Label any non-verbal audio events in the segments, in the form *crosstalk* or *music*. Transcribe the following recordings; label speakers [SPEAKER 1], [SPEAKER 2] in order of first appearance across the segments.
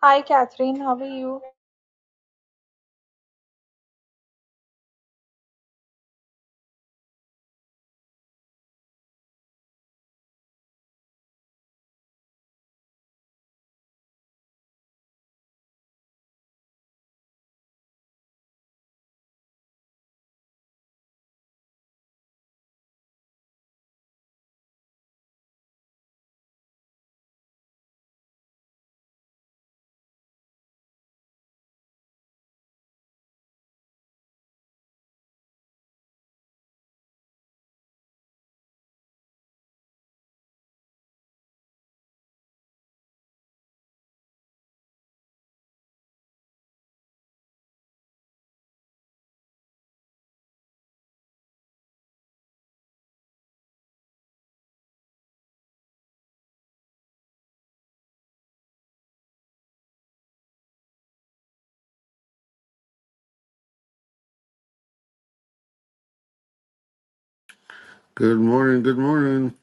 [SPEAKER 1] Hi, Catherine. How are you?
[SPEAKER 2] Good morning. Good morning.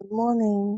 [SPEAKER 3] Good morning.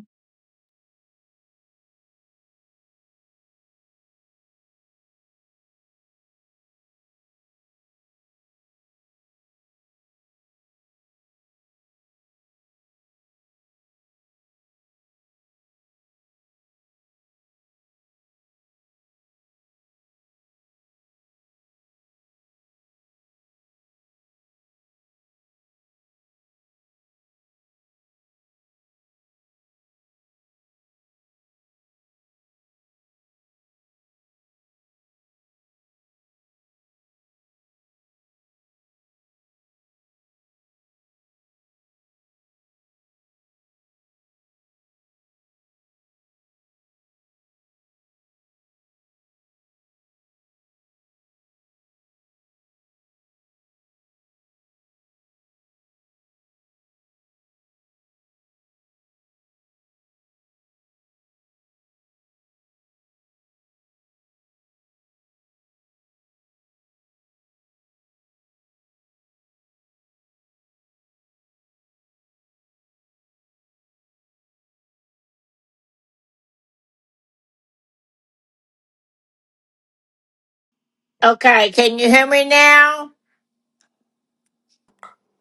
[SPEAKER 4] Okay, can you hear me now?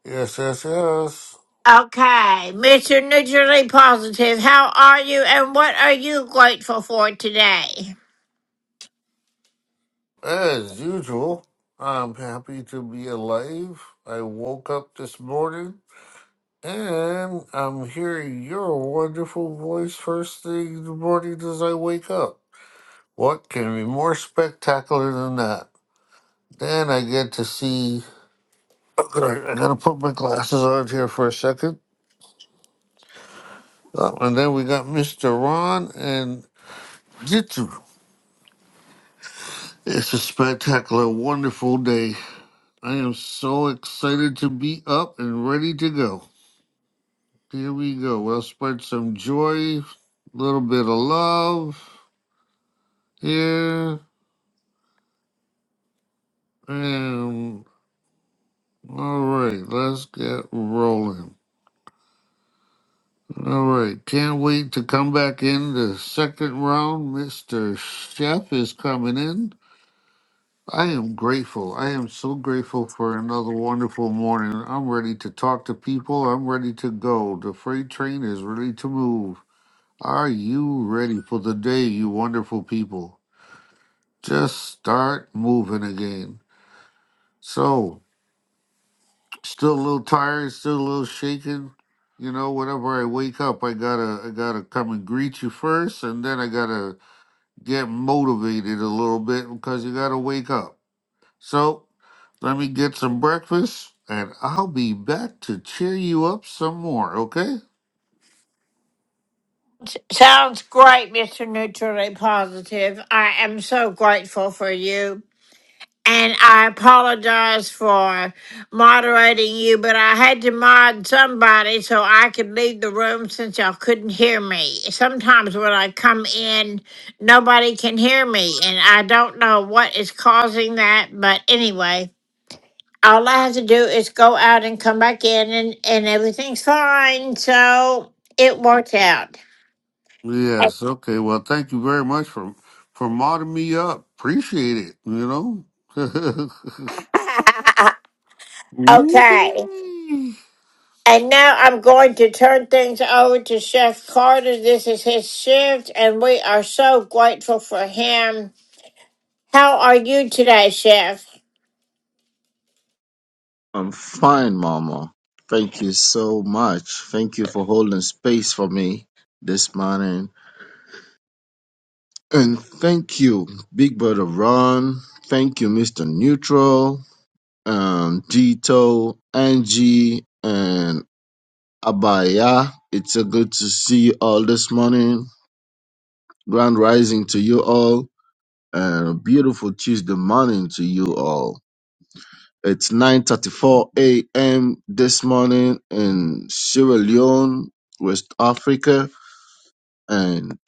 [SPEAKER 2] Yes, yes, yes.
[SPEAKER 4] Okay, Mr. Neutrally Positive, how are you and what are you grateful for today?
[SPEAKER 2] As usual, I'm happy to be alive. I woke up this morning and I'm hearing your wonderful voice first thing in the morning as I wake up. What can be more spectacular than that? Then I get to see. Okay, I gotta put my glasses on here for a second. Oh, and then we got Mr. Ron and Jitsu. It's a spectacular, wonderful day. I am so excited to be up and ready to go. Here we go. We'll spread some joy, a little bit of love here. And all right, let's get rolling. All right, can't wait to come back in the second round. Mr. Chef is coming in. I am grateful. I am so grateful for another wonderful morning. I'm ready to talk to people. I'm ready to go. The freight train is ready to move. Are you ready for the day, you wonderful people? Just start moving again. So, still a little tired, still a little shaken. You know, whenever I wake up, I gotta, I gotta come and greet you first, and then I gotta get motivated a little bit because you gotta wake up. So, let me get some breakfast, and I'll be back to cheer you up some more. Okay?
[SPEAKER 4] Sounds great, Mr. Neutrally Positive. I am so grateful for you. And I apologize for moderating you, but I had to mod somebody so I could leave the room since y'all couldn't hear me. Sometimes when I come in, nobody can hear me, and I don't know what is causing that, but anyway, all I have to do is go out and come back in, and, and everything's fine. So it worked out.
[SPEAKER 2] Yes. Okay. Well, thank you very much for for modding me up. Appreciate it. You know. *laughs*
[SPEAKER 4] *laughs* okay.
[SPEAKER 2] Whoopee.
[SPEAKER 4] And now I'm going to turn things over to Chef Carter. This is his shift, and we are so grateful for him. How are you today, Chef?
[SPEAKER 5] I'm fine, Mama. Thank you so much. Thank you for holding space for me this morning. And thank you, Big Brother Ron. Thank you, Mr. Neutral, um, Dito, Angie, and Abaya. It's a good to see you all this morning. Grand rising to you all, and a beautiful Tuesday morning to you all. It's 9:34 a.m. this morning in Sierra Leone, West Africa, and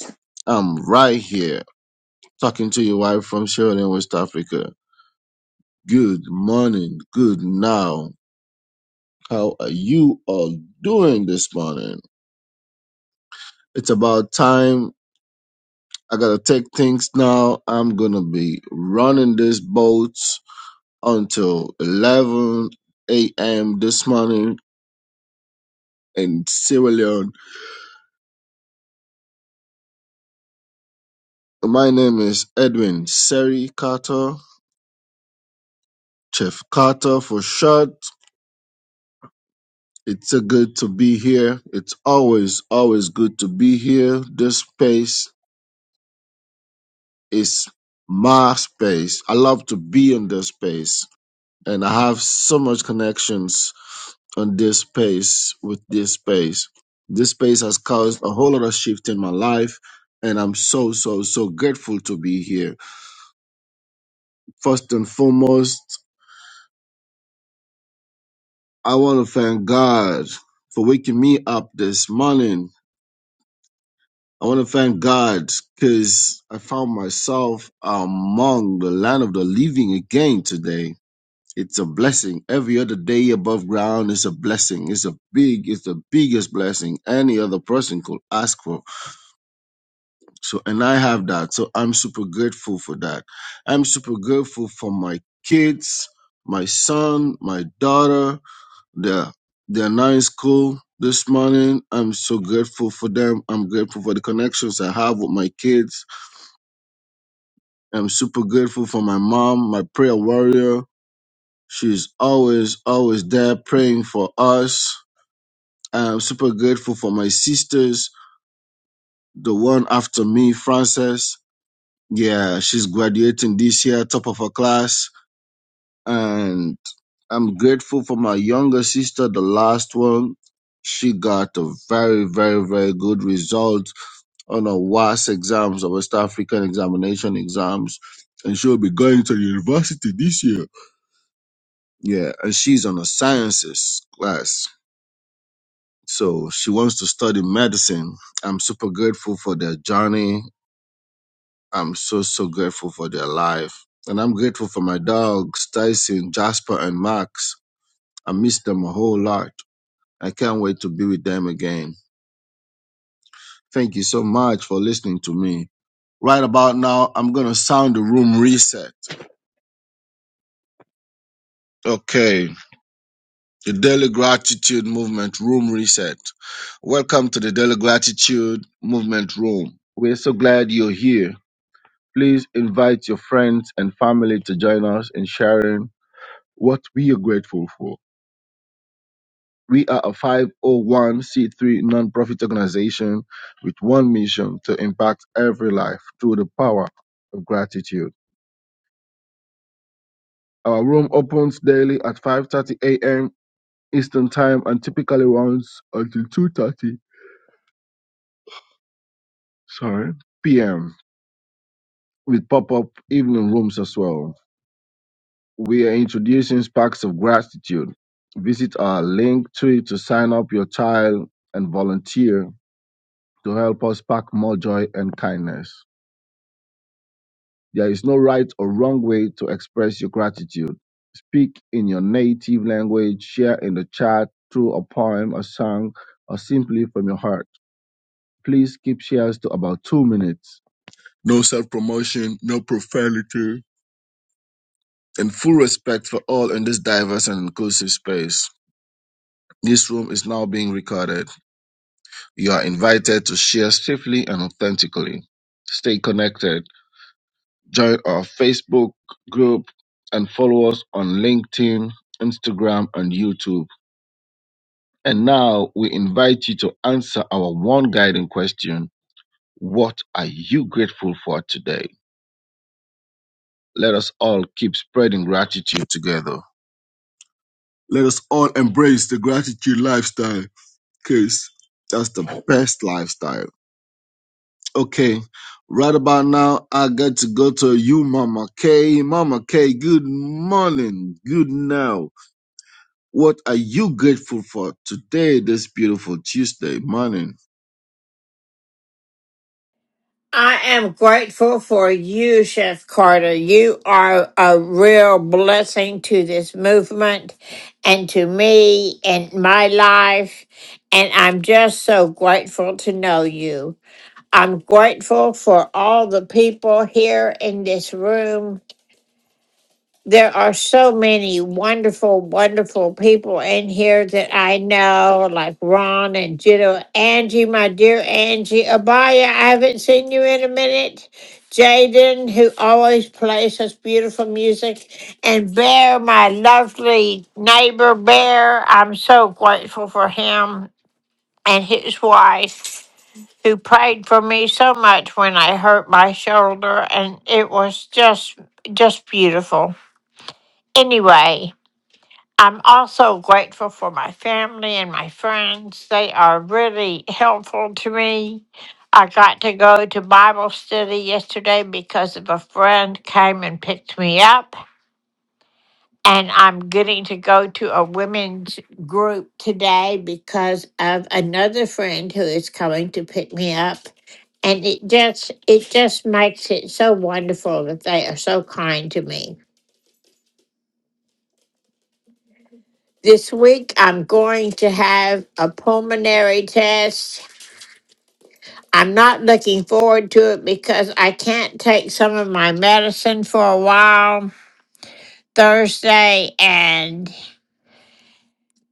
[SPEAKER 5] I'm right here talking to you, wife from Sierra Leone, West Africa. Good morning, good now. How are you all doing this morning? It's about time. I gotta take things now. I'm gonna be running this boat until 11 a.m. this morning in Sierra Leone. My name is Edwin Seri Carter, Chef Carter for short. It's a good to be here. It's always, always good to be here. This space is my space. I love to be in this space. And I have so much connections on this space with this space. This space has caused a whole lot of shift in my life. And I'm so, so, so grateful to be here. First and foremost, I want to thank God for waking me up this morning. I want to thank God because I found myself among the land of the living again today. It's a blessing. Every other day above ground is a blessing. It's a big, it's the biggest blessing any other person could ask for. So, and I have that. So I'm super grateful for that. I'm super grateful for my kids, my son, my daughter, They're, they're not in school this morning. I'm so grateful for them. I'm grateful for the connections I have with my kids. I'm super grateful for my mom, my prayer warrior. She's always, always there praying for us. I'm super grateful for my sisters, the one after me, Frances. Yeah, she's graduating this year, top of her class. and I'm grateful for my younger sister, the last one. She got a very, very, very good result on her WAS exams, her West African examination exams, and she'll be going to university this year. Yeah, and she's on a sciences class, so she wants to study medicine. I'm super grateful for their journey. I'm so, so grateful for their life. And I'm grateful for my dogs, Tyson, Jasper, and Max. I miss them a whole lot. I can't wait to be with them again. Thank you so much for listening to me. Right about now, I'm going to sound the room reset. Okay, the Daily Gratitude Movement room reset. Welcome to the Daily Gratitude Movement room. We're so glad you're here. Please invite your friends and family to join us in sharing what we are grateful for. We are a 501c3 nonprofit organization with one mission to impact every life through the power of gratitude. Our room opens daily at 5:30 a.m. Eastern Time and typically runs until 2:30, sorry, p.m. with pop-up evening rooms as well. We are introducing sparks of gratitude. Visit our link tree to sign up your child and volunteer to help us spark more joy and kindness. There is no right or wrong way to express your gratitude. Speak in your native language, share in the chat through a poem, a song, or simply from your heart. Please keep shares to about two minutes. No self promotion, no profanity, and full respect for all in this diverse and inclusive space. This room is now being recorded. You are invited to share safely and authentically. Stay connected. Join our Facebook group and follow us on LinkedIn, Instagram, and YouTube. And now we invite you to answer our one guiding question What are you grateful for today? Let us all keep spreading gratitude together. Let us all embrace the gratitude lifestyle because that's the best lifestyle. Okay, right about now, I got to go to you, Mama K. Mama K, good morning, good now. What are you grateful for today, this beautiful Tuesday morning?
[SPEAKER 4] I am grateful for you, Chef Carter. You are a real blessing to this movement and to me and my life. And I'm just so grateful to know you. I'm grateful for all the people here in this room There are so many wonderful, wonderful people in here that I know, like Ron and Jito. Angie, my dear Angie. Abaya, I haven't seen you in a minute. Jaden, who always plays such beautiful music. And Bear, my lovely neighbor Bear. I'm so grateful for him and his wife. Who prayed for me so much when I hurt my shoulder, and it was just just beautiful. Anyway, I'm also grateful for my family and my friends. They are really helpful to me. I got to go to Bible study yesterday because of a friend came and picked me up. And I'm getting to go to a women's group today because of another friend who is coming to pick me up. And it just it just makes it so wonderful that they are so kind to me. This week, I'm going to have a pulmonary test. I'm not looking forward to it because I can't take some of my medicine for a while Thursday, and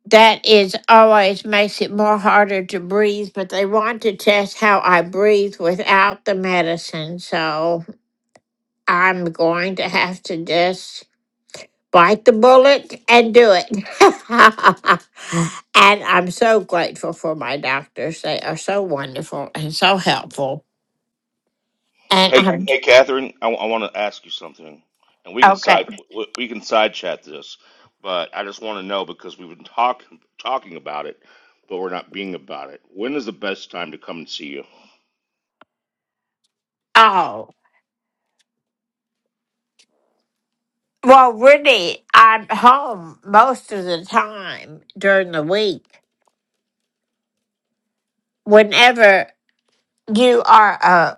[SPEAKER 4] that is always makes it more harder to breathe. But they want to test how I breathe without the medicine, so I'm going to have to just bite the bullet and do it. *laughs* and I'm so grateful for my doctors. They are so wonderful and so helpful. And
[SPEAKER 6] Hey,
[SPEAKER 4] I'm
[SPEAKER 6] hey, Catherine, I, want to ask you something, and we can
[SPEAKER 4] okay.
[SPEAKER 6] side we we can side chat this, but I just want to know because we've been talking talking about it, but we're not being about it. When is the best time to come and see you?
[SPEAKER 4] Oh, well, really, I'm home most of the time during the week. Whenever you are uh,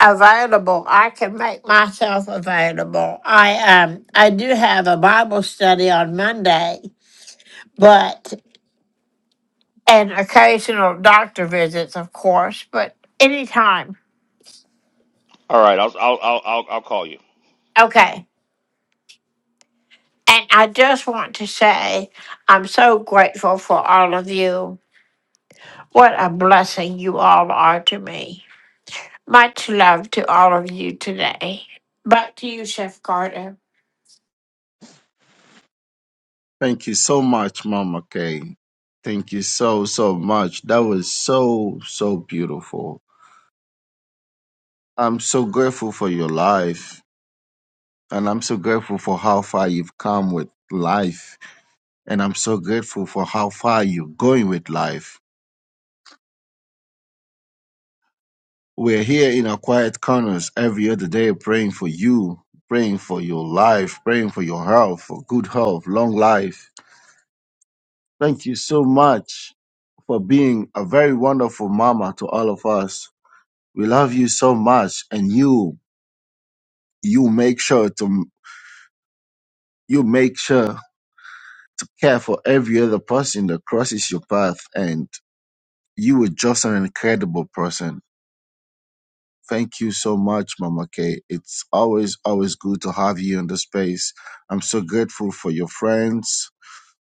[SPEAKER 4] available, I can make myself available. I um I do have a Bible study on Monday, but and occasional doctor visits, of course, but anytime.
[SPEAKER 6] All right, I'll I'll I'll I'll, I'll call you.
[SPEAKER 4] Okay. And I just want to say I'm so grateful for all of you. What a blessing you all are to me. Much love to all of you today. Back to you, Chef Carter.
[SPEAKER 5] Thank you so much, Mama Kay. Thank you so, so much. That was so, so beautiful. I'm so grateful for your life. And I'm so grateful for how far you've come with life. And I'm so grateful for how far you're going with life. We're here in our quiet corners every other day praying for you, praying for your life, praying for your health, for good health, long life Thank you so much for being a very wonderful mama to all of us. We love you so much, and you you make sure to you make sure to care for every other person that crosses your path, and you are just an incredible person. Thank you so much, Mama K. It's always always good to have you in the space. I'm so grateful for your friends,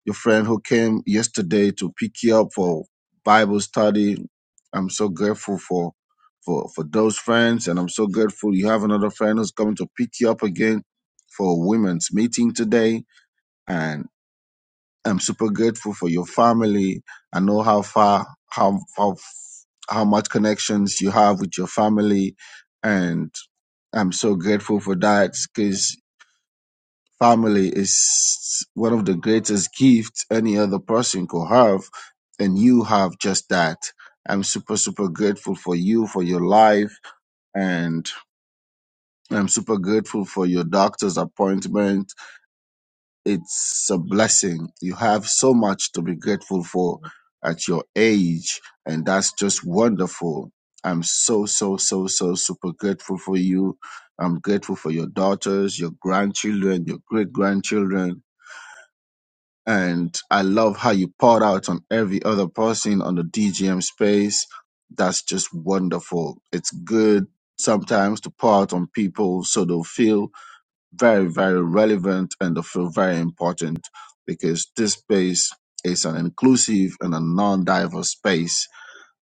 [SPEAKER 5] your friend who came yesterday to pick you up for Bible study. I'm so grateful for for for those friends, and I'm so grateful you have another friend who's coming to pick you up again for a women's meeting today. And I'm super grateful for your family. I know how far how how how much connections you have with your family, and I'm so grateful for that because. Family is one of the greatest gifts any other person could have, and you have just that. I'm super, super grateful for you, for your life, and I'm super grateful for your doctor's appointment. It's a blessing. You have so much to be grateful for at your age, and that's just wonderful. I'm so, so, so, so super grateful for you. I'm grateful for your daughters, your grandchildren, your great grandchildren and I love how you poured out on every other person on the DGM space. That's just wonderful. It's good sometimes to pour out on people so they'll feel very, very relevant and they'll feel very important because this space is an inclusive and a non diverse space.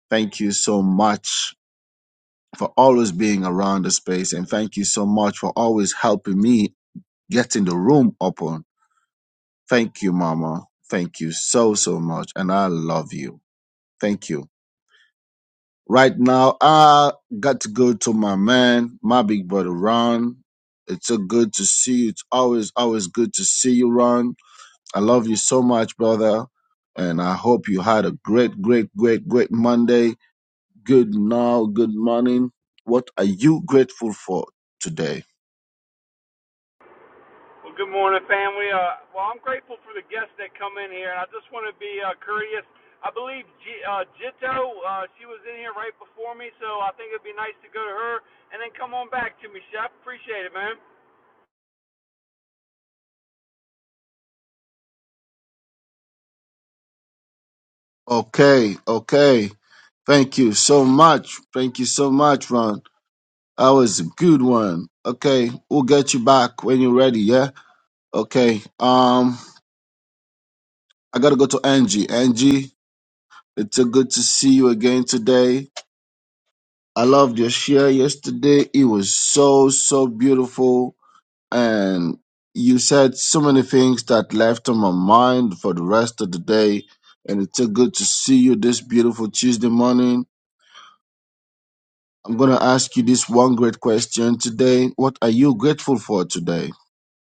[SPEAKER 5] Thank you so much for always being around the space and thank you so much for always helping me getting the room open Thank you, Mama. Thank you so, so much. And I love you. Thank you. Right now, I got to go to my man, my big brother, Ron. It's so good to see you. It's always, always good to see you, Ron. I love you so much, brother. And I hope you had a great, great, great, great Monday. Good now, good morning. What are you grateful for today?
[SPEAKER 7] Well, good morning, family. Uh, well, I'm grateful for the guests that come in here, and I just want to be uh, courteous. I believe G- uh, Jito, uh, she was in here right before me, so I think it'd be nice to go to her and then come on back to me, Chef. Appreciate it, man.
[SPEAKER 5] Okay, okay. Thank you so much. Thank you so much, Ron. That was a good one. Okay, we'll get you back when you're ready. Yeah. Okay. Um, I gotta go to Angie. Angie, it's a good to see you again today. I loved your share yesterday. It was so so beautiful, and you said so many things that left on my mind for the rest of the day. And it's a good to see you this beautiful Tuesday morning. I'm gonna ask you this one great question today. What are you grateful for today?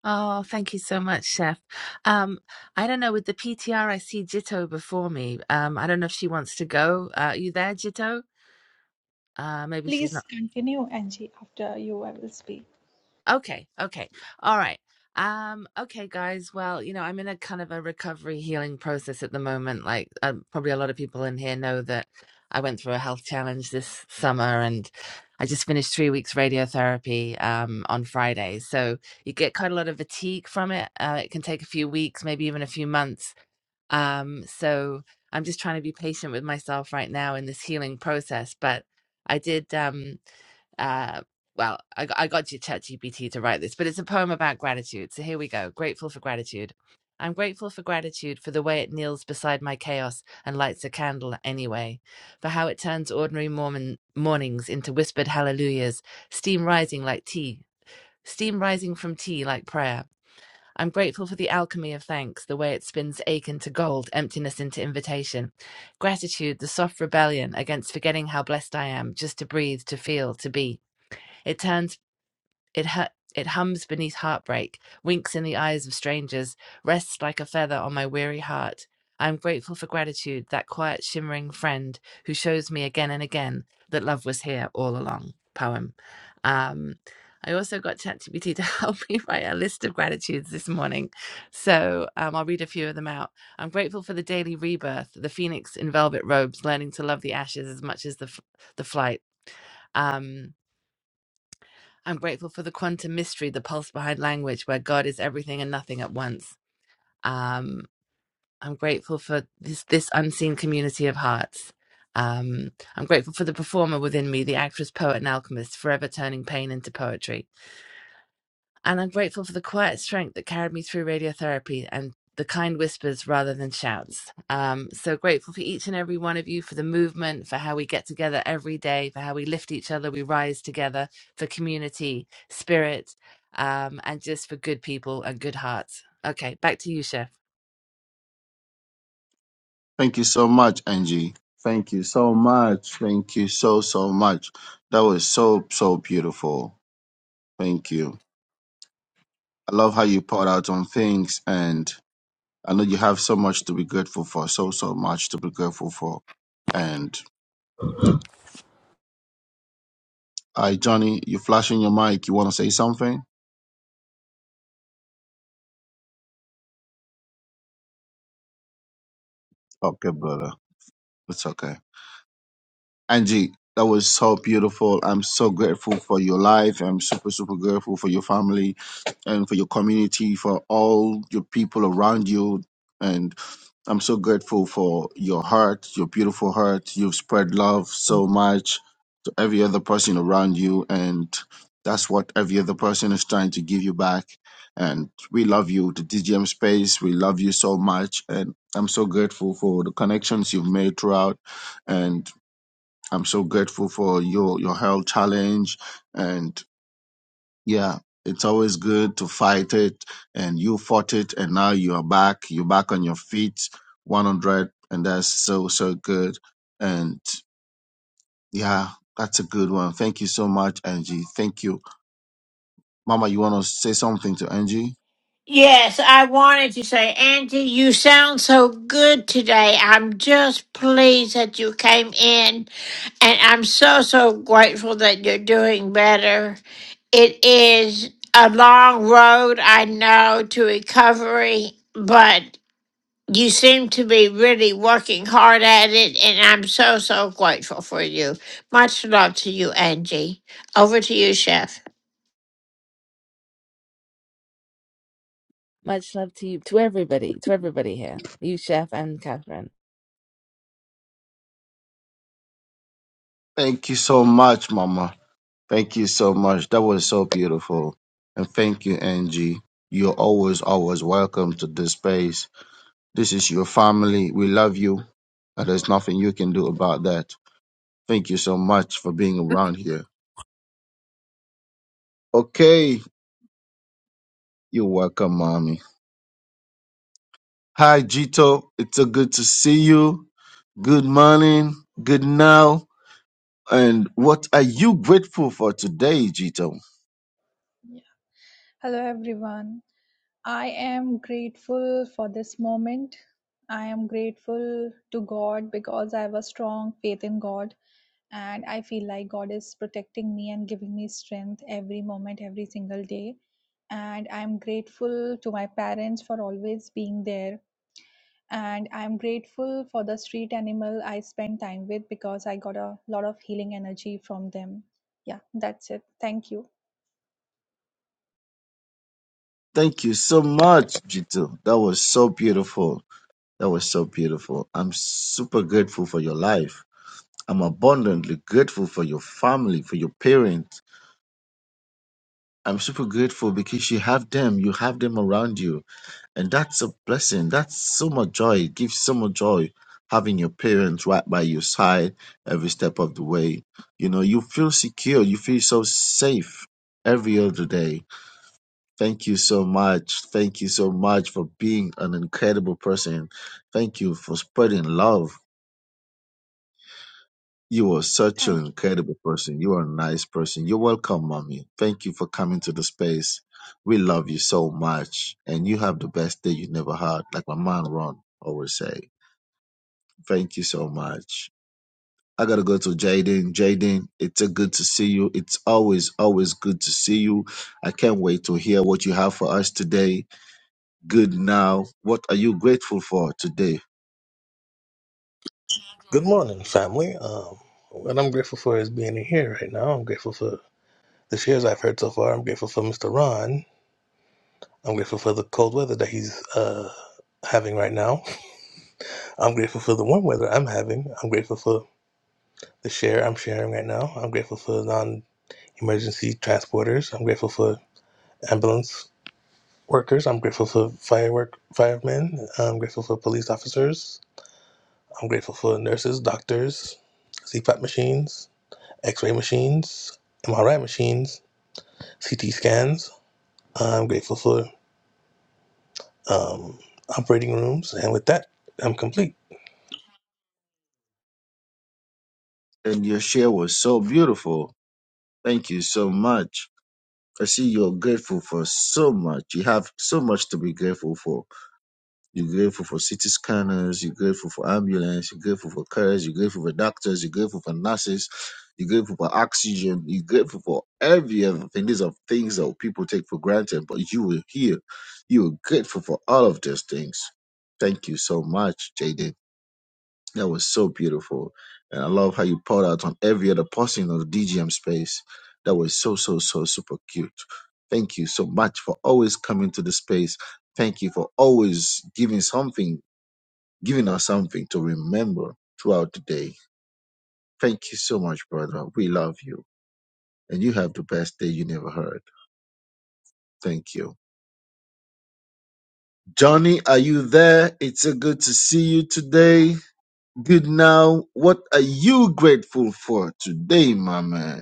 [SPEAKER 8] Oh, thank you so much, Chef. Um, I don't know, with the PTR, I see Jitto before me. Um, I don't know if she wants to go. Uh, are you there, Jitto? Uh, maybe she's not.
[SPEAKER 1] Please continue, Angie. After you, I will speak.
[SPEAKER 8] Okay, okay. All right. Um, okay, guys. Well, you know, I'm in a kind of a recovery healing process at the moment. Like, um, probably a lot of people in here know that I went through a health challenge this summer and I just finished three weeks radiotherapy um, on Friday. So you get quite a lot of fatigue from it. Uh, it can take a few weeks, maybe even a few months Um, so I'm just trying to be patient with myself right now in this healing process. But I did, um, uh, well, I, g- I got you ChatGPT to write this, but it's a poem about gratitude. So here we go. Grateful for gratitude. I'm grateful for gratitude for the way it kneels beside my chaos and lights a candle anyway, for how it turns ordinary Mormon mornings into whispered hallelujahs, steam rising like tea, steam rising from tea like prayer. I'm grateful for the alchemy of thanks, the way it spins ache into gold, emptiness into invitation. Gratitude, the soft rebellion against forgetting how blessed I am, just to breathe, to feel, to be. It turns it, hu- it hums beneath heartbreak, winks in the eyes of strangers, rests like a feather on my weary heart. I am grateful for gratitude, that quiet, shimmering friend who shows me again and again that love was here all along. Poem. Um, I also got ChatGPT to *laughs* help me write a list of gratitudes this morning. So um, I'll read a few of them out. I'm grateful for the daily rebirth, the phoenix in velvet robes, learning to love the ashes as much as the, f- the flight. Um, I'm grateful for the quantum mystery, the pulse behind language, where God is everything and nothing at once. Um, I'm grateful for this, this unseen community of hearts. Um, I'm grateful for the performer within me, the actress, poet, and alchemist, forever turning pain into poetry. And I'm grateful for the quiet strength that carried me through radiotherapy and the kind whispers rather than shouts. Um, so grateful for each and every one of you, for the movement, for how we get together every day, for how we lift each other, we rise together, for community, spirit, um, and just for good people and good hearts. Okay, back to you, Chef.
[SPEAKER 5] Thank you so much, Angie. Thank you so much. Thank you so, so much. That was so, so beautiful. Thank you. I love how you poured out on things, and I know you have so much to be grateful for, so, so much to be grateful for. And, hi, Johnny, you flashing your mic. You want to say something? Okay, brother. It's okay. Angie, that was so beautiful. I'm so grateful for your life. I'm super, super grateful for your family and for your community, for all your people around you. And I'm so grateful for your heart, your beautiful heart. You've spread love so much to every other person around you. And that's what every other person is trying to give you back. And we love you, the DGM space. We love you so much. And I'm so grateful for the connections you've made throughout. And I'm so grateful for your your health challenge, and yeah, it's always good to fight it. And you fought it, and now you are back. You're back on your feet, 100, and that's so so good. And yeah, that's a good one. Thank you so much, Angie. Thank you, Mama. You want to say something to Angie?
[SPEAKER 4] Yes, I wanted to say, Angie, you sound so good today. I'm just pleased that you came in, and I'm so, so grateful that you're doing better. It is a long road, I know, to recovery, but you seem to be really working hard at it, and I'm so, so grateful for you. Much love to you, Angie. Over to you, Chef.
[SPEAKER 8] Much love to you, to everybody, to everybody here, you, Chef, and Catherine.
[SPEAKER 5] Thank you so much, Mama. Thank you so much. That was so beautiful, and thank you, Angie. You're always always welcome to this space This is your family. We love you. And there's nothing you can do about that. Thank you so much for being around here. Okay. You're welcome, mommy. Hi, Jito. It's so good to see you. Good morning. Good now. And what are you grateful for today, Jito?
[SPEAKER 1] Yeah. Hello, everyone. I am grateful for this moment. I am grateful to God because I have a strong faith in God, and I feel like God is protecting me and giving me strength every moment, every single day. And I'm grateful to my parents for always being there And I'm grateful for the street animal I spent time with because I got a lot of healing energy from them. Yeah, that's it. Thank you.
[SPEAKER 5] Thank you so much, Jito. That was so beautiful. That was so beautiful. I'm super grateful for your life. I'm abundantly grateful for your family, for your parents, I'm super grateful because you have them, you have them around you, and that's a blessing. That's so much joy. It gives so much joy having your parents right by your side every step of the way. You know, you feel secure, you feel so safe every other day. Thank you so much. Thank you so much for being an incredible person. Thank you for spreading love You are such
[SPEAKER 1] Thank
[SPEAKER 5] an incredible person. You are a nice person. You're welcome, mommy. Thank you for coming to the space. We love you so much. And you have the best day you never had, like my man Ron always say. Thank you so much. I gotta go to Jaden. Jaden, it's a good to see you. It's always, always good to see you. I can't wait to hear what you have for us today. Good now. What are you grateful for today?
[SPEAKER 9] Good morning, family. Um, what I'm grateful for is being in here right now. I'm grateful for the shares I've heard so far. I'm grateful for Mr. Ron. I'm grateful for the cold weather that he's uh, having right now. I'm grateful for the warm weather I'm having. I'm grateful for the share I'm sharing right now. I'm grateful for non emergency transporters. I'm grateful for ambulance workers. I'm grateful for firework firemen. I'm grateful for police officers. I'm grateful for nurses, doctors, CPAP machines. X-ray machines, MRI machines, CT scans. I'm grateful for um, operating rooms, and with that, I'm complete.
[SPEAKER 5] And your share was so beautiful. Thank you so much. I see you're grateful for so much. You have so much to be grateful for. You're grateful for CT scanners. You're grateful for ambulance. You're grateful for cars. You're grateful for doctors. You're grateful for nurses. You're grateful for oxygen. You're grateful for everything. These are things that people take for granted, but you were here. You were grateful for all of those things. Thank you so much, Jaden. That was so beautiful. And I love how you poured out on every other person on the DGM space. That was so, so, so super cute. Thank you so much for always coming to the space. Thank you for always giving something, giving us something to remember throughout the day. Thank you so much, brother. We love you. And you have the best day you never heard. Thank you. Johnny, are you there? It's so good to see you today. Good now. What are you grateful for today, my man?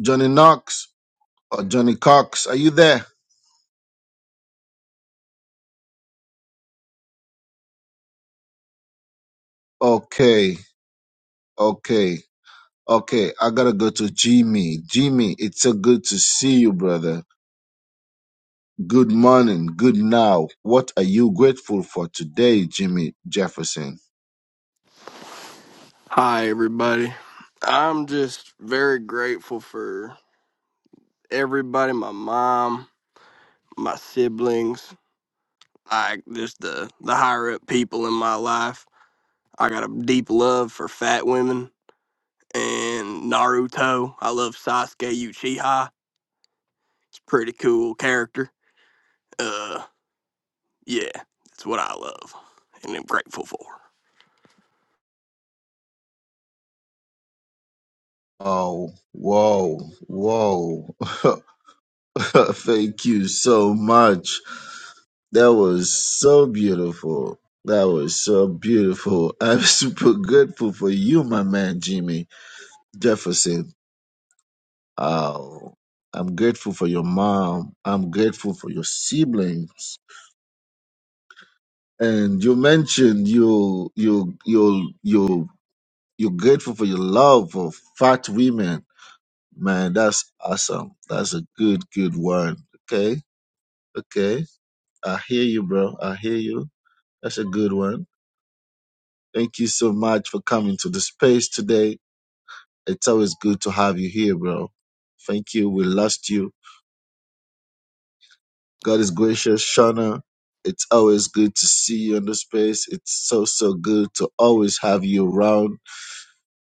[SPEAKER 5] Johnny Knox or Johnny Cox, are you there? Okay, okay, okay. I gotta go to Jimmy. Jimmy, it's so good to see you, brother. Good morning, good now. What are you grateful for today, Jimmy Jefferson?
[SPEAKER 10] Hi, everybody. I'm just very grateful for everybody my mom, my siblings, like just the, the higher up people in my life. I got a deep love for fat women and Naruto. I love Sasuke Uchiha. He's a pretty cool character. Uh, yeah, that's what I love and I'm grateful for.
[SPEAKER 5] Oh, whoa, whoa. *laughs* Thank you so much. That was so beautiful. That was so beautiful. I'm *laughs* super grateful for you, my man, Jimmy Jefferson. Oh, I'm grateful for your mom. I'm grateful for your siblings. And you mentioned you you you you you're grateful for your love of fat women. Man, that's awesome. That's a good good one. Okay, okay. I hear you, bro. I hear you. That's a good one. Thank you so much for coming to the space today. It's always good to have you here, bro. Thank you. We lost you God is gracious, Shauna. It's always good to see you in the space. It's so, so good to always have you around.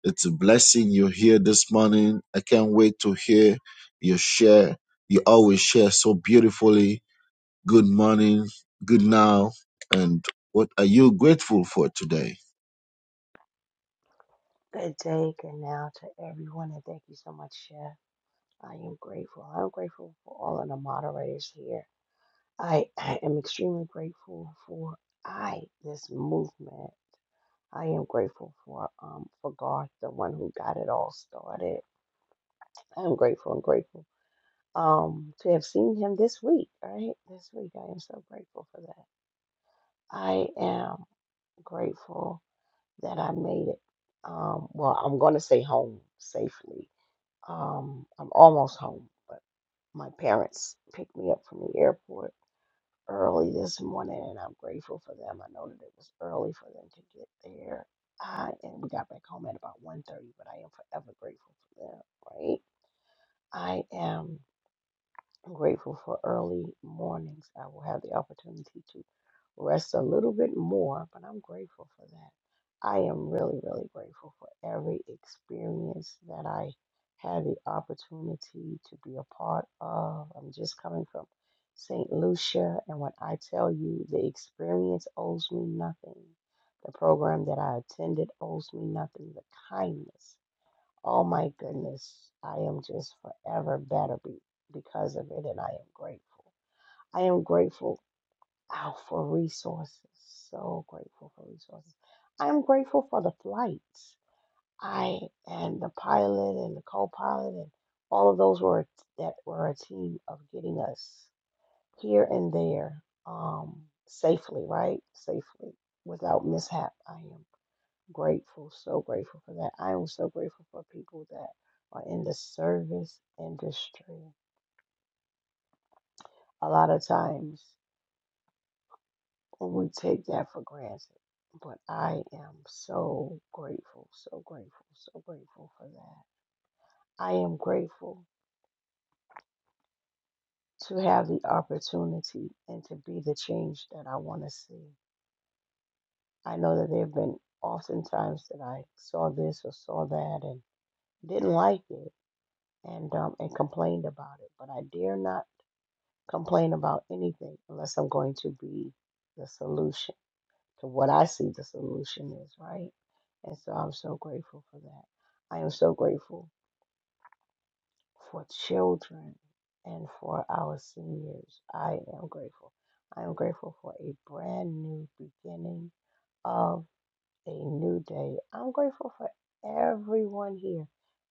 [SPEAKER 5] It's a blessing you're here this morning. I can't wait to hear your share. You always share so beautifully. Good morning, good now. And what are you grateful for today?
[SPEAKER 11] Good day, good now to everyone, and thank you so much, Chef. I am grateful. I am grateful for all of the moderators here. I, I am extremely grateful for I this movement. I am grateful for um for Garth, the one who got it all started. I am grateful and grateful um to have seen him this week. Right, this week I am so grateful for that. I am grateful that I made it. Um, well, I'm going to say home safely Um, I'm almost home, but my parents picked me up from the airport early this morning, and I'm grateful for them. I know that it was early for them to get there. I, and we got back home at about one thirty. but I am forever grateful for them, right? I am I'm grateful for early mornings. I will have the opportunity to rest a little bit more, but I'm grateful for that. I am really, really grateful for every experience that I had the opportunity to be a part of. I'm just coming from St. Lucia, and when I tell you the experience owes me nothing, the program that I attended owes me nothing, the kindness. Oh my goodness, I am just forever better be, because of it, and I am grateful. I am grateful oh, for resources. So grateful for resources. I am grateful for the flights. I and the pilot and the co-pilot and all of those were that were a team of getting us here and there um, safely, right? Safely without mishap. I am grateful, so grateful for that. I am so grateful for people that are in the service industry. A lot of times we take that for granted, but I am so grateful, so grateful, so grateful for that. I am grateful to have the opportunity and to be the change that I want to see. I know that there have been oftentimes that I saw this or saw that and didn't like it and um, and complained about it, but I dare not complain about anything unless I'm going to be the solution to what I see the solution is, right? And so I'm so grateful for that. I am so grateful for children and for our seniors. I am grateful. I am grateful for a brand new beginning of a new day. I'm grateful for everyone here.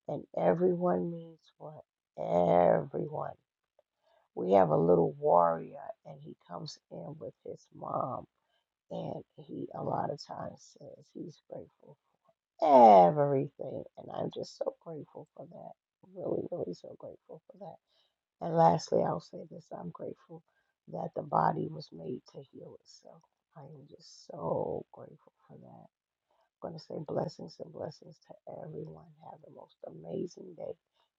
[SPEAKER 11] And everyone means for Everyone. we have a little warrior and he comes in with his mom and he a lot of times says he's grateful for everything and i'm just so grateful for that really really so grateful for that and lastly i'll say this i'm grateful that the body was made to heal itself i am just so grateful for that I'm going to say blessings and blessings to everyone. Have the most amazing day,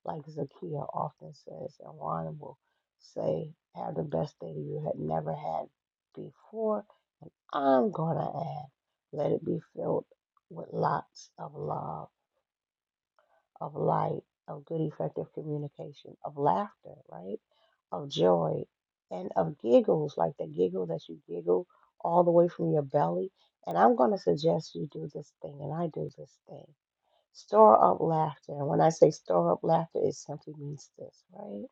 [SPEAKER 11] like Zakia often says, and Ron will say, have the best day you had never had before. I'm going to add, let it be filled with lots of love, of light, of good, effective communication, of laughter, right? Of joy, and of giggles, like the giggle that you giggle all the way from your belly. And I'm going to suggest you do this thing, and I do this thing. Store up laughter. And when I say store up laughter, it simply means this, right?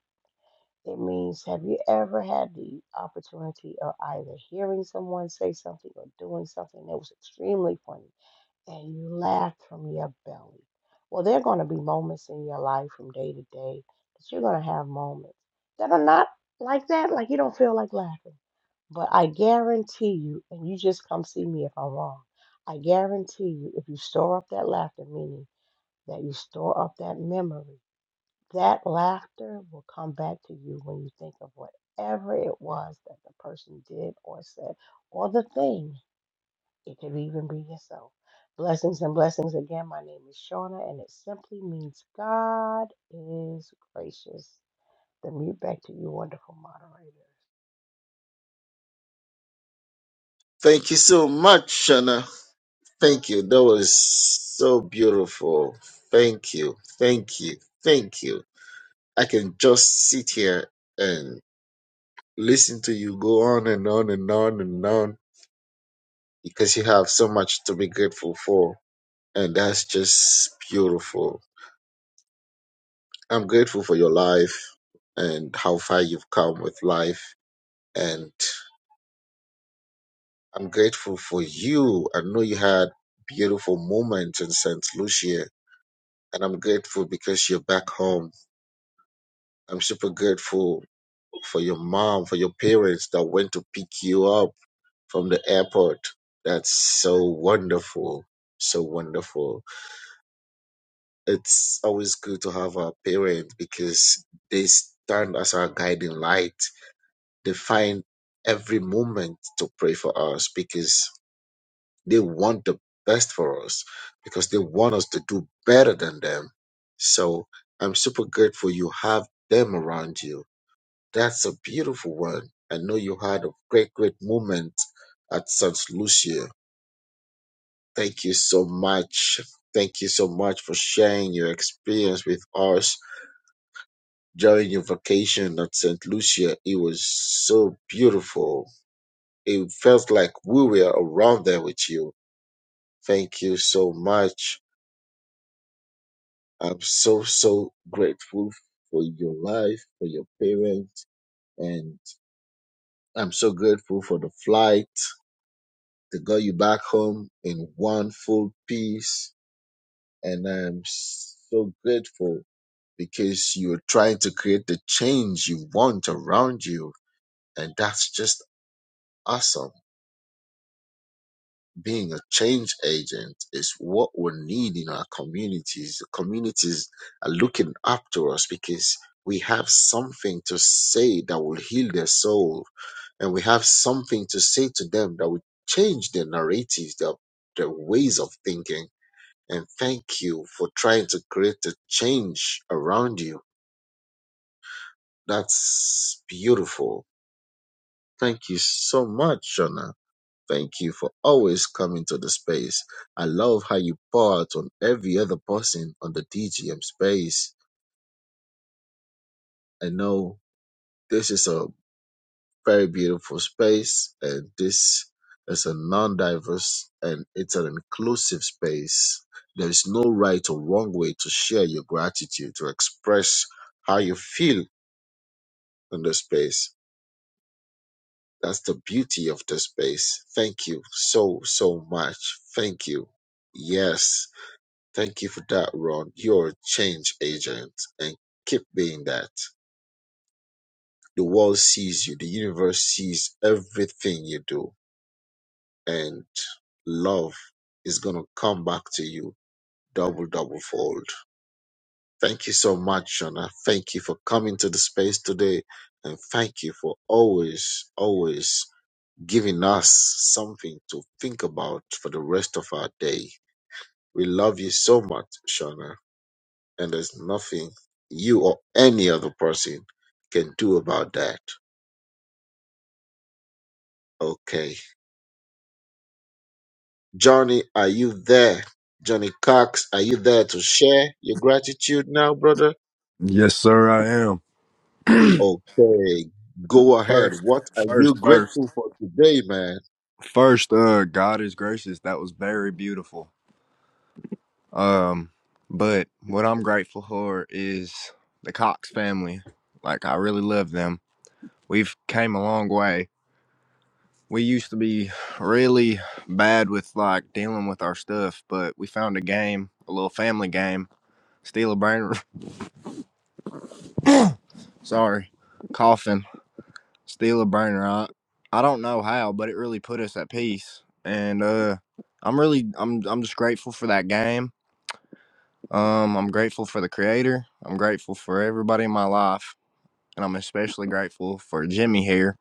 [SPEAKER 11] It means have you ever had the opportunity of either hearing someone say something or doing something that was extremely funny and you laughed from your belly? Well, there are going to be moments in your life from day to day that you're going to have moments that are not like that, like you don't feel like laughing. But I guarantee you, and you just come see me if I'm wrong, I guarantee you, if you store up that laughter, meaning that you store up that memory. That laughter will come back to you when you think of whatever it was that the person did or said, or the thing. It could even be yourself. Blessings and blessings again. My name is Shauna, and it simply means God is gracious. The mute back to you, wonderful moderator.
[SPEAKER 5] Thank you so much, Shauna. Thank you. That was so beautiful. Thank you. Thank you. Thank you. I can just sit here and. listen to you go on and on and on and on because you have so much to be grateful for. And that's just beautiful. I'm grateful for your life and how far you've come with life. And I'm grateful for you. I know you had beautiful moments in St. Lucia. And I'm grateful because you're back home. I'm super grateful for your mom, for your parents that went to pick you up from the airport. That's so wonderful. So wonderful. It's always good to have our parents because they stand as our guiding light. They find every moment to pray for us because they want the best for us, because they want us to do better than them. So I'm super grateful you have them around you. That's a beautiful one. I know you had a great, great moment at St. Lucia Thank you so much. Thank you so much for sharing your experience with us during your vacation at St. Lucia. It was so beautiful. It felt like we were around there with you. Thank you so much. I'm so, so grateful for your life, for your parents, and I'm so grateful for the flight that got you back home in one full piece. And I'm so grateful because you're trying to create the change you want around you. And that's just awesome. Being a change agent is what we need in our communities. The communities are looking up to us because we have something to say that will heal their soul. And we have something to say to them that will change their narratives, their, their ways of thinking. And thank you for trying to create a change around you. That's beautiful Thank you so much, Shona. Thank you for always coming to the space. I love how you pour out on every other person on the DGM space. I know this is a very beautiful space, and this is a non diverse and it's an inclusive space. There is no right or wrong way to share your gratitude, to express how you feel in the space. That's the beauty of the space. Thank you so, so much. Thank you. Yes. Thank you for that, Ron. You're a change agent and keep being that. The world sees you, the universe sees everything you do, and love is going to come back to you double, double fold. Thank you so much, Shona. Thank you for coming to the space today, and thank you for always, always giving us something to think about for the rest of our day. We love you so much, Shauna, and there's nothing you or any other person can do about that. Okay. Johnny, are you there? Johnny Cox, are you there to share your gratitude now, brother?
[SPEAKER 12] Yes, sir, I am.
[SPEAKER 5] Okay. Go
[SPEAKER 12] *clears throat*
[SPEAKER 5] ahead.
[SPEAKER 12] first,
[SPEAKER 5] What are you
[SPEAKER 12] first, first,
[SPEAKER 5] grateful for today, man?
[SPEAKER 12] first. Uh, God is gracious. That was very beautiful. Um, but what I'm grateful for is the Cox family. Like I really love them. We've came a long way. We used to be really bad with like dealing with our stuff, but we found a game, a little family game. Steal a brain. *laughs* Sorry, coughing. steal a burner. I, I don't know how, but it really put us at peace. And uh, I'm really, I'm, I'm just grateful for that game. Um, I'm grateful for the creator. I'm grateful for everybody in my life, and I'm especially grateful for Jimmy here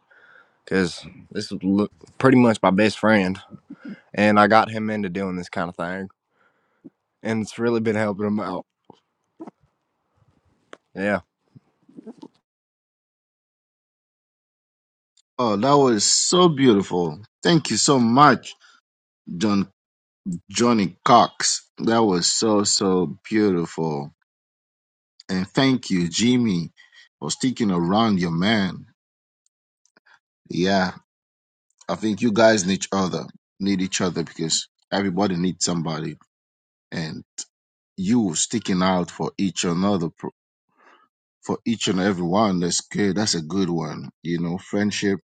[SPEAKER 12] because this is l- pretty much my best friend, and I got him into doing this kind of thing, and it's really been helping him out. Yeah.
[SPEAKER 5] Oh, that was so beautiful. Thank you so much, John Johnny Cox. That was so, so beautiful. And thank you, Jimmy, for sticking around your man. Yeah, I think you guys need each other, need each other because everybody needs somebody. And you sticking out for each another, pro- for each and every one. That's good. That's a good one. You know, friendship,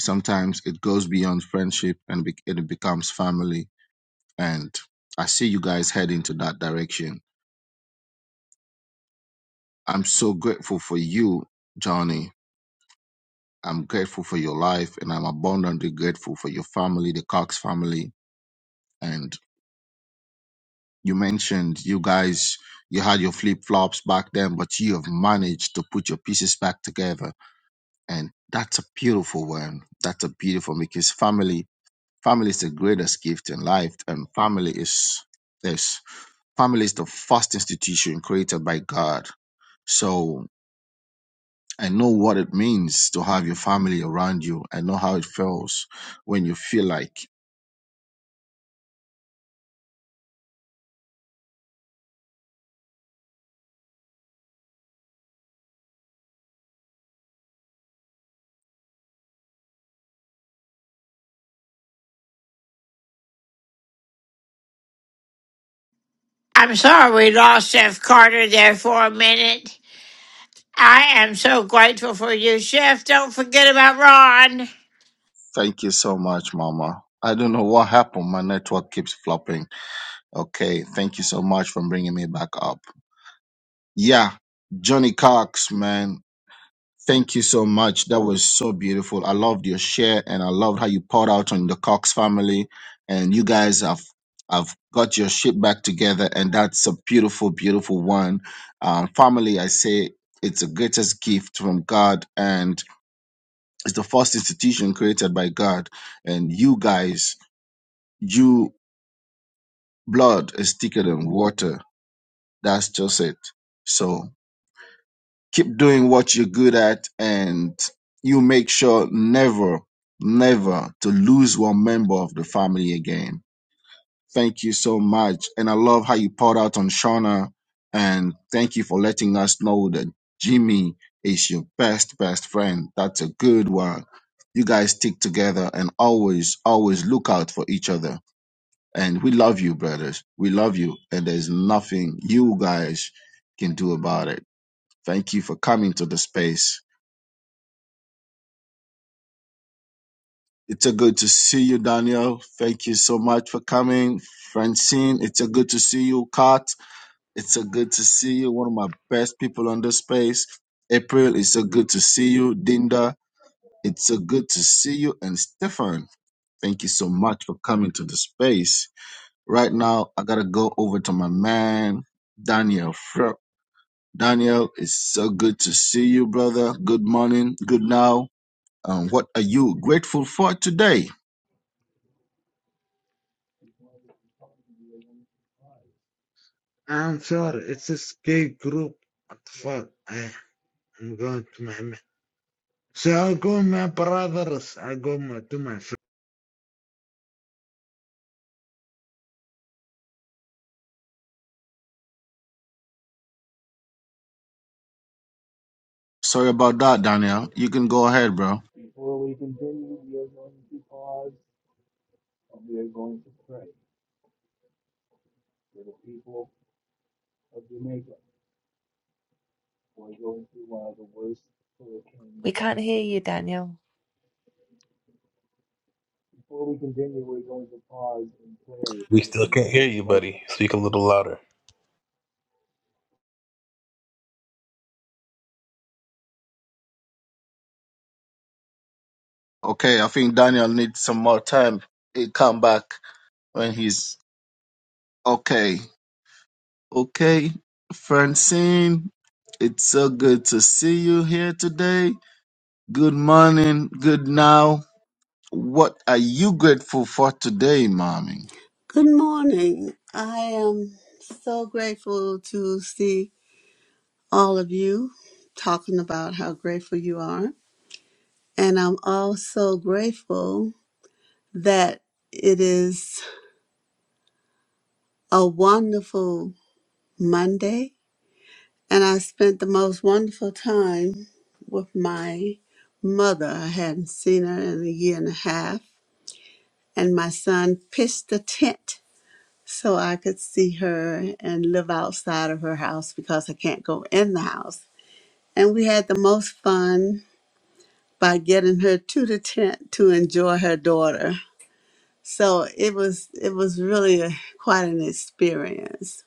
[SPEAKER 5] sometimes it goes beyond friendship and be- it becomes family. And I see you guys heading to that direction. I'm so grateful for you, Johnny I'm grateful for your life and I'm abundantly grateful for your family, the Cox family. And you mentioned you guys, you had your flip flops back then, but you have managed to put your pieces back together. And that's a beautiful one. That's a beautiful because family, family is the greatest gift in life. And family is this family is the first institution created by God. So I know what it means to have your family around you. I know how it feels when you feel like
[SPEAKER 4] I'm sorry we lost Chef Carter there for a minute. I am so grateful for you, Chef. Don't forget about Ron.
[SPEAKER 5] Thank you so much, Mama. I don't know what happened. My network keeps flopping. Okay, thank you so much for bringing me back up. Yeah, Johnny Cox, man. Thank you so much. That was so beautiful. I loved your share and I loved how you poured out on the Cox family. And you guys have have got your shit back together. And that's a beautiful, beautiful one. Um, family, I say it's the greatest gift from God and it's the first institution created by God. And you guys you blood is thicker than water. That's just it. So keep doing what you're good at and you make sure never, never to lose one member of the family again. Thank you so much. And I love how you poured out on Shauna and thank you for letting us know that Jimmy is your best, best friend. That's a good one. You guys stick together and always, always look out for each other And we love you, brothers. We love you. And there's nothing you guys can do about it. Thank you for coming to the space. It's a good to see you, Daniel. Thank you so much for coming. Francine, it's a good to see you. Kat, it's a good to see you. One of my best people on this space. April, it's a good to see you. Dinda, it's a good to see you. And Stefan, thank you so much for coming to the space. Right now, I gotta go over to my man, Daniel. Daniel, it's so good to see you, brother. Good morning, good now. Um, what are you grateful for today?
[SPEAKER 13] I'm sorry, it's a skate group. What the fuck? I, I'm going to my. So I go my brothers. I go my, to my friends.
[SPEAKER 5] Sorry about that, Daniel. You can go ahead, bro.
[SPEAKER 14] Before we continue, we are going to pause and we are going to pray for the people of Jamaica who are going through one of the worst hurricanes.
[SPEAKER 8] We can't hear you, Daniel.
[SPEAKER 14] Before we continue, we're going to pause in prayer
[SPEAKER 9] We
[SPEAKER 14] for the
[SPEAKER 9] still can't
[SPEAKER 14] people
[SPEAKER 9] hear
[SPEAKER 14] of
[SPEAKER 9] you,
[SPEAKER 14] Jamaica
[SPEAKER 9] buddy. Speak a little louder.
[SPEAKER 5] Okay, I think Daniel needs some more time. He'll come back when he's okay. Okay, Francine, it's so good to see you here today. Good morning, good now. What are you grateful for today, mommy?
[SPEAKER 15] Good morning. I am so grateful to see all of you talking about how grateful you are. And I'm also grateful that it is a wonderful Monday. And I spent the most wonderful time with my mother. I hadn't seen her in a year and a half. And my son pitched a tent so I could see her and live outside of her house because I can't go in the house. And we had the most fun by getting her to the tent to enjoy her daughter. So it was it was really a, quite an experience.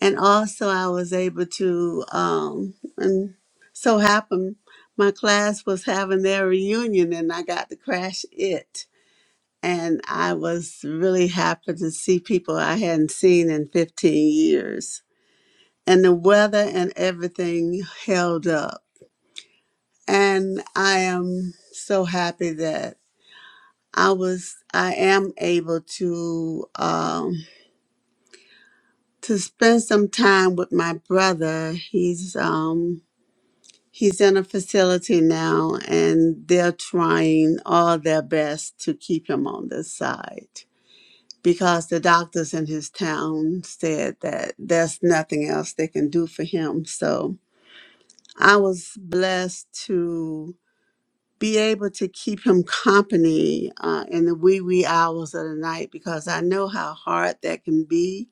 [SPEAKER 15] And also I was able to um and so happened my class was having their reunion and I got to crash it. And I was really happy to see people I hadn't seen in 15 years. and the weather and everything held up. And I am so happy that I was, I am able to um, to spend some time with my brother. He's um, he's in a facility now, and they're trying all their best to keep him on this side because the doctors in his town said that there's nothing else they can do for him. So I was blessed to be able to keep him company uh, in the wee wee hours of the night because I know how hard that can be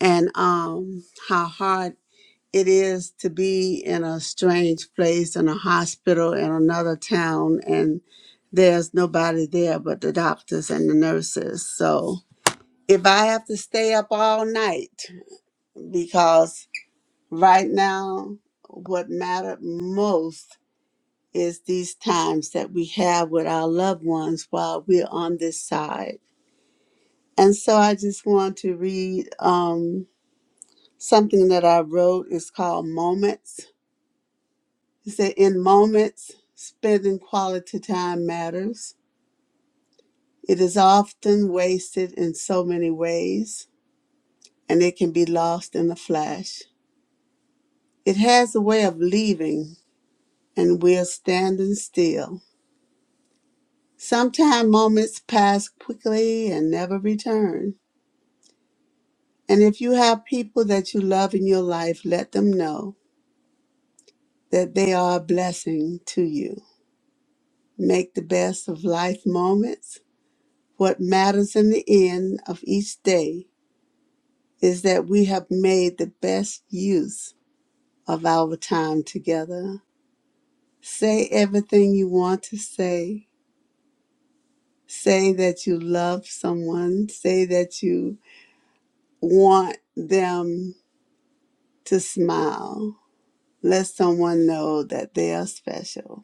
[SPEAKER 15] and um, how hard it is to be in a strange place in a hospital in another town and there's nobody there but the doctors and the nurses. So if I have to stay up all night because right now what mattered most is these times that we have with our loved ones while we're on this side. And so I just want to read um, something that I wrote. It's called Moments. It said, In moments, spending quality time matters. It is often wasted in so many ways, and it can be lost in a flash. It has a way of leaving, and we're standing still. Sometimes moments pass quickly and never return. And if you have people that you love in your life, let them know that they are a blessing to you. Make the best of life moments. What matters in the end of each day is that we have made the best use of our time together. Say everything you want to say. Say that you love someone. Say that you want them to smile. Let someone know that they are special.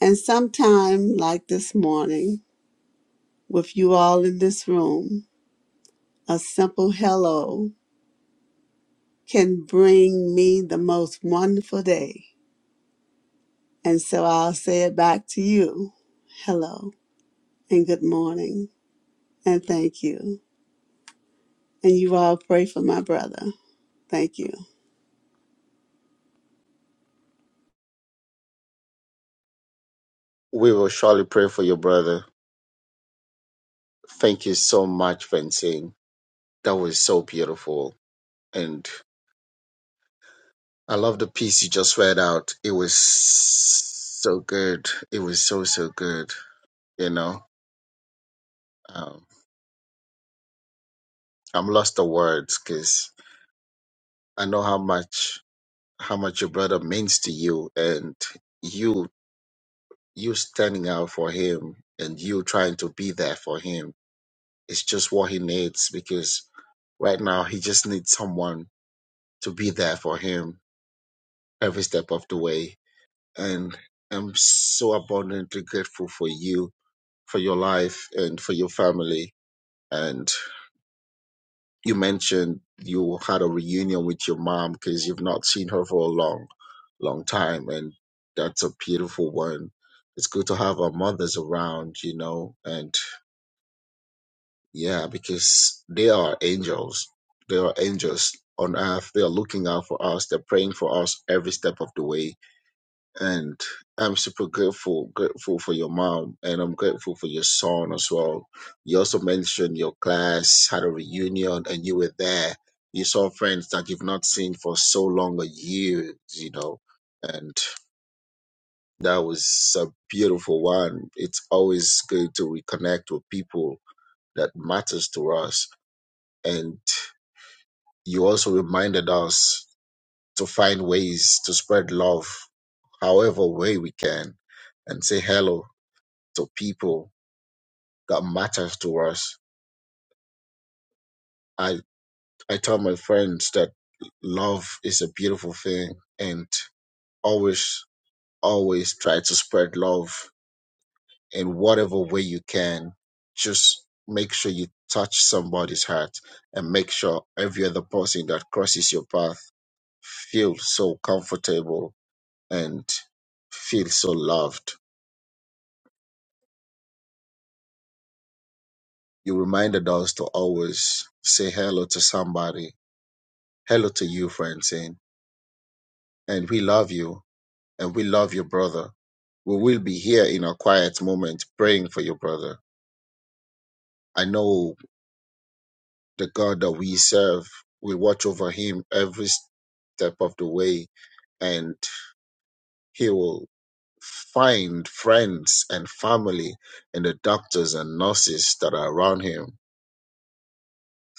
[SPEAKER 15] And sometime, like this morning, with you all in this room, a simple hello can bring me the most wonderful day. And so I'll say it back to you hello, and good morning, and thank you. And you all pray for my brother. Thank you.
[SPEAKER 5] We will surely pray for your brother. Thank you so much, Francine. That was so beautiful. And I love the piece you just read out. It was so good. It was so, so good. You know, um, I'm lost for words because I know how much, how much your brother means to you and you, you standing out for him and you trying to be there for him. It's just what he needs because right now he just needs someone to be there for him every step of the way and I'm so abundantly grateful for you, for your life, and for your family. And you mentioned you had a reunion with your mom because you've not seen her for a long, long time, and that's a beautiful one. It's good to have our mothers around, you know, and yeah, because they are angels. They are angels on earth. They are looking out for us. They're praying for us every step of the way and I'm super grateful, grateful for your mom, and I'm grateful for your son as well. You also mentioned your class had a reunion, and you were there. You saw friends that you've not seen for so long, a year, you know, and that was a beautiful one. It's always good to reconnect with people that matters to us, and you also reminded us to find ways to spread love, however way we can, and say hello to people that matters to us. I I tell my friends that love is a beautiful thing and always always try to spread love in whatever way you can. Just make sure you touch somebody's heart and make sure every other person that crosses your path feels so comfortable and feel so loved. You reminded us to always say hello to somebody. Hello to you, Francine and we love you and we love your brother. We will be here in a quiet moment praying for your brother. I know the God that we serve will watch over him every step of the way and he will find friends and family and the doctors and nurses that are around him.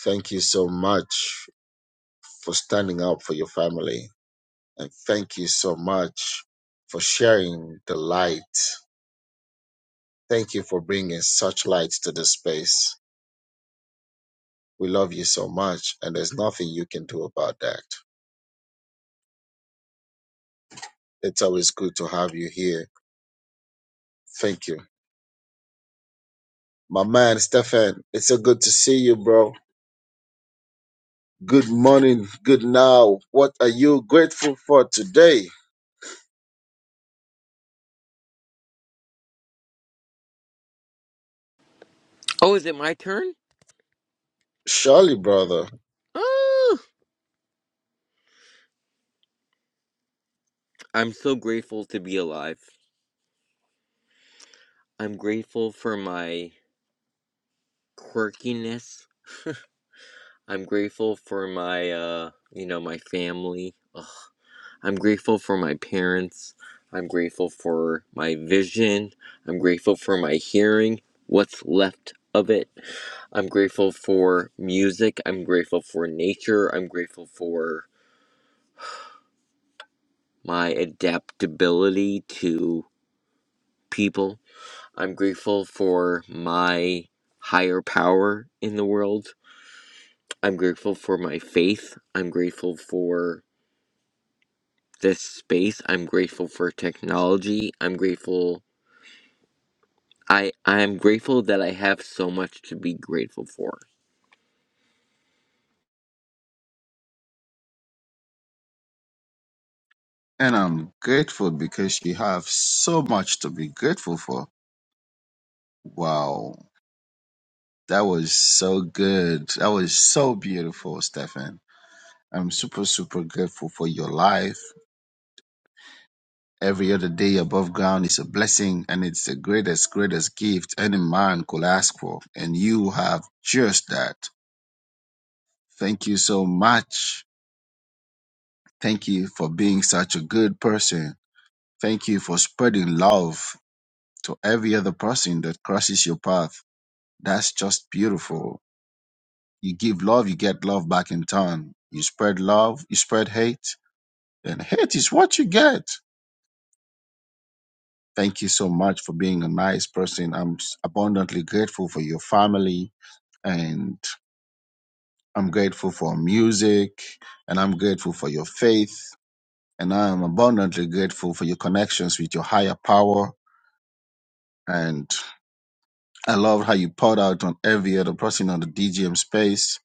[SPEAKER 5] Thank you so much for standing up for your family and thank you so much for sharing the light Thank you for bringing such light to this space. We love you so much, and there's nothing you can do about that. It's always good to have you here. Thank you. My man, Stefan, it's so good to see you, bro. Good morning, good now. What are you grateful for today?
[SPEAKER 16] Oh, is it my turn?
[SPEAKER 5] Surely, brother.
[SPEAKER 16] Oh, I'm so grateful to be alive. I'm grateful for my quirkiness. I'm grateful for my, uh, you know, my family. I'm grateful for my parents. I'm grateful for my vision. I'm grateful for my hearing, what's left of it. I'm grateful for music. I'm grateful for nature. I'm grateful for my adaptability to people. I'm grateful for my higher power in the world. I'm grateful for my faith. I'm grateful for this space. I'm grateful for technology. I'm grateful I I'm grateful that I have so much to be grateful for.
[SPEAKER 5] And I'm grateful because you have so much to be grateful for. Wow. That was so good. That was so beautiful, Stefan. I'm super, super grateful for your life. Every other day above ground is a blessing and it's the greatest, greatest gift any man could ask for. And you have just that. Thank you so much. Thank you for being such a good person. Thank you for spreading love to every other person that crosses your path. That's just beautiful. You give love, you get love back in turn. You spread love, you spread hate, and hate is what you get. Thank you so much for being a nice person. I'm abundantly grateful for your family and I'm grateful for music and I'm grateful for your faith and I am abundantly grateful for your connections with your higher power and I love how you poured out on every other person on the DGM space.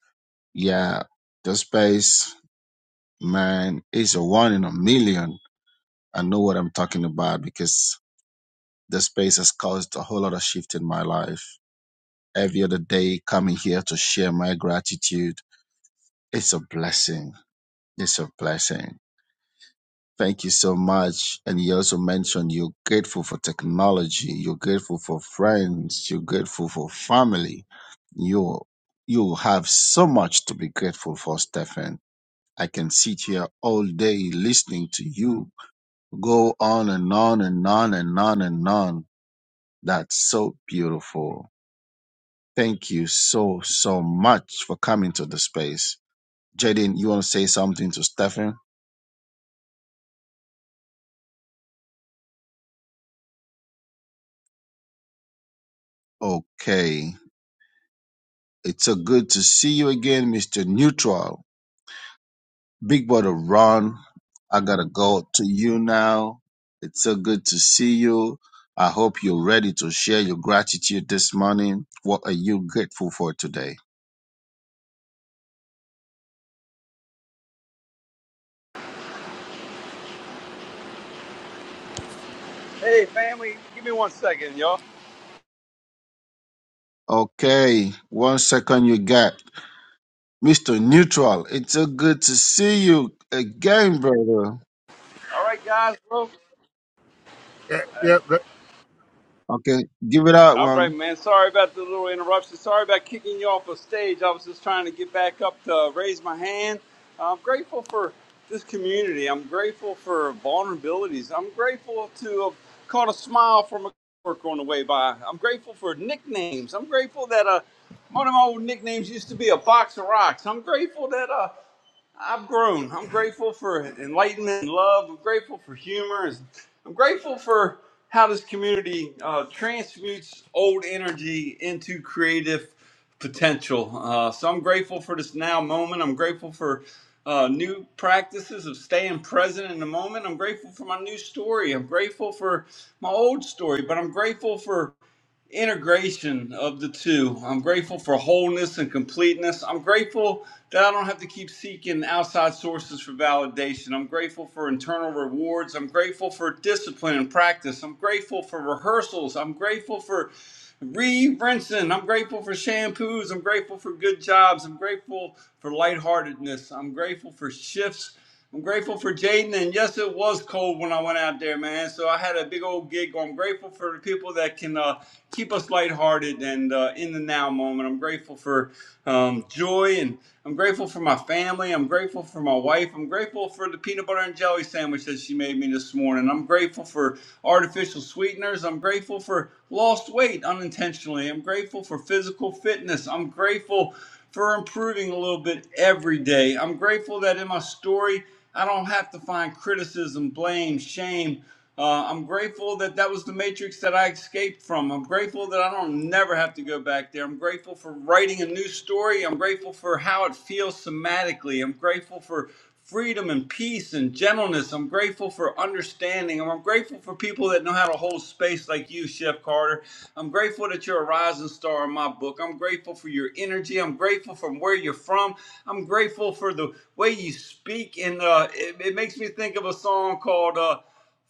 [SPEAKER 5] Yeah, the space man is a one in a million. I know what I'm talking about because the space has caused a whole lot of shift in my life. Every other day coming here to share my gratitude, it's a blessing. It's a blessing Thank you so much. And you also mentioned you're grateful for technology, you're grateful for friends, you're grateful for family. You you have so much to be grateful for, Stefan. I can sit here all day listening to you go on and on and on and on and on. That's so beautiful. Thank you so, so much for coming to the space. Jaden, you want to say something to Stefan? Okay. It's so good to see you again, Mr. Neutral. Big brother Ron, I gotta go to you now. It's so good to see you. I hope you're ready to share your gratitude this morning. What are you grateful for today?
[SPEAKER 7] Hey, family, give me one second, y'all.
[SPEAKER 5] Okay, one second you got. Mr. Neutral, it's so good to see you again, brother.
[SPEAKER 7] All right, guys, bro.
[SPEAKER 2] Yep, yep. that-
[SPEAKER 5] Okay, give it out,
[SPEAKER 7] All right,
[SPEAKER 5] one.
[SPEAKER 7] man. Sorry about the little interruption. Sorry about kicking you off the stage. I was just trying to get back up to raise my hand. I'm grateful for this community. I'm grateful for vulnerabilities. I'm grateful to have caught a smile from a coworker on the way by. I'm grateful for nicknames. I'm grateful that uh, one of my old nicknames used to be a box of rocks. I'm grateful that uh, I've grown. I'm grateful for enlightenment and love. I'm grateful for humor. I'm grateful for how this community uh, transmutes old energy into creative potential. Uh, so I'm grateful for this now moment. I'm grateful for uh, new practices of staying present in the moment. I'm grateful for my new story. I'm grateful for my old story, but I'm grateful for integration of the two. I'm grateful for wholeness and completeness. I'm grateful that I don't have to keep seeking outside sources for validation. I'm grateful for internal rewards. I'm grateful for discipline and practice. I'm grateful for rehearsals. I'm grateful for Reeve Renson, I'm grateful for shampoos. I'm grateful for good jobs. I'm grateful for lightheartedness. I'm grateful for shifts. I'm grateful for Jaden. And yes, it was cold when I went out there, man. So I had a big old gig. I'm grateful for the people that can uh, keep us lighthearted and uh, in the now moment. I'm grateful for um, joy and I'm grateful for my family. I'm grateful for my wife. I'm grateful for the peanut butter and jelly sandwich that she made me this morning morning. I'm grateful for artificial sweeteners. I'm grateful for lost weight unintentionally. I'm grateful for physical fitness. I'm grateful for improving a little bit every day. I'm grateful that in my story, I don't have to find criticism, blame, shame. Uh, I'm grateful that that was the matrix that I escaped from. I'm grateful that I don't never have to go back there. I'm grateful for writing a new story. I'm grateful for how it feels somatically. I'm grateful for freedom and peace and gentleness. I'm grateful for understanding. I'm grateful for people that know how to hold space like you, Chef Carter. I'm grateful that you're a rising star in my book. I'm grateful for your energy. I'm grateful from where you're from. I'm grateful for the way you speak. And uh, it, it makes me think of a song called. Uh,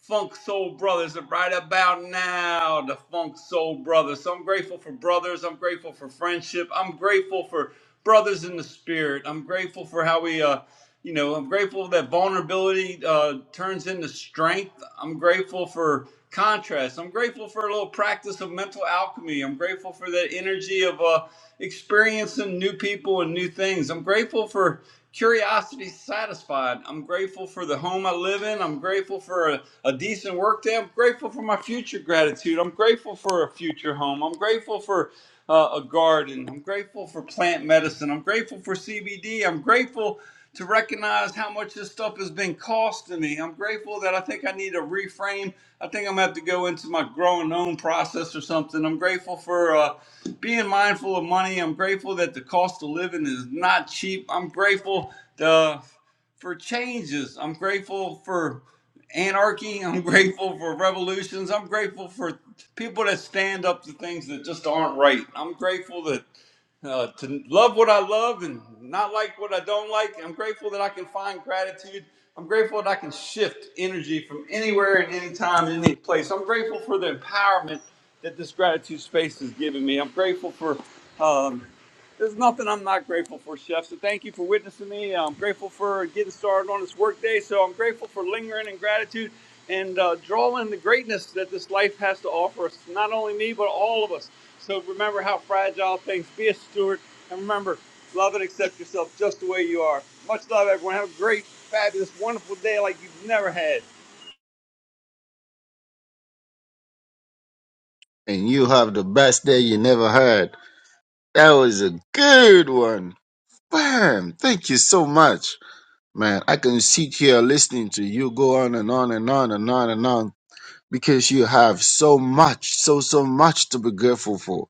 [SPEAKER 7] Funk Soul Brothers right about now. The Funk Soul Brothers. So I'm grateful for brothers. I'm grateful for friendship. I'm grateful for brothers in the spirit. I'm grateful for how we, uh, you know, I'm grateful that vulnerability uh, turns into strength. I'm grateful for contrast. I'm grateful for a little practice of mental alchemy. I'm grateful for that energy of uh, experiencing new people and new things. I'm grateful for Curiosity satisfied. I'm grateful for the home I live in. I'm grateful for a, a decent work day. I'm grateful for my future gratitude. I'm grateful for a future home. I'm grateful for uh, a garden. I'm grateful for plant medicine. I'm grateful for CBD. I'm grateful to recognize how much this stuff has been costing me. I'm grateful that I think I need to reframe. I think I'm gonna have to go into my growing own process or something. I'm grateful for uh, being mindful of money. I'm grateful that the cost of living is not cheap. I'm grateful the, for changes. I'm grateful for anarchy. *laughs* I'm grateful for revolutions. I'm grateful for people that stand up to things that just aren't right. I'm grateful that uh, to love what I love and not like what I don't like. I'm grateful that I can find gratitude. I'm grateful that I can shift energy from anywhere and anytime and any place. I'm grateful for the empowerment that this gratitude space has given me. I'm grateful for um, there's nothing I'm not grateful for, Chef. So thank you for witnessing me. I'm grateful for getting started on this workday. So I'm grateful for lingering in gratitude and uh, drawing the greatness that this life has to offer us. Not only me, but all of us. So remember how fragile things. Be a steward, and remember, love and accept yourself just the way you are. Much love, everyone. Have a great, fabulous, wonderful day like you've never had.
[SPEAKER 5] And you have the best day you never had. That was a good one. Bam! Thank you so much. Man, I can sit here listening to you go on and on and on and on and on because you have so much, so, so much to be grateful for.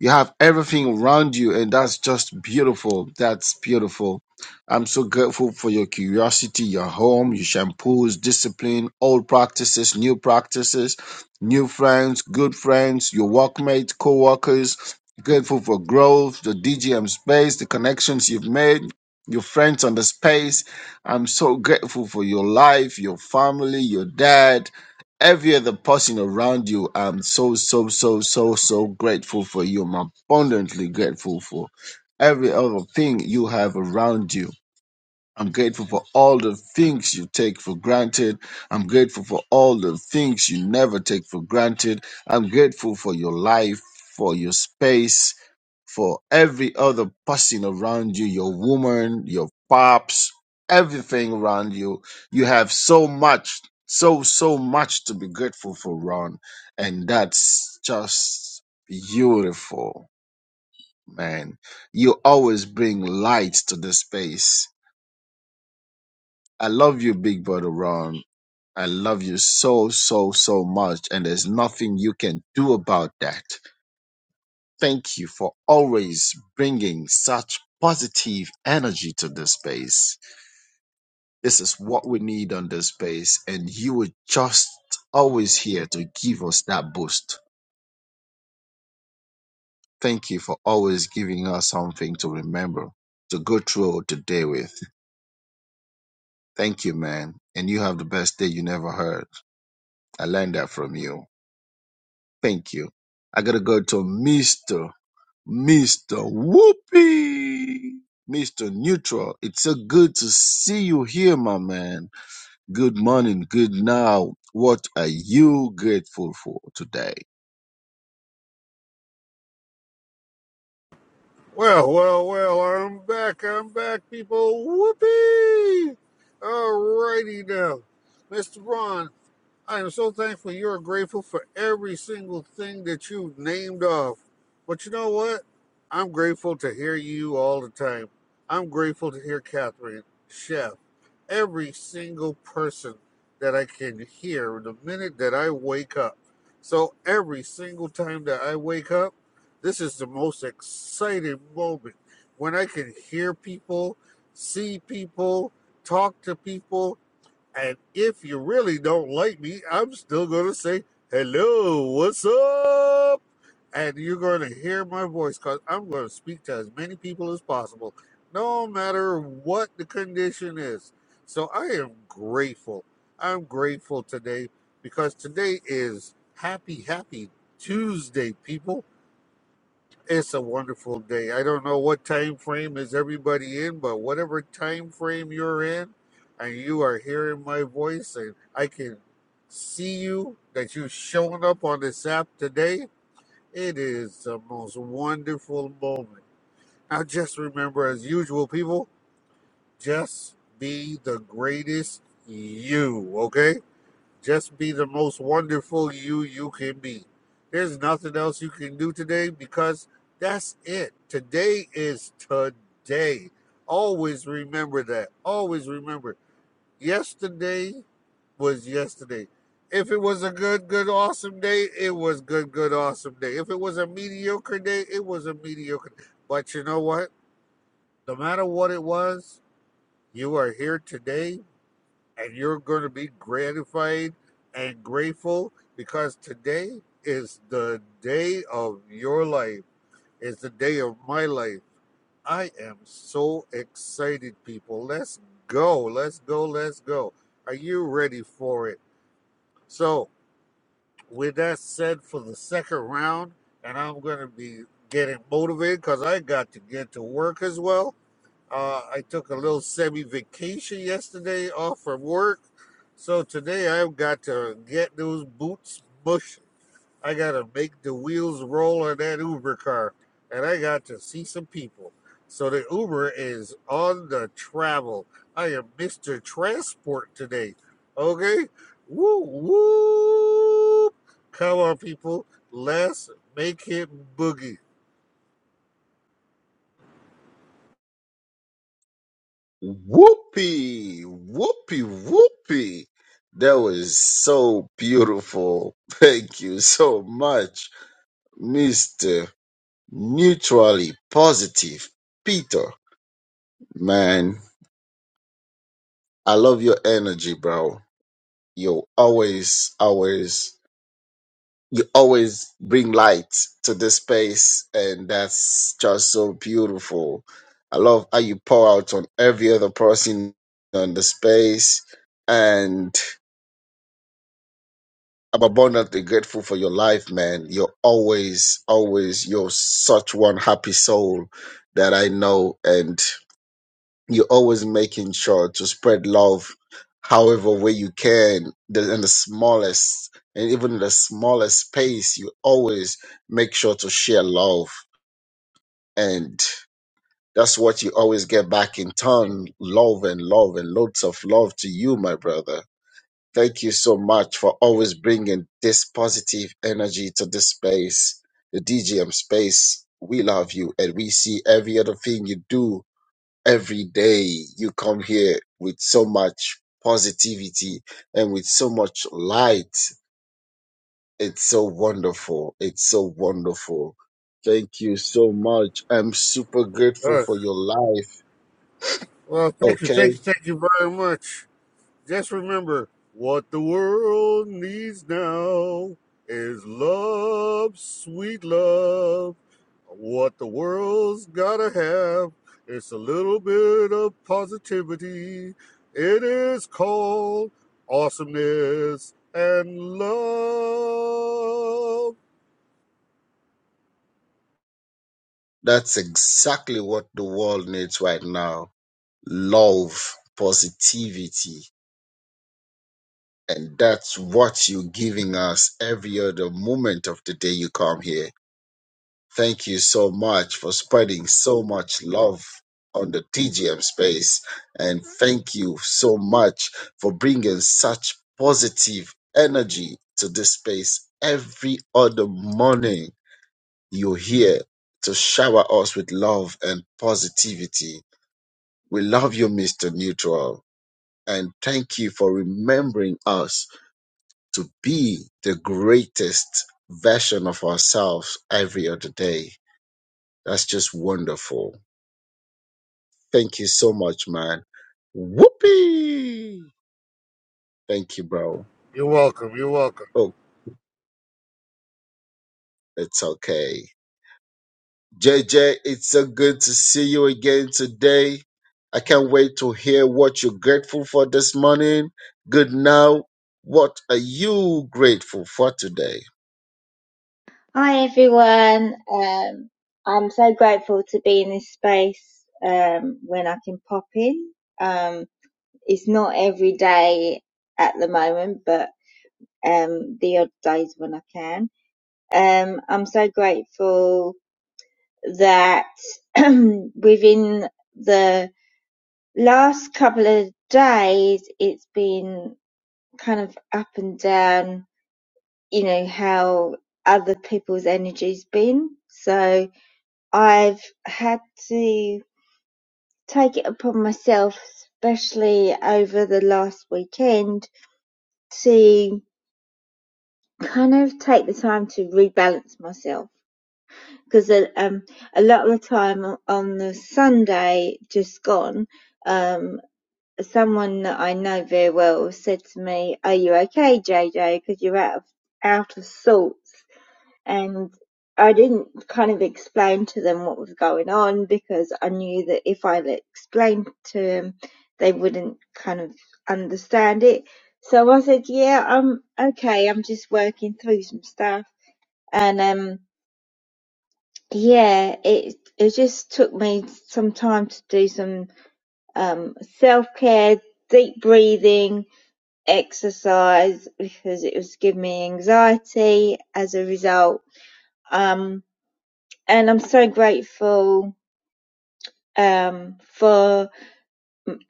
[SPEAKER 5] You have everything around you, and that's just beautiful. That's beautiful. I'm so grateful for your curiosity, your home, your shampoos, discipline, old practices, new practices, new friends, good friends, your workmates, co workers. Grateful for growth, the DGM space, the connections you've made, your friends on the space. I'm so grateful for your life, your family, your dad every other person around you, I'm so, so, so, so, so grateful for you. I'm abundantly grateful for every other thing you have around you. I'm grateful for all the things you take for granted. I'm grateful for all the things you never take for granted. I'm grateful for your life, for your space, for every other person around you, your woman, your pops, everything around you. You have so much, so, so much to be grateful for, Ron. And that's just beautiful, man. You always bring light to the space. I love you, big brother Ron. I love you so, so, so much. And there's nothing you can do about that. Thank you for always bringing such positive energy to this space. This is what we need on this space, and you were just always here to give us that boost. Thank you for always giving us something to remember, to go through today with. Thank you, man. And you have the best day you never heard. I learned that from you. Thank you. I gotta go to Mr. Mr. Whoopi, Mr. Neutral, it's so good to see you here, my man. Good morning, good now. What are you grateful for today?
[SPEAKER 2] Well, well, well, I'm back. I'm back, people. Whoopee! All righty now. Mr. Ron. I am so thankful you're grateful for every single thing that you've named off. But you know what? I'm grateful to hear you all the time. I'm grateful to hear Catherine, Chef, every single person that I can hear the minute that I wake up. So every single time that I wake up, this is the most exciting moment when I can hear people, see people, talk to people, and if you really don't like me, I'm still going to say, hello, what's up? And you're going to hear my voice because I'm going to speak to as many people as possible, no matter what the condition is. So I am grateful. I'm grateful today because today is Happy, Happy Tuesday, people. It's a wonderful day. I don't know what time frame is everybody in, but whatever time frame you're in, and you are hearing my voice, and I can see you that you've shown up on this app today. It is the most wonderful moment. Now, just remember, as usual, people, just be the greatest you. Okay? Just be the most wonderful you you can be. There's nothing else you can do today because that's it. Today is today. Always remember that. Always remember. Yesterday was yesterday. If it was a good, good, awesome day, it was good, good, awesome day. If it was a mediocre day, it was a mediocre. day. But you know what? No matter what it was, you are here today and you're going to be gratified and grateful because today is the day of your life. It's the day of my life. I am so excited, people. Let's go. Let's go. Let's go. Are you ready for it? So, with that said, for the second round, and I'm going to be getting motivated because I got to get to work as well uh, I took a little semi vacation yesterday off from work. So today I've got to get those boots bushing. I got to make the wheels roll on that Uber car. And I got to see some people. So the Uber is on the travel. I am Mr. Transport today. Okay? Woo, woo. Come on, people. Let's make it boogie.
[SPEAKER 5] Whoopi, whoopi, whoopi. That was so beautiful. *laughs* Thank you so much, Mr. Neutrally Positive Peter. Man, I love your energy, bro. You're always, always you always bring light to this space, and that's just so beautiful. I love how you pour out on every other person on the space, and I'm abundantly grateful for your life, man. You're always, always, you're such one happy soul that I know, and. You're always making sure to spread love however way you can, the, in the smallest, and even in the smallest space, you always make sure to share love. And that's what you always get back in turn love and love and loads of love to you, my brother. Thank you so much for always bringing this positive energy to this space, the DGM space. We love you and we see every other thing you do every day you come here with so much positivity and with so much light. It's so wonderful. It's so wonderful. Thank you so much. I'm super
[SPEAKER 2] All
[SPEAKER 5] grateful
[SPEAKER 2] right.
[SPEAKER 5] for your life.
[SPEAKER 2] Well, thank you,
[SPEAKER 5] Okay.
[SPEAKER 2] thank you, thank you very much. Just remember what the world needs now is love, sweet love. What the world's gotta have is a little bit of positivity. It is called awesomeness and love.
[SPEAKER 5] That's exactly what the world needs right now love, positivity. And that's what you're giving us every other moment of the day you come here. Thank you so much for spreading so much love on the TGM space. And thank you so much for bringing such positive energy to this space every other morning. You're here to shower us with love and positivity. We love you, Mr. Neutral. And thank you for remembering us to be the greatest version of ourselves every other day. That's just wonderful. Thank you so much, man. Whoopee! Thank you, bro.
[SPEAKER 2] You're welcome. You're welcome.
[SPEAKER 5] Oh, it's okay. JJ, it's so good to see you again today. I can't wait to hear what you're grateful for this morning. Good now. What are you grateful for today?
[SPEAKER 17] Hi everyone. Um, I'm so grateful to be in this space um, when I can pop in. Um, it's not every day at the moment, but um, the odd days when I can. Um, I'm so grateful that *clears throat* within the last couple of days, it's been kind of up and down. You know how other people's energy's been. So I've had to take it upon myself, especially over the last weekend, to kind of take the time to rebalance myself. Because um, a lot of the time on the Sunday just gone, um, someone that I know very well said to me, "Are you okay, JJ? Because you're out of out of sorts." and I didn't kind of explain to them what was going on because I knew that if I explained to them, they wouldn't kind of understand it. So I said, "Yeah, I'm okay. I'm just working through some stuff." And um, yeah, it it just took me some time to do some um self care, deep breathing, exercise because it was giving me anxiety as a result. Um, and I'm so grateful um, for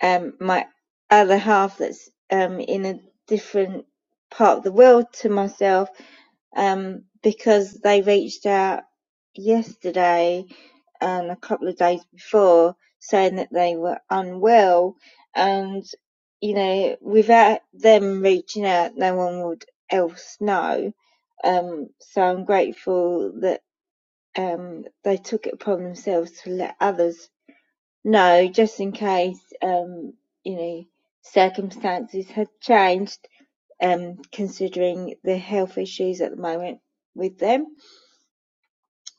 [SPEAKER 17] um, my other half that's um, in a different part of the world to myself um, because they reached out yesterday and a couple of days before saying that they were unwell and you know without them reaching out no one would else know um, so I'm grateful that um, they took it upon themselves to let others No, just in case, um, you know, circumstances had changed, um, considering the health issues at the moment with them.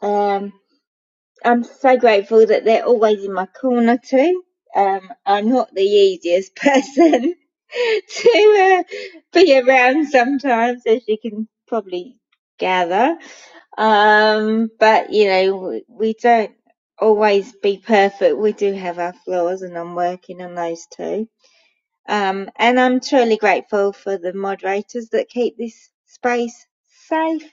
[SPEAKER 17] Um, I'm so grateful that they're always in my corner too. Um, I'm not the easiest person *laughs* to uh, be around sometimes, as you can probably gather. Um, but you know, we, we don't always be perfect. We do have our flaws, and I'm working on those too. Um, and I'm truly grateful for the moderators that keep this space safe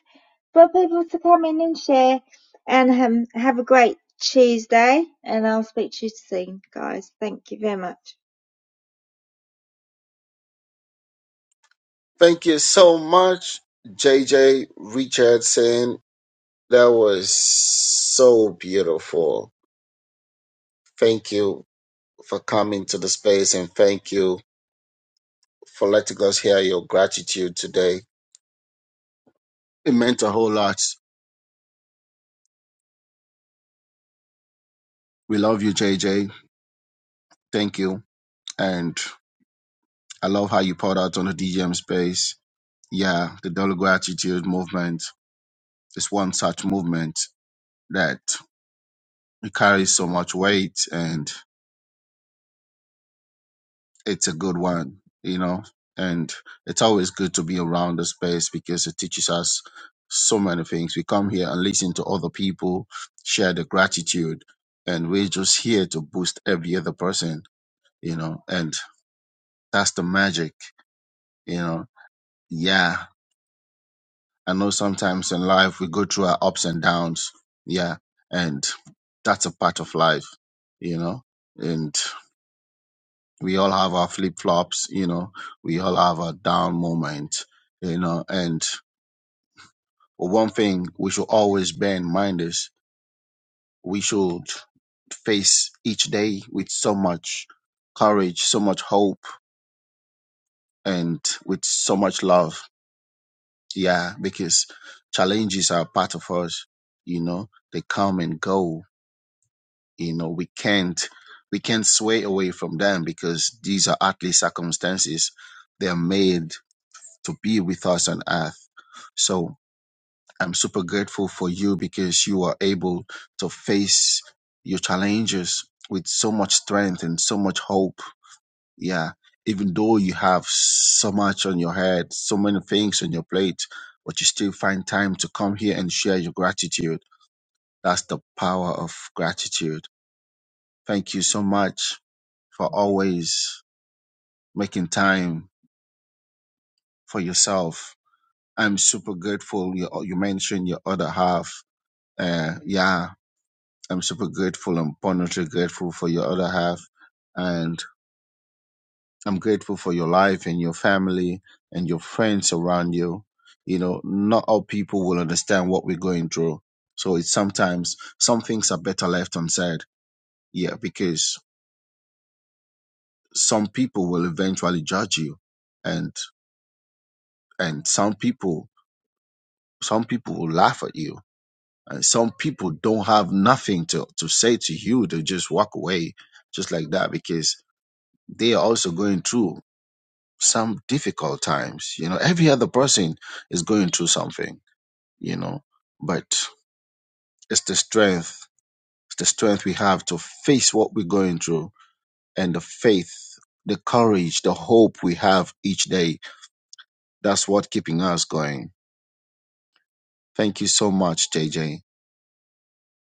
[SPEAKER 17] for people to come in and share. And um, have a great Tuesday, and I'll speak to you soon, guys. Thank you very much.
[SPEAKER 5] Thank you so much, JJ Richardson. That was so beautiful. Thank you for coming to the space and thank you for letting us hear your gratitude today. It meant a whole lot. We love you, J J. Thank you. And I love how you poured out on the DGM space. Yeah, the Dollar Gratitude movement is one such movement that it carries so much weight and it's a good one, you know. And it's always good to be around the space because it teaches us so many things. We come here and listen to other people share the gratitude, and we're just here to boost every other person you know, and that's the magic, you know. Yeah, I know sometimes in life we go through our ups and downs, yeah, and that's a part of life, you know, and we all have our flip flops, you know, we all have our down moments, you know, and one thing we should always bear in mind is we should face each day with so much courage, so much hope, and with so much love Yeah, because challenges are part of us. You know, they come and go. You know, we can't we can't sway away from them because these are earthly circumstances. They are made to be with us on earth. So I'm super grateful for you because you are able to face your challenges with so much strength and so much hope yeah even though you have so much on your head so many things on your plate but you still find time to come here and share your gratitude that's the power of gratitude thank you so much for always making time for yourself i'm super grateful you, you mentioned your other half uh, yeah i'm super grateful and abundantly grateful for your other half and. I'm grateful for your life and your family and your friends around you. You know, not all people will understand what we're going through. So it's sometimes some things are better left unsaid. Yeah, because some people will eventually judge you and and some people some people will laugh at you. And some people don't have nothing to, to say to you. They just walk away just like that because they are also going through some difficult times. You know, every other person is going through something, you know, but it's the strength, it's the strength we have to face what we're going through and the faith, the courage, the hope we have each day. That's what keeping us going. Thank you so much, J J.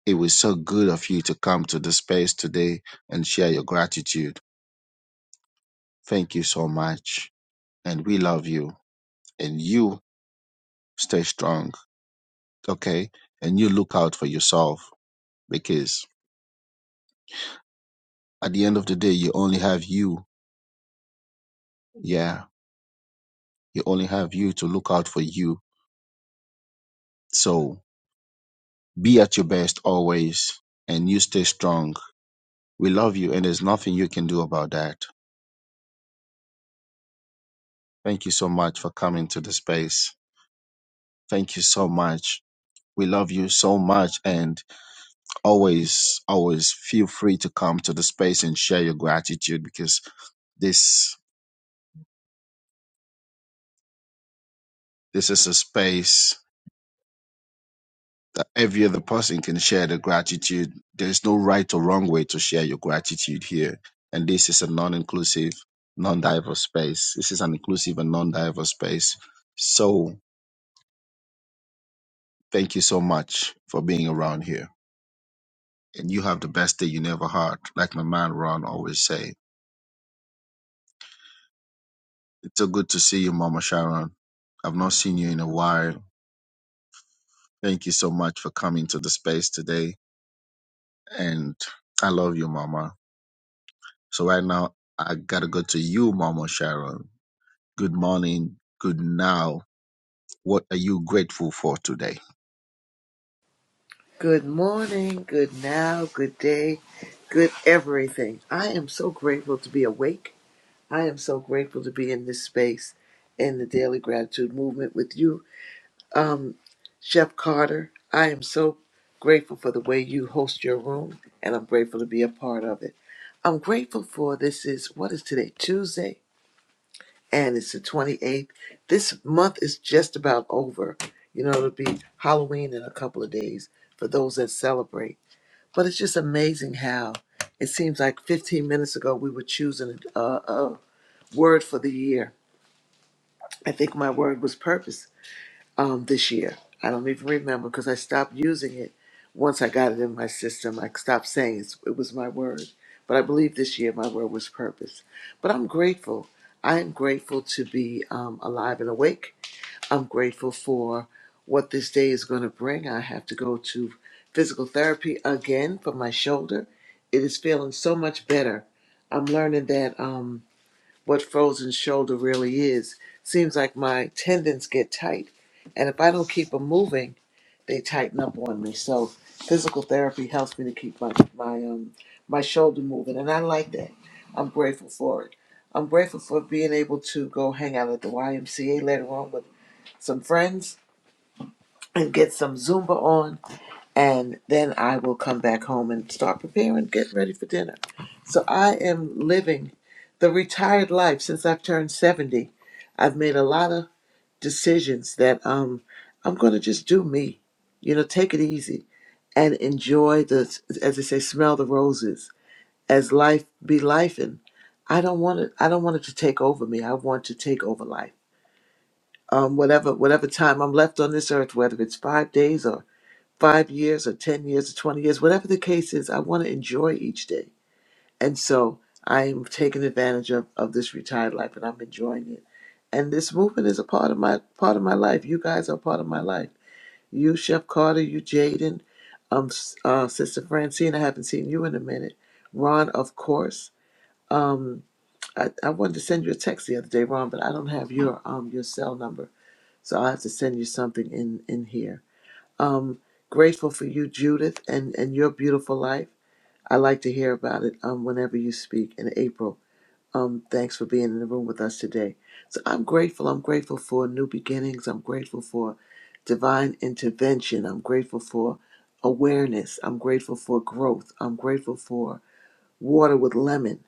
[SPEAKER 5] It was so good of you to come to the space today and share your gratitude. Thank you so much. And we love you. And you stay strong, okay? And you look out for yourself because at the end of the day, you only have you. Yeah, you only have you to look out for you. So be at your best always and you stay strong. We love you and there's nothing you can do about that. Thank you so much for coming to the space. Thank you so much. We love you so much and always, always feel free to come to the space and share your gratitude because this, this is a space that every other person can share the gratitude. There's no right or wrong way to share your gratitude here. And this is a non inclusive, non diverse space. This is an inclusive and non diverse space. So thank you so much for being around here. And you have the best day you never had, like my man Ron always say. It's so good to see you, Mama Sharon. I've not seen you in a while. Thank you so much for coming to the space today. And I love you, Mama. So right now, I gotta go to you, Mama Sharon good morning, good now. What are you grateful for today?
[SPEAKER 18] Good morning, good now, good day, good everything. I am so grateful to be awake. I am so grateful to be in this space in the Daily Gratitude Movement with you. Um, Chef Carter, I am so grateful for the way you host your room, and I'm grateful to be a part of it. I'm grateful for this is, what is today, Tuesday, and it's the 28th. This month is just about over. You know, it'll be Halloween in a couple of days for those that celebrate. But it's just amazing how it seems like 15 minutes ago we were choosing a, a word for the year. I think my word was purpose um, this year. I don't even remember because I stopped using it once I got it in my system. I stopped saying it's, it was my word. But I believe this year my word was purpose. But I'm grateful. I am grateful to be um, alive and awake. I'm grateful for what this day is going to bring. I have to go to physical therapy again for my shoulder. It is feeling so much better. I'm learning that um, what frozen shoulder really is. Seems like my tendons get tight, and if I don't keep them moving, they tighten up on me. So physical therapy helps me to keep my my um, my shoulder moving, and I like that. I'm grateful for it. I'm grateful for being able to go hang out at the YMCA later on with some friends and get some Zumba on, and then I will come back home and start preparing, getting ready for dinner. So I am living the retired life since I've turned 70. I've made a lot of decisions that um, I'm going to just do me, you know, take it easy and enjoy the, as they say, smell the roses as life be life. And I don't want it, I don't want it to take over me. I want to take over life. Um, whatever, whatever time I'm left on this earth, whether it's five days or five years or 10 years or 20 years, whatever the case is, I want to enjoy each day. And so I am taking advantage of, of this retired life and I'm enjoying it. And this movement is a part of my part of my life. You guys are part of my life. You, Chef Carter, you, Jaden, um, s- uh, Sister Francine, I haven't seen you in a minute. Ron, of course. Um, I, I wanted to send you a text the other day, Ron, but I don't have your um your cell number, so I have to send you something in in here um, grateful for you, Judith, and, and your beautiful life. I like to hear about it um, whenever you speak in April. Um, thanks for being in the room with us today. So I'm grateful. I'm grateful for new beginnings. I'm grateful for divine intervention. I'm grateful for awareness. I'm grateful for growth. I'm grateful for water with lemon.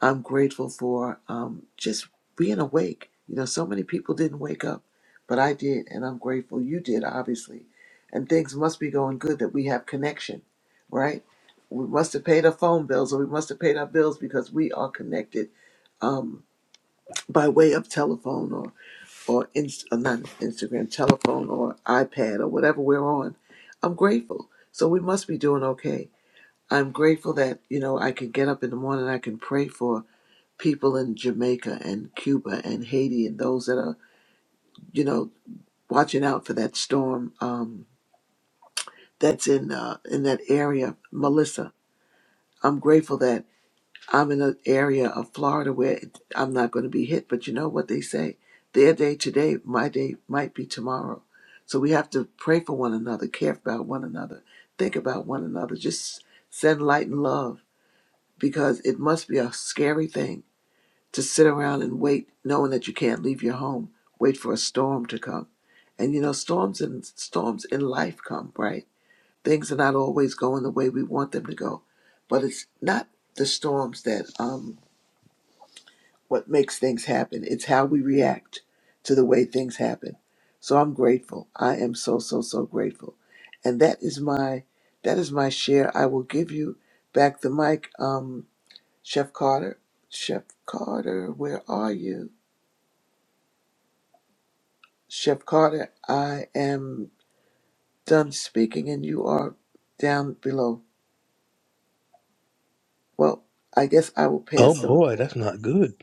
[SPEAKER 18] I'm grateful for um, just being awake. You know, so many people didn't wake up, but I did, and I'm grateful you did, obviously. And things must be going good that we have connection, right? We must have paid our phone bills or we must have paid our bills because we are connected um, by way of telephone or, or, inst- or not Instagram, telephone or iPad or whatever we're on. I'm grateful. So we must be doing okay. I'm grateful that, you know, I can get up in the morning, I can pray for people in Jamaica and Cuba and Haiti and those that are, you know, watching out for that storm um, that's in uh, in that area. Melissa, I'm grateful that I'm in an area of Florida where it- I'm not going to be hit, but you know what they say? Their day today, my day might be tomorrow. So we have to pray for one another, care about one another, think about one another, just send light and love because it must be a scary thing to sit around and wait, knowing that you can't leave your home, wait for a storm to come. And you know, storms and storms in life come, right? Things are not always going the way we want them to go, but it's not the storms that um what makes things happen. It's how we react to the way things happen. So I'm grateful. I am so so so grateful, and that is my that is my share. I will give you back the mic, um, Chef Carter. Chef Carter, where are you? Chef Carter, I am done speaking and you are down below. Well, I guess I will
[SPEAKER 9] Oh
[SPEAKER 18] pass them.
[SPEAKER 9] boy, that's not good.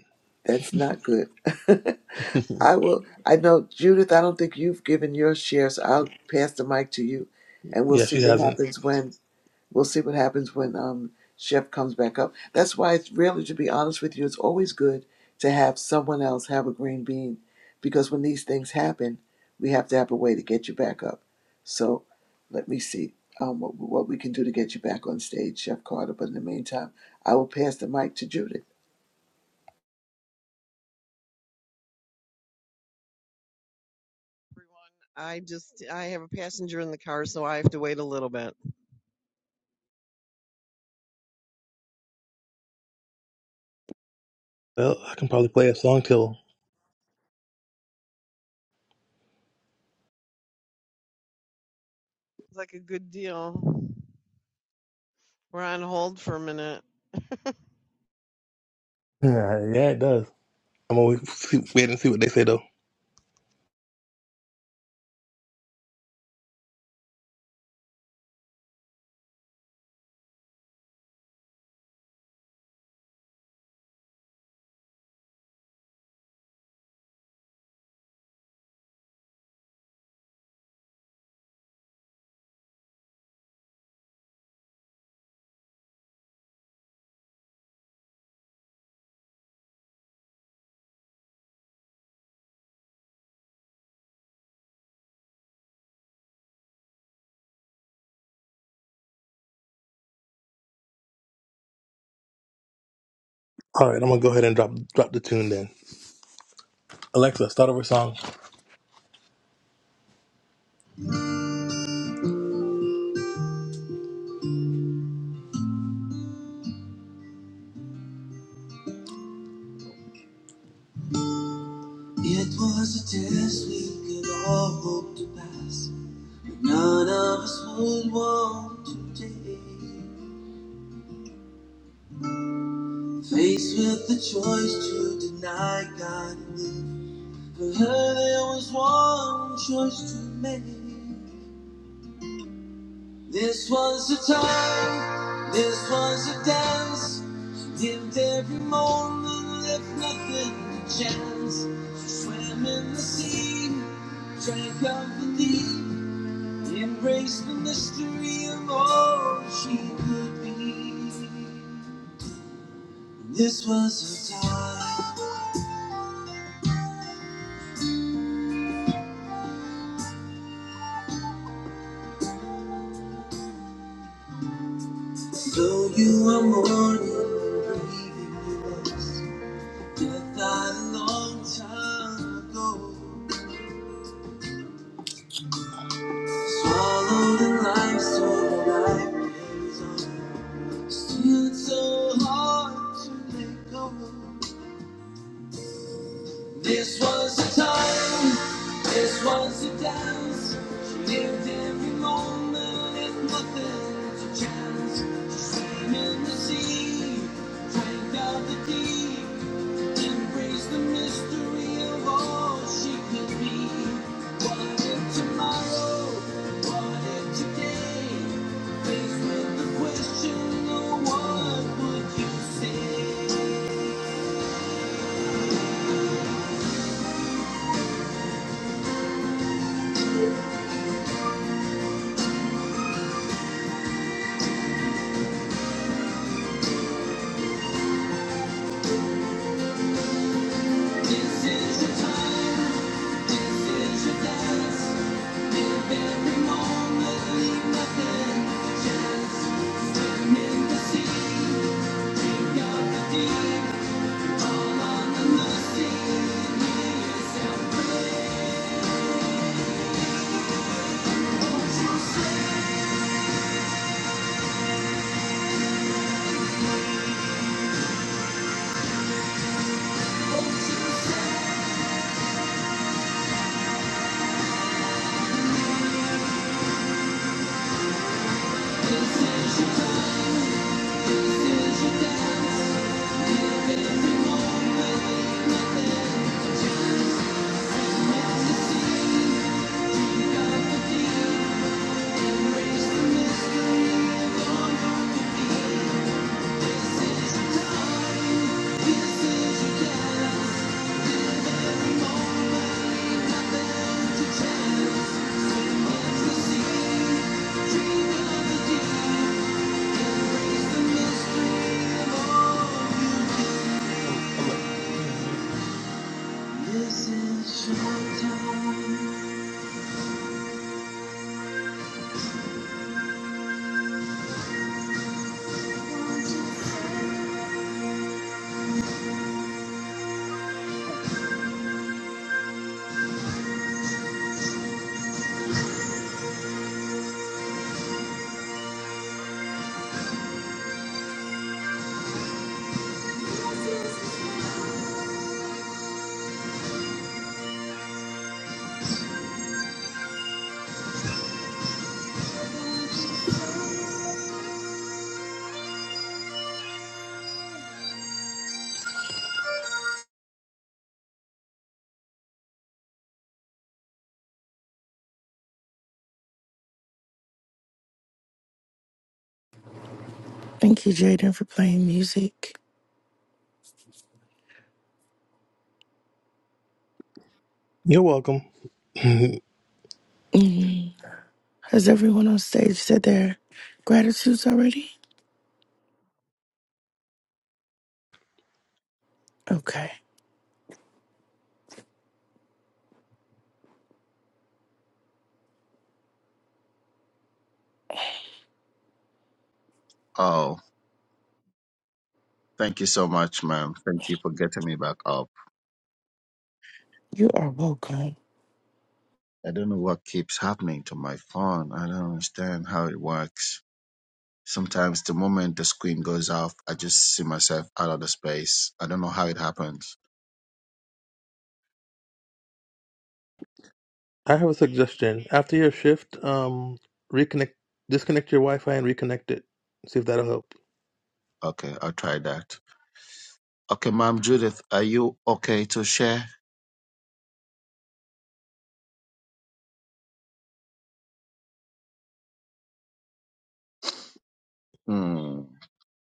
[SPEAKER 18] That's not good. *laughs*
[SPEAKER 9] *laughs*
[SPEAKER 18] I will, I know, Judith, I don't think you've given your share, so I'll pass the mic to you and we'll
[SPEAKER 9] yeah,
[SPEAKER 18] see
[SPEAKER 9] she
[SPEAKER 18] what
[SPEAKER 9] hasn't.
[SPEAKER 18] happens when. We'll see what happens when um, Chef comes back up. That's why it's really, to be honest with you, it's always good to have someone else have a green bean because when these things happen, we have to have a way to get you back up. So let me see um, what, what we can do to get you back on stage, Chef Carter. But in the meantime, I will pass the mic to Judith.
[SPEAKER 19] I just I have a passenger in the car, so I have to wait a little bit.
[SPEAKER 9] Well, I can probably play a song till. *laughs*
[SPEAKER 19] It's like a good deal. We're on hold for a minute. *laughs* Good
[SPEAKER 9] Yeah, yeah, it does. I'm always see, wait and see what they say though. All right, I'm gonna go ahead and drop drop the tune then. Alexa, start over song. It was a test we could all hope to pass. None of us would want today. Faced with the choice to deny God and live. For her, there was one choice to make. This was the time, this was the dance. She lived every moment, left nothing to chance. She swam in the sea, drank of the deep, embraced the mystery of all she could be. This was a time, though you were mourning and grieving with us. Death died a long time ago, swallowed in life, so that life carries on. Still, it's so hard to let go. This was the time, this was the dance. She lived every moment, if nothing to chance. She swam in the sea, drank out the deep, embraced the mystery of all she could be. What if tomorrow? What if today? Faced with the question, oh, what would you say? This is your time. This is your time.
[SPEAKER 20] Thank you, Jaden, for playing music.
[SPEAKER 9] You're welcome. *laughs* I
[SPEAKER 20] Mhm. Has everyone on stage said their gratitudes already? Okay.
[SPEAKER 5] Oh, thank you so much, ma'am. Thank you for getting me back up.
[SPEAKER 20] You are welcome.
[SPEAKER 5] I don't know what keeps happening to my phone. I don't understand how it works. Sometimes the moment the screen goes off, I just see myself out of the space. I don't know how it happens.
[SPEAKER 9] have a suggestion. After your shift, um, reconnect, disconnect your Wi-Fi and reconnect it. See if that'll help.
[SPEAKER 5] Okay, I'll try that. Okay, ma'am Judith, are you okay to share? Hmm,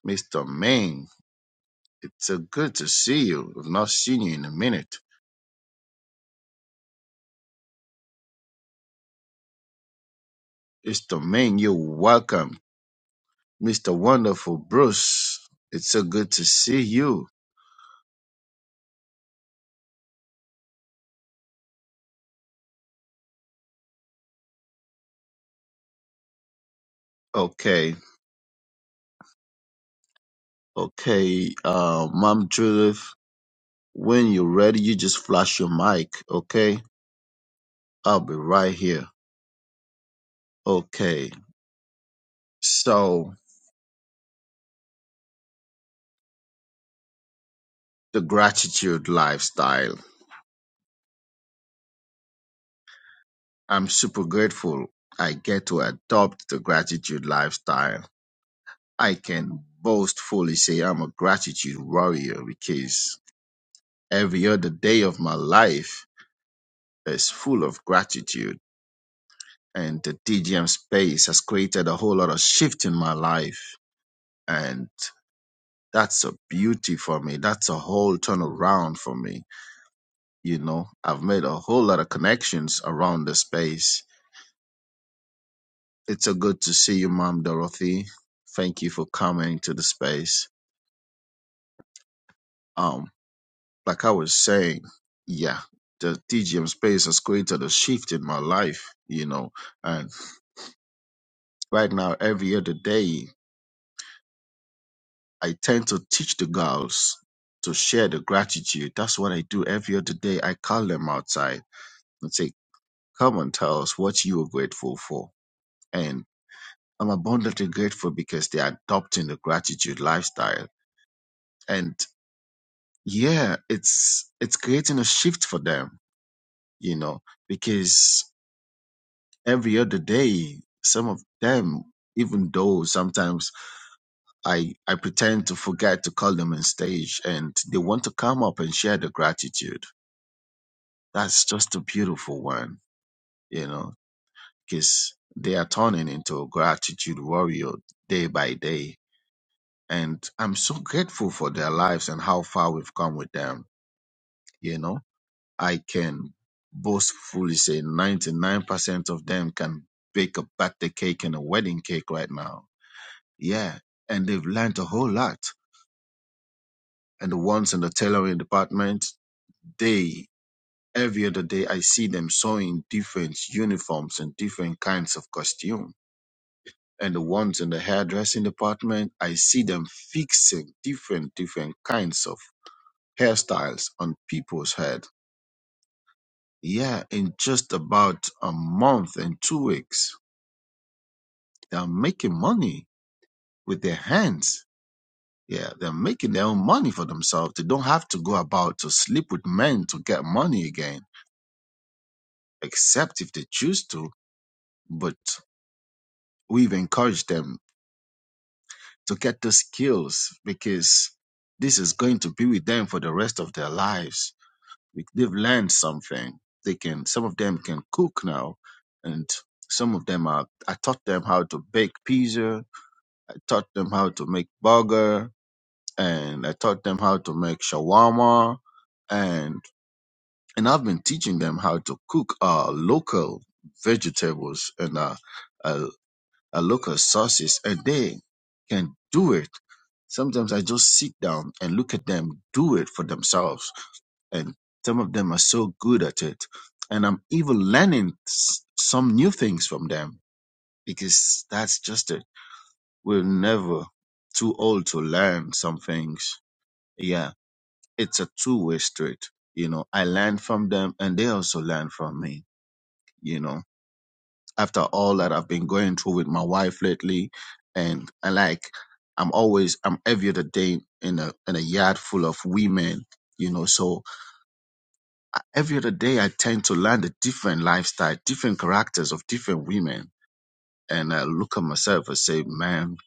[SPEAKER 5] Mr. Main, it's uh, good to see you. I've not seen you in a minute. Mr. Main, you're welcome Mr. Wonderful Bruce, it's so good to see you. Okay, okay, uh, Mom Judith, when you're ready, you just flash your mic, okay? I'll be right here. Okay, so the gratitude lifestyle. I'm super grateful I get to adopt the gratitude lifestyle. I can boastfully say I'm a gratitude warrior because every other day of my life is full of gratitude and the DGM space has created a whole lot of shift in my life. And that's a beauty for me. That's a whole turnaround for me. You know, I've made a whole lot of connections around the space. It's so good to see you, Mom Dorothy. Thank you for coming to the space. Um, like I was saying, yeah, the DGM space has created a shift in my life, you know, and right now, every other day. I tend to teach the girls to share the gratitude. That's what I do every other day. I call them outside and say, Come and tell us what you are grateful for. And I'm abundantly grateful because they're adopting the gratitude lifestyle. And yeah, it's it's creating a shift for them, you know, because every other day, some of them, even though sometimes I, I pretend to forget to call them on stage and they want to come up and share the gratitude That's just a beautiful one, you know, because they are turning into gratitude warrior day by day. And I'm so grateful for their lives and how far we've come with them. You know, I can boastfully say 99% of them can bake a birthday cake and a wedding cake right now. Yeah. And they've learned a whole lot. And the ones in the tailoring department, they every other day I see them sewing different uniforms and different kinds of costume and the ones in the hairdressing department, I see them fixing different, different kinds of hairstyles on people's head. Yeah, in just about a month and two weeks, they're making money with their hands. Yeah, they're making their own money for themselves. They don't have to go about to sleep with men to get money again, except if they choose to. But we've encouraged them to get the skills because this is going to be with them for the rest of their lives They've learned something. They can. Some of them can cook now, and some of them are. I taught them how to bake pizza. I taught them how to make burger, and I taught them how to make shawarma, and and I've been teaching them how to cook uh local vegetables and uh, uh, uh local sauces, and they can do it sometimes I just sit down and look at them do it for themselves and some of them are so good at it and i'm even learning s- some new things from them because that's just it we're never too old to learn some things yeah it's a two-way street you know i learn from them and they also learn from me you know after all that i've been going through with my wife lately and i like i'm always i'm every other day in a in a yard full of women you know so every other day I tend to learn the different lifestyle, different characters of different women. And I look at myself and say, man,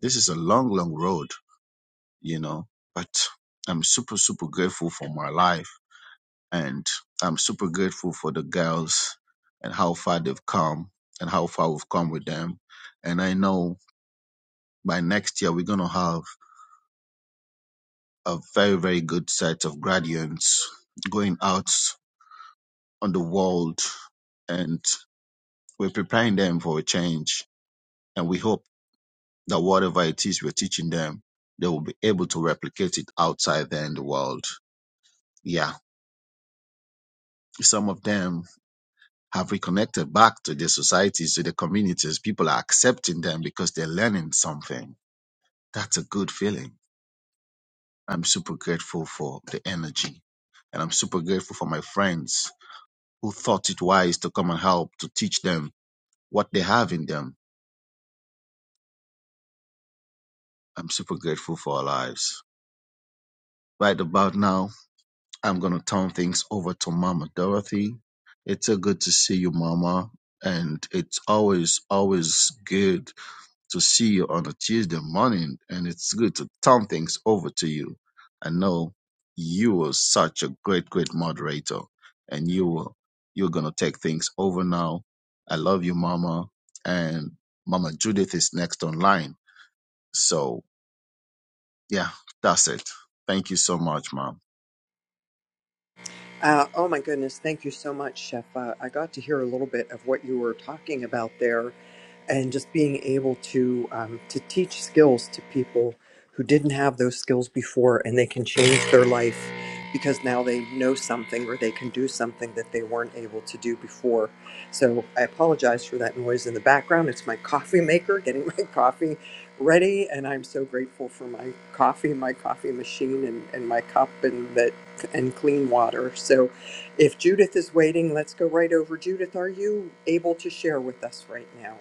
[SPEAKER 5] this is a long, long road, you know, but I'm super, super grateful for my life. And I'm super grateful for the girls and how far they've come and how far we've come with them. And I know by next year, we're going to have a very, very good set of graduates going out on the world and we're preparing them for a change And we hope that whatever it is we're teaching them, they will be able to replicate it outside there in the world. Yeah. Some of them have reconnected back to their societies, to their communities. People are accepting them because they're learning something. That's a good feeling. I'm super grateful for the energy. And I'm super grateful for my friends who thought it wise to come and help to teach them what they have in them. I'm super grateful for our lives. Right about now, I'm going to turn things over to Mama Dorothy. It's so good to see you, Mama. And it's always, always good to see you on a Tuesday morning. And it's good to turn things over to you. I know you are such a great, great moderator. And you will, you're going to take things over now. I love you, Mama. And Mama Judith is next online. So, yeah, that's it. Thank you so much, Mom.
[SPEAKER 21] Uh, oh my goodness, thank you so much, Chef. Uh, I got to hear a little bit of what you were talking about there, and just being able to um, to teach skills to people who didn't have those skills before, and they can change their life because now they know something or they can do something that they weren't able to do before. So I apologize for that noise in the background. It's my coffee maker getting *laughs* my coffee ready, and I'm so grateful for my coffee, my coffee machine, and, and my cup, and that health and clean water. So if Judith is waiting, let's go right over. Judith, are you able to share with us right now?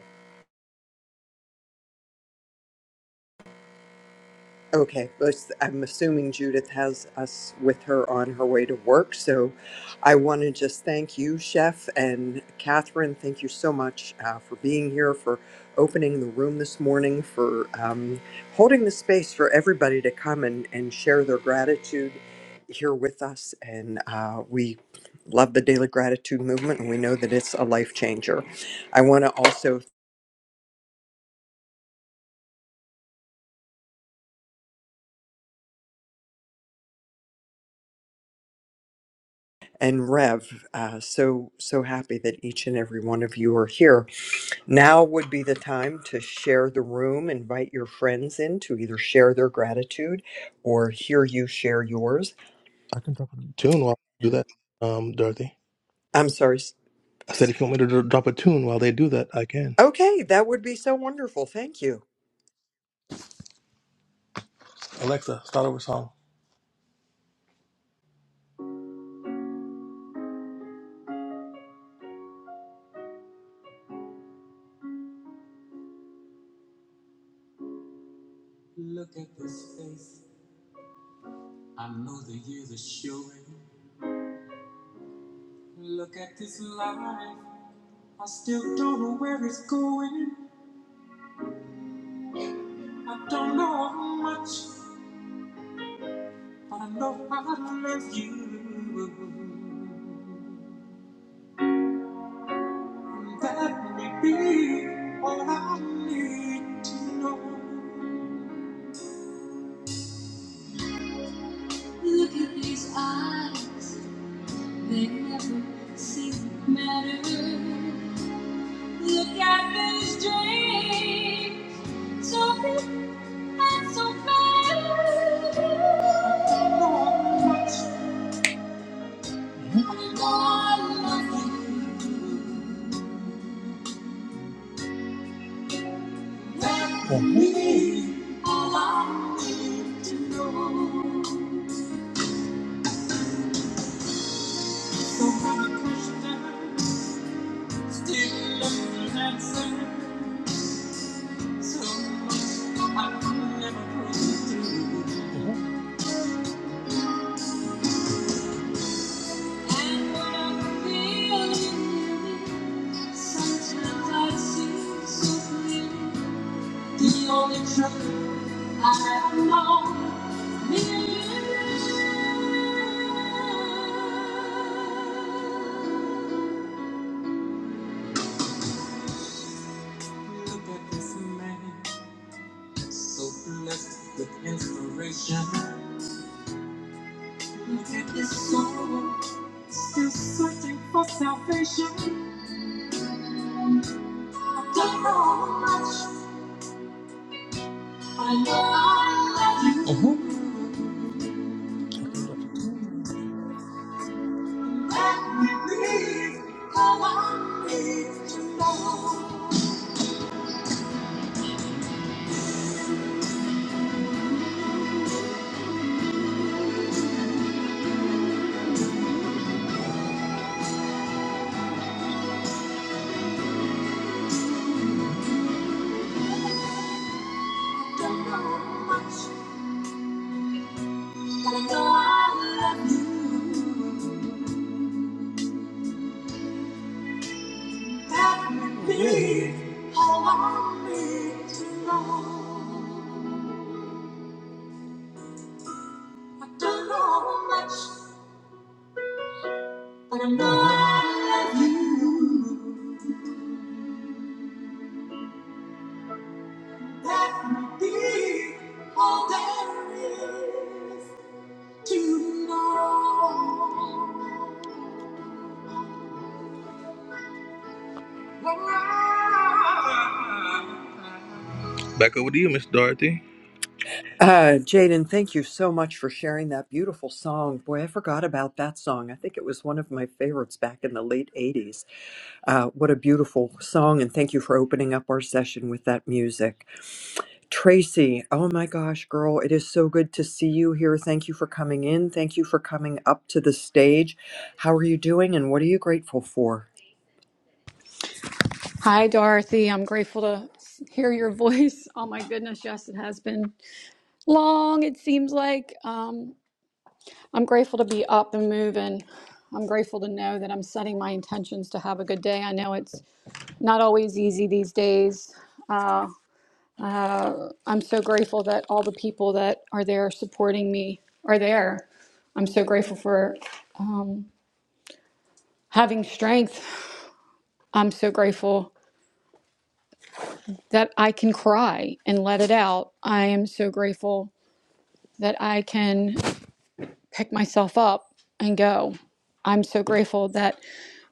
[SPEAKER 21] Okay, well, s- I'm assuming Judith has us with her on her way to work. So I want to just thank you, Chef, and Catherine. Thank you so much uh, for being here, for opening the room this morning, for um, holding the space for everybody to come and, and share their gratitude here with us. And uh, we love the Daily Gratitude Movement, and we know that it's a life changer. I want to also and Rev, uh, so so happy that each and every one of you are here. Now would be the time to share the room, invite your friends in to either share their gratitude or hear you share yours.
[SPEAKER 9] I can drop a tune while I do
[SPEAKER 21] And
[SPEAKER 9] that. Um, Dorothy.
[SPEAKER 21] I'm sorry. s-
[SPEAKER 9] I said
[SPEAKER 21] s-
[SPEAKER 9] if you want me to dr- drop a tune while they do that, I can.
[SPEAKER 21] Okay, that would be so wonderful. Thank you.
[SPEAKER 9] Alexa, start over song. Look at this face. I know the years are showing. Look at this life. I still don't know where it's going. I don't know how much, but I know I love you. And that may be all I need to know. Look at these eyes. They never seem to matter. Look at this dream, so big and so fair. So much more loving than me. All I need bad. Still looking an answer, so much I could never prove. to And when I'm feeling, sometimes I see so clearly the only truth. Look at this man, so blessed with inspiration. Look at this soul, still searching for salvation. I don't know how much I know I love you. Uh-huh. Let me breathe. all I need to know. I Don't know how much. I know I love you. That may be all there is to know. Back over to you, Miss Dorothy.
[SPEAKER 21] Uh, Jaden, thank you so much for sharing that beautiful song. Boy, I forgot about that song. I think it was one of my favorites back in the late 80s. Uh, what a beautiful song, and thank you for opening up our session with that music. Tracy, oh my gosh, girl, it is so good to see you here. Thank you for coming in. Thank you for coming up to the stage. How are you doing and what are you grateful for?
[SPEAKER 22] Hi, Dorothy. I'm grateful to s- hear your voice. Oh my goodness, yes, it has been long, it seems like. Um, I'm grateful to be up and moving. I'm grateful to know that I'm setting my intentions to have a good day. I know it's not always easy these days. Uh, I'm so grateful that all the people that are there supporting me are there. I'm so grateful for having strength. I'm so grateful that I can cry and let it out. I am so grateful that I can. pick myself up and go. I'm so grateful that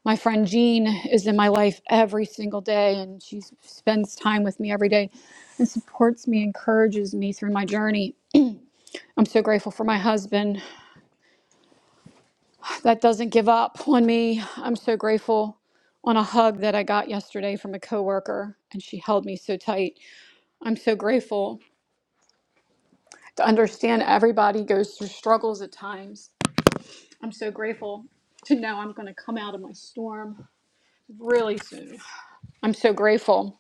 [SPEAKER 22] my friend Jean is in my life every single day and she spends time with me every day and supports me, encourages me through my journey. I'm so grateful for my husband that doesn't give up on me. I'm so grateful on a hug that I got yesterday from a coworker and she held me so tight. I'm so grateful to understand everybody goes through struggles at times. I'm so grateful to know I'm going to come out of my storm really soon. I'm so grateful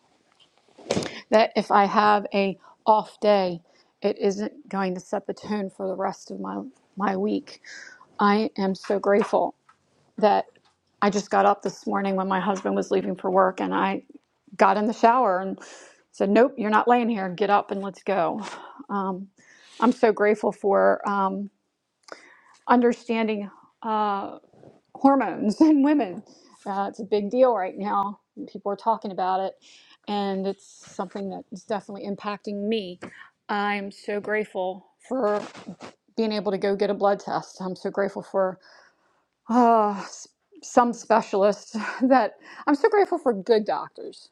[SPEAKER 22] that if I have a off day, it isn't going to set the tone for the rest of my my week. I am so grateful that I just got up this morning when my husband was leaving for work and I got in the shower and said, "Nope, you're not laying here. Get up and let's go." Um, I'm so grateful for um, understanding. Uh, hormones *laughs* in women. Uh, it's a big deal right now. People are talking about it, and it's something that is definitely impacting me. I'm so grateful for being able to go get a blood test. I'm so grateful for uh, s- some specialists *laughs* that I'm so grateful for good doctors.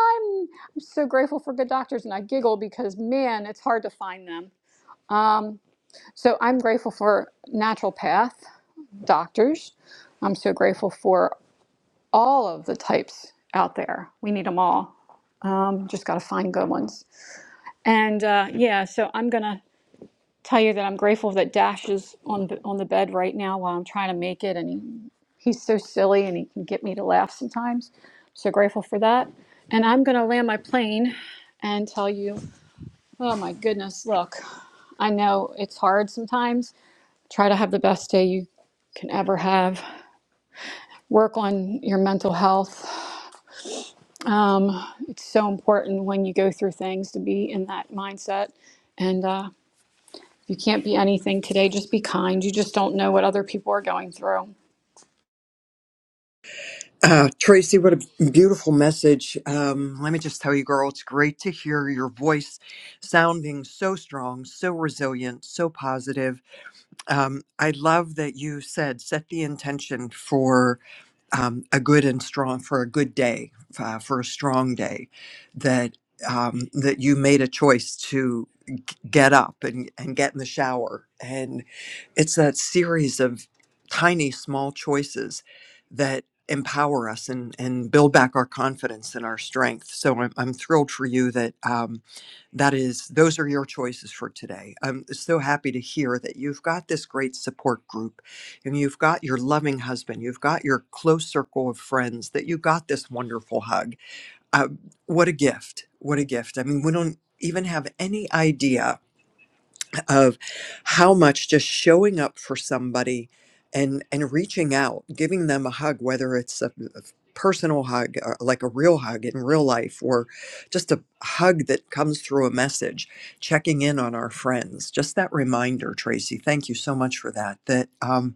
[SPEAKER 22] I'm, I'm so grateful for good doctors, and I giggle because man, it's hard to find them. So I'm grateful for naturopath doctors. I'm so grateful for all of the types out there. We need them all. Um, just got to find good ones. And uh, yeah, so I'm gonna tell you that I'm grateful that Dash is on b- on the bed right now while I'm trying to make it, and he, he's so silly and he can get me to laugh sometimes. So grateful for that. And I'm gonna land my plane and tell you, oh my goodness, look, I know it's hard sometimes. Try to have the best day you can ever have. Work on your mental health Um, it's so important when you go through things to be in that mindset. And uh, you can't be anything today. Just be kind. You just don't know what other people are going through.
[SPEAKER 21] Uh, Tracy, what a beautiful message. Um, let me just tell you, girl, it's great to hear your voice sounding so strong, so resilient, so positive. Um, I love that you said set the intention for um, a good and strong for a good day uh, for a strong day that um, that you made a choice to get up and, and get in the shower. And it's that series of tiny, small choices that empower us and, and build back our confidence and our strength. So I'm, I'm thrilled for you that um, that is, those are your choices for today. I'm so happy to hear that you've got this great support group and you've got your loving husband, you've got your close circle of friends, that you got this wonderful hug. Uh, what a gift. What a gift. I mean, we don't even have any idea of how much just showing up for somebody and and reaching out giving them a hug whether it's a, a personal hug uh, like a real hug in real life or just a hug that comes through a message checking in on our friends just that reminder tracy thank you so much for that that um,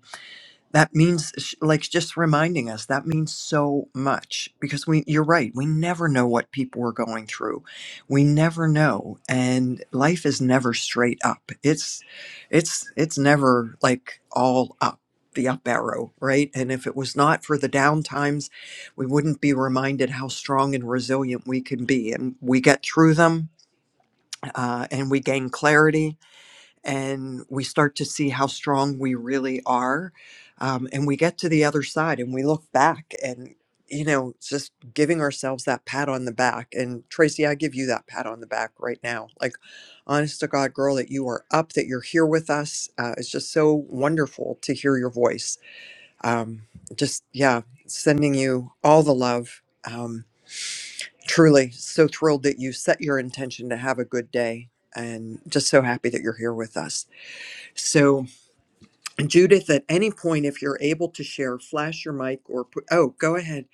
[SPEAKER 21] that means sh- like just reminding us that means so much because we you're right we never know what people are going through we never know and life is never straight up it's it's it's never like all up the up arrow right and if it was not for the down times we wouldn't be reminded how strong and resilient we can be and we get through them uh, and we gain clarity and we start to see how strong we really are. Um, and we get to the other side and we look back and, you know, just giving ourselves that pat on the back. And Tracy, I give you that pat on the back right now. Like, honest to God, girl, that you are up, that you're here with us. Uh, it's just so wonderful to hear your voice. Um, just, yeah, sending you all the love. Um, truly so thrilled that you set your intention to have a good day and just so happy that you're here with us. So, Judith, at any point, if you're able to share, flash your mic or put, oh, go ahead.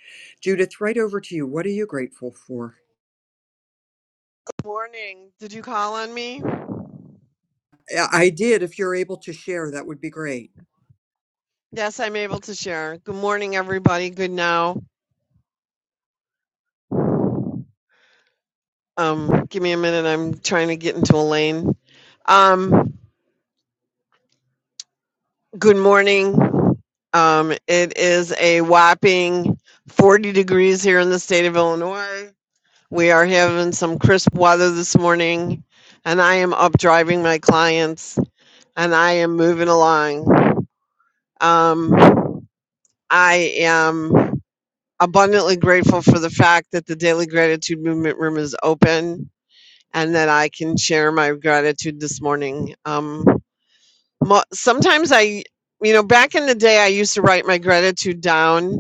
[SPEAKER 21] Judith, right over to you. What are you grateful for?
[SPEAKER 19] morning. Did you call on me?
[SPEAKER 21] I I did. If you're able to share, that would be great.
[SPEAKER 19] Yes, I'm able to share. Good morning, everybody. Good now. Um, give me a minute. I'm trying to get into a lane. Um, good morning. Um, it is a whopping 40 degrees here in the state of Illinois. We are having some crisp weather this morning, and I am up driving my clients. and I am moving along. Um, I am abundantly grateful for the fact that the Daily Gratitude Movement Room is open and that I can share my gratitude this morning. Um, mo- sometimes I, you know, back in the day, I used to write my gratitude down.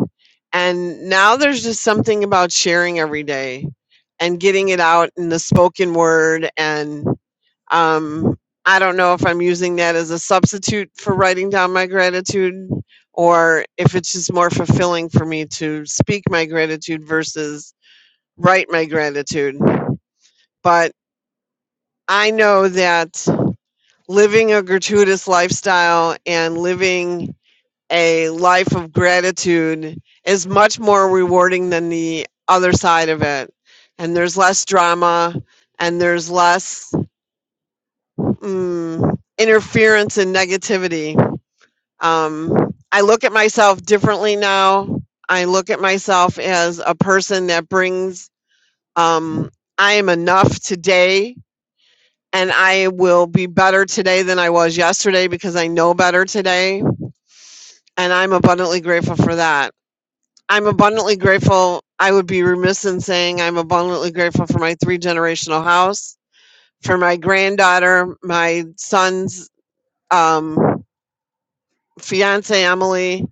[SPEAKER 19] And now there's just something about sharing every day and getting it out in the spoken word. And um, I don't know if I'm using that as a substitute for writing down my gratitude or if it's just more fulfilling for me to speak my gratitude versus write my gratitude. But I know that living a gratuitous lifestyle and living a life of gratitude is much more rewarding than the other side of it. And there's less drama and there's less mm, interference and negativity. Um, I look at myself differently now. I look at myself as a person that brings, um, I am enough today and I will be better today than I was yesterday because I know better today. And I'm abundantly grateful for that. I'm abundantly grateful. I would be remiss in saying I'm abundantly grateful for my three generational house, for my granddaughter, my son's um, fiance, Emily,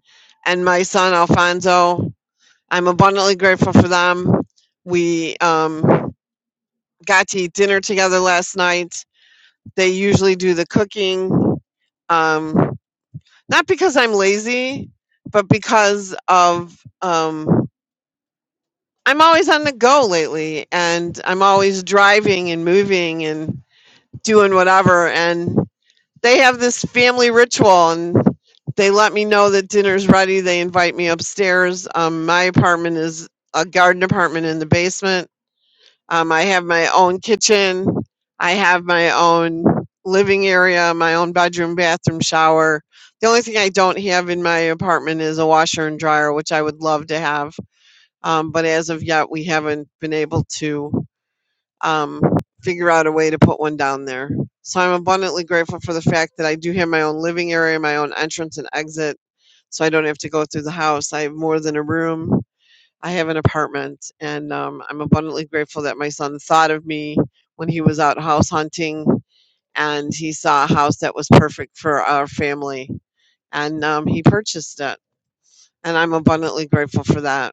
[SPEAKER 19] and my son, Alfonso. I'm abundantly grateful for them. We um, got to eat dinner together last night. They usually do the cooking, um, not because I'm lazy, but because of. Um, I'm always on the go lately and I'm always driving and moving and doing whatever and they have this family ritual and they let me know that dinner's ready. They invite me upstairs. Um, my apartment is a garden apartment in the basement. Um, I have my own kitchen. I have my own living area, my own bedroom, bathroom, shower. The only thing I don't have in my apartment is a washer and dryer, which I would love to have um, but as of yet, we haven't been able to um, figure out a way to put one down there. So I'm abundantly grateful for the fact that I do have my own living area, my own entrance and exit. So I don't have to go through the house. I have more than a room. I have an apartment, and um, I'm abundantly grateful that my son thought of me when he was out house hunting, and he saw a house that was perfect for our family, and um, he purchased it. And I'm abundantly grateful for that.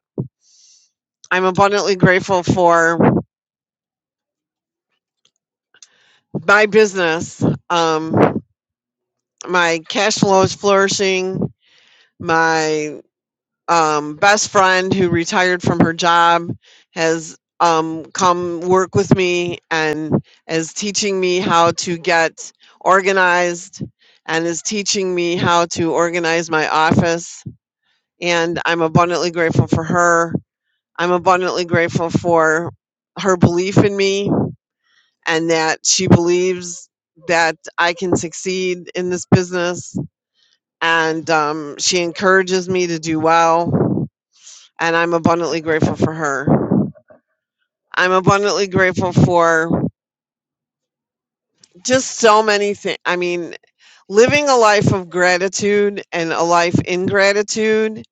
[SPEAKER 19] I'm abundantly grateful for my business. Um, my cash flow is flourishing. My um, best friend who retired from her job has um, come work with me and is teaching me how to get organized and is teaching me how to organize my office. And I'm abundantly grateful for her. I'm abundantly grateful for her belief in me and that she believes that I can succeed in this business. And um, she encourages me to do well. And I'm abundantly grateful for her. I'm abundantly grateful for just so many things. I mean, living a life of gratitude and a life in gratitude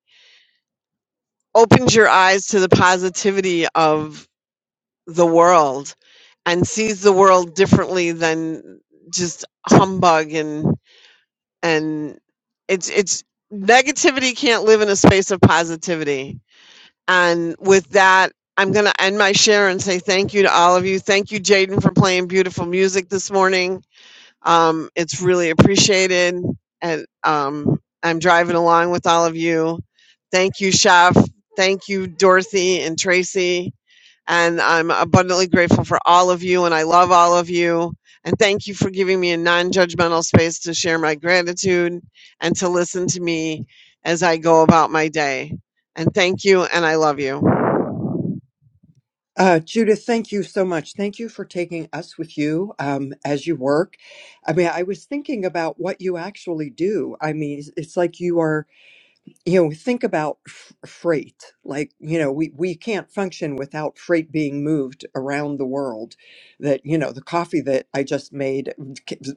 [SPEAKER 19] opens your eyes to the positivity of the world and sees the world differently than just humbug and. and it's it's negativity can't live in a space of positivity and with that i'm going to end my share and say thank you to all of you thank you jaden for playing beautiful music this morning um, it's really appreciated. And um, I'm driving along with all of you. Thank you, Chef. Thank you, Dorothy and Tracy. And I'm abundantly grateful for all of you, and I love all of you. And thank you for giving me a non judgmental space to share my gratitude and to listen to me as I go about my day. And thank you, and I love you.
[SPEAKER 21] Uh, Judith, thank you so much. Thank you for taking us with you um, as you work. I mean, I was thinking about what you actually do. I mean, it's it's like you are you know, think about f- freight. Like, you know, we, we can't function without freight being moved around the world. That, you know, the coffee that I just made,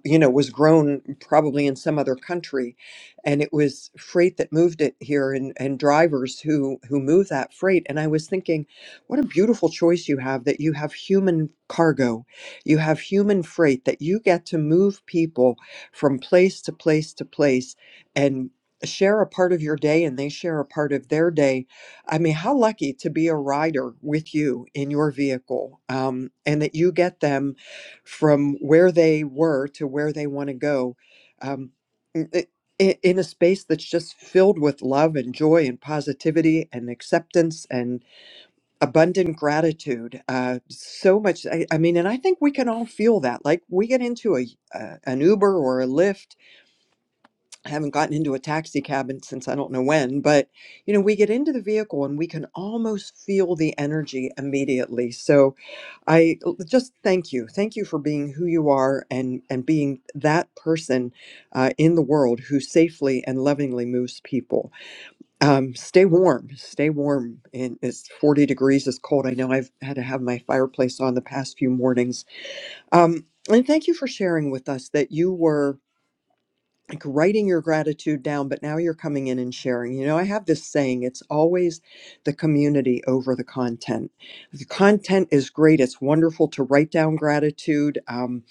[SPEAKER 21] you know, was grown probably in some other country. And it was freight that moved it here and, and drivers who, who move that freight. And I was thinking, what a beautiful choice you have that you have human cargo, you have human freight, that you get to move people from place to place to place share a part of your day and they share a part of their day. I mean, how lucky to be a rider with you in your vehicle um, and that you get them from where they were to where they want to go um, in in- in a space that's just filled with love and joy and positivity and acceptance and abundant gratitude. Uh, so much, I, I mean, and I think we can all feel that. Like we get into a, uh, an Uber or a Lyft I haven't gotten into a taxi cab in- since I don't know when, but you know, we get into the vehicle and we can almost feel the energy immediately. So I l- just thank you, thank you for being who you are and and being that person uh, in the world who safely and lovingly moves people. Um, stay warm, stay warm. And it's 40 degrees. It's cold. I know I've had to have my fireplace on the past few mornings. Um, and thank you for sharing with us that you were like writing your gratitude down, but now you're coming in and sharing. You know, I have this saying it's always the community over the content. The content is great, it's wonderful to write down gratitude. Um,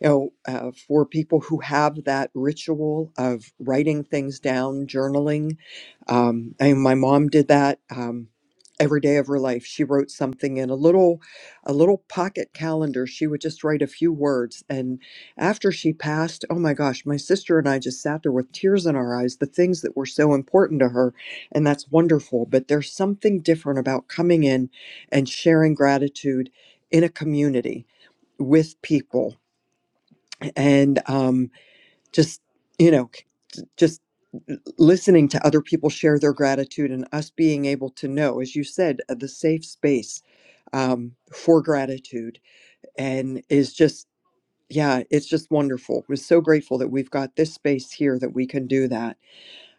[SPEAKER 21] you know, uh, for people who have that ritual of writing things down, journaling. Um, I mean, my mom did that um, every day of her life. She wrote something in a little, a little pocket calendar. She would just write a few words, and after she passed, oh my gosh, my sister and I just sat there with tears in our eyes. The things that were so important to her, and that's wonderful. But there's something different about coming in and sharing gratitude in a community with people and um, just you know just listening to other people share their gratitude and us being able to know as you said uh, the safe space um, for gratitude and is just yeah it's just wonderful we're so grateful that we've got this space here that we can do that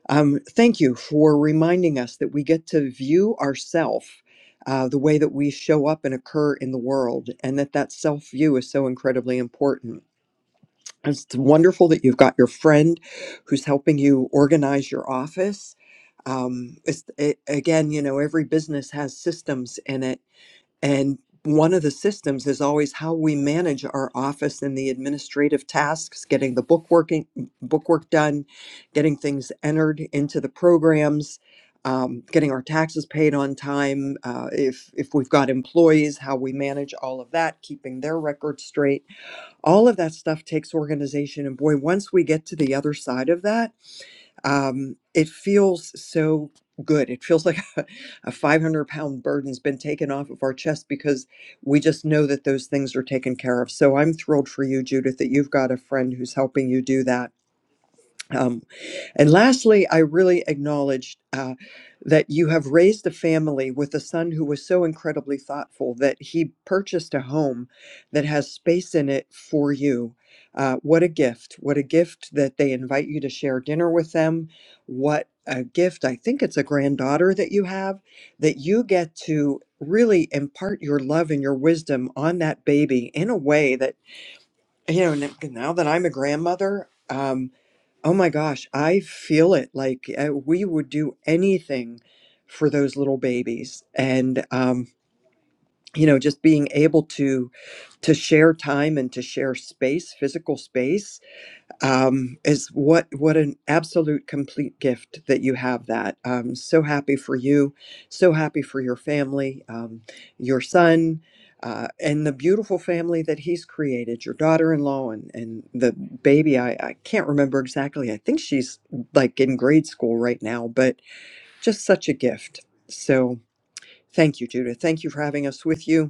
[SPEAKER 21] um, thank you for reminding us that we get to view ourself uh, the way that we show up and occur in the world and that that self view is so incredibly important it's wonderful that you've got your friend who's helping you organize your office. Um, it's it, again, you know, every business has systems in it, and one of the systems is always how we manage our office and the administrative tasks, getting the book working bookwork done, getting things entered into the programs. Um, getting our taxes paid on time. Uh, if if we've got employees, how we manage all of that, keeping their records straight all of that stuff takes organization and boy once we get to the other side of that um, it feels so good it feels like *laughs* a, 500 pound burden's been taken off of our chest because we just know that those things are taken care of so i'm thrilled for you judith that you've got a friend who's helping you do that Um, and lastly, I really acknowledged uh, that you have raised a family with a son who was so incredibly thoughtful that he purchased a home that has space in it for you. Uh, what a gift. What a gift that they invite you to share dinner with them. What a gift. I think it's a granddaughter that you have that you get to really impart your love and your wisdom on that baby in a way that, you know, n- now that I'm a grandmother. um, Oh my gosh, I feel it. Like uh, we would do anything for those little babies, and um, you know, just being able to to share time and to share space, physical space, um, is what what an absolute complete gift that you have that. Um, so happy for you, so happy for your family, um, your son, uh, and the beautiful family that he's created. Your daughter-in-law and and the baby. I I can't remember exactly. I think she's like in grade school right now, but just such a gift. So thank you, Judith. Thank you for having us with you.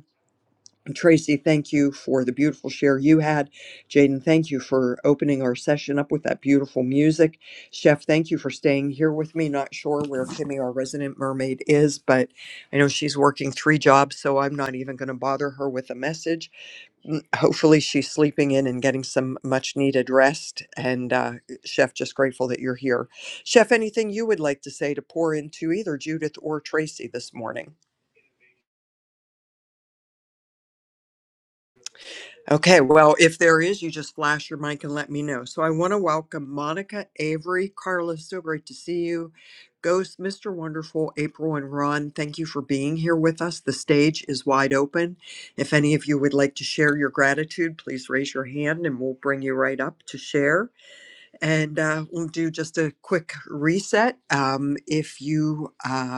[SPEAKER 21] Tracy, thank you for the beautiful share you had. Jaden, thank you for opening our session up with that beautiful music. Chef, thank you for staying here with me. Not sure where Kimmy, our resident mermaid, is, but I know she's working three jobs, so I'm not even going to bother her with a message. Mm, Hopefully, she's sleeping in and getting some much needed rest. And uh, Chef, just grateful that you're here. Chef, anything you would like to say to pour into either Judith or Tracy this morning? Okay, well, if there is, you just flash your mic and let me know. So I want to welcome Monica, Avery, Carla. So great to see you. Ghost, Mr. Wonderful, April, and Ron, thank you for being here with us. The stage is wide open. If any of you would like to share your gratitude, please raise your hand and we'll bring you right up to share. And uh, we'll do just a quick reset. Um, if you uh,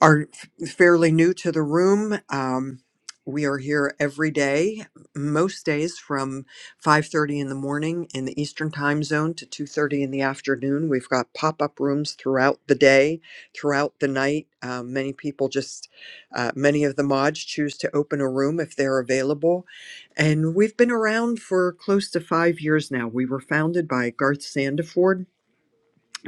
[SPEAKER 21] are fairly new to the room. Um, we are here every day, most days from 5:30 in the morning in the Eastern Time Zone to 2:30 in the afternoon. We've got pop-up rooms throughout the day, throughout the night. Um, many people just, uh, many of the mods choose to open a room if they're available, and we've been around for close to five years now. We were founded by Garth Sandiford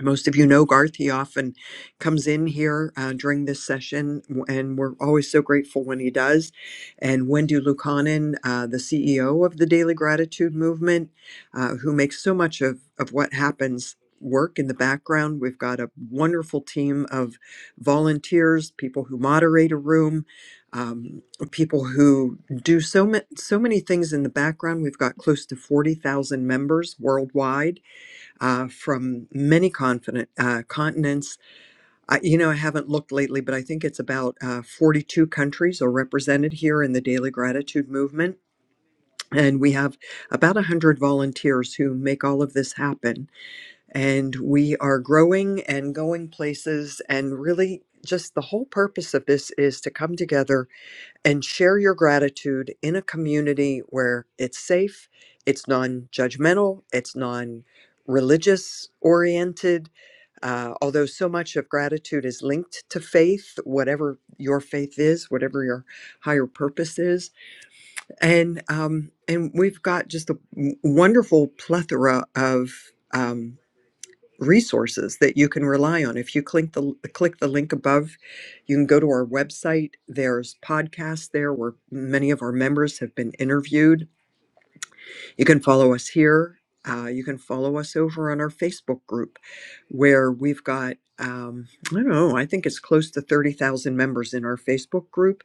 [SPEAKER 21] most of you know Garth. He often comes in here uh, during this session, w- and we're always so grateful when he does. And Wendy Lukanen, uh, the CEO of the Daily Gratitude Movement, uh, who makes so much of, of what happens work in the background. We've got a wonderful team of volunteers, people who moderate a room. Um, people who do so ma- so many things in the background. We've got close to forty thousand members worldwide, uh, from many confident, uh, continents. I, you know, I haven't looked lately, but I think it's about uh, 42 countries are represented here in the Daily Gratitude Movement. And we have about 100 volunteers who make all of this happen. And we are growing and going places. And really, just the whole purpose of this is to come together and share your gratitude in a community where it's safe, it's non judgmental, it's non religious oriented. Uh, although so much of gratitude is linked to faith, whatever your faith is, whatever your higher purpose is, and um, and we've got just a w- wonderful plethora of Um, resources that you can rely on. If you click the click the link above, you can go to our website. There's podcasts there where many of our members have been interviewed you can follow us here. Uh, you can follow us over on our Facebook group where we've got, um, I don't know, I think it's close to 30,000 members in our Facebook group.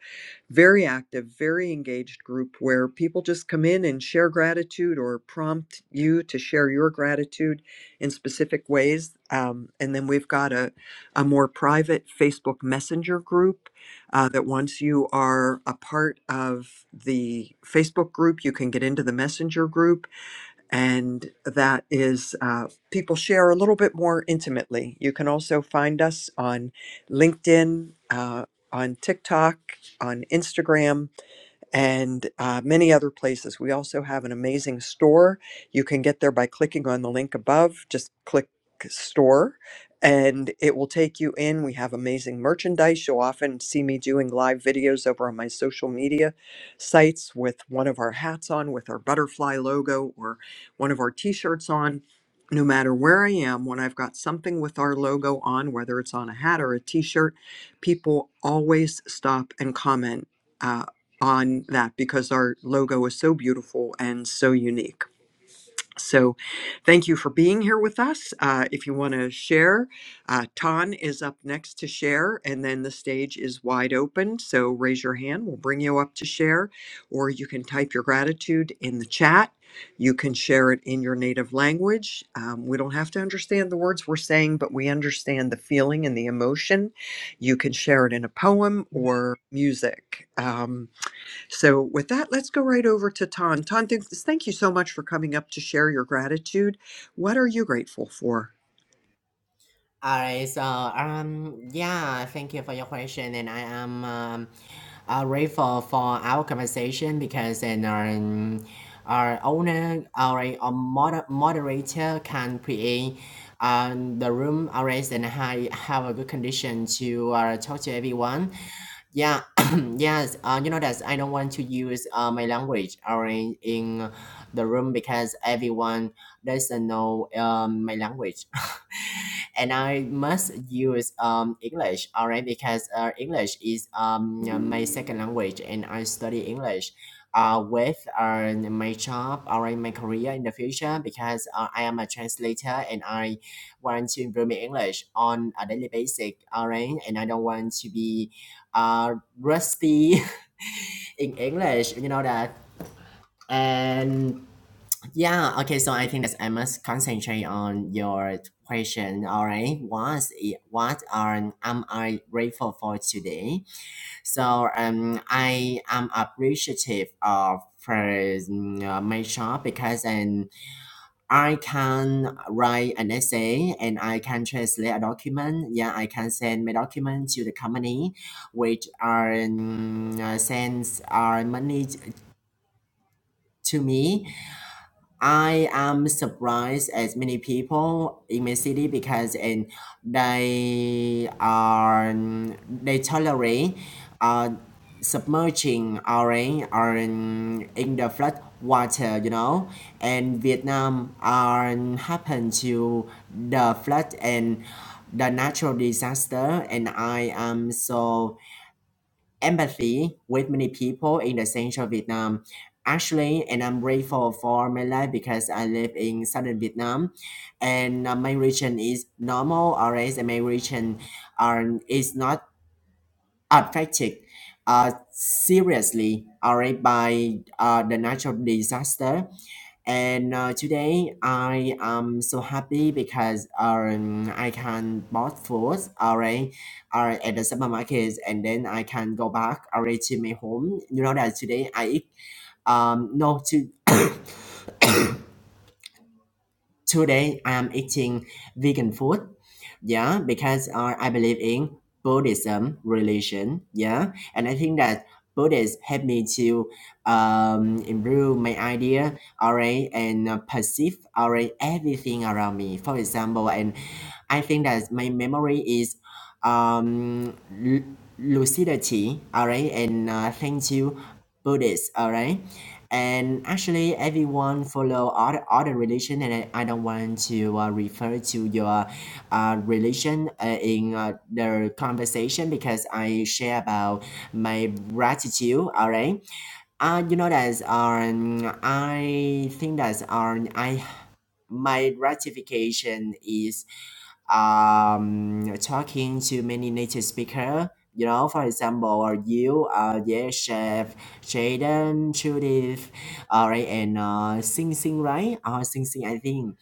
[SPEAKER 21] Very active, very engaged group where people just come in and share gratitude or prompt you to share your gratitude in specific ways. Um, and then we've got a, a more private Facebook Messenger group uh, that once you are a part of the Facebook group, you can get into the Messenger group, and that is uh, people share a little bit more intimately. You can also find us on LinkedIn, uh, on TikTok, on Instagram and uh, many other places. We also have an amazing store. You can get there by clicking on the link above. Just click store and it will take you in. We have amazing merchandise. You'll often see me doing live videos over on my social media sites with one of our hats on, with our butterfly logo, or one of our t shirts on. No matter where I am, when I've got something with our logo on, whether it's on a hat or a t shirt, people always stop and comment. uh, on that because our logo is so beautiful and so unique. So, thank you for being here with us. Uh, if you want to share, uh, Ton is up next to share, and then the stage is wide open. So, raise your hand, we'll bring you up to share, or you can type your gratitude in the chat. You can share it in your native language. Um, we don't have to understand the words we're saying, but we understand the feeling and the emotion. You can share it in a poem or music. Um, so, with that, let's go right over to Ton. Ton, th- thank you so much for coming up to share your gratitude. What are you grateful for?
[SPEAKER 23] All right, so um, yeah, thank you for your question, and I am um, uh, grateful for our conversation because and our, um, our owner, our, our moder- moderator can create um, the room always and I have a good condition to uh, talk to everyone. Yeah, *coughs* *clears throat* yes. Uh, you know that I don't want to use uh, my language or in, in the room because everyone doesn't know um, my language, *laughs* and I must use um, English. All right, because uh, English is um, my second language, and I study English. Uh, with uh, my job or in my career in the future because uh, I am a translator and I want to improve my English on a daily basis, alright? And I don't want to be uh, rusty *laughs* in English, you know that. And yeah, okay, so I think that I must concentrate on your question. All right, what i- what are am I grateful for today? So um, I am appreciative of for, mm, uh, my job because and I can write an essay and I can translate a document. Yeah, I can send my document to the company, which are um, uh, sends our money to me. I am surprised as many people in my city because and they are they tolerate uh, submerging or in, or in, in the flood water you know and Vietnam are happen to the flood and the natural disaster and I am so empathy with many people in the central Vietnam. Actually, and I'm grateful for my life because I live in southern Vietnam, and uh, my region is normal, whereas my region are is not affected uh, seriously already by uh, the natural disaster. And uh, today I am so happy because um, I can bought food already uh, at the supermarket and then I can go back already to my home. You know that today I eat um no to Today, I'm eating vegan food. Yeah, because uh, I believe in Buddhism religion. Yeah, and I think that Buddhists help me to um, improve my idea, alright, and uh, perceive alright everything around me. For example, and I think that my memory is um, lu- lucidity, all right, and uh, thank you, Buddhist, all right. And actually, everyone follow all the, all the religion, and I, I don't want to uh, refer to your uh, religion uh, in uh, the conversation because I share about my gratitude. All right, uh, you know that um, I think that um, I my gratification is um, talking to many native speaker. You know, for example, uh, you, uh, yeah, Chef, Jaden, Judith, all right, and uh, Sing Sing, right? Uh, Sing Sing, I think.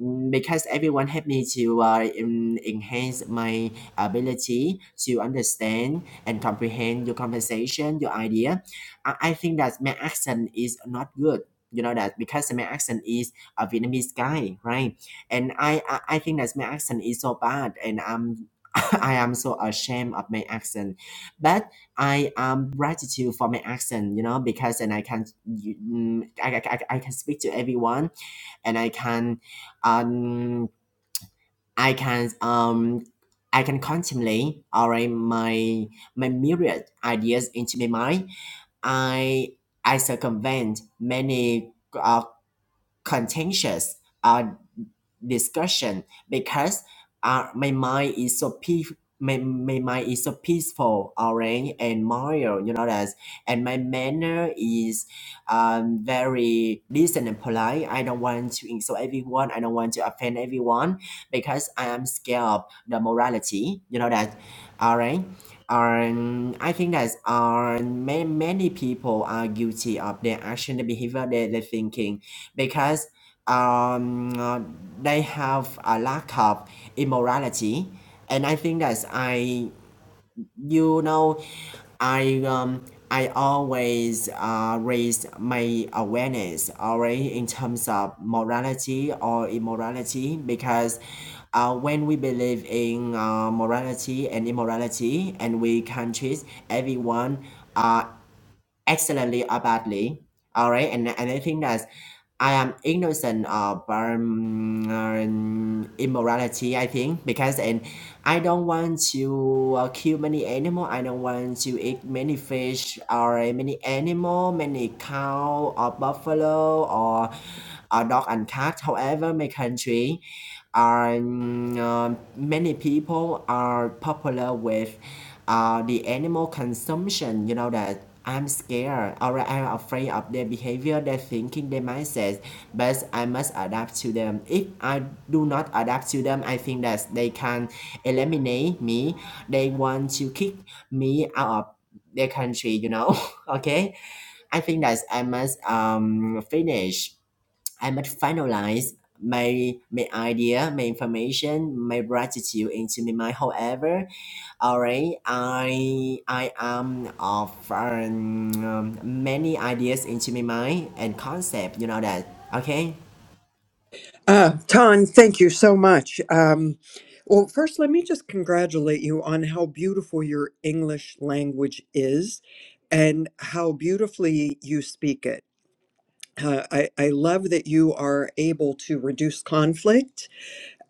[SPEAKER 23] Mm, because everyone helped me to uh, en- enhance my ability to understand and comprehend your conversation, your idea. I, I think that my accent is not good. You know that because my accent is a Vietnamese guy, right? And I, I, I think that my accent is so bad, and I'm *laughs* I am so ashamed of my accent. But I am gratitude for my accent, you know, because and I can you- mm, I, I, I I can speak to everyone and I can um I can um I can contemplate alright my my myriad ideas into my mind. I I circumvent many uh, contentious uh, discussion because uh, my mind is so peace my, my mind is so peaceful orange and moral you know that and my manner is um, very decent and polite i don't want to insult everyone i don't want to offend everyone because i am scared of the morality you know that alright, um. I think that uh, many, many people are guilty of their action, the behavior, their their thinking because um they have a lack of immorality and i think that i you know i um i always uh, raise my awareness already in terms of morality or immorality because uh, when we believe in uh, morality and immorality and we can treat everyone uh, excellently or badly. All right, and and I think that I am innocent of um, immorality. I think because and I don't want to uh, kill many animal. I don't want to eat many fish or many animal, many cow or buffalo or a dog and cat. However, my country. And um, many people are popular with uh, the animal consumption. You know that I'm scared or I'm afraid of their behavior, their thinking, their mindset. But I must adapt to them. If I do not adapt to them, I think that they can eliminate me. They want to kick me out of their country. You know, *laughs* okay. I think that I must um finish I must finalize my my idea, my information, my gratitude into my mind. However, alright, I I am of um, many ideas into my mind and concept. You know that, okay?
[SPEAKER 21] Uh, Ton, thank you so much. Um, well, first, let me just congratulate you on how beautiful your English language is and how beautifully you speak it. Uh, I, I love that you are able to reduce conflict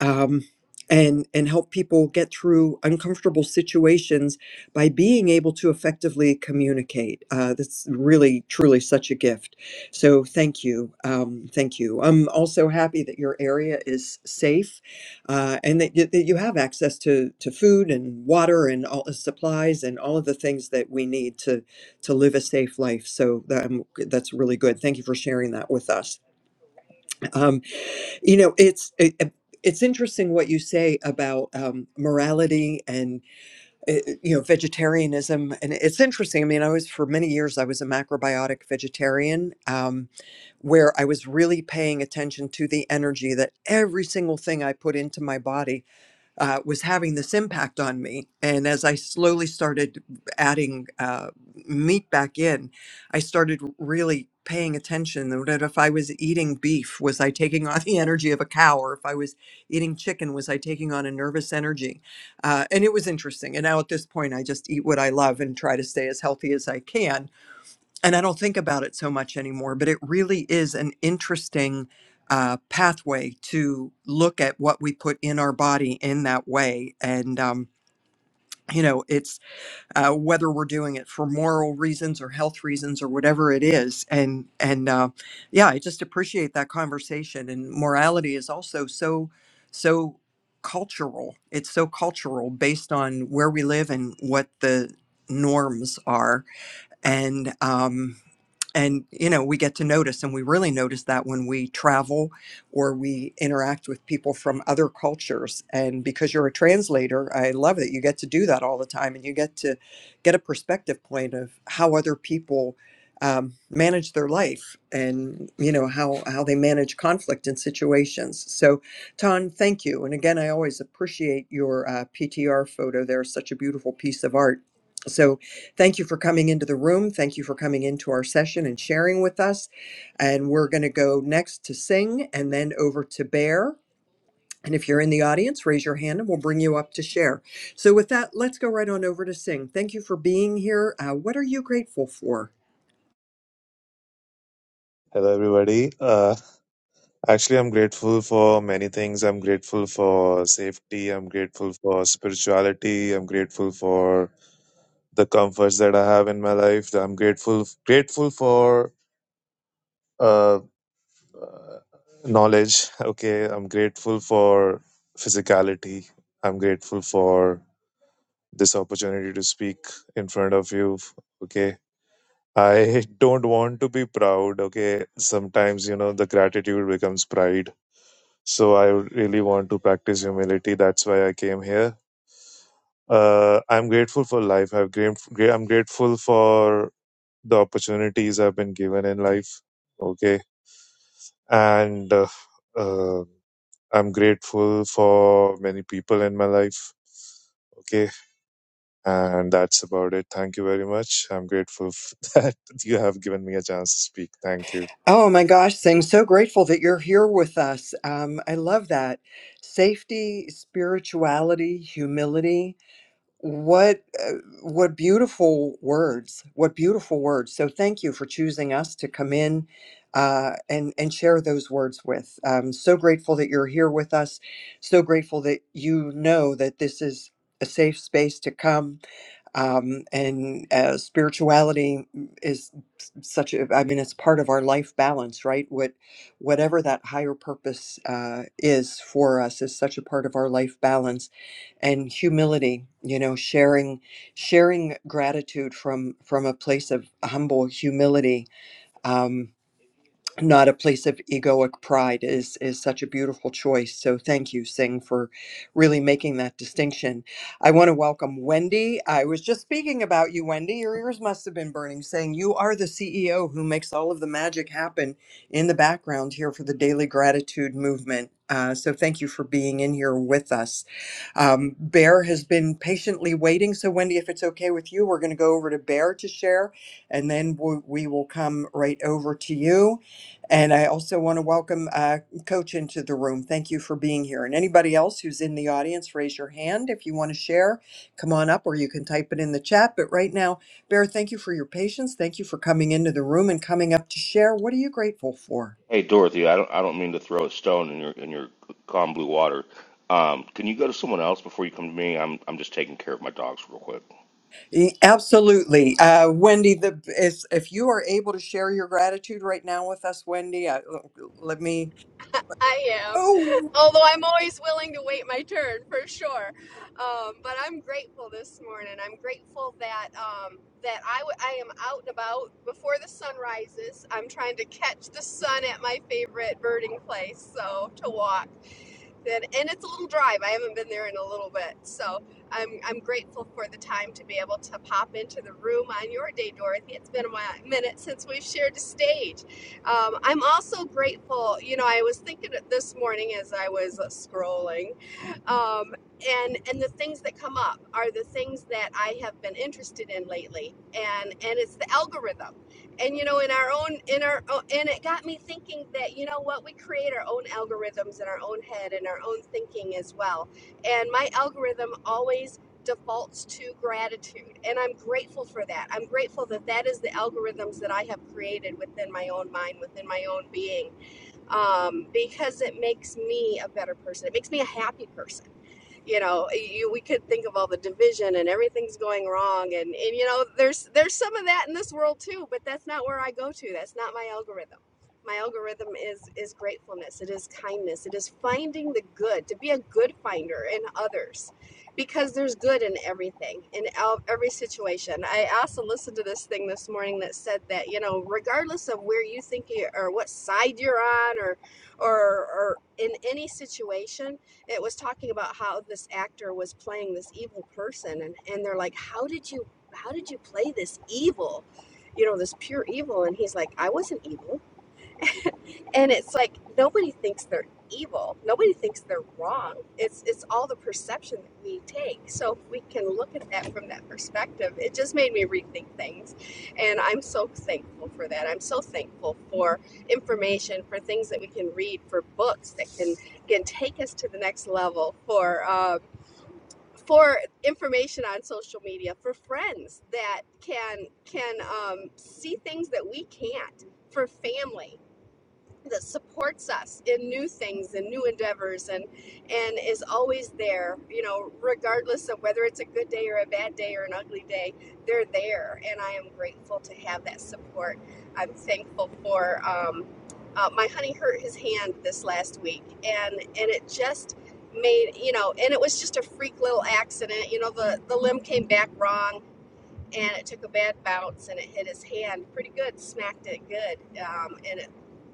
[SPEAKER 21] um, and and help people get through uncomfortable situations by being able to effectively communicate. Uh, that's really truly such a gift. So thank you, um, thank you. I'm also happy that your area is safe, uh, and that, y- that you have access to to food and water and all the supplies and all of the things that we need to to live a safe life. So that, um, that's really good. Thank you for sharing that with us. Um, you know, it's it, it's interesting what you say about um, morality and uh, uh, you know vegetarianism, and it's interesting. I mean, I was for many years I was a macrobiotic vegetarian, um, where I was really paying attention to the energy that every single thing I put into my body uh, was having this impact on me. And as I slowly started adding uh, meat back in, I started really paying attention that if I was eating beef, was I taking on *laughs* the energy of a cow? Or if I was eating chicken, was I taking on a nervous energy? Uh, and it was interesting. And now at this point, I just eat what I love and try to stay as healthy as I can and I don't think about it so much anymore, but it really is an interesting uh, pathway to look at what we put in our body in that way. And, um, you know, it's uh, whether we're doing it for moral reasons or health reasons or whatever it is. And, and uh, yeah, I just appreciate that conversation. And morality is also so, so cultural. It's so cultural based on where we live and what the norms are and um, and you know we get to notice and we really notice that when we travel or we interact with people from other cultures and because you're a translator i love that you get to do that all the time and you get to get a perspective point of how other people um, manage their life and you know how how they manage conflict in situations so ton thank you and again i always appreciate your uh, ptr photo there's such a beautiful piece of art so Thank you for coming into the room. Thank you for coming into our session and sharing with us. And we're going to go next to Sing and then over to Bear. And if you're in the audience, raise your hand and we'll bring you up to share. So, with that, let's go right on over to Sing. Thank you for being here. Uh, what are you grateful for?
[SPEAKER 24] Hello, everybody. Uh, actually, I'm grateful for many things. I'm grateful for safety. I'm grateful for spirituality. I'm grateful for the comforts that I have in my life. I'm grateful grateful for uh, uh, knowledge. Okay, I'm grateful for physicality. I'm grateful for this opportunity to speak in front of you. Okay. I *laughs* don't want to be proud. Okay. Sometimes, you know, the gratitude becomes pride So I really want to practice humility. That's why I came here. Uh, I'm grateful for life. I've gra- I'm grateful for the opportunities I've been given in life. Okay. And uh, uh, I'm grateful for many people in my life. Okay. And that's about it. Thank you very much. I'm grateful f- *laughs* that you have given me a chance to speak. Thank you.
[SPEAKER 21] Oh my gosh, Sing, so grateful that you're here with us. Um, I love that. Safety, spirituality, humility, What uh, what beautiful words! What beautiful words! So thank you for choosing us to come in uh, and and share those words with. Um, so grateful that you're here with us. So grateful that you know that this is a safe space to come um, and uh, spirituality is such a i mean it's part of our life balance right what whatever that higher purpose uh, is for us is such a part of our life balance and humility you know sharing sharing gratitude from from a place of humble humility Um, not a place of egoic pride is is such a beautiful choice so thank you singh for really making that distinction i want to welcome wendy i was just speaking about you wendy your ears must have been burning saying you are the ceo who makes all of the magic happen in the background here for the daily gratitude movement uh, so thank you for being in here with us um, bear has been patiently waiting so wendy if it's okay with you we're going to go over to bear to share and then we, we will come right over to you and I also want to welcome uh, Coach into the room. Thank you for being here. And anybody else who's in the audience, raise your hand if you want to share. Come on up, or you can type it in the chat. But right now, Bear, thank you for your patience. Thank you for coming into the room and coming up to share. What are you grateful for?
[SPEAKER 6] Hey, Dorothy, I don't I don't mean to throw a stone in your in your calm blue water. Um, can you go to someone else before you come to me? I'm I'm just taking care of my dogs real quick.
[SPEAKER 21] E- Absolutely, uh, Wendy. The if, if you are able to share your gratitude right now with us, Wendy, I, let me.
[SPEAKER 25] I am.
[SPEAKER 21] Oh.
[SPEAKER 25] *laughs* Although I'm always willing to wait my turn for sure. Um, but I'm grateful this morning. I'm grateful that um, that I, w- I am out and about before the sun rises. I'm trying to catch the sun at my favorite birding place, so to walk. Good. And it's a little drive. I haven't been there in a little bit. So I'm, I'm grateful for the time to be able to pop into the room on your day, Dorothy. It's been a minute since we've shared the stage. Um, I'm also grateful. You know, I was thinking this morning as I was uh, scrolling um, and and the things that come up are the things that I have been interested in lately, and and it's the algorithm, and you know in our own in our o- and it got me thinking that you know what we create our own algorithms in our own head and our own thinking as well, and my algorithm always defaults to gratitude and i'm grateful for that i'm grateful that that is the algorithms that i have created within my own mind within my own being um, because it makes me a better person it makes me a happy person you know you, we could think of all the division and everything's going wrong and and you know there's there's some of that in this world too but that's not where i go to that's not my algorithm my algorithm is is gratefulness it is kindness it is finding the good to be a good finder in others because there's good in everything in every situation i also listened to this thing this morning that said that you know regardless of where you think you or what side you're on or or or in any situation it was talking about how this actor was playing this evil person and and they're like how did you how did you play this evil you know this pure evil and he's like i wasn't evil and it's like nobody thinks they're evil nobody thinks they're wrong it's it's all the perception that we take so if we can look at that from that perspective it just made me rethink things and i'm so thankful for that i'm so thankful for information for things that we can read for books that can can take us to the next level for um, for information on social media for friends that can can um, see things that we can't for family that supports us in new things and new endeavors and and is always there you know regardless of whether it's a good day or a bad day or an ugly day they're there and i am grateful to have that support i'm thankful for um, uh, my honey hurt his hand this last week and and it just made you know and it was just a freak little accident you know the the limb came back wrong and it took a bad bounce and it hit his hand pretty good, smacked it good, um, and it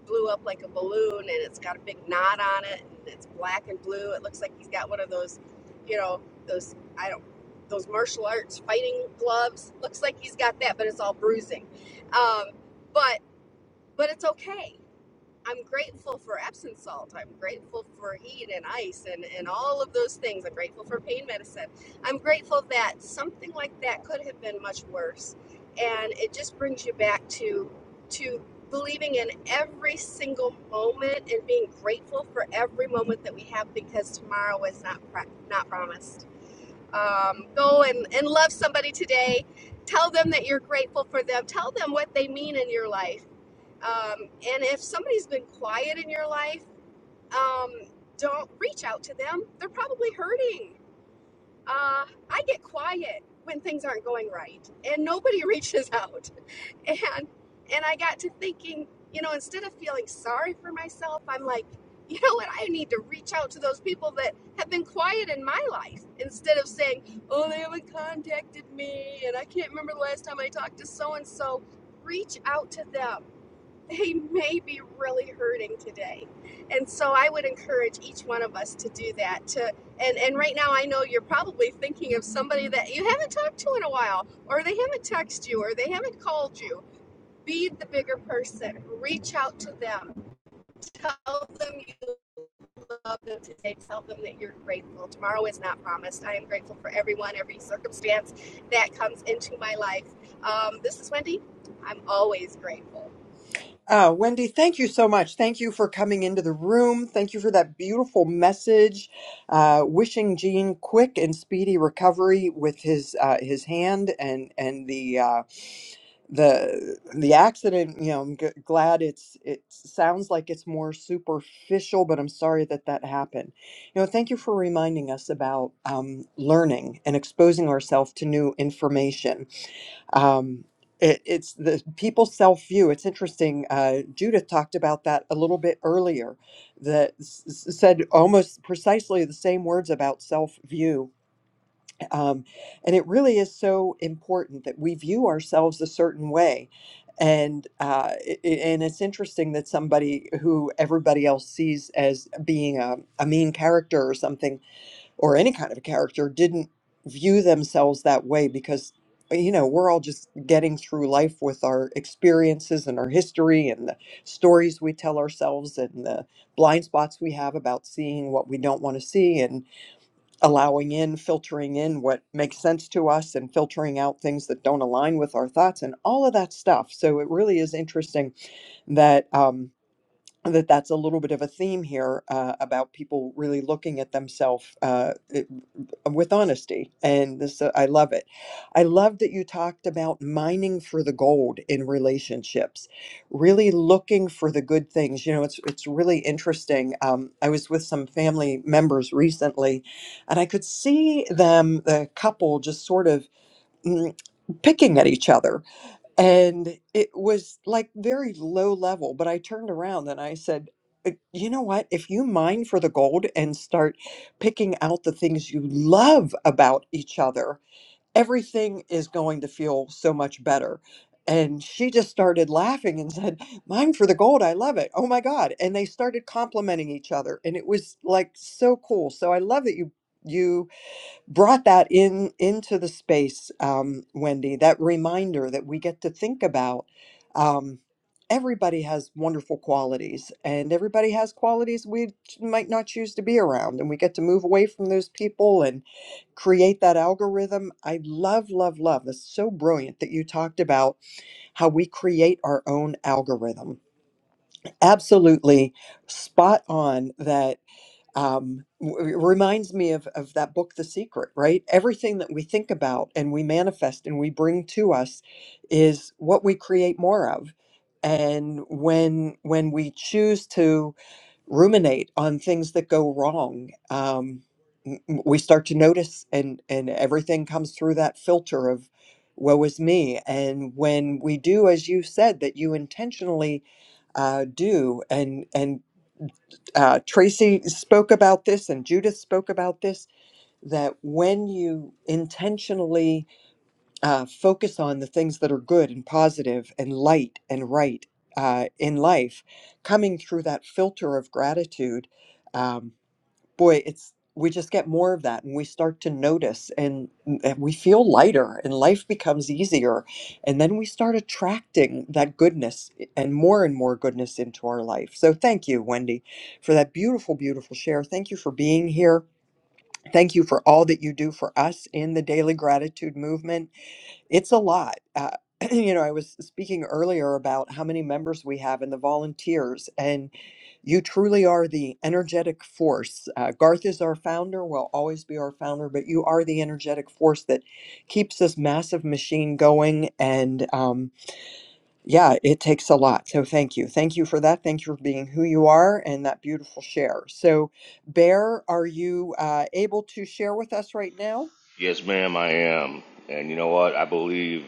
[SPEAKER 25] blew up like a balloon and it's got a big knot on it and it's black and blue. It looks like he's got one of those, you know, those I don't those martial arts fighting gloves. Looks like he's got that, but it's all bruising. Um, but but it's okay I'm grateful for Epsom salt. I'm grateful for heat and ice and, and all of those things. I'm grateful for pain medicine. I'm grateful that something like that could have been much worse. And it just brings you back to to believing in every single moment and being grateful for every moment that we have because tomorrow is not pro- not promised um, go and, and love somebody today. Tell them that you're grateful for them. Tell them what they mean in your life. Um, and if somebody's been quiet in your life, um, don't reach out to them. They're probably hurting. Uh, I get quiet when things aren't going right, and nobody *laughs* reaches out and and I got to thinking, you know, instead of feeling sorry for myself, I'm like, you know what, I need to reach out to those people that have been quiet in my life instead of saying, oh, they haven't contacted me and I can't remember the last time I talked to so and so. Reach out to them. They may be really hurting today. And so I would encourage each one of us to do that. To and, and right now I know you're probably thinking of somebody that you haven't talked to in a while, or they haven't texted you, or they haven't called you be the bigger person. Reach out to them. Tell them you love them today. Tell them that you're grateful. Tomorrow is not promised. I am grateful for everyone, every circumstance that comes into my life. Um, this is Wendy. I'm always grateful.
[SPEAKER 21] Oh, Wendy, thank you so much. Thank you for coming into the room. Thank you for that beautiful message. Uh, wishing Gene quick and speedy recovery with his uh, his hand and and the uh, the the accident. You know, I'm g- glad it's it sounds like it's more superficial, but I'm sorry that that happened. You know, thank you for reminding us about um, learning and exposing ourselves to new information um, it, it's the people self view. It's interesting. Uh, Judith talked about that a little bit earlier, that s- s- said almost precisely the same words about self view. Um, and it really is so important that we view ourselves a certain way. And uh, i- i- and it's interesting that somebody who everybody else sees as being a, a mean character or something or any kind of a character didn't view themselves that way because uh, you know we're all just getting through life with our experiences and our history and the stories we tell ourselves and the blind spots we have about seeing what we don't want to see and allowing in filtering in what makes sense to us and filtering out things that don't align with our thoughts and all of that stuff so it really is interesting that um, that that's a little bit of a theme here uh, about people really looking at themselves uh, it- with honesty and this uh, i love it i love that you talked about mining for the gold in relationships really looking for the good things you know it's it's really interesting um, i was with some family members recently and i could see them the couple just sort of mm, picking at each other and it was like very low level, but I turned around and I said, "Uh, You know what? If you mine for the gold and start picking out the things you love about each other, everything is going to feel so much better. And she just started laughing and said, Mine for the gold. I love it. Oh my God. And they started complimenting each other. And it was like so cool. So I love that you. You brought that in into the space, um, Wendy. That reminder that we get to think about. Um, everybody has wonderful qualities, and everybody has qualities we ch- might not choose to be around, and we get to move away from those people and create that algorithm. I love, love, love. That's so brilliant that you talked about how we create our own algorithm. Absolutely spot on. That um, w- it reminds me of, of that book, The Secret, right? Everything that we think about and we manifest and we bring to us is what we create more of. And when when we choose to ruminate on things that go wrong, um, m- m- we start to notice, and and everything comes through that filter of woe is me. And when we do, as you said, that you intentionally uh, do, and and uh, Tracy spoke about this and Judith spoke about this that when you intentionally uh, focus on the things that are good and positive and light and right uh, in life, coming through that filter of gratitude. um, boy it's we just get more of that and we start to notice and, mm, and we feel lighter and life becomes easier and then we start attracting that goodness eh, and more and more goodness into our life so thank you wendy for that beautiful beautiful share thank you for being here thank you for all that you do for us in the daily gratitude movement it's a lot. Uh, *clears throat* you know, I was speaking earlier about how many members we have and the volunteers, and you truly are the energetic force. Uh, Garth is our founder, will always be our founder, but you are the energetic force that keeps this massive machine going. And um, yeah, it takes a lot. So thank you. Thank you for that. Thank you for being who you are and that beautiful share. So, Bear, are you uh, able to share with us right now?
[SPEAKER 6] Yes, ma'am, I am, and you know what? I believe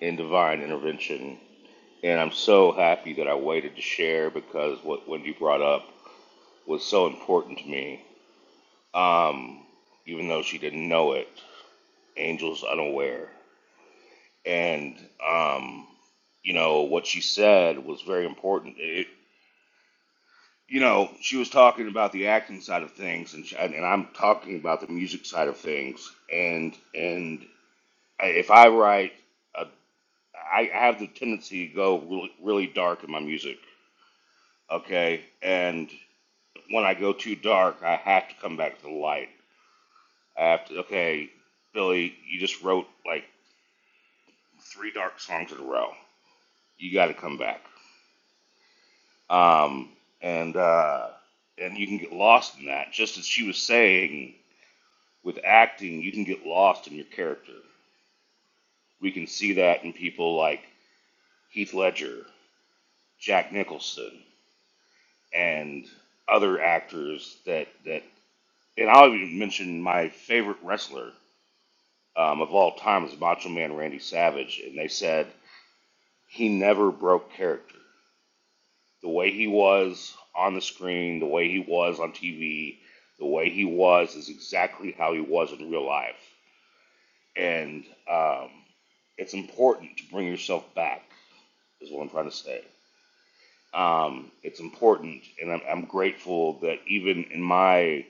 [SPEAKER 6] in divine intervention. And I'm so happy that I waited to share because what Wendy brought up was so important to me. Um, even though she didn't know it, Angel's unaware. And, um, you know, what she said was very important. It, you know, she was talking about the acting side of things, and, she, and I'm talking about the music side of things. And and if I write, a, I I have the tendency to go really, really dark in my music. Okay, and when I go too dark, I have to come back to the light. I have to. Okay, Billy, you just wrote like three dark songs in a row. You got to come back. Um, and uh, and you can get lost in that. Just as she was saying, with acting, you can get lost in your character. We can see that in people like Heath Ledger, Jack Nicholson, and other actors that that. And I'll even mention my favorite wrestler, um, of all time is Macho Man Randy Savage, and they said he never broke character. The way he was on the screen, the way he was on TV, the way he was is exactly how he was in real life. And um, it's important to bring yourself back, is what I'm trying to say. Um, it's important, and I'm, I'm grateful that even in my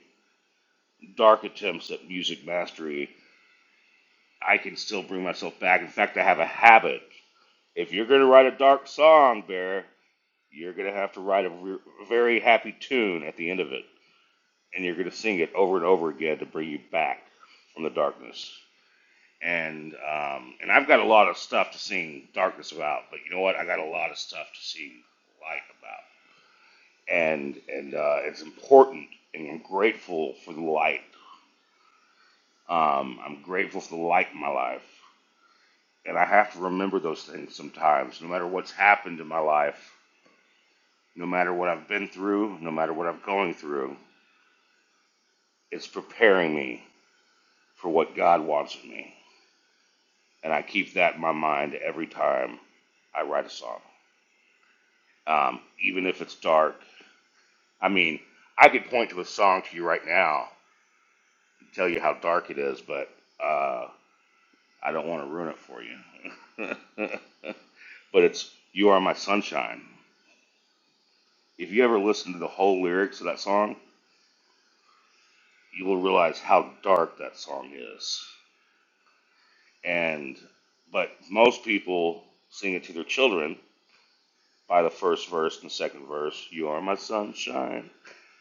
[SPEAKER 6] dark attempts at music mastery, I can still bring myself back. In fact, I have a habit If you're going to write a dark song, Bear, you're going to have to write a re- very happy tune at the end of it. And you're going to sing it over and over again to bring you back from the darkness. And um, and I've got a lot of stuff to sing darkness about, but you know what? I got a lot of stuff to sing light about. And and uh, it's important, and I'm grateful for the light. Um, I'm grateful for the light in my life, and I have to remember those things sometimes, no matter what's happened in my life No matter what I've been through, no matter what I'm going through, it's preparing me for what God wants of me. And I keep that in my mind every time I write a song. Um, even if it's dark, I mean, I could point to a song to you right now and tell you how dark it is, but uh, I don't want to ruin it for you. *laughs* but it's You Are My Sunshine. If you ever listen to the whole lyrics of that song, you will realize how dark that song is. And but most people sing it to their children by the first verse and the second verse. You are my sunshine,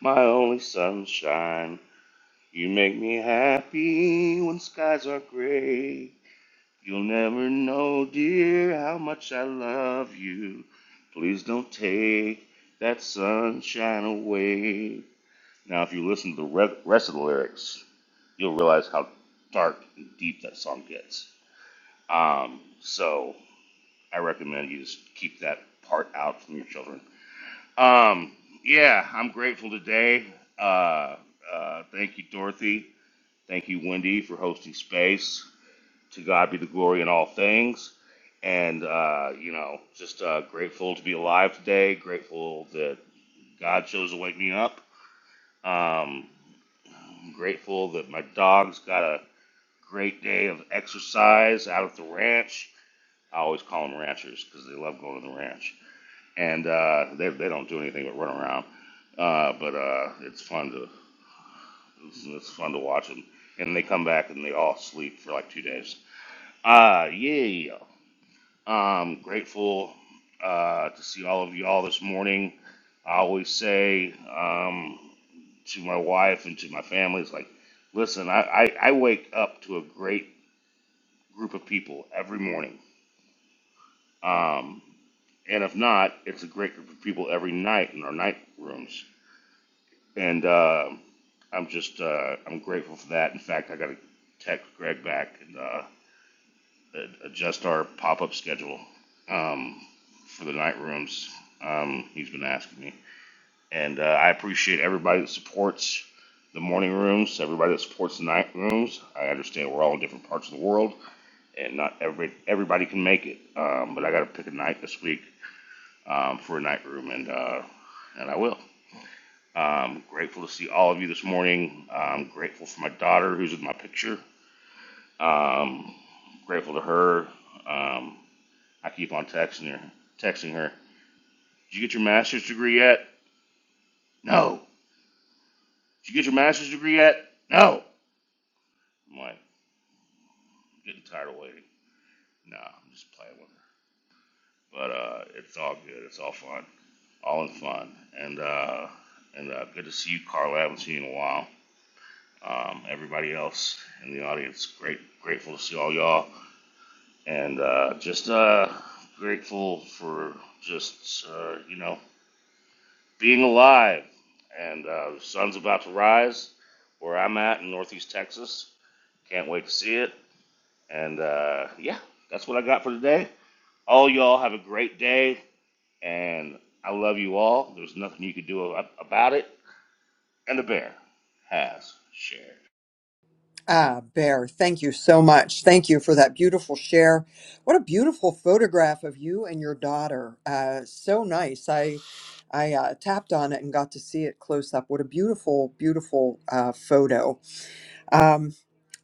[SPEAKER 6] my only sunshine. You make me happy when skies are gray. You'll never know, dear, how much I love you. Please don't take that sunshine away. Now, if you listen to the re- rest of the lyrics, you'll realize how dark and deep that song gets. Um, so I recommend you just keep that part out from your children. Um, yeah, I'm grateful today. Uh, uh, thank you, Dorothy. Thank you, Wendy, for hosting space. To God be the glory in all things. And, uh, you know, just uh, grateful to be alive today. Grateful that God chose to wake me up. Um, I'm grateful that my dog's got a great day of exercise out at the ranch. I always call them ranchers because they love going to the ranch. and uh, they they don't do anything but run around. Uh, but uh, it's fun to it's, it's fun to watch them, and they come back and they all sleep for like two days. Uh, yeah, I'm grateful uh, to see all of you all this morning. I always say um, to my wife and to my family, it's like, listen, I, I, I wake up to a great group of people every morning. Um, and if not, it's a great group of people every night in our night rooms and uh, I'm just uh, I'm grateful for that. In fact, I got to text Greg back and uh, a- adjust our pop up schedule um, for the night rooms. Um, he's been asking me, and uh, I appreciate everybody that supports the morning rooms, everybody that supports the night rooms. I understand we're all in different parts of the world, and not every everybody can make it. Um, but I got to pick a night this week um, for a night room, and uh, and I will. Um, grateful to see all of you this morning. I'm grateful for my daughter who's in my picture. Grateful to her. Um, I keep on texting her. Texting her. Did you get your master's degree yet? No. Did you get your master's degree yet? No. I'm like I'm getting tired of waiting. No, I'm just playing with her. But uh, it's all good. It's all fun. All in fun. And uh, and uh, good to see you, Carla. I haven't seen you in a while. Um, everybody else in the audience, great, grateful to see all y'all. and uh, just uh, grateful for just uh, you know being alive. And uh, the sun's about to rise where I'm at in Northeast Texas. Can't wait to see it. And uh, yeah, that's what I got for today. All y'all have a great day, and I love you all. There's nothing you could do about it. And the bear has shared.
[SPEAKER 21] Ah, Bear, thank you so much. Thank you for that beautiful share. What a beautiful photograph of you and your daughter. Uh, so nice. I I uh, tapped on it and got to see it close up. What a beautiful, beautiful uh, photo. Um,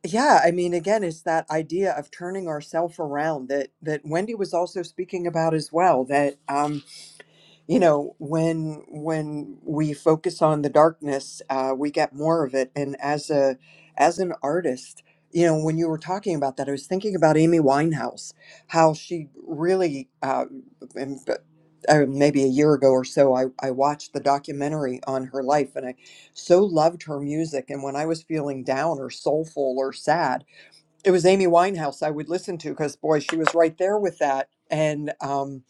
[SPEAKER 21] yeah, I mean, again, it's that idea of turning ourselves around that that Wendy was also speaking about as well. That um, you know when when we focus on the darkness uh, we get more of it and as a as an artist you know when you were talking about that i was thinking about amy winehouse how she really uh, and, uh, maybe a year ago or so I, I watched the documentary on her life and i so loved her music and when i was feeling down or soulful or sad it was amy winehouse i would listen to because boy she was right there with that and um,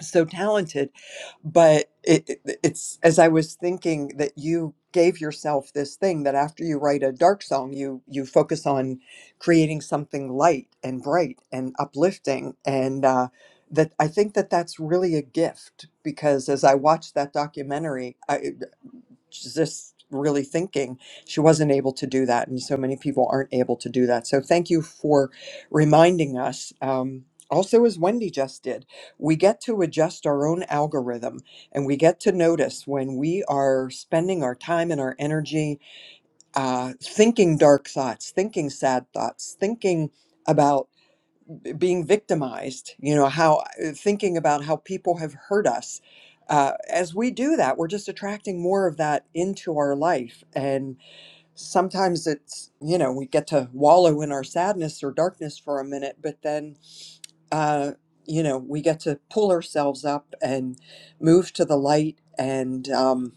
[SPEAKER 21] so talented but it, it- it's as i was thinking that you gave yourself this thing that after you write a dark song you you focus on creating something light and bright and uplifting and uh, that i think that that's really a gift because as i watched that documentary just really thinking she wasn't able to do that and so many people aren't able to do that so thank you for reminding us um, also as wendy just did we get to adjust our own algorithm and we get to notice when we are spending our time and our energy uh, thinking dark thoughts thinking sad thoughts thinking about being victimized you know how uh, thinking about how people have hurt us uh, as we do that we're just attracting more of that into our life and sometimes it's you know we get to wallow in our sadness or darkness for a minute but then uh, you know we get to pull ourselves up and move to the light and um,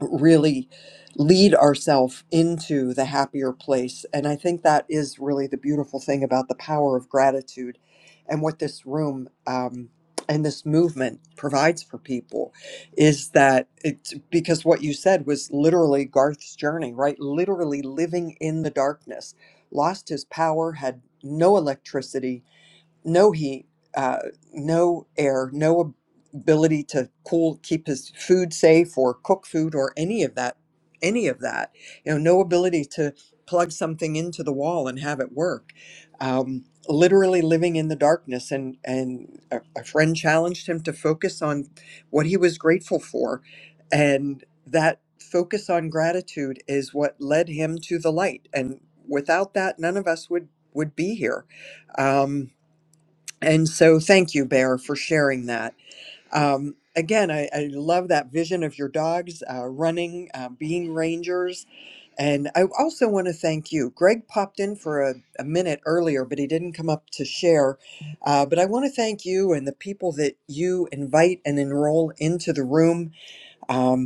[SPEAKER 21] really lead ourselves into the happier place. And I think that is really the beautiful thing about the power of gratitude and what this room um, and this movement provides for people is that it's because what you said was literally Garth's journey, right? Literally living in the darkness, lost his power, had no electricity no heat, uh, no air, no ability to cool, keep his food safe or cook food or any of that, any of that. You know, no ability to plug something into the wall and have it work. Um, literally living in the darkness and and a, a friend challenged him to focus on what he was grateful for and that focus on gratitude is what led him to the light and without that none of us would would be here um, and so, thank you, Bear, for sharing that.
[SPEAKER 6] Thank
[SPEAKER 21] Um, again, I, I love that vision of your dogs uh, running, uh, being rangers. And I also want to thank you. Greg popped in for a, a minute earlier, but he didn't come up to share. Uh, but I want to thank you and the people that you invite and enroll into the room. Um,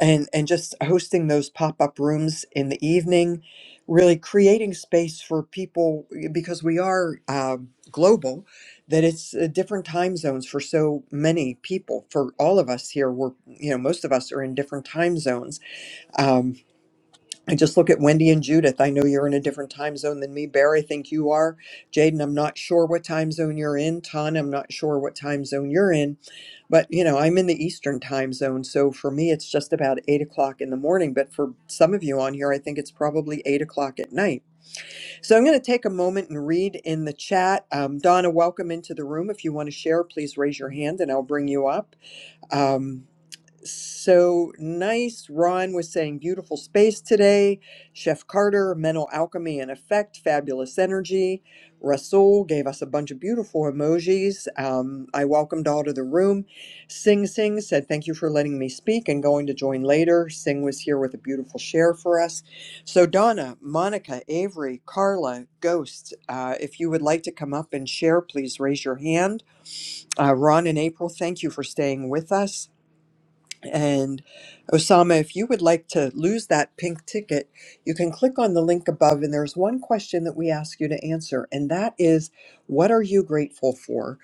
[SPEAKER 21] and and just hosting those pop-up rooms in the evening really creating space for people eh, because we are um, global that it's uh, different time zones for so many people for all of us here we're you know most of us are in different time zones Um, I just look at Wendy and Judith. I know you're in a different time zone than me. Bear, I think you are. Jaden, I'm not sure what time zone you're in. Ton, I'm not sure what time zone you're in. But, you know, I'm in the Eastern time zone. So for me, it's just about eight o'clock in the morning. But for some of you on here, I think it's probably eight o'clock at night. So I'm going to take a moment and read in the chat. Um, Donna, welcome into the room. If you want to share, please raise your hand and I'll bring you up. Um, so nice. Ron was saying beautiful space today. Chef Carter, mental alchemy and effect, fabulous energy. Russell gave us a bunch of beautiful emojis. Um, I welcomed all to the room. Sing Sing said, Thank you for letting me speak and going to join later. Sing was here with a beautiful share for us. So, Donna, Monica, Avery, Carla, Ghost, uh, if you would like to come up and share, please raise your hand. Uh, Ron and April, thank you for staying with us. And Osama, if you would like to lose that pink ticket, you can click on the link above. And there's one question that we ask you to answer, and that is what are you grateful for?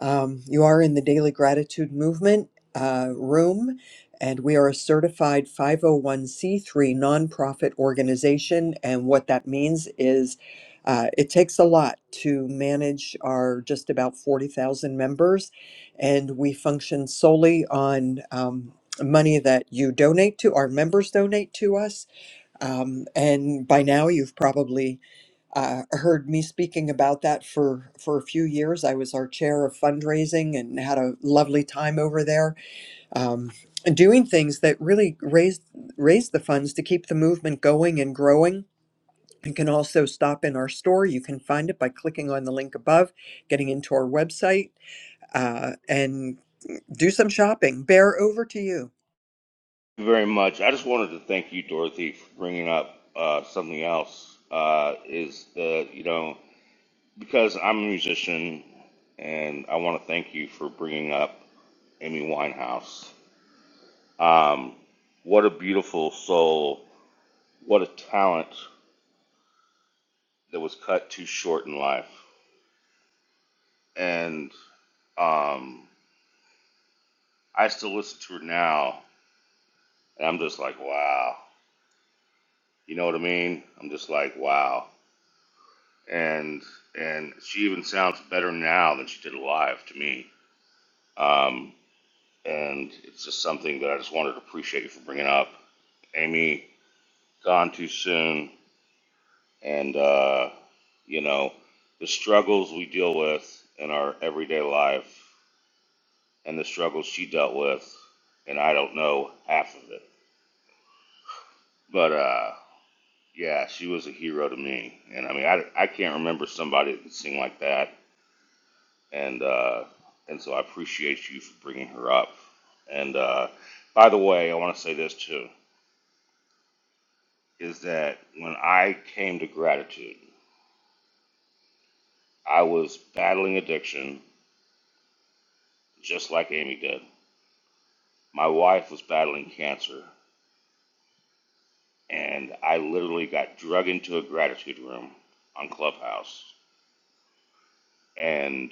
[SPEAKER 21] Um, you are in the Daily Gratitude Movement uh, room, and we are a certified 501c3 nonprofit organization. And what that means is uh, it takes a lot to manage our just about 40,000 members and we function solely on um, money that you donate to, our members donate to us. Um, and by now, you've probably uh, heard me speaking about that for, for a few years. I was our chair of fundraising and had a lovely time over there um, doing things that really raised, raised the funds to keep the movement going and growing. You can also stop in our store. You can find it by clicking on the link above, getting into our website, uh, and do some shopping. Bear, over to you.
[SPEAKER 6] you very much. I just wanted to thank you, Dorothy, for bringing up uh, something else. Uh, is the you know because I'm a musician, and I want to thank you for bringing up Amy Winehouse. Um, what a beautiful soul! What a talent that was cut too short in life. And um, I still listen to her now, and I'm just like, wow. You know what I mean? I'm just like, wow. And and she even sounds better now than she did live to me. Um, and it's just something that I just wanted to appreciate you for bringing up. Amy, gone too soon, and uh, you know the struggles we deal with in our everyday life, and the struggles she dealt with, and I don't know half of it. But uh, yeah, she was a hero to me, and I mean I, I can't remember somebody that could sing like that, and uh, and so I appreciate you for bringing her up. And uh, by the way, I want to say this too: is that when I came to gratitude, I was battling addiction just like Amy did. My wife was battling cancer, and I literally got drug into a gratitude room on Clubhouse. And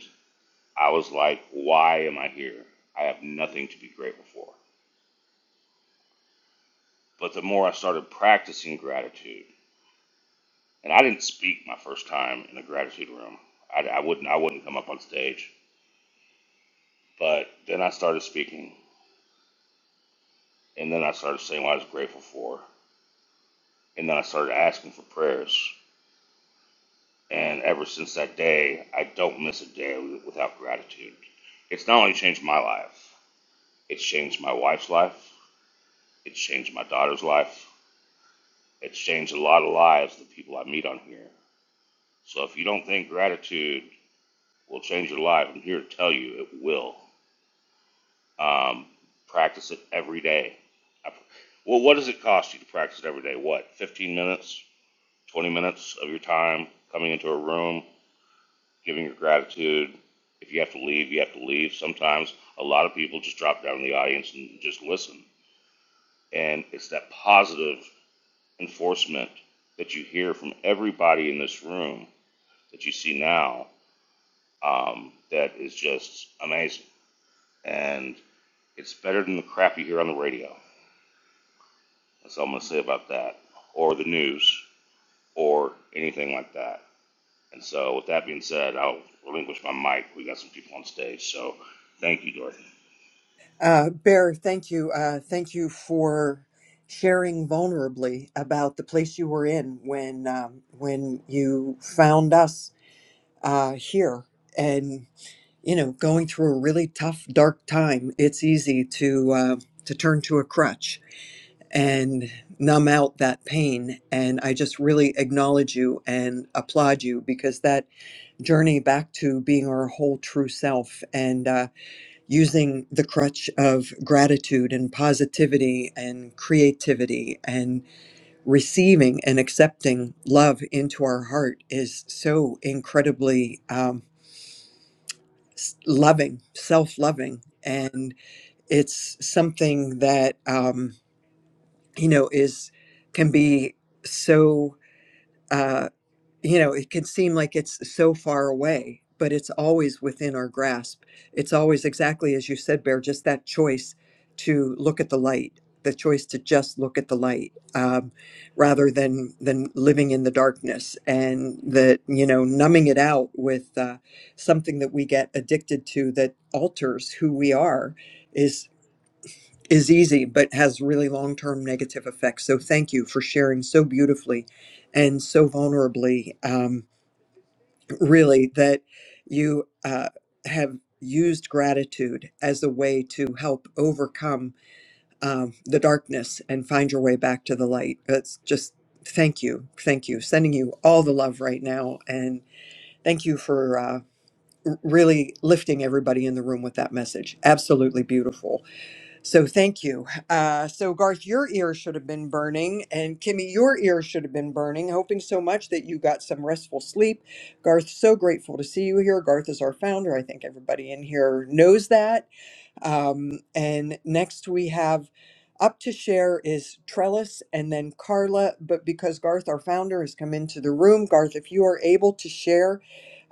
[SPEAKER 6] I was like, why am I here? I have nothing to be grateful for. But the more I started practicing gratitude, and I didn't speak my first time in a gratitude room. I, I wouldn't. I wouldn't come up on stage. But then I started speaking, and then I started saying what I was grateful for, and then I started asking for prayers, And ever since that day, I don't miss a day without gratitude. It's not only changed my life, it's changed my wife's life, it's changed my daughter's life, it's changed a lot of lives of the people I meet on here. So if you don't think gratitude will change your life, I'm here to tell you it will. Um, practice it every day. I- Well, what does it cost you to practice it every day? What, 15 minutes, 20 minutes of your time coming into a room? giving your gratitude. If you have to leave, you have to leave. Sometimes a lot of people just drop down in the audience and just listen. And it's that positive enforcement that you hear from everybody in this room that you see now um, that is just amazing. And it's better than the crap you hear on the radio. That's all I'm going to say about that, or the news, or anything like that. And so, with that being said, I'll relinquish my mic. We got some people on stage, so thank you, Dorothy.
[SPEAKER 21] Uh, Bear, thank you. Uh, thank you for sharing vulnerably about the place you were in when um, when you found us uh, here, and you know, going through a really tough, dark time. It's easy to uh, to turn to a crutch and numb out that pain. And I just really acknowledge you and applaud you because that journey back to being our whole true self and. Uh, using the crutch of gratitude and positivity and creativity and receiving and accepting love into our heart is so incredibly um, s- loving, self loving. And it's something that, um, you know, is can be so. uh, you know, it can seem like it's so far away, but it's always within our grasp. It's always exactly as you said, Bear, just that choice to look at the light, the choice to just look at the light um, rather than than living in the darkness and that you know numbing it out with uh, something that we get addicted to that alters who we are is is easy but has really long-term negative effects so thank you for sharing so beautifully and so vulnerably Um, really that you uh, have used gratitude as a way to help overcome um, the darkness and find your way back to the light. That's just thank you, thank you. Sending you all the love right now, and thank you for uh, r- really lifting everybody in the room with that message. Absolutely beautiful. So thank you. Uh, so Garth, your ear should have been burning, and Kimmy, your ear should have been burning. Hoping so much that you got some restful sleep. Garth, so grateful to see you here. Garth is our founder. I think everybody in here knows that. Um, and next we have up to share is Trellis, and then Carla. But because Garth, our founder, has come into the room, Garth, if you are able to share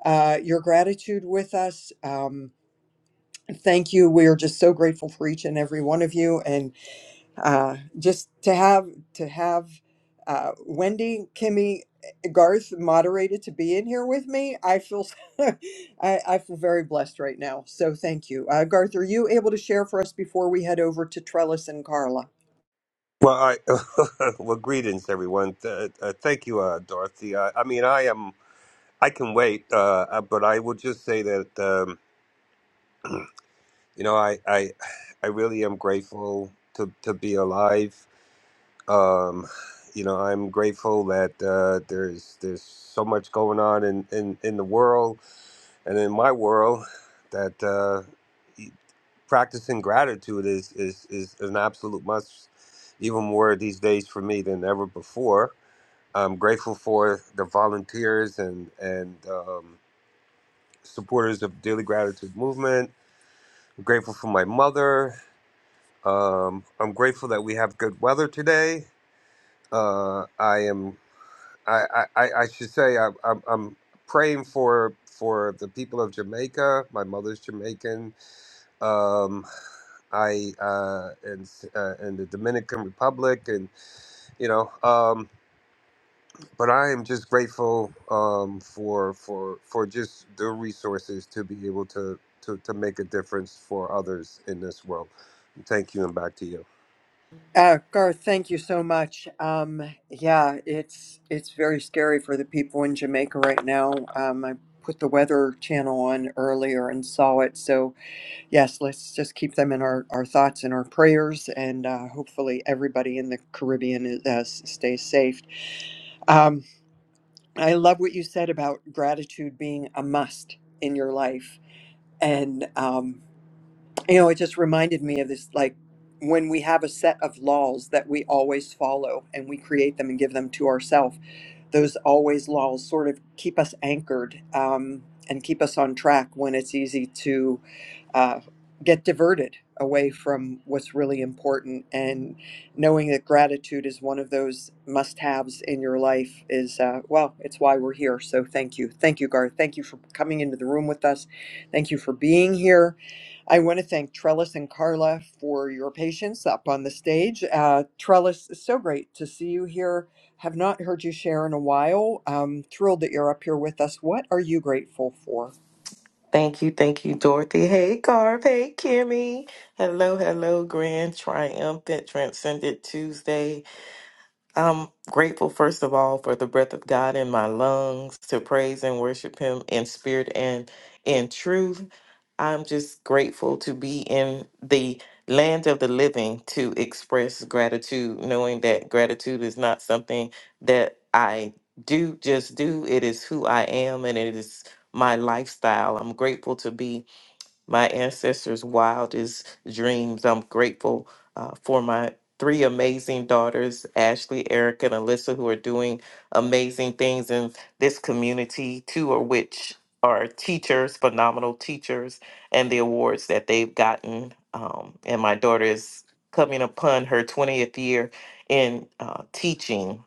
[SPEAKER 21] uh, your gratitude with us. Um, thank you. We are just so grateful for each and every one of you. And uh, just to have to have uh, Wendy, Kimmy, Garth moderated to be in here with me. I feel *laughs* I, I feel very blessed right now. So thank you, uh, Garth. Are you able to share for us before we head over to Trellis and Carla?
[SPEAKER 26] Well, I, *laughs* well, greetings, everyone. Th- uh, thank you, uh, Dorothy. Uh, I mean, I am. I can wait, uh, uh, but I will just say that um, you know, I, I, I really am grateful to to be alive. Um, you know, I'm grateful that uh, there's there's so much going on in, in, in the world and in my world that uh, e, practicing gratitude is, is is an absolute must, even more these days for me than ever before I'm grateful for the volunteers and and um, supporters of Daily Gratitude Movement. I'm grateful for my mother. Um, I'm grateful that we have good weather today. Uh, I am. I, I, I I should say I, I'm, I'm praying for for the people of Jamaica. My mother's Jamaican. Um, I uh, and uh, and the Dominican Republic, and you know. Um, but I am just grateful um, for for for just the resources to be able to to to make a difference for others in this world. Thank you, and back to you.
[SPEAKER 21] Uh, Garth, thank you so much. Um, yeah, it's it's very scary for the people in Jamaica right now. Um, I put the weather channel on earlier and saw it. So yes, let's just keep them in our, our thoughts and our prayers, and uh, hopefully everybody in the Caribbean is, uh, s- stays safe. Um, I love what you said about gratitude being a must in your life, and um, you know, it just reminded me of this like when we have a set of laws that we always follow and we create them and give them to ourselves those always lulls sort of keep us anchored um, and keep us on track when it's easy to uh, get diverted away from what's really important. And knowing that gratitude is one of those must haves in your life is, uh, well, it's why we're here. So thank you. Thank you, Garth. Thank you for coming into the room with us. Thank you for being here. I want to thank Trellis and Carla for your patience up on the stage. Uh, Trellis, it's so great to see you here have not heard you share in a while. I'm thrilled that you're up here with us. What are you grateful for?
[SPEAKER 27] Thank you, thank you, Dorothy. Hey, Garb. Hey, Kimmy. Hello, hello, Grand Triumphant Transcendent Tuesday. I'm grateful, first of all, for the breath of God in my lungs to praise and worship Him in spirit and in truth. I'm just grateful to be in the land of the living to express gratitude, knowing that gratitude is not something that I do, just do. It is who I am and it is my lifestyle. I'm grateful to be my ancestors' wildest dreams. I'm grateful uh, for my three amazing daughters, Ashley, Erica, and Alyssa, who are doing amazing things in this community, two of which are teachers, phenomenal teachers, and the awards that they've gotten. Um, and my daughter is coming upon her 20th year in uh, teaching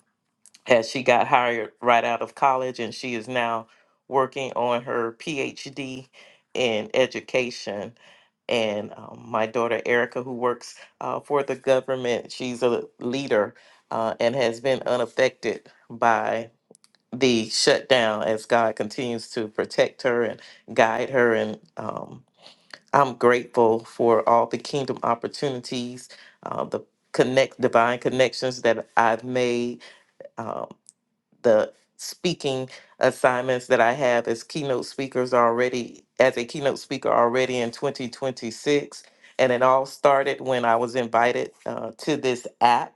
[SPEAKER 27] as she got hired right out of college and she is now working on her PhD in education. And um, my daughter Erica, who works uh, for the government, she's a leader uh, and has been unaffected by the shutdown as God continues to protect her and guide her. And um, I'm grateful for all the kingdom opportunities, uh, the connect divine connections that I've made uh, the speaking assignments that I have as keynote speakers already, as a keynote speaker already in 2026. And it all started when I was invited uh, to this app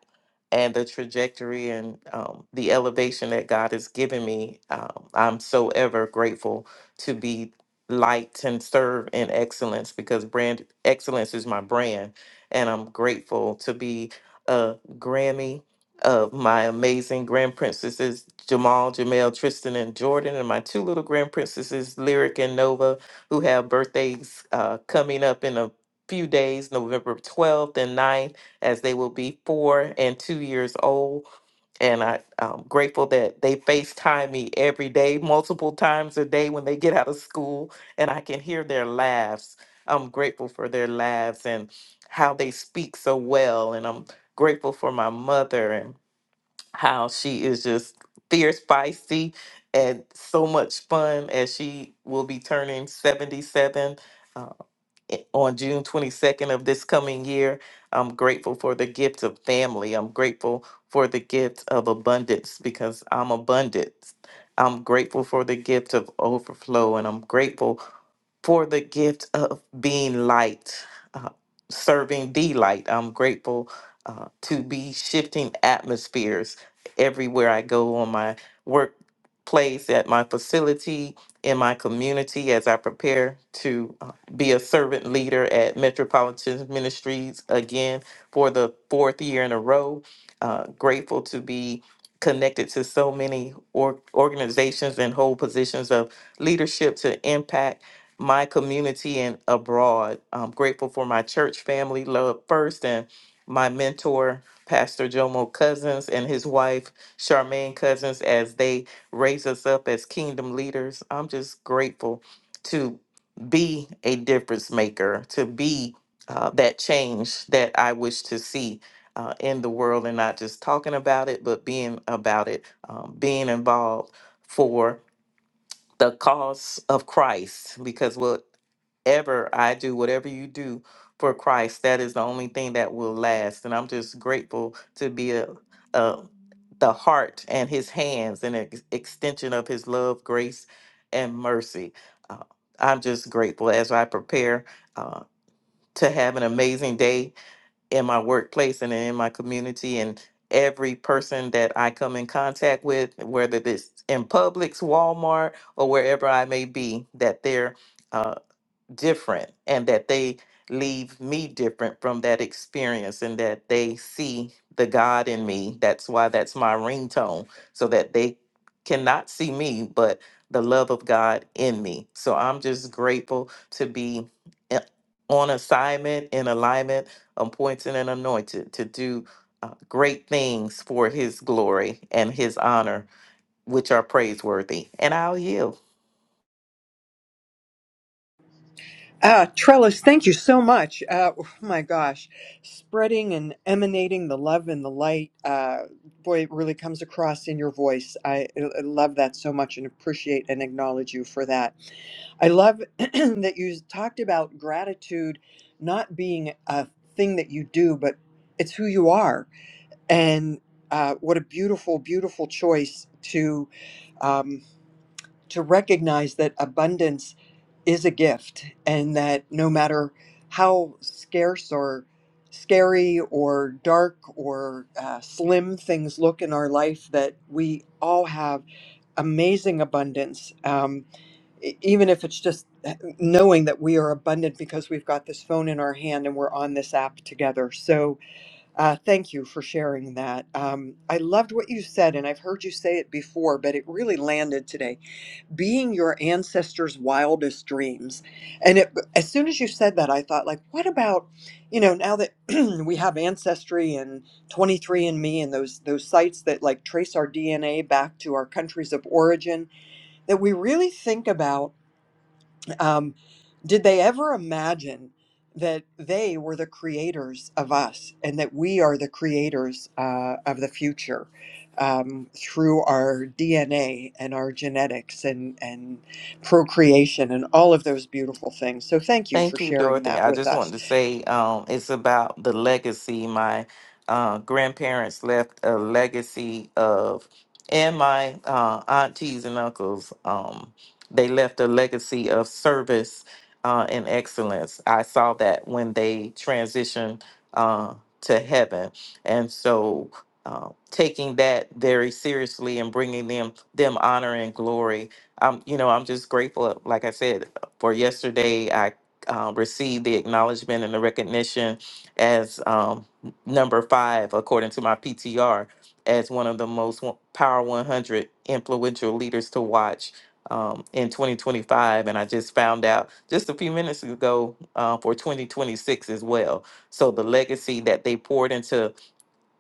[SPEAKER 27] and the trajectory and um, the elevation that God has given me. Um, I'm so ever grateful to be light and serve in excellence because brand excellence is my brand. And I'm grateful to be a Grammy of my amazing grand princesses Jamal, Jamel, Tristan, and Jordan, and my two little grand princesses Lyric and Nova, who have birthdays uh, coming up in a few days, November 12th and ninth, as they will be four and two years old. And I, I'm grateful that they FaceTime me every day, multiple times a day when they get out of school, and I can hear their laughs. I'm grateful for their laughs and how they speak so well. And I'm grateful for my mother and how she is just fierce, feisty, and so much fun as she will be turning 77 uh, i- on June 22nd of this coming year. I'm grateful for the gift of family. I'm grateful for the gift of abundance because I'm abundant. I'm grateful for the gift of overflow and I'm grateful for the gift of being light, uh, serving the light. I'm grateful uh, to be shifting atmospheres everywhere I go on my workplace, at my facility, in my community, as I prepare to uh, be a servant leader at Metropolitan Ministries again for the fourth year in a row. Uh, grateful to be connected to so many or- organizations and hold positions of leadership to impact my community and abroad. I'm grateful for my church family, love first, and my mentor, Pastor Jomo Cousins, and his wife, Charmaine Cousins, as they raise us up as kingdom leaders. I'm just grateful to be a difference maker, to be uh, that change that I wish to see. Uh, in the world and not just talking about it, but being about it, um, being involved for the cause of Christ because whatever I do, whatever you do for Christ, that is the only thing that will last. And I'm just grateful to be a, a the heart and his hands and an ex- extension of his love, grace, and mercy. Uh, I'm just grateful as I prepare uh, to have an amazing day in my workplace and in my community and every person that I come in contact with, whether it's in Publix, Walmart, or wherever I may be, that they're uh, different and that they leave me different from that experience and that they see the God in me. That's why that's my ringtone, so that they cannot see me, but the love of God in me. So I'm just grateful to be i- on assignment, in alignment, appointed and anointed to do uh, great things for his glory and his honor, which are praiseworthy. And I'll yield.
[SPEAKER 21] Uh, Trellis, thank you so much. Uh, oh my gosh, spreading and emanating the love and the light. Uh, boy, it really comes across in your voice. I, I love that so much and appreciate and acknowledge you for that. I love *clears throat* that you talked about gratitude not being a thing that you do, but it's who you are. And uh, what a beautiful, beautiful choice to um, to recognize that abundance is a gift and that no matter how scarce or scary or dark or uh, slim things look in our life that we all have amazing abundance um, e- even if it's just eh, knowing that we are abundant because we've got this phone in our hand and we're on this app together. So, uh, thank you for sharing that. Um, I loved what you said, and I've heard you say it before, but it really landed today being your ancestors' wildest dreams. And it, as soon as you said that, I thought, like, what about, you know, now that *clears throat* we have Ancestry and 23 and Me and those those sites that like trace our DNA back to our countries of origin, that we really think about um, did they ever imagine that they were the creators of us and that we are the creators uh, of the future um, through our DNA and our genetics and, and procreation and all of those beautiful things? So, thank you for
[SPEAKER 27] Thank you,
[SPEAKER 21] sharing
[SPEAKER 27] Dorothy.
[SPEAKER 21] that
[SPEAKER 27] I
[SPEAKER 21] with
[SPEAKER 27] just wanted
[SPEAKER 21] us.
[SPEAKER 27] to say um, it's about the legacy. My uh, grandparents left a legacy of, and my uh, aunties and uncles, um, they left a legacy of service uh, and excellence. I saw that when they transitioned uh, to heaven. And so uh, taking that very seriously and bringing them them honor and glory. Um, you know, I'm just grateful, like I said, for yesterday. I uh, receive the acknowledgement and the recognition as um, number five, according to my PTR, as one of the most wa- Power 100 influential leaders to watch um, in 2025. And I just found out just a few minutes ago uh, for 2026 as well. So the legacy that they poured into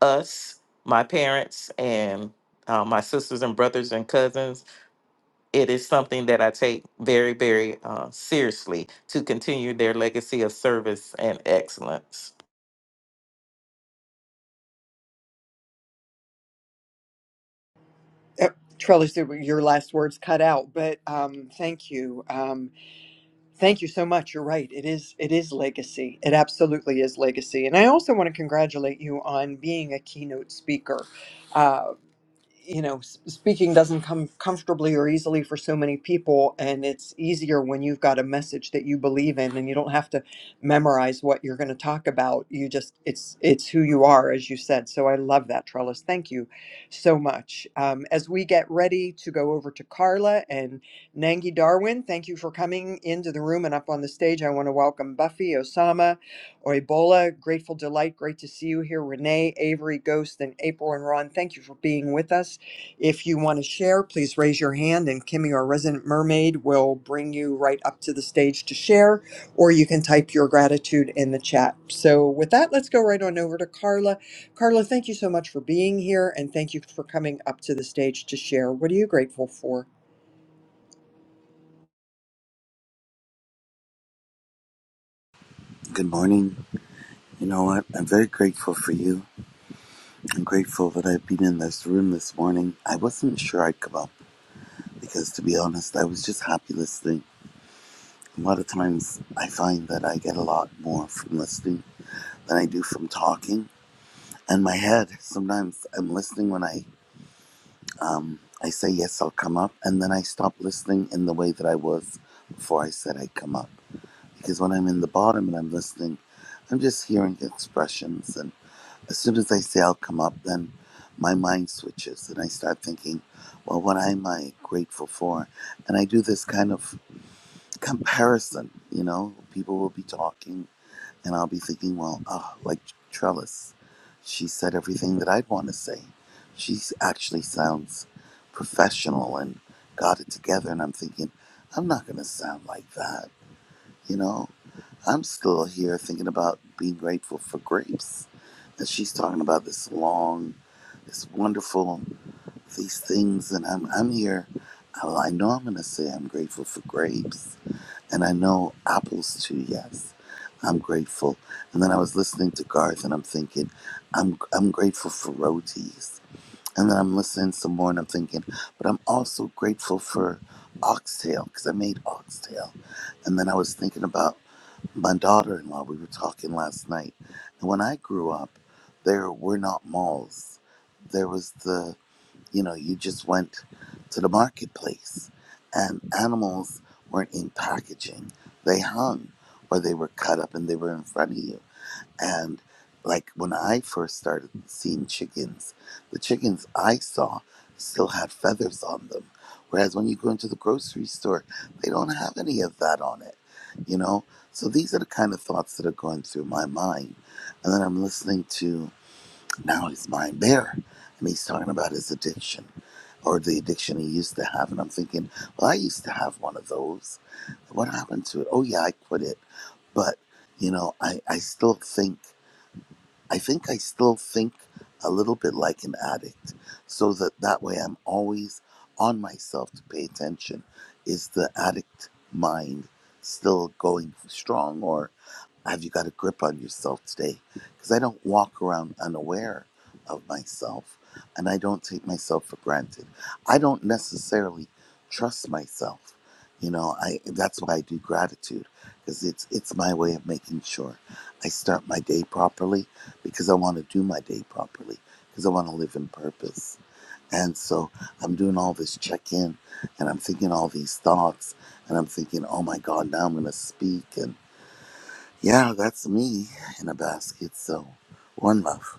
[SPEAKER 27] us, my parents, and uh, my sisters and brothers and cousins it is something that I take very, very uh, seriously to continue their legacy of service and excellence.
[SPEAKER 21] Uh, Trellis, there were- your last words cut out, but um, thank you. Um, Thank you so much. You're right. It is it is legacy. It absolutely is legacy. And I also want to congratulate you on being a keynote speaker. Uh, you know s- speaking doesn't come comfortably or easily for so many people and it's easier when you've got a message that you believe in and you don't have to memorize what you're going to talk about you just it's it's who you are as you said so i love that trellis thank you so much um, as we get ready to go over to carla and nangi darwin thank you for coming into the room and up on the stage i want to welcome buffy osama or Ebola. Grateful Delight, great to see you here. Renee, Avery, Ghost, and April and Ron, thank you for being with us. If you want to share, please raise your hand, and Kimmy, our resident mermaid, will bring you right up to the stage to share, or you can type your gratitude in the chat. So, with that, let's go right on over to Carla. Carla, thank you so much for being here and thank you for coming up to the stage to share. What are you grateful for?
[SPEAKER 28] Good morning. You know what? I'm very grateful for you. I'm grateful that I've been in this room this morning. I wasn't sure I'd come up because, to be honest, I was just happy listening. A lot of times I find that I get a lot more from listening than I do from talking. And my head, sometimes I'm listening when I, um, I say yes, I'll come up, and then I stop listening in the way that I was before I said I'd come up. Because when I'm in the bottom and I'm listening, I'm just hearing expressions and. as soon as I say I'll come up, then my mind switches and I start thinking, well, what am I grateful for? And I do this kind of comparison, you know, people will be talking and I'll be thinking, well, ah, like Trellis, she said everything that I'd want to say. She actually sounds professional and got it together. And I'm thinking, I'm not going to sound like that, you know? I'm still here thinking about being grateful for grapes. And she's talking about this long it's wonderful, these things. And I'm, I'm here. I know I'm going to say I'm grateful for grapes. And I know apples too, yes. I'm grateful. And then I was listening to Garth and I'm thinking, I'm, I'm grateful for rotis. And then I'm listening some more and I'm thinking, but I'm also grateful for oxtail because I made oxtail. And then I was thinking about my daughter in law. We were talking last night. And when I grew up, there were not malls. There was the you know, you just went to the marketplace and animals weren't in packaging. They hung or they were cut up and they were in front of you. And like when I first started seeing chickens, the chickens I saw still had feathers on them. Whereas when you go into the grocery store, they don't have any of that on it, you know? So these are the kind of thoughts that are going through my mind. And then I'm listening to Now Is Mine Bear, and he's talking about his addiction or the addiction he used to have. And I'm thinking, well, I used to have one of those. What happened to it? Oh, yeah, I quit it. But, you know, I, I still think, I think I still think a little bit like an addict. So that that way I'm always on myself to pay attention. Is the addict mind still going strong or? Have you got a grip on yourself today? Because I don't walk around unaware of myself and I don't take myself for granted. I don't necessarily trust myself. You know, I that's why I do gratitude because it's it's my way of making sure I start my day properly because I want to do my day properly because I want to live in purpose. And so I'm doing all this check in and I'm thinking all these thoughts and I'm thinking, oh my God, now I'm going to speak. and. Yeah, that's me in a basket. So, one love.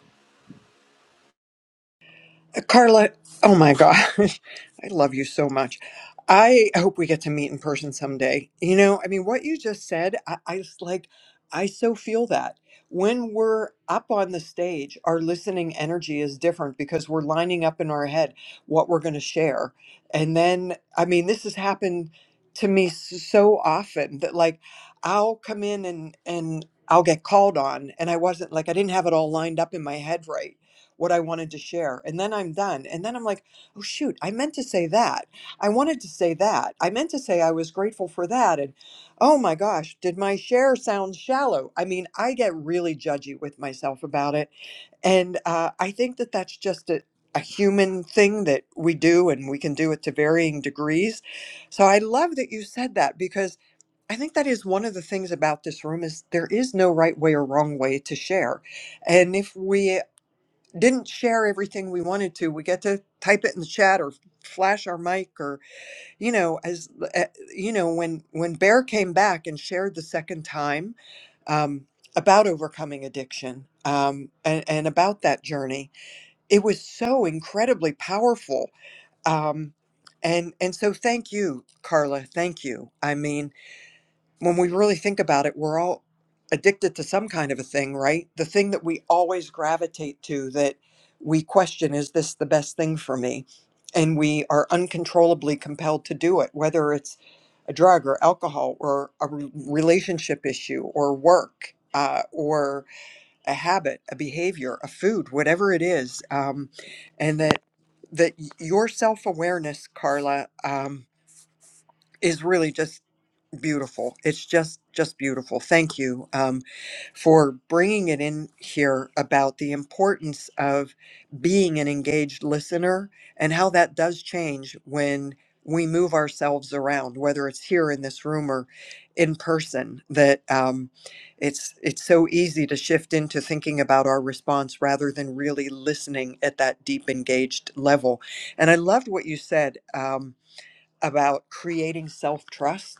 [SPEAKER 21] Carla, oh my gosh, *laughs* I love you so much. I hope we get to meet in person someday. You know, I mean, what you just said, I, I just like, I so feel that. When we're up on the stage, our listening energy is different because we're lining up in our head what we're going to share. And then, I mean, this has happened to me s- so often that like I'll come in and, and, I'll get called on, and I wasn't like I didn't have it all lined up in my head right what I wanted to share. And then I'm done. And then I'm like, oh, shoot, I meant to say that. I wanted to say that. I meant to say I was grateful for that. And oh my gosh, did my share sound shallow? I mean, I get really judgy with myself about it. And uh, I think that that's just a, a human thing that we do and we can do it to varying degrees. So I love that you said that because I think that is one of the things about this room is there is no right way or wrong way to share. And if we didn't share everything we wanted to we get to type it in the chat or flash our mic or you know as uh, you know when when bear came back and shared the second time um, about overcoming addiction um, and, and about that journey it was so incredibly powerful um, and and so thank you carla thank you i mean when we really think about it, we're all addicted to some kind of a thing, right? The thing that we always gravitate to that we question is this the best thing for me? And we are uncontrollably compelled to do it, whether it's a drug or alcohol or a re- relationship issue or work. Uh, or a habit, a behavior, a food, whatever it is, um, and that that y- your self awareness, Carla, um, is really just beautiful it's just just beautiful thank you um, for bringing it in here about the importance of being an engaged listener and how that does change when we move ourselves around whether it's here in this room or in person that um, it's it's so easy to shift into thinking about our response rather than really listening at that deep engaged level and i loved what you said um, about creating self-trust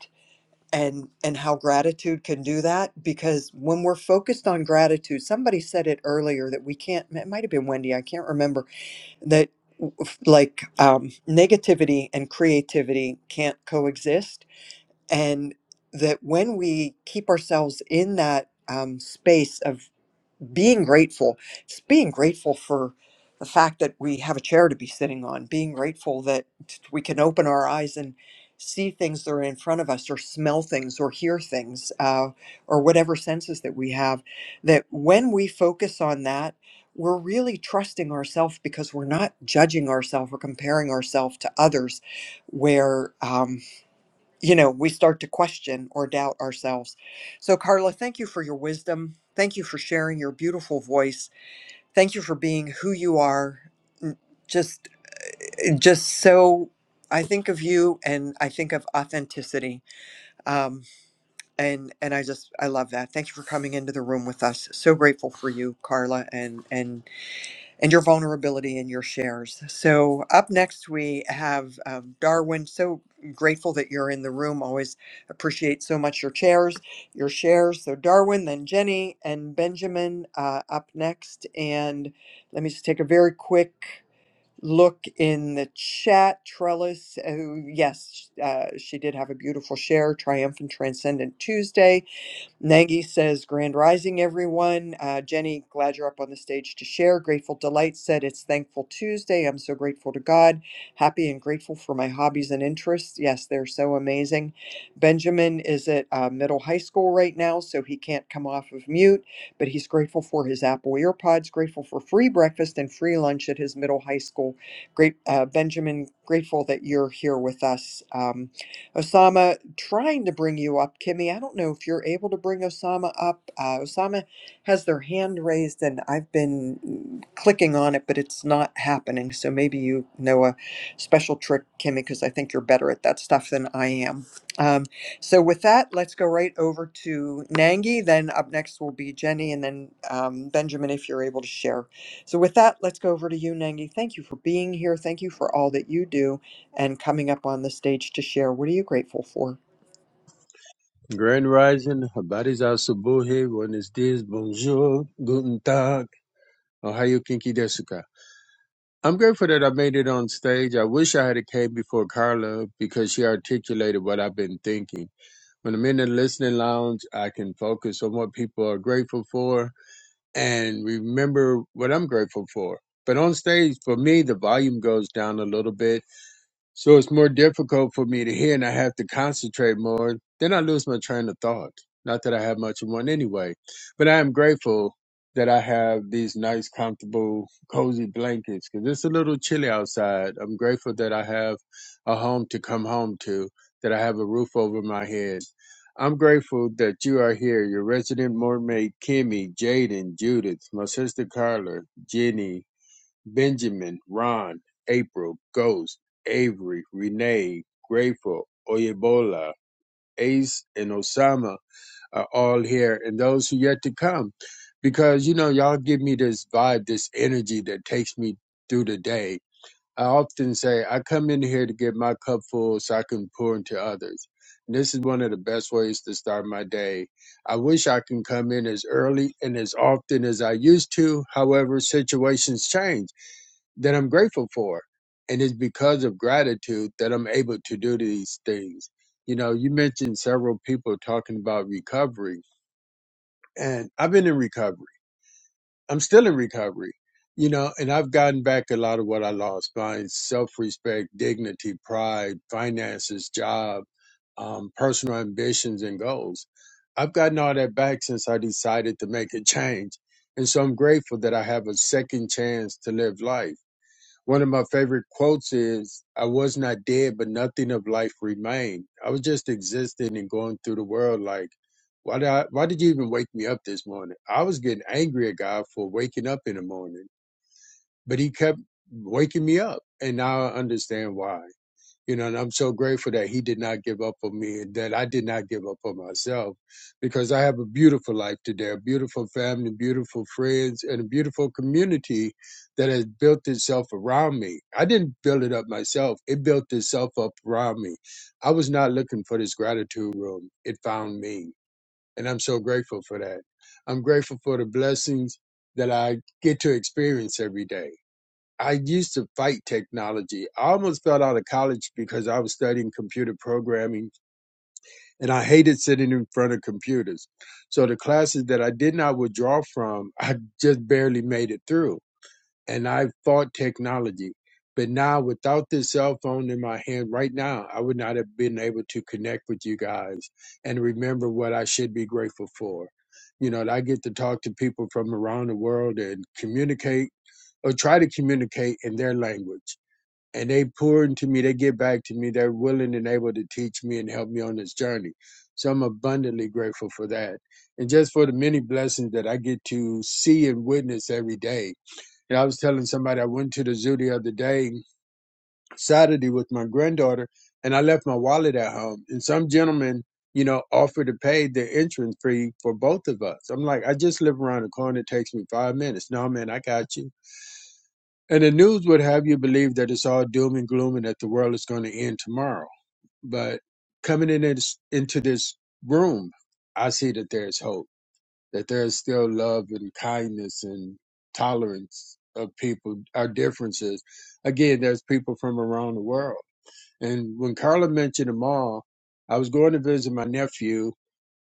[SPEAKER 21] and and how gratitude can do that because when we're focused on gratitude somebody said it earlier that we can't it might have been wendy i can't remember that like um, negativity and creativity can't coexist and that when we keep ourselves in that um, space of being grateful it's being grateful for the fact that we have a chair to be sitting on being grateful that we can open our eyes and see things that are in front of us or smell things or hear things uh, or whatever senses that we have that when we focus on that we're really trusting ourselves because we're not judging ourselves or comparing ourselves to others where um, you know, we start to question or doubt ourselves. So, Carla, thank you for your wisdom. Thank you for sharing your beautiful voice. Thank you for being who you are. N- Just, just so I think of you, and I think of authenticity. Um, and and I just I love that. Thank you for coming into the room with us. So grateful for you, Carla, and and and your vulnerability and your shares. So, up next, we have um, Darwin. So grateful that you're in the room. Always appreciate so much your chairs, your shares. So, Darwin, then Jenny and Benjamin uh, up next. And let me just take a very quick look in the chat. Trellis, uh, yes, uh, she did have a beautiful share, Triumphant Transcendent Tuesday. Nagy says, Grand Rising, everyone. Uh, Jenny, glad you're up on the stage to share. Grateful Delight said, It's Thankful Tuesday. I'm so grateful to God. Happy and grateful for my hobbies and interests. Yes, they're so amazing. Benjamin is at uh, middle high school right now, so he can't come off of mute, but he's grateful for his Apple EarPods, grateful for free breakfast and free lunch at his middle high school. Great, uh, Benjamin, grateful that you're here with us. Um, Osama, trying to bring you up. Kimmy, I don't know if you're able to bring Osama up. Uh, Osama has their hand raised, and I've been mm, clicking on it, but it's not happening. So maybe you know a special trick, Kimmy, because I think you're better at that stuff than I am. Um, so with that, let's go right over to Nangi. Then up next will be Jenny, and then um, Benjamin, if you're able to share. So with that, let's go over to you, Nangi. Thank you for being here. Thank you for all that you do and coming up on the stage to share. What are you grateful for?
[SPEAKER 29] Grand Rising, Habari za Asubuhi, Buenos Dias, Bonjour, Guten Tag, Ohayo Kinki Desuka. I'm grateful that I made it on stage. I wish I had came before Carla because she articulated what I've been thinking. When I'm in the listening lounge, I can focus on what people are grateful for and remember what I'm grateful for. But on stage, for me, the volume goes down a little bit so it's more difficult for me to hear and I have to concentrate more. Then I lose my train of thought. Not that I have much of one anyway, but I am grateful that I have these nice, comfortable, cozy blankets because it's a little chilly outside. I'm grateful that I have a home to come home to, that I have a roof over my head. I'm grateful that you are here, your resident mermaid, Kimmy, Jaden, Judith, my sister Carla, Jenny, Benjamin, Ron, April, Ghost, Avery, Renee, Grateful, Oyebola, Ace, and Osama are all here, and those who yet to come. Because, you know, y'all give me this vibe, this energy that takes me through the day. I often say, I come in here to get my cup full so I can pour into others. And this is one of the best ways to start my day. I wish I can come in as early and as often as I used to. However, situations change that I'm grateful for. And it's because of gratitude that I'm able to do these things. You know, you mentioned several people talking about recovery, and I've been in recovery. I'm still in recovery, you know, and I've gotten back a lot of what I lost my self respect, dignity, pride, finances, job, um, personal ambitions, and goals. I've gotten all that back since I decided to make a change. And so I'm grateful that I have a second chance to live life one of my favorite quotes is, I was not dead, but nothing of life remained. I was just existing and going through the world like, why did I, why did you even wake me up this morning? I was getting angry at God for waking up in the morning, but he kept waking me up. And now I understand why. You know, and I'm so grateful that he did not give up on me and that I did not give up on myself because I have a beautiful life today, a beautiful family, beautiful friends, and a beautiful community that has built itself around me. I didn't build it up myself, it built itself up around me. I was not looking for this gratitude room, it found me. And I'm so grateful for that. I'm grateful for the blessings that I get to experience every day. I used to fight technology. I almost fell out of college because I was studying computer programming and I hated sitting in front of computers. So the classes that I did not withdraw from, I just barely made it through. And I fought technology. But now without this cell phone in my hand right now, I would not have been able to connect with you guys and remember what I should be grateful for. You know, I get to talk to people from around the world and communicate or try to communicate in their language and they pour into me, they get back to me, they're willing and able to teach me and help me on this journey. So I'm abundantly grateful for that. And just for the many blessings that I get to see and witness every day. And I was telling somebody I went to the zoo the other day, Saturday with my granddaughter, and I left my wallet at home. And some gentleman, you know, offered to pay the entrance fee for both of us. I'm like, I just live around the corner, it takes me five minutes. No man, I got you. And the news would have you believe that it's all doom and gloom and that the world is going to end tomorrow. But coming in this, into this room, I see that there's hope, that there's still love and kindness and tolerance of people, our differences. Again, there's people from around the world. And when Carla mentioned them all, I was going to visit my nephew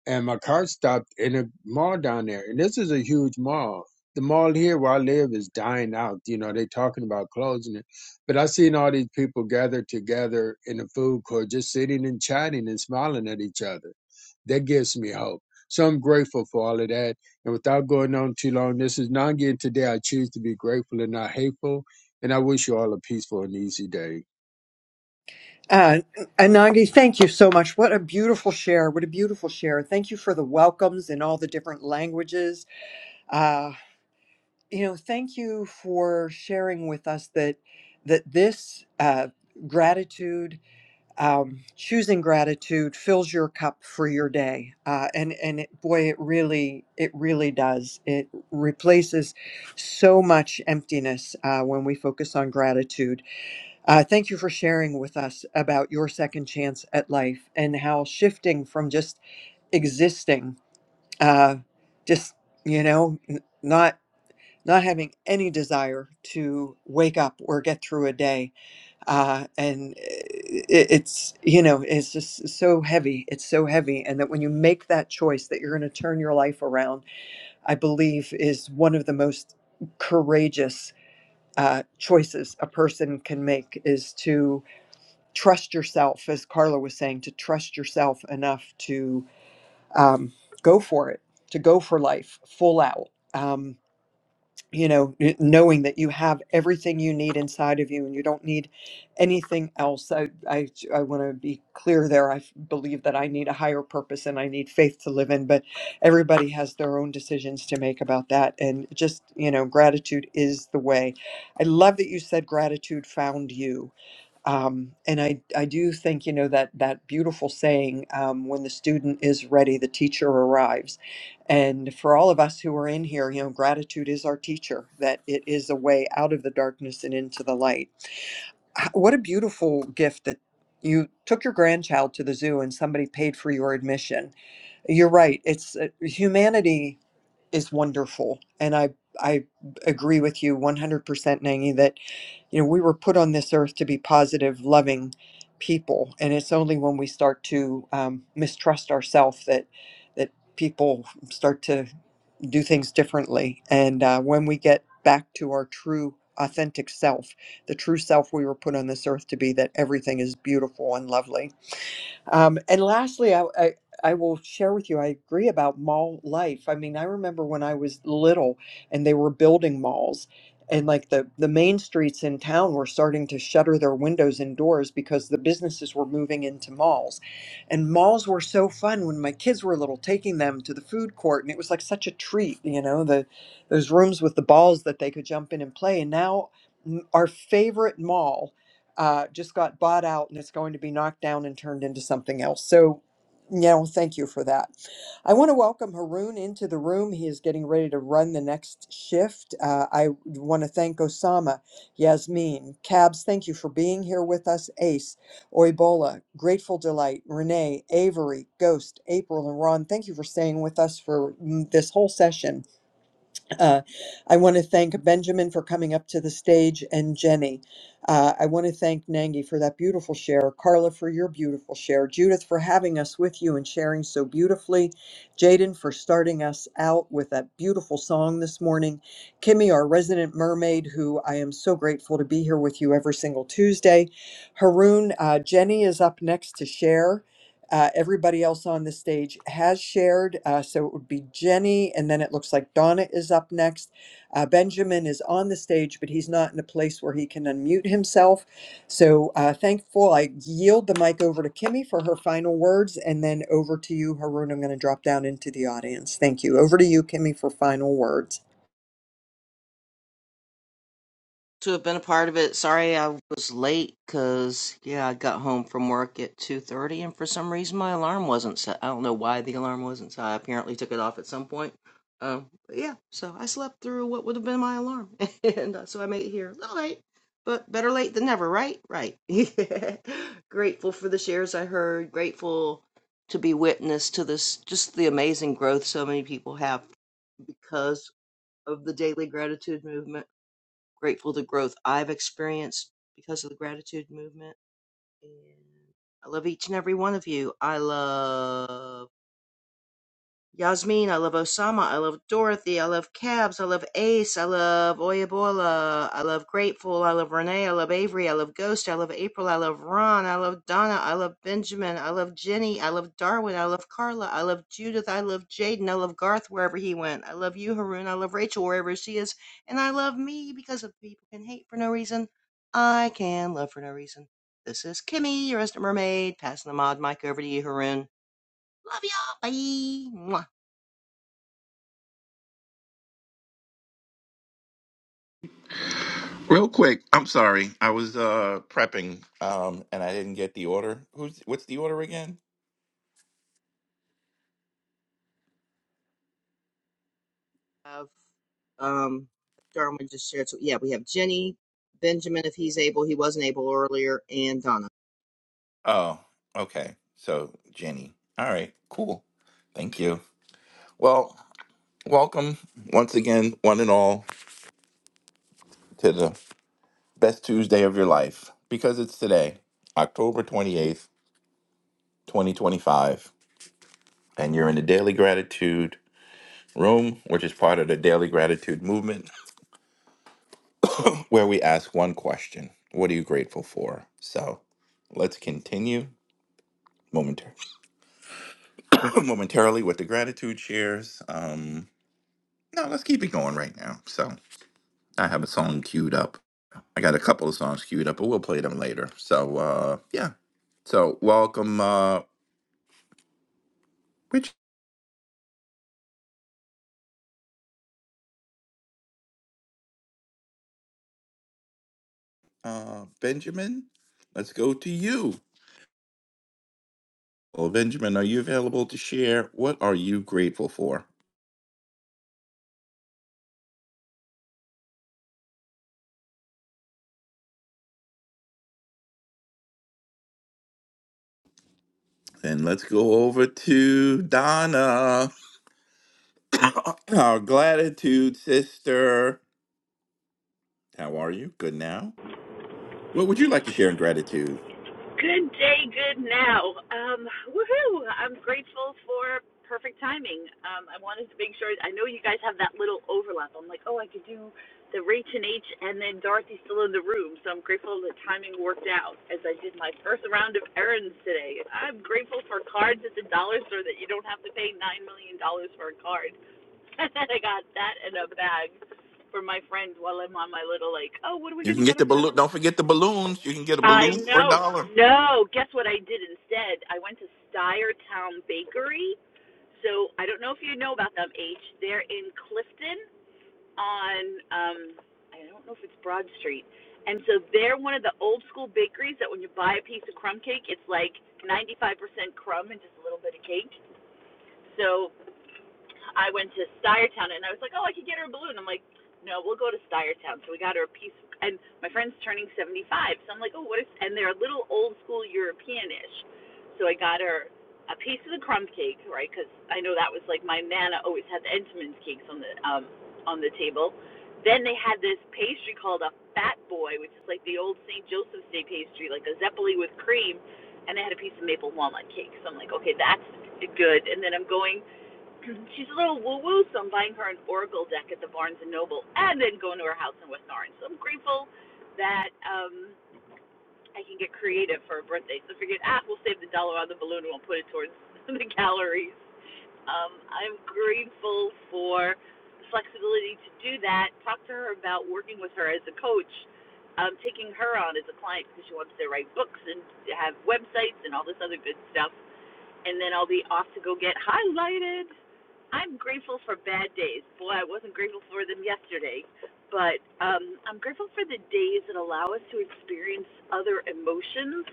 [SPEAKER 29] and my car stopped in a mall down there. And this is a huge mall. The mall here where I live is dying out. You know, they're talking about closing it. But I seen all these people gathered together in the food court, just sitting and chatting and smiling at each other. That gives me hope. So I'm grateful for all of that. And without going on too long, this is Nangi, and today I choose to be grateful and not hateful. And I wish you all a peaceful and easy day.
[SPEAKER 21] Uh, Anandi, thank you so much. What a beautiful share. What a beautiful share. Thank you for the welcomes in all the different languages. Uh, you know thank you for sharing with us that that this uh, gratitude um, choosing gratitude fills your cup for your day uh, and and it, boy it really it really does it replaces so much emptiness uh, when we focus on gratitude uh, thank you for sharing with us about your second chance at life and how shifting from just existing uh, just you know n- not not having any desire to wake up or get through a day uh, and eh, it, it's you know it's just so heavy it's so heavy and that when you make that choice that you're going to turn your life around i believe is one of the most courageous uh, choices a person can make is to trust yourself as carla was saying to trust yourself enough to um, go for it to go for life full out um, you know, it- knowing that you have everything you need inside of you and you don't need anything else. I, I, I want to be clear there. I f- believe that I need a higher purpose and I need faith to live in, but everybody has their own decisions to make about that. And just, you know, gratitude is the way. I love that you said gratitude found you um, and I, I do think you know that that beautiful saying um, when the student is ready the teacher arrives and for all of us who are in here you know gratitude is our teacher that it is a way out of the darkness and into the light H- what a beautiful gift that you took your grandchild to the zoo and somebody paid for your admission you're right it's uh, humanity is wonderful and i i agree with you 100% Nangi, that you know, we were put on this earth to be positive, loving people, and it's only when we start to um, mistrust ourselves that that people start to do things differently. And uh, when we get back to our true, authentic self, the true self we were put on this earth to be, that everything is beautiful and lovely. Um, and lastly, I, I I will share with you. I agree about mall life. I mean, I remember when I was little, and they were building malls, and like the the main streets in town were starting to shutter their windows and doors because the businesses were moving into malls, and malls were so fun when my kids were little, taking them to the food court, and it was like such a treat, you know, the those rooms with the balls that they could jump in and play, and now. m- Our favorite mall uh, just got bought out and it's going to be knocked down and turned into something else. So, yeah, well, thank you for that. I want to welcome Haroon into the room. He is getting ready to run the next shift. Uh, I want to thank Osama, Yasmin, Cabs, thank you for being here with us, Ace, Oibola, Grateful Delight, Renee, Avery, Ghost, April, and Ron. Thank you for staying with us for mm, this whole session. Uh, I want to thank Benjamin for coming up to the stage and Jenny. Uh, I want to thank Nangi for that beautiful share, Carla for your beautiful share, Judith for having us with you and sharing so beautifully, Jaden for starting us out with that beautiful song this morning, Kimmy, our resident mermaid, who I am so grateful to be here with you every single Tuesday, Haroon, uh, Jenny is up next to share. Uh, everybody else on the stage has shared. Uh, so it would be Jenny, and then it looks like Donna is up next. Uh, Benjamin is on the stage, but he's not in a place where he can unmute himself. So uh, thankful. I yield the mic over to Kimmy for her final words, and then over to you, Haroon. I'm going to drop down into the audience. Thank you. Over to you, Kimmy, for final words.
[SPEAKER 30] to have been a part of it. Sorry I was late because yeah, I got home from work at two thirty, and for some reason my alarm wasn't set. I don't know why the alarm wasn't set. I apparently took it off at some point. Um, but yeah, so I slept through what would have been my alarm, *laughs* and uh, so I made it here a little late, but better late than never, right? Right. *laughs* grateful for the shares I heard. Grateful to be witness to this, just the amazing growth so many people have because of the daily gratitude movement grateful the growth I've experienced because of the gratitude movement. And I love each and every one of you. I love Yasmin, I love Osama, I love Dorothy, I love Cabs, I love Ace, I love Oyebola, I love Grateful, I love Renee, I love Avery, I love Ghost, I love April, I love Ron, I love Donna, I love Benjamin, I love Jenny, I love Darwin, I love Carla, I love Judith, I love Jaden, I love Garth wherever he went, I love you, Haroon, I love Rachel wherever she is, and I love me because if people can hate for no reason, I can love for no reason. This is Kimmy, your resident mermaid, passing the mod mic over to you, Haroon. Love y'all, bye! Mwah.
[SPEAKER 31] Real quick, I'm sorry. I was uh prepping um and I didn't get the order. Who's what's the order again?
[SPEAKER 30] have um Darwin just shared. So yeah, we have Jenny, Benjamin if he's able, he wasn't able earlier, and Donna.
[SPEAKER 31] Oh, okay. So, Jenny. All right. Cool. Thank you. Well, welcome once again one and all to the best Tuesday of your life because it's today, October 28th, 2025, and you're in the Daily Gratitude room, which is part of the Daily Gratitude movement *laughs* *clears throat* where we ask one question What are you grateful for? So let's continue momentar- *coughs* *clears throat* momentarily with the gratitude shares. Um, no, let's keep it going right now. So I have a song queued up. I got a couple of songs queued up, but we'll play them later. So uh, yeah. So welcome, uh, Rich, uh, Benjamin. Let's go to you. Well, Benjamin, are you available to share? What are you grateful for? And let's go over to Donna. *coughs* Our gratitude sister. How are you? Good now. What would you like to share in gratitude?
[SPEAKER 32] Good day, good now. Um, woohoo! I'm grateful for perfect timing. Um, I wanted to make sure. I know you guys have that little overlap. I'm like, oh, I could do the Rach and H, and then Dorothy's still in the room. So I'm grateful the timing worked out as I did my first round of errands today. I'm grateful for cards at the dollar store that you don't have to pay nine million dollars for a card. *laughs* And then I got that in a bag for my friend while I'm on my little like, oh, what are we
[SPEAKER 31] You
[SPEAKER 32] gonna
[SPEAKER 31] can
[SPEAKER 32] get
[SPEAKER 31] get
[SPEAKER 32] her?
[SPEAKER 31] the
[SPEAKER 32] for? her
[SPEAKER 31] balloon. Don't forget the balloons. You can get a
[SPEAKER 32] I
[SPEAKER 31] balloon for a
[SPEAKER 32] know.
[SPEAKER 31] dollar.
[SPEAKER 32] No, guess what I did instead? I went to Styretown Bakery. So I don't know if you know about them, H. They're in Clifton on um I don't know if it's Broad Street. And so they're one of the old school bakeries that when you buy a piece of crumb cake, it's like 95% crumb and just a little bit of cake. So I went to Stuyertown and I was like, oh, I could get her a balloon. I'm like, no, we'll go to Stuyertown. So we got her a piece, and my friend's turning 75. So I'm like, oh, what is, and they're a little old school European ish. So I got her a piece of the crumb cake, right? Because I know that was like my nana always had the Entenmann's cakes on the um on the table. Then they had this pastry called a Fat Boy, which is like the old St. Joseph's Day pastry, like a zeppoli with cream, and they had a piece of maple walnut cake. So I'm like, okay, that's good. And then I'm going she's a little woo woo, so I'm buying her an Oracle deck at the Barnes and Noble, and then going to her house in West Orange. So I'm grateful that um, I can get creative for her birthday. So I figured, ah, we'll save the dollar on the balloon and we'll put it towards *laughs* the galleries. Um, I'm grateful for the flexibility to do that. Talk to her about working with her as a coach. Um, taking her on as a client because she wants to write books and have websites and all this other good stuff and then I'll be off to go get highlighted. I'm grateful for bad days. Boy, I wasn't grateful for them yesterday, but um, I'm grateful for the days that allow us to experience other emotions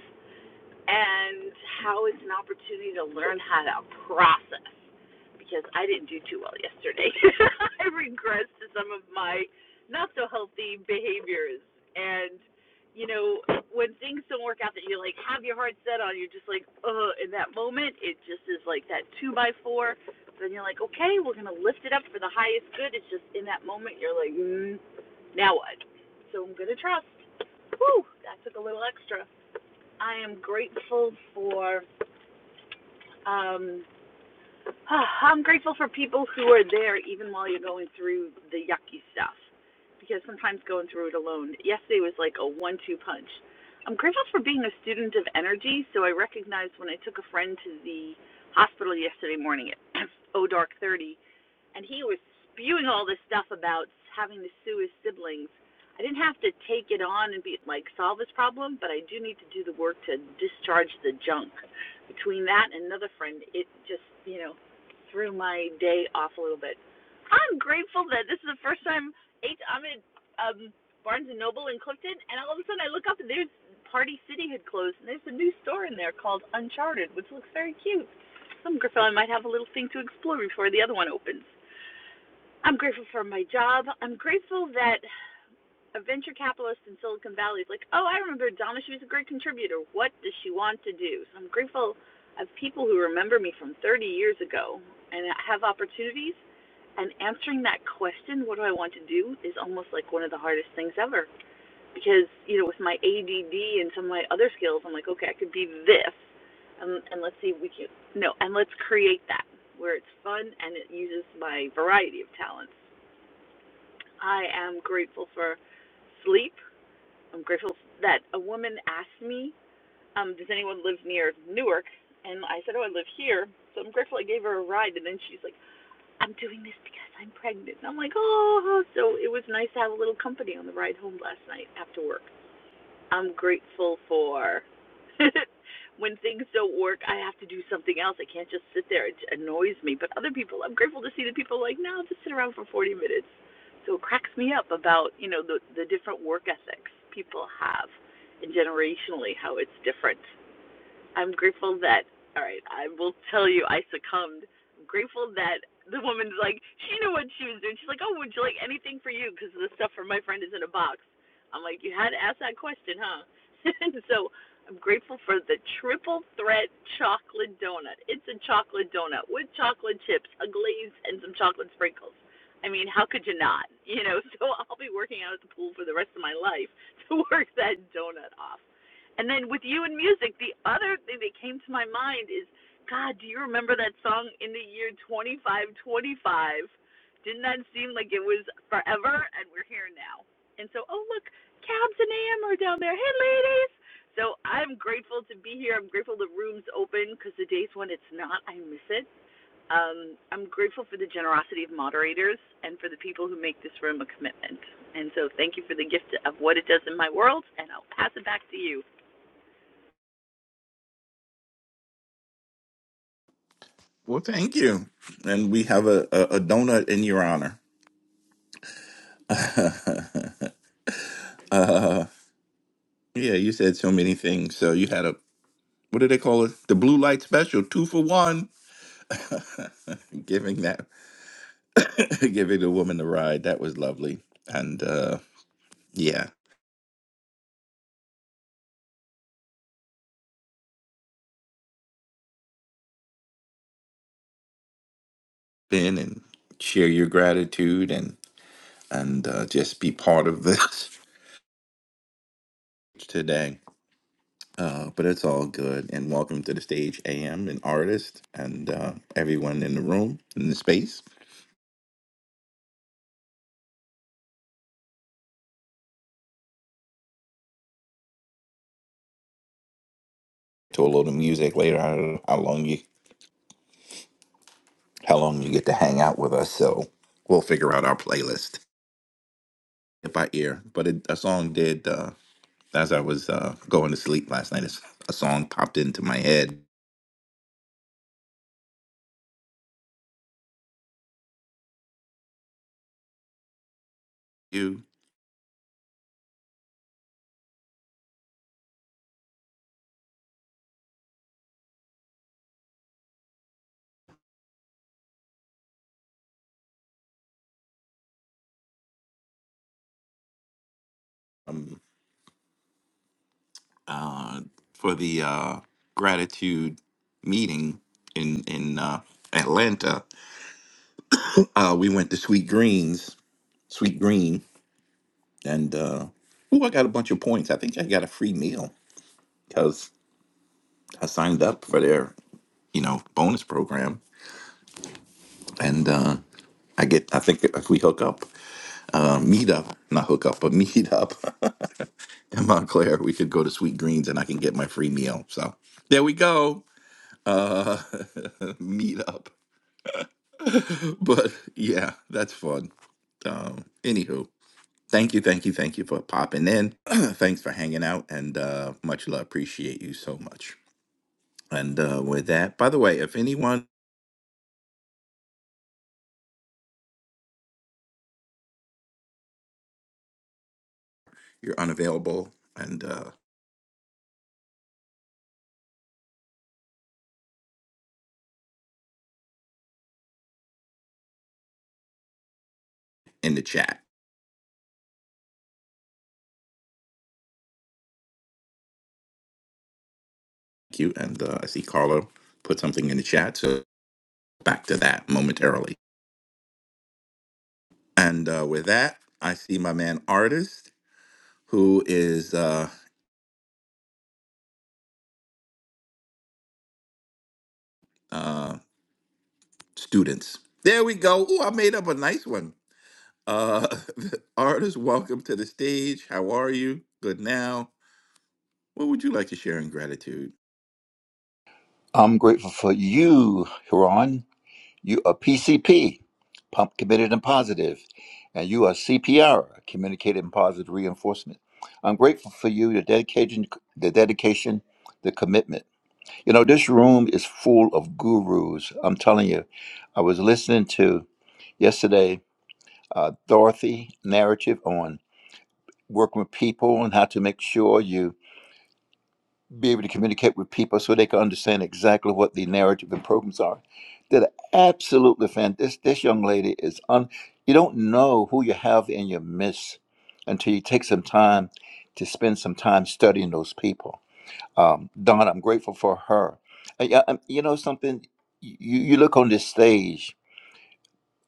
[SPEAKER 32] and how it's an opportunity to learn how to process because I didn't do too well yesterday. *laughs* I regressed to some of my not so healthy behaviors and you know when things don't work out that you like have your heart set on you're just like uh in that moment it just is like that two by four then you're like okay we're gonna lift it up for the highest good it's just in that moment you're like mm, now what so i'm gonna trust Whew, that took a little extra I am grateful for um *sighs* I'm grateful for people who are there even while you're going through the yucky stuff. Because sometimes going through it alone. Yesterday was like a one two punch. I'm grateful for being a student of energy, so I recognized when I took a friend to the hospital yesterday morning at *clears throat* oh dark thirty and he was spewing all this stuff about having to sue his siblings. I didn't have to take it on and be like solve this problem, but I do need to do the work to discharge the junk. Between that and another friend, it just you know threw my day off a little bit. I'm grateful that this is the first time eight, I'm at um, Barnes and Noble in Clifton, and all of a sudden I look up and there's Party City had closed, and there's a new store in there called Uncharted, which looks very cute. Some Griffin might have a little thing to explore before the other one opens. I'm grateful for my job. I'm grateful that a venture capitalist in Silicon Valley is like, oh, I remember Donna. She was a great contributor. What does she want to do? So I'm grateful of people who remember me from 30 years ago and have opportunities. And answering that question, what do I want to do, is almost like one of the hardest things ever. Because, you know, with my ADD and some of my other skills, I'm like, okay, I could be this. And, and let's see if we can, no, and let's create that where it's fun and it uses my variety of talents. I am grateful for sleep. I'm grateful that a woman asked me, um, does anyone live near Newark? And I said, oh, I live here. So I'm grateful I gave her a ride. And then she's like, I'm doing this because I'm pregnant. And I'm like, oh. So it was nice to have a little company on the ride home last night after work. I'm grateful for *laughs* when things don't work, I have to do something else. I can't just sit there. It annoys me. But other people, I'm grateful to see the people like, no, I'll just sit around for 40 minutes. So it cracks me up about, you know, the, the different work ethics people have and generationally how it's different. I'm grateful that all right, I will tell you I succumbed. I'm grateful that the woman's like she knew what she was doing. She's like, "Oh, would you like anything for you cuz the stuff for my friend is in a box." I'm like, "You had to ask that question, huh?" *laughs* so I'm grateful for the triple threat chocolate donut. It's a chocolate donut with chocolate chips, a glaze, and some chocolate sprinkles. I mean, how could you not? You know, *laughs* so I'll be working out at the pool for the rest of my life to work that donut off. And then with you and music, the other thing that came to my mind is, God, do you remember that song in the year 2525? Didn't that seem like it was forever? And we're here now. And so, oh look, Cabs and Am are down there. Hey ladies. So I'm grateful to be here. I'm grateful the room's open because the days when it's not, I miss it. Um, I'm grateful for the generosity of moderators and for the people who make this room a commitment. And so, thank you for the gift of what it does in my world. And I'll pass it back to you.
[SPEAKER 31] Well, thank you. And we have a, a, a donut in your honor. *laughs* uh, yeah, you said so many things. So you had a, what do they call it? The blue light special, two for one. *laughs* giving that, *laughs* giving the woman the ride. That was lovely. And uh, yeah, Ben, and share your gratitude. and. and uh, just be part of this *laughs* today. Uh, but it's all good. And welcome to the stage, AM, an artist, and uh, everyone in the room, in the space. To a load of music later. I don't know how long you how long you get to hang out with us. So we'll figure out our playlist by ear. But it, a song did uh, as I was uh, going to sleep last night. it's- A song popped into my head. You uh, for the uh, gratitude meeting in in uh, Atlanta Uh, we went to Sweet Greens, Sweet Green, and uh, ooh, I got a bunch of points. I think I got a free meal because I signed up for their, you know, bonus program, and uh, I get. I think if we hook up, uh, meet up, not hook up, but meet up *laughs* in Montclair, we could go to Sweet Greens, and I can get my free meal. So there we go. Uh, *laughs* meet up, *laughs* but yeah, that's fun. Um, anywho, Thank you, thank you, thank you for popping in. *clears throat* Thanks for hanging out, and uh, much love. Appreciate you so much. And uh, with that, by the way, if anyone you're unavailable, and uh, in the chat, thank you. And uh, I see Carlo put something in the chat, so back to that momentarily. And uh, with that, I see my man artist, who is uh, uh, students. There we go. Oh, I made up a nice one. Uh, *laughs* artist, welcome to the stage. How are you? Good now. What would you like to share in gratitude?
[SPEAKER 33] I'm grateful for you, Huron. You are PCP, Pump Committed and Positive, and you are CPR, Communicated and Positive Reinforcement. I'm grateful for you, the dedication, the dedication, the commitment. You know, this room is full of gurus. I'm telling you, I was listening to yesterday uh, Dorothy narrative on working with people and how to make sure you be able to communicate with people so they can understand exactly what the narrative and programs are. That absolutely fantastic. This, this young lady is un. You don't know who you have in your midst until you take some time to spend some time studying those people. Um, Don, I'm grateful for her. Uh, yeah, um, you know something. You you look on this stage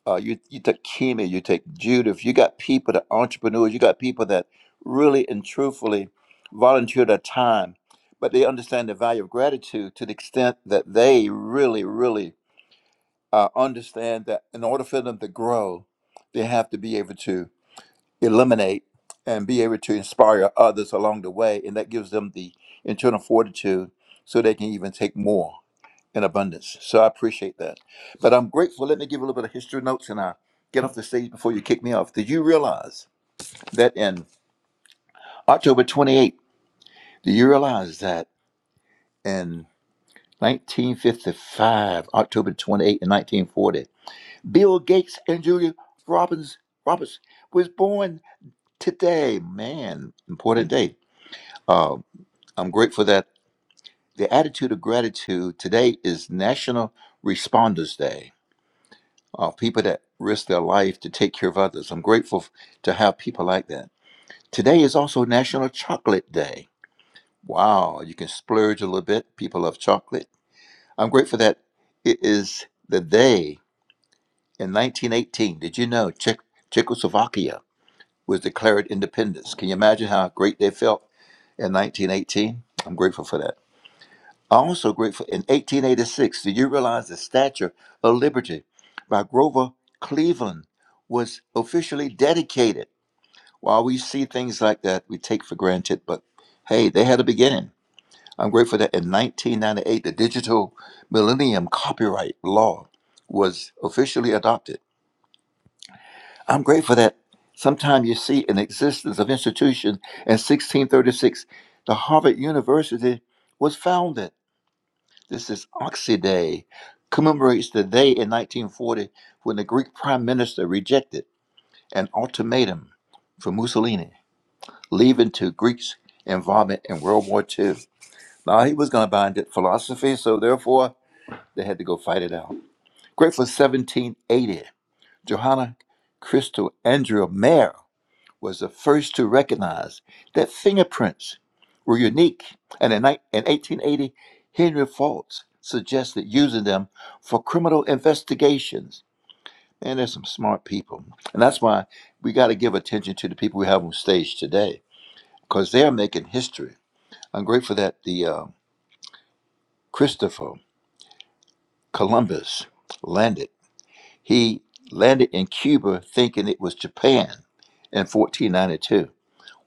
[SPEAKER 33] uh, you you take Kimi, you take Judith, you got people that entrepreneurs, you got people that really and truthfully volunteer their time, but they understand the value of gratitude to the extent that they really, really uh, understand that in order for them to grow, they have to be able to eliminate and be able to inspire others along the way, and that gives them the internal fortitude so they can even take more in abundance. So I appreciate that. But I'm grateful. Let me give a little bit of history notes and I get off the stage before you kick me off. Did you realize that in October 28, do you realize that in 1955, October 28 and 1940, Bill Gates and Julia Robbins Roberts was born today. Man, important day. Um, I'm grateful that the attitude of gratitude today is National Responders Day. uh, people that risk their life to take care of others. I'm grateful to have people like that. Today is also National Chocolate Day. Wow, you can splurge a little bit. People love chocolate. I'm grateful that it is the day in 1918. Did you know Czech- Czechoslovakia was declared independence? Can you imagine how great they felt in 1918? I'm grateful for that. I'm also grateful in 1886, do you realize the Statue of Liberty by Grover Cleveland was officially dedicated? While we see things like that, we take for granted, but hey, they had a beginning. I'm grateful that in 1998, the digital millennium copyright law was officially adopted. I'm grateful that sometime you see an existence of institution in 1636, the Harvard University was founded. This is Oxy Day, commemorates the day in 1940 when the Greek prime minister rejected an ultimatum from Mussolini, leaving to Greeks' involvement in World War Two. Now, he was going to bind it philosophy, so therefore they had to go fight it out. Great for 1780, Johanna Crystal Andrea Mayer was the first to recognize that fingerprints were unique, and in, ni- in 1880, Henry Faults suggested using them for criminal investigations. Man, there's some smart people, and that's why we got to give attention to the people we have on stage today, because they're making history. I'm grateful that the uh, Christopher Columbus landed. He landed in Cuba thinking it was Japan in 1492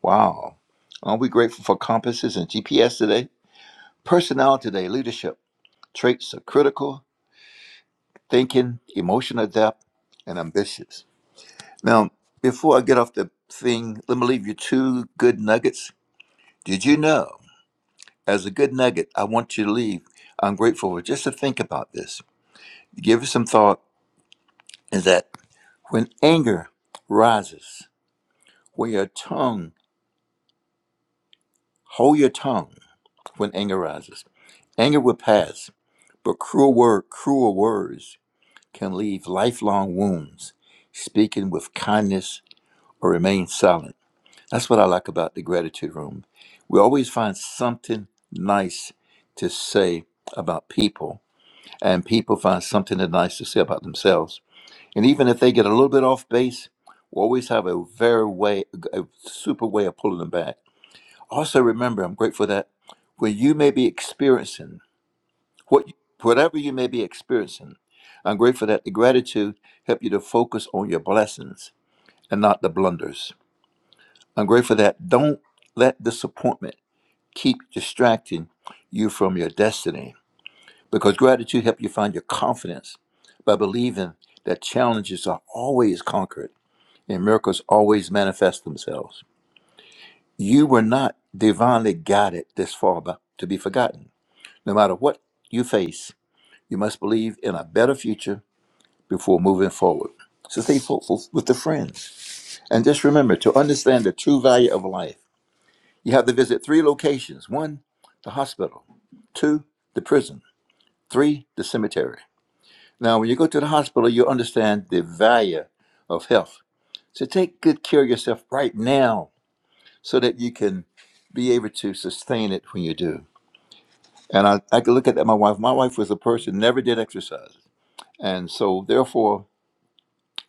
[SPEAKER 33] Wow. Aren't we grateful for compasses and GPS today? Personnel today, leadership, traits of critical thinking, emotional depth, and ambitious. Now, before I get off the thing, let me leave you two good nuggets. Did you know, as a good nugget, I want you to leave. I'm grateful for just to think about this. Give it some thought is that when anger rises, when your tongue, hold your tongue, when anger rises. Anger will pass, but cruel word, cruel words can leave lifelong wounds. Speaking with kindness or remain silent. That's what I like about the gratitude room. We always find something nice to say about people, and people find something nice to say about themselves. And even if they get a little bit off base, we always have a very way, a super way of pulling them back. Also, remember, I'm grateful that when you may be experiencing what, whatever you may be experiencing, I'm grateful that the gratitude help you to focus on your blessings and not the blunders. I'm grateful that don't let disappointment keep distracting you from your destiny because gratitude help you find your confidence by believing that challenges are always conquered and miracles always manifest themselves. You were not divinely guided this far but to be forgotten. No matter what you face, you must believe in a better future before moving forward. So stay hopeful with the friends. And just remember to understand the true value of life, you have to visit three locations one, the hospital, two, the prison, three, the cemetery. Now, when you go to the hospital, you understand the value of health. So take good care of yourself right now so that you can be able to sustain it when you do. And I, I could look at that, my wife. My wife was a person who never did exercise. And so, therefore,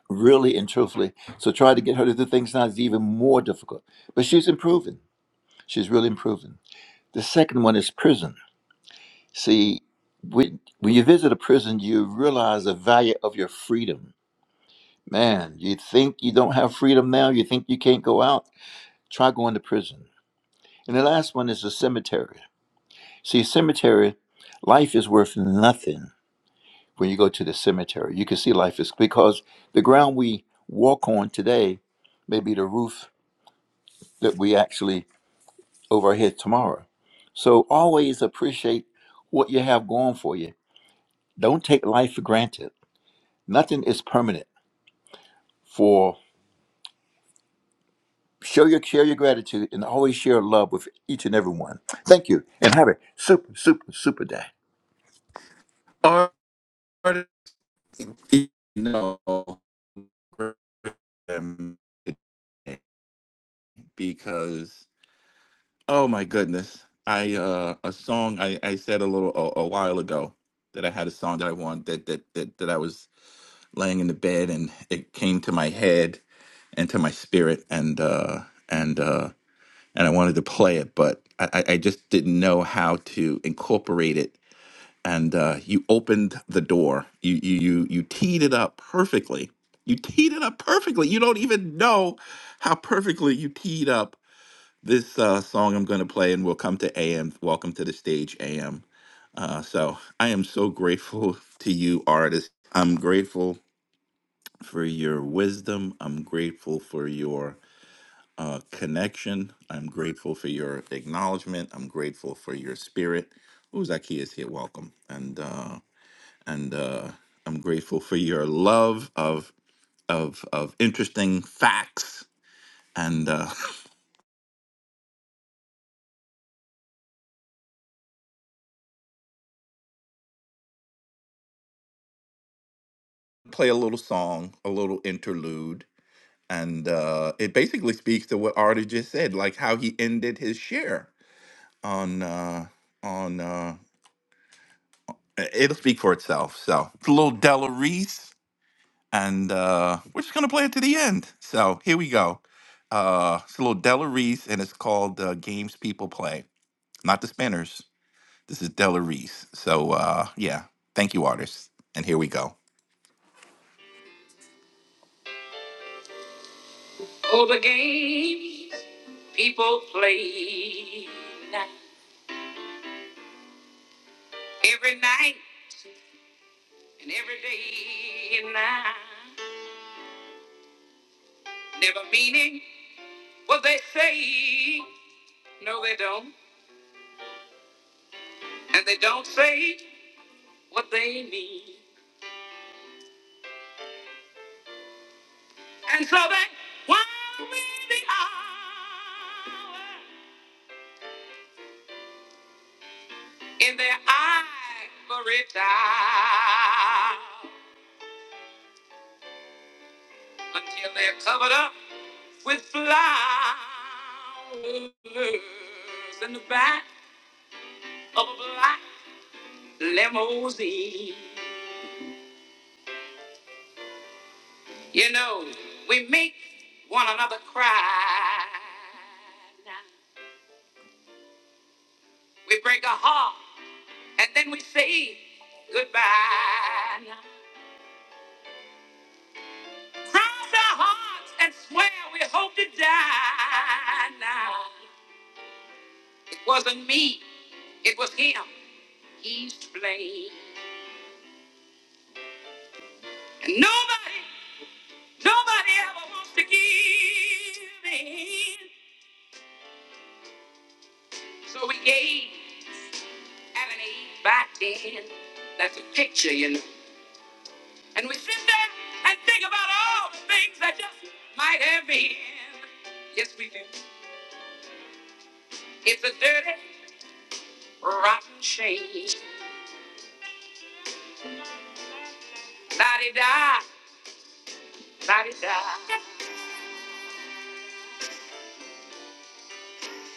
[SPEAKER 33] really and truthfully. So trying to get her to do things now is even more difficult. But she's improving. She's really improving. The second one is prison. See, when, when you visit a prison, you realize the value of your freedom. Man, you think you don't have freedom now, you think you can't go out, try going to prison. And the last one is the cemetery. See, cemetery, life is worth nothing when you go to the cemetery. You can see life is because the ground we walk on today may be the roof that we actually over our head tomorrow. So always appreciate what you have going for you. Don't take life for granted. Nothing is permanent. For show your share your gratitude and always share love with each and every one. Thank you and have a super super super day.
[SPEAKER 31] Art, you know, um, Because oh my goodness, I uh, a song I, I said a little a, a while ago that I had a song that I wanted that that that that I was laying in the bed and it came to my head and to my spirit and uh and uh and I wanted to play it, but I I I just didn't know how to incorporate it and uh, you opened the door. You, you you you teed it up perfectly. You teed it up perfectly. You don't even know how perfectly you teed up this uh, song I'm going to play, and we'll come to AM. Welcome to the stage, AM. Uh, so I am so grateful to you, artist. I'm grateful for your wisdom. I'm grateful for your uh, connection. I'm grateful for your acknowledgement. I'm grateful for your spirit. Ooh, Zakiya's here. Welcome. And uh, and uh, I'm grateful for your love of of of interesting facts. And uh, *laughs* play a little song, a little interlude, and uh, it basically speaks to what Artie just said, like how he ended his share on uh, on. Uh, i- it'll speak for itself. So it's a little Della Reese, and uh, we're just gonna play it to the end. So here we go. Uh, it's a little Della Reese, and it's called uh, "Games People Play," not the Spinners. This is Della Reese. So uh, yeah, thank you, artists. And here we go. Oh, the games people play every night and every day and night, never meaning what they say. No, they don't, and they don't say what they mean. And so they while the hour in their ivory tower. until they're covered up with flowers in the back of a black limousine. You know, we make one another cry. We break a heart and then we say goodbye. Cross our hearts and swear we hope to die. It wasn't me, it was him. He's to blame. Nobody, nobody ever wants to give in. So we gave at an eight by ten. That's a picture, you know. And we sit there and think about all the things that just might have been. Yes, we do. It's a dirty, rotten shame. La-di-da, la-di-da,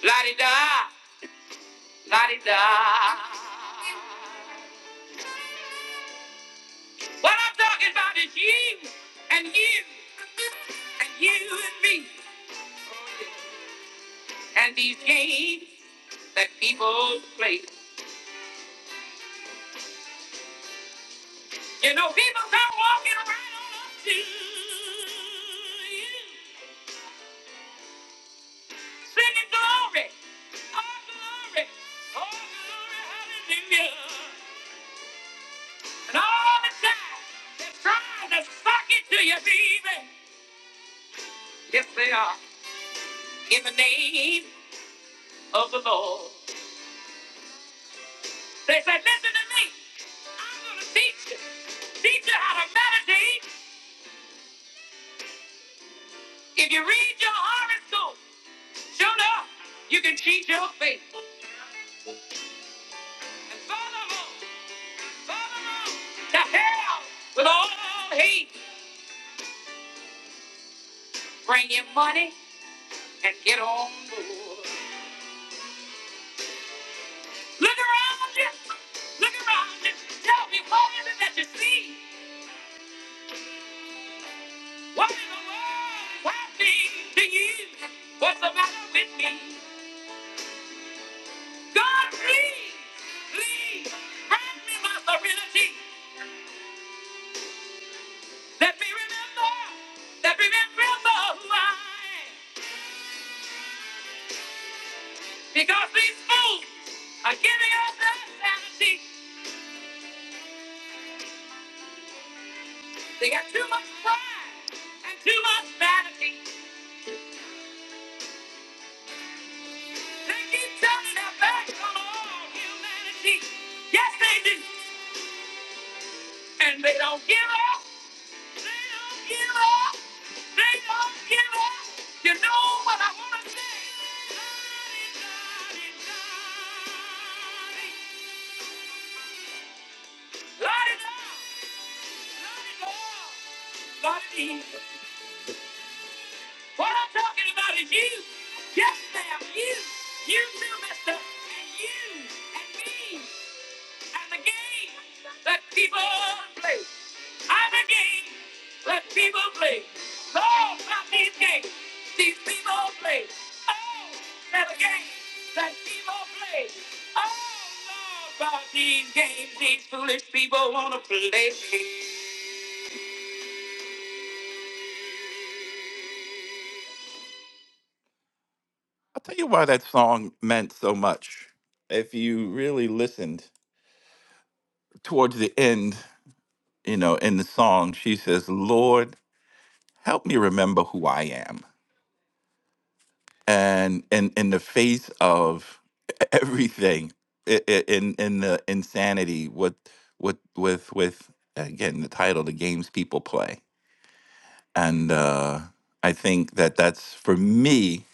[SPEAKER 31] la-di-da, la-di-da. What I'm talking about is you and you and you and me and these games that people play. You know, people come walking around up to you, singing glory, oh glory, oh glory, hallelujah. And all the time, they're trying to suck it to you, baby. Yes, they are. In the name of the Lord. They said, listen to me. I'm going to teach you. Teach you how to meditate. If you read your horoscope, sure enough, you can cheat your fate. And follow on, follow on to hell with all hate. Bring your money and get on board. Look around you. Look around you. Tell me, what is it that you see? What in the world is happening to you? What's the matter with me? God, please, please, hand me my serenity. Let me remember, let me remember who I am. Because these fools are giving up their sanity. They got too much pride and too much vanity. They keep turning their backs on all humanity. Yes, they do. And they don't give up. What I'm talking about is you. Yes, ma'am, you. You too, mister. And you. And me. And the game that people play. I'm a game. Let people play. No, not these games. These people play. Oh, let a game. Let people play. Oh, no, about these games. These foolish people wanna play. I'll tell you why that song meant so much. If you really listened towards the end, you know, in the song, she says, Lord, help me remember who I am. and in in the face of *laughs* everything i- i- in in the insanity what with with with again the title the games people play and uh i think that that's for me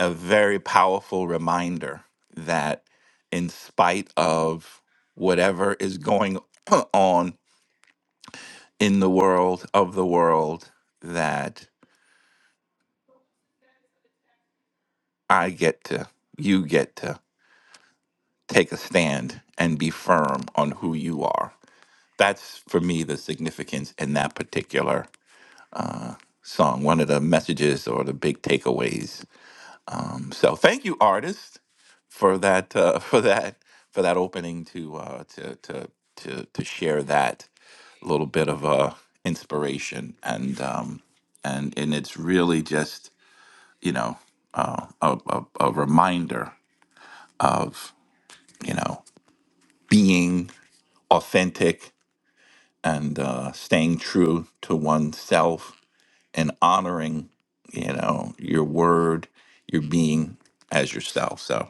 [SPEAKER 31] a very powerful reminder that in spite of whatever is going *clears throat* on in the world of the world that i get to you get to take a stand and be firm on who you are. That's for me the significance in that particular song, one of the messages or the big takeaways. Um, so thank you, artist, for that uh, *laughs* for that for that opening to uh, to to to to share that little bit of uh, inspiration and um, and and it's really just you know uh, a, a a reminder of you know being authentic and uh, staying true to oneself and honoring, you know, your word, your being as yourself. So,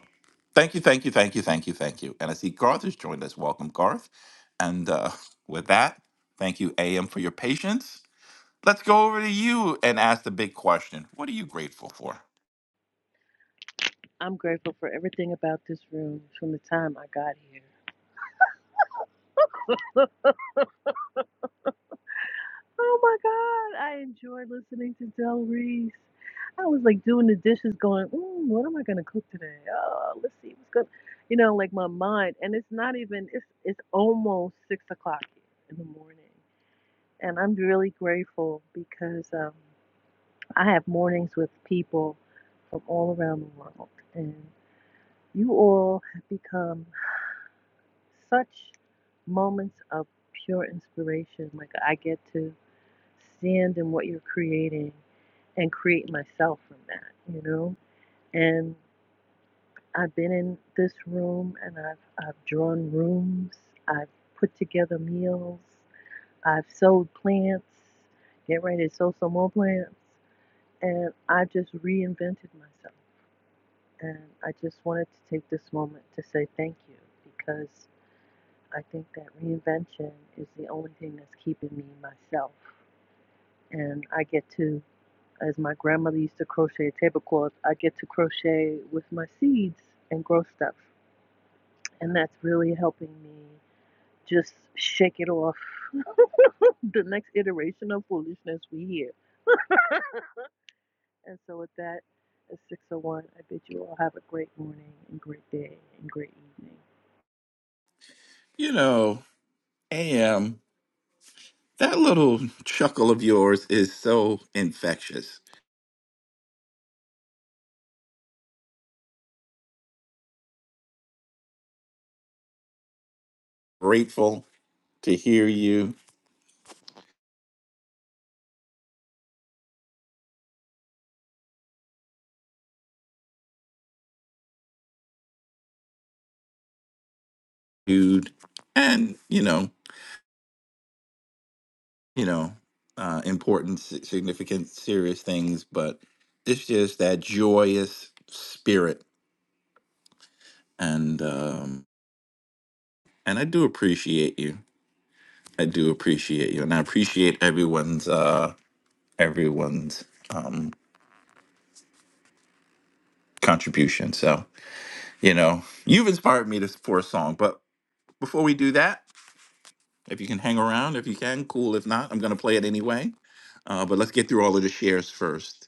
[SPEAKER 31] thank you, thank you, thank you, thank you, thank you. And I see Garth has joined us. Welcome, Garth. And uh, *laughs* with that, thank you, AM, for your patience. Let's go over to you and ask the big question. What are you grateful for?
[SPEAKER 34] I'm grateful for everything about this room from the time I got here. Look, Oh my God, I enjoy listening to Del Reese. I was like doing the dishes, going, mm, "What am I gonna cook today? Oh, let's see what's good." You know, like my mind, and it's not even. It's it's almost six o'clock in the morning, and I'm really grateful because um, I have mornings with people from all around the world, and you all have become such moments of pure inspiration. Like I get to stand in what you're creating and create myself from that, you know? And I've been in this room and I've I've drawn rooms, I've put together meals, I've sowed plants, get ready to sow some more plants. And I just reinvented myself. And I just wanted to take this moment to say thank you because. I think that reinvention is the only thing that's keeping me myself. And I get to, as my grandmother used to crochet tablecloths, I get to crochet with my seeds and grow stuff. And that's really helping me just shake it off *laughs* the next iteration of foolishness we hear. And so with that, at 601, I bid you all have a great morning and great day and great evening.
[SPEAKER 31] You know, AM, that little chuckle of yours is so infectious. Grateful to hear you Dude, and you know you know uh important si- significant serious things but it's just that joyous spirit and um and i do appreciate you i do appreciate you and i appreciate everyone's uh everyone's um contribution so you know you've inspired me to for a song but before we do that if you can hang around if you can cool if not i'm gonna play it anyway uh, but let's get through all of the shares first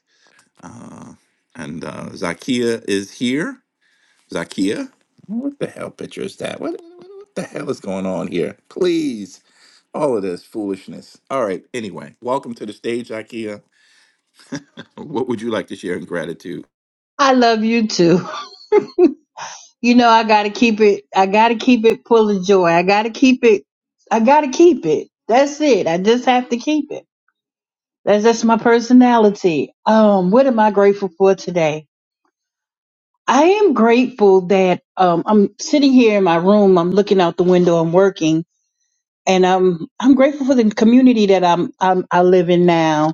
[SPEAKER 31] And uh, Zakia is here. Zakia, what the hell picture is that? What, what the hell is going on here? Please, all of this foolishness. All right. Anyway, welcome to the stage, Zakia. What would you like to share in gratitude?
[SPEAKER 35] I love you too. You know, I gotta keep it. I gotta keep it full of joy. I gotta keep it. I gotta keep it. That's it. I just have to keep it. That's that's my personality. Um, what am I grateful for today? I am grateful that um I'm sitting here in my room. I'm looking out the window. I'm working, and I'm I'm grateful for the community that I'm, I'm I live in now.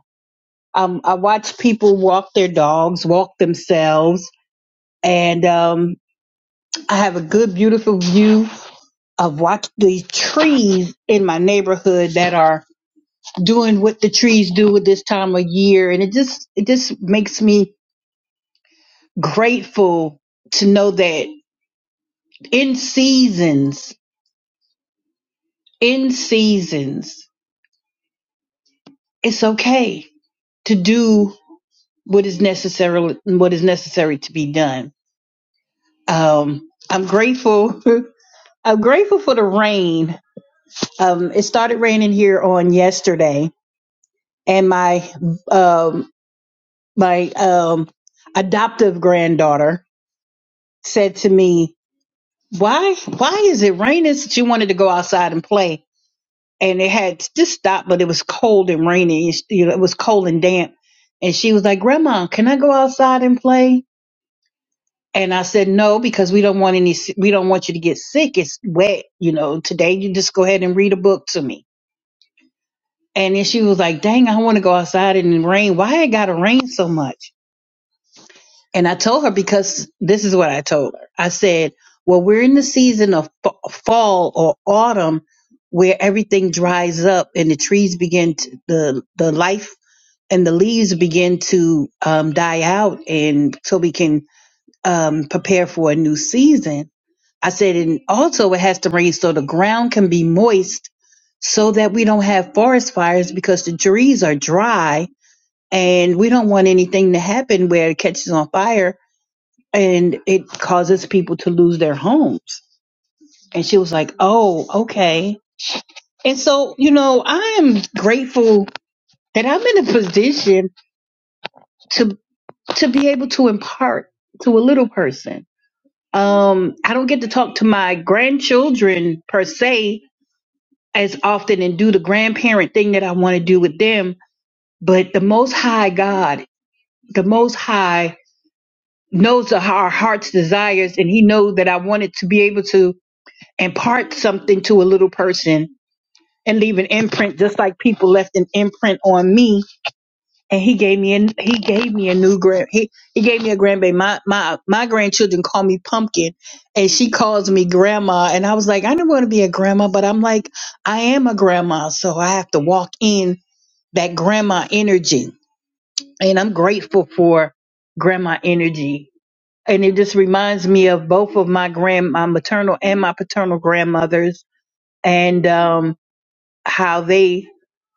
[SPEAKER 35] Um, I watch people walk their dogs, walk themselves, and um I have a good, beautiful view of watch the trees in my neighborhood that are doing what the trees do at this time of year. And it just, it just makes me grateful to know that in seasons, in seasons, it's okay to do what is necessarily, what is necessary to be done. Um, I'm grateful. *laughs* I'm grateful for the rain. Um, it started raining here on yesterday and my um my um adoptive granddaughter said to me, "Why why is it raining?" She wanted to go outside and play, and it had just stopped, but it was cold and rainy. and she- You know, it was cold and damp, and she was like, "Grandma, can I go outside and play?" And I said, "No, because we don't want any. We don't want you to get sick. It's wet. You know, today you just go ahead and read a book to me." And then she was like, "Dang, I want to go outside and it rain. Why it gotta rain so much?" And I told her because this is what I told her. I said, well, we're in the season of fa- fall or autumn where everything dries up and the trees begin to, the, the life and the leaves begin to um, die out and so we can um, prepare for a new season. I said, and also it has to rain so the ground can be moist so that we don't have forest fires because the trees are dry and we don't want anything to happen where it catches on fire and it causes people to lose their homes. And she was like, oh, okay. And so, you know, I am grateful that I'm in a position to to be able to impart to a little person. Um, I don't get to talk to my grandchildren per se as often and do the grandparent thing that I want to do with them, but the most high God, the most high knows our heart's desires and he knows that I wanted to be able to impart something to a little person and leave an imprint just like people left an imprint on me and he gave me a he gave me a new grand he, he gave me a grandbaby my my my grandchildren call me pumpkin and she calls me grandma and i was like i don't want to be a grandma but i'm like i am a grandma so i have to walk in that grandma energy and i'm grateful for grandma energy and it just reminds me of both of my grand my maternal and my paternal grandmothers and um how they,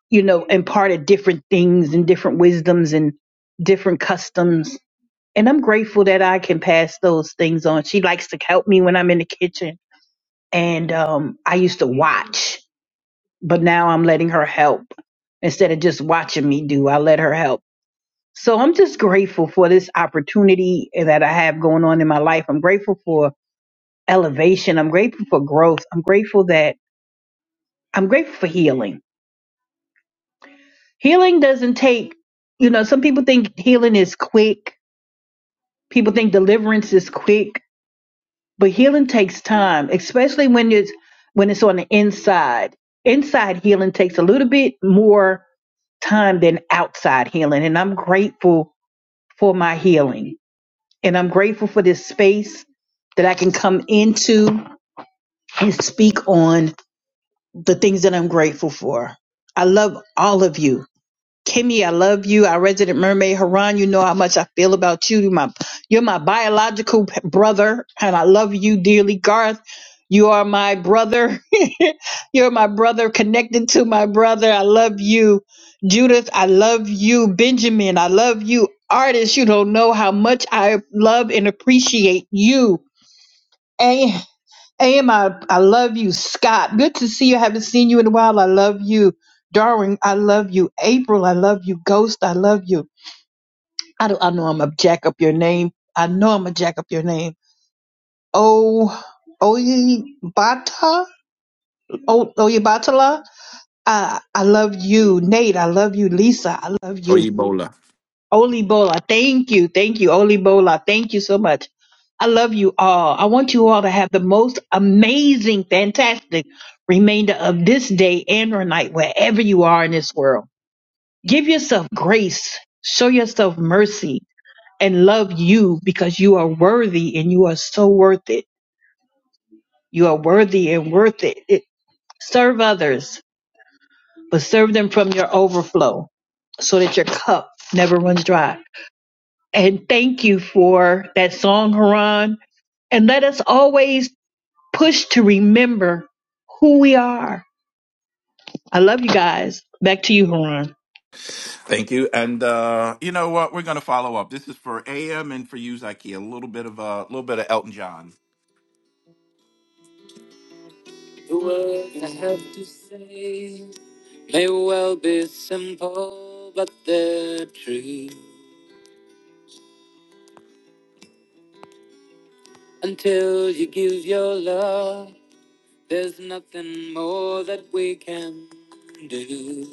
[SPEAKER 35] you know, imparted different things and different wisdoms and different customs. And I'm grateful that I can pass those things on. She likes to help me when I'm in the kitchen. And um, I used to watch, but now I'm letting her help instead of just watching me do. I let her help. So I'm just grateful for this opportunity that I have going on in my life. I'm grateful for elevation. I'm grateful for growth. I'm grateful that I'm grateful for healing. healing doesn't take you know some people think healing is quick people think deliverance is quick but healing takes time especially when it's when it's on the inside inside healing takes a little bit more time than outside healing and i'm grateful for my healing and i'm grateful for this space that i can come into and speak on the things that i'm grateful for i love all of you Kimmy, I love you. Our resident mermaid, Haran, you know how much I feel about you. You're my, you're my biological brother, and I love you dearly. Garth, you are my brother. *laughs* you're my brother, connected to my brother. I love you. Judith, I love you. Benjamin, I love you. Artist, you don't know how much I love and appreciate you. Am, I, I love you. Scott, good to see you. I haven't seen you in a while. I love you. Darwin, I love you. April, I love you. Ghost, I love you. I, do, I know I'm going to jack up your name. I know I'm going to jack up your name. Oh, Oyibata? Oh, Oyibatala? I, I love you. Nate, I love you. Lisa, I love
[SPEAKER 31] Or
[SPEAKER 35] you.
[SPEAKER 31] Ebola.
[SPEAKER 35] Olibola, thank you, thank you, Olibola, thank you so much. I love you all. I want you all to have the most amazing, fantastic remainder of this day and or night, wherever you are in this world. Give yourself grace, show yourself mercy, and love you because you are worthy and you are so worth it. You are worthy and worth it. it serve others, but serve them from your overflow so that your cup never runs dry. And thank you for that song, Haran. And let us always push to remember who we are. I love you guys. Back to you, Haran.
[SPEAKER 31] Thank you. And uh, you know what? We're gonna follow up. This is for AM and for you, Zakia. A little bit of uh, a uh, little bit of Elton John. The words I have to say may well be simple, but they're true. Until you give your love, there's nothing more that we can do.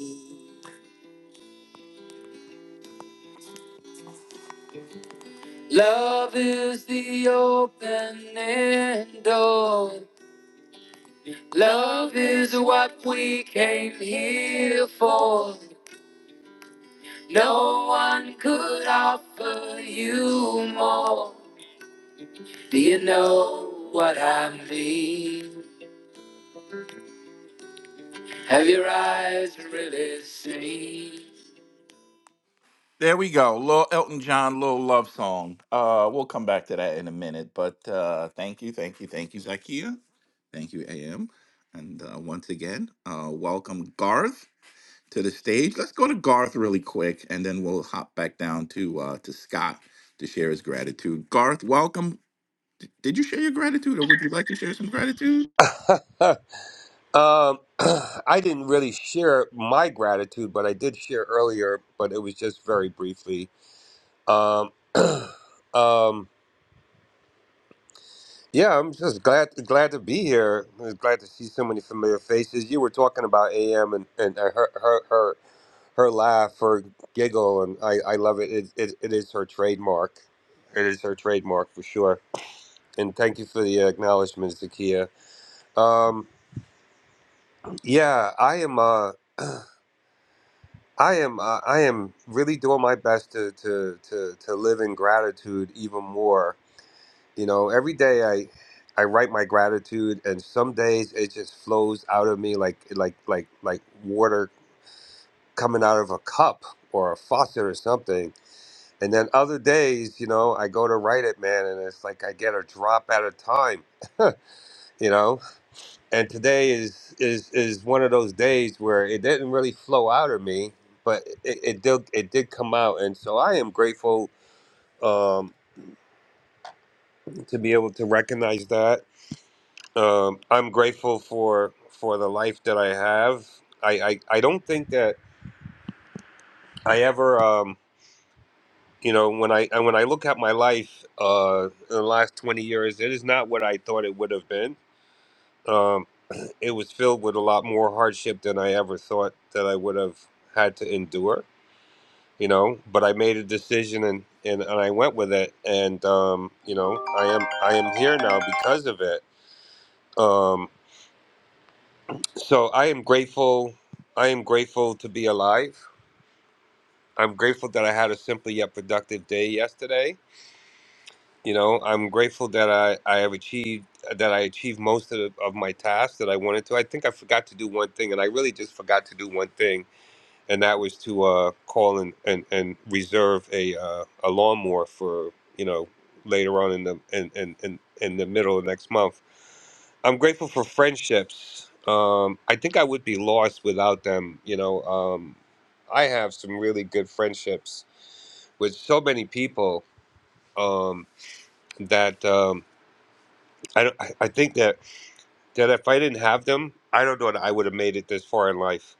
[SPEAKER 31] Love is the opening door. Love is what we came here for. No one could offer you more. Do you know what I mean? Have your eyes really seen? There we go. Little Elton John, little love song. Uh, we'll come back to that in a minute. But uh, thank you, thank you, thank you, Zakia. Thank you, AM. And uh, once again, uh, welcome Garth to the stage. Let's go to Garth really quick, and then we'll hop back down to uh, to Scott to share his gratitude. Garth, welcome. D- Did you share your gratitude, or would you like to share some gratitude?
[SPEAKER 26] *laughs* um, *clears throat* I didn't really share my gratitude, but I did share earlier, but it was just very briefly. Um, *clears throat* um, Yeah, I'm just glad glad to be here. I'm glad to see so many familiar faces. You were talking about AM and, and uh, her, her her her laugh, her giggle, and I, I love it. It, it. it is her trademark. It is her trademark for sure. And thank you for the acknowledgments, Zakia. Um, yeah, I am. Uh, I am. Uh, I am really doing my best to to to to live in gratitude even more. You know, every day I I write my gratitude, and some days it just flows out of me like like like like water coming out of a cup or a faucet or something. And then other days, you know, I go to write it, man, and it's like I get a drop at a time, you know. And today is is is one of those days where it didn't really flow out of me, but it, it did it did come out, and so I am grateful um, to be able to recognize that Um, I'm grateful for for the life that I have. I, I, I don't think that I ever um, you know when I and when I look at my life uh, in the last 20 years, it is not what I thought it would have been. Um, it was filled with a lot more hardship than I ever thought that I would have had to endure. You know, but I made a decision and, and, and I went with it, and um, you know I am I am here now because of it. Um, so I am grateful I am grateful to be alive. I'm grateful that I had a simple yet productive day yesterday. You know, I'm grateful that I, I have achieved that I achieved most of, the, of my tasks that I wanted to. I think I forgot to do one thing, and I really just forgot to do one thing and that was to uh, call and, and, and reserve a uh, a lawnmower for you know later on in the in, in, in, in the middle of next month. I'm grateful for friendships. Um, I think I would be lost without them. You know, um, I have some really good friendships with so many people um, that um, I, don't- I I think that that if I didn't have them, I don't know that I would have made it this far in life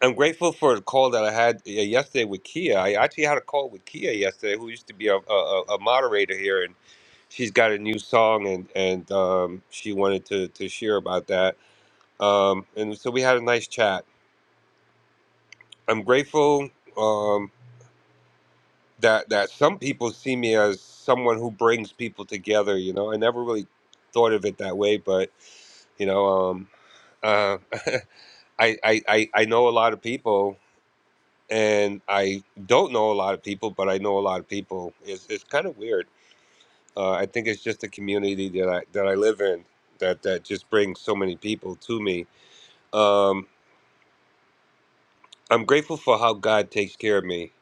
[SPEAKER 26] I'm grateful for the call that I had uh, yesterday with Kia. I actually had a call with Kia yesterday, who used to be a, a, a a moderator here, and she's got a new song, and and um, she wanted to to share about that. Um, and so we had a nice chat. I'm grateful um, that that some people see me as someone who brings people together. You know, I never really thought of it that way, but you know, um, uh, *laughs* I, I I I know a lot of people and I don't know a lot of people, but I know a lot of people. It's it's kind of weird. Uh, I think it's just the community that I that I live in that that just brings so many people to me. Um, I'm grateful for how God takes care of me.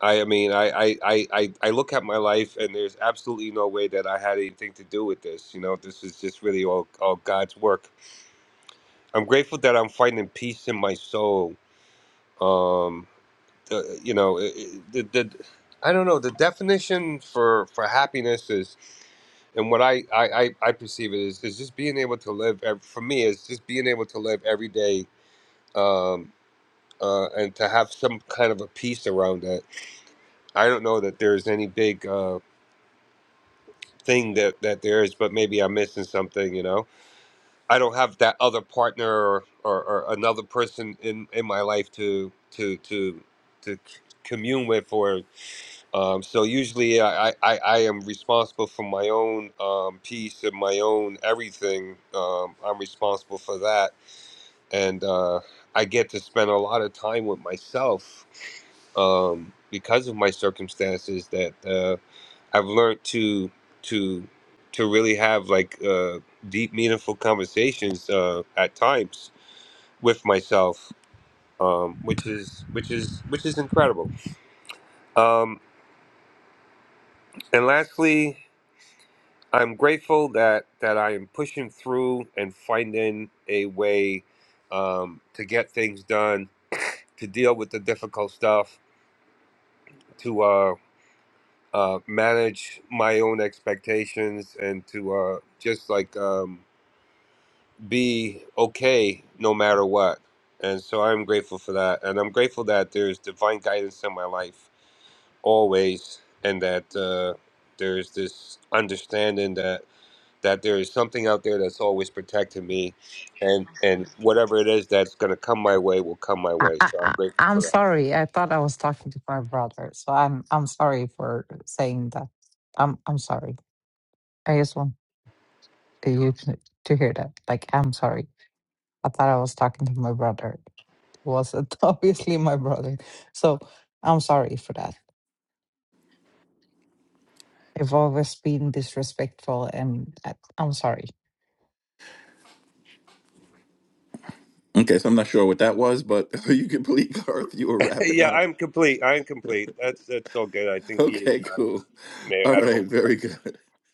[SPEAKER 26] I, I mean, I, I, I, I I look at my life, and there's absolutely no way that I had anything to do with this. You know, this is just really all, all God's work. I'm grateful that I'm finding peace in my soul. Um, uh, you know it, it, the, the I don't know the definition for for happiness is and what I I, I, I perceive it is is just being able to live ev- for me is just being able to live every day um, uh, and to have some kind of a peace around that. I don't know that there's any big uh, thing that that there is, but maybe I'm missing something. You know, I don't have that other partner or, or, or another person in in my life to to to to c- commune with or Um, so usually I, I, I am responsible for my own um, piece and my own everything. Um, I'm responsible for that. And uh, I get to spend a lot of time with myself um, because of my circumstances that uh, I've learned to to to really have like uh, deep, meaningful conversations uh, at times with myself, um, which is which is which is incredible. Um, and lastly. I'm grateful that that I am pushing through and finding a way um, to get things done, to deal with the difficult stuff, to uh, uh, manage my own expectations, and to uh, just like um, be okay no matter what. And so I'm grateful for that, and I'm grateful that there's divine guidance in my life always, and that uh, there's this understanding that there is something out there that's always protecting me and and whatever it is that's going to come my way will come my
[SPEAKER 36] I,
[SPEAKER 26] way
[SPEAKER 36] I,
[SPEAKER 26] so i'm
[SPEAKER 36] I-
[SPEAKER 26] grateful
[SPEAKER 36] I'm
[SPEAKER 26] for that
[SPEAKER 36] sorry. I thought I was talking to my brother, so I'm I'm sorry for saying that. I'm I'm sorry. I just want you to, to hear that. Like I'm sorry. I thought I was talking to my brother. It wasn't *laughs* obviously my brother. So I'm sorry for that. I've always been disrespectful, and I, I'm sorry.
[SPEAKER 31] Okay, so I'm not sure what that was, but *laughs* you can believe Garth, you were
[SPEAKER 26] *laughs*
[SPEAKER 31] wrapping
[SPEAKER 26] yeah
[SPEAKER 31] up.
[SPEAKER 26] i'm complete i'm complete that's that's so good i think he is
[SPEAKER 31] Okay,
[SPEAKER 26] I
[SPEAKER 31] cool.
[SPEAKER 26] may have
[SPEAKER 31] All
[SPEAKER 26] had to
[SPEAKER 31] right,
[SPEAKER 26] open
[SPEAKER 31] very good. *laughs*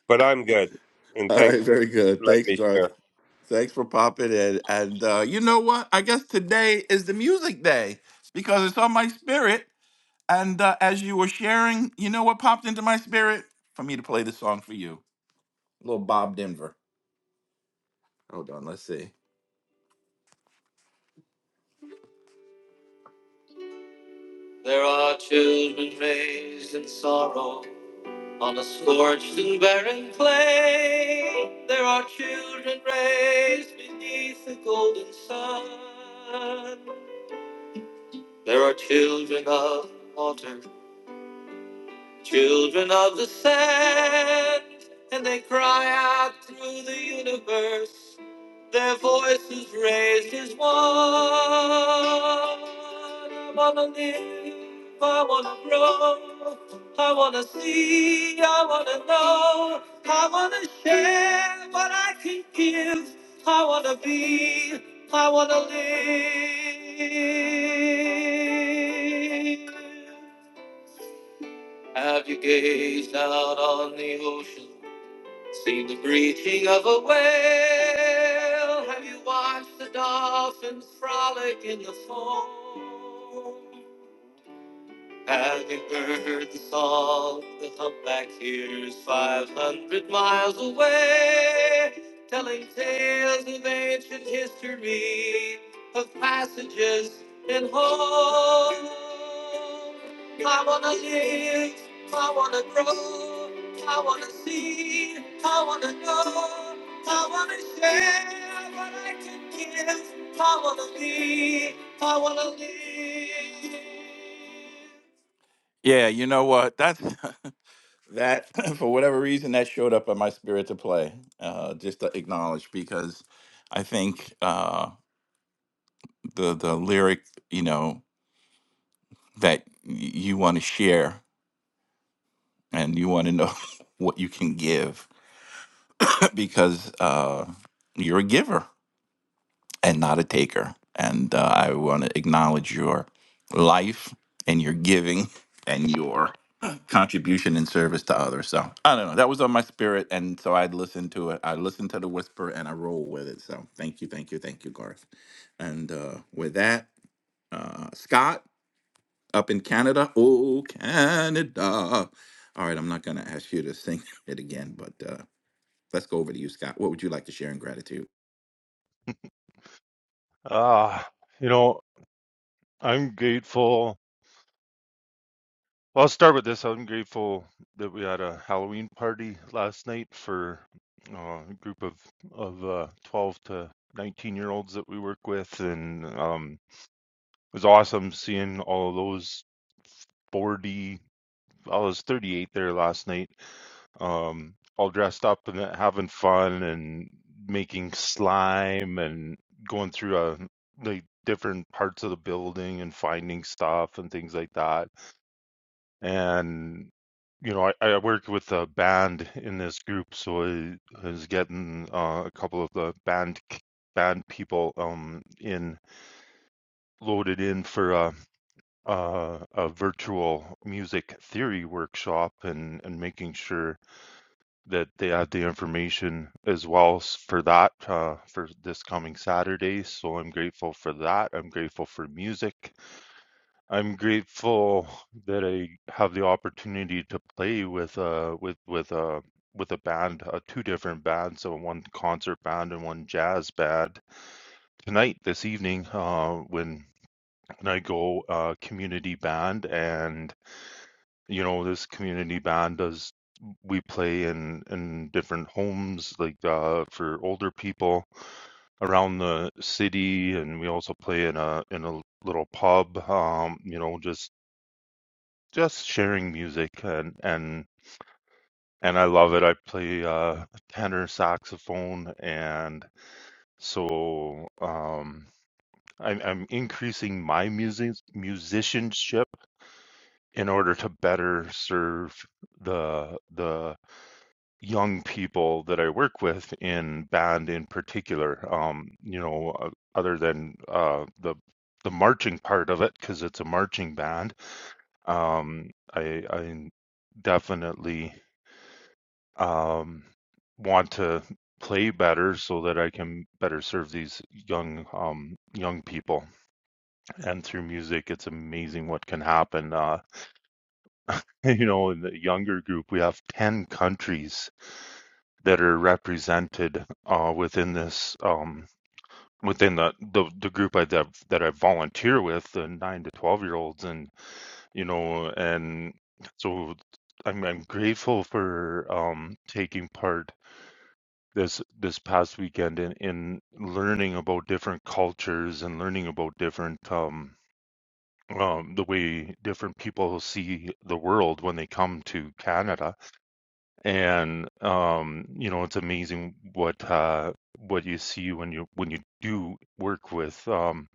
[SPEAKER 26] but i'm good and
[SPEAKER 31] All
[SPEAKER 26] thanks
[SPEAKER 31] right,
[SPEAKER 26] for
[SPEAKER 31] very good.
[SPEAKER 26] letting
[SPEAKER 31] Thanks,
[SPEAKER 26] me
[SPEAKER 31] Garth.
[SPEAKER 26] share *laughs*
[SPEAKER 31] Thanks for popping in. And uh, you know what? I guess today is the music day because it's on my spirit. And uh, as you were sharing, you know what popped into my spirit? For me to play the song for you. little Bob Denver. Hold on, let's see. There are children raised in sorrow on a scorched and barren plain. There are children raised beneath the golden sun. There are children of the water, Children of the sand, and they cry out through the universe. Their voices raised as one. I wanna live, I wanna grow, I wanna see, I wanna know, I wanna share what I can give. I wanna be, I wanna live. Have you gazed out on the ocean, seen the breaching of a whale? Have you watched the dolphins frolic in the foam? Have you heard the song the humpback hears 500 miles away? Telling tales of ancient history, of passages and home. I wanna live, I wanna grow, I wanna see, I wanna know, I wanna share what I can give, I wanna be, I wanna live. Yeah, you know what? That *laughs* that *laughs* for whatever reason that showed up in my spirit to play, uh, just to acknowledge because I think uh, the the lyric, you know, that y- you want to share and you want to know *laughs* what you can give *laughs* because uh, you're a giver and not a taker. And uh, I want to acknowledge your life and your giving and your contribution and service to others. So I don't know. That was on my spirit. And so I'd listen to it. I listened to the whisper and I roll with it. So thank you, thank you, thank you, Garth. And uh, with that, uh, Scott up in Canada. Oh, Canada. All right. I'm not going to ask you to sing *laughs* it again, but uh, let's go over to you, Scott. What would you like to share in gratitude?
[SPEAKER 37] Ah, you know, I'm grateful. Well, I'll start with this. I'm grateful that we had a Halloween party last night for uh, a group of of uh, 12 to 19 year olds that we work with, and um, it was awesome seeing all of those 40. I was 38 there last night, um, all dressed up and having fun and making slime and going through uh like different parts of the building and finding stuff and things like that. And you know, I, I work with a band in this group, so I was getting uh, a couple of the band k- band people um in loaded in for a, a a virtual music theory workshop and and making sure that they have the information as well for that uh, for this coming Saturday. So I'm grateful for that. I'm grateful for music. I'm grateful that I have the opportunity to play with uh with with uh with a band, uh, two different bands, so one concert band and one jazz band tonight this evening. Uh, when when I go uh, community band and you know this community band does we play in in different homes like uh for older people around the city and we also play in a in a little pub um you know just just sharing music and and and I love it I play uh tenor saxophone and so um I'm I'm increasing my music musicianship in order to better serve the the young people that I work with in band in particular. Um, you know, uh, other than uh, the the marching part of it because it's a marching band. Um, I I definitely um, want to play better so that I can better serve these young um, young people. And through music, it's amazing what can happen. Uh, *laughs* you know, in the younger group, we have ten countries that are represented uh, within this um, within the, the the group I that, that I volunteer with, the nine to twelve year olds, and you know, and so I'm I'm grateful for um, taking part this this past weekend in in learning about different cultures and learning about different um, um, the way different people see the world when they come to Canada and um you know it's amazing what uh what you see when you when you do work with um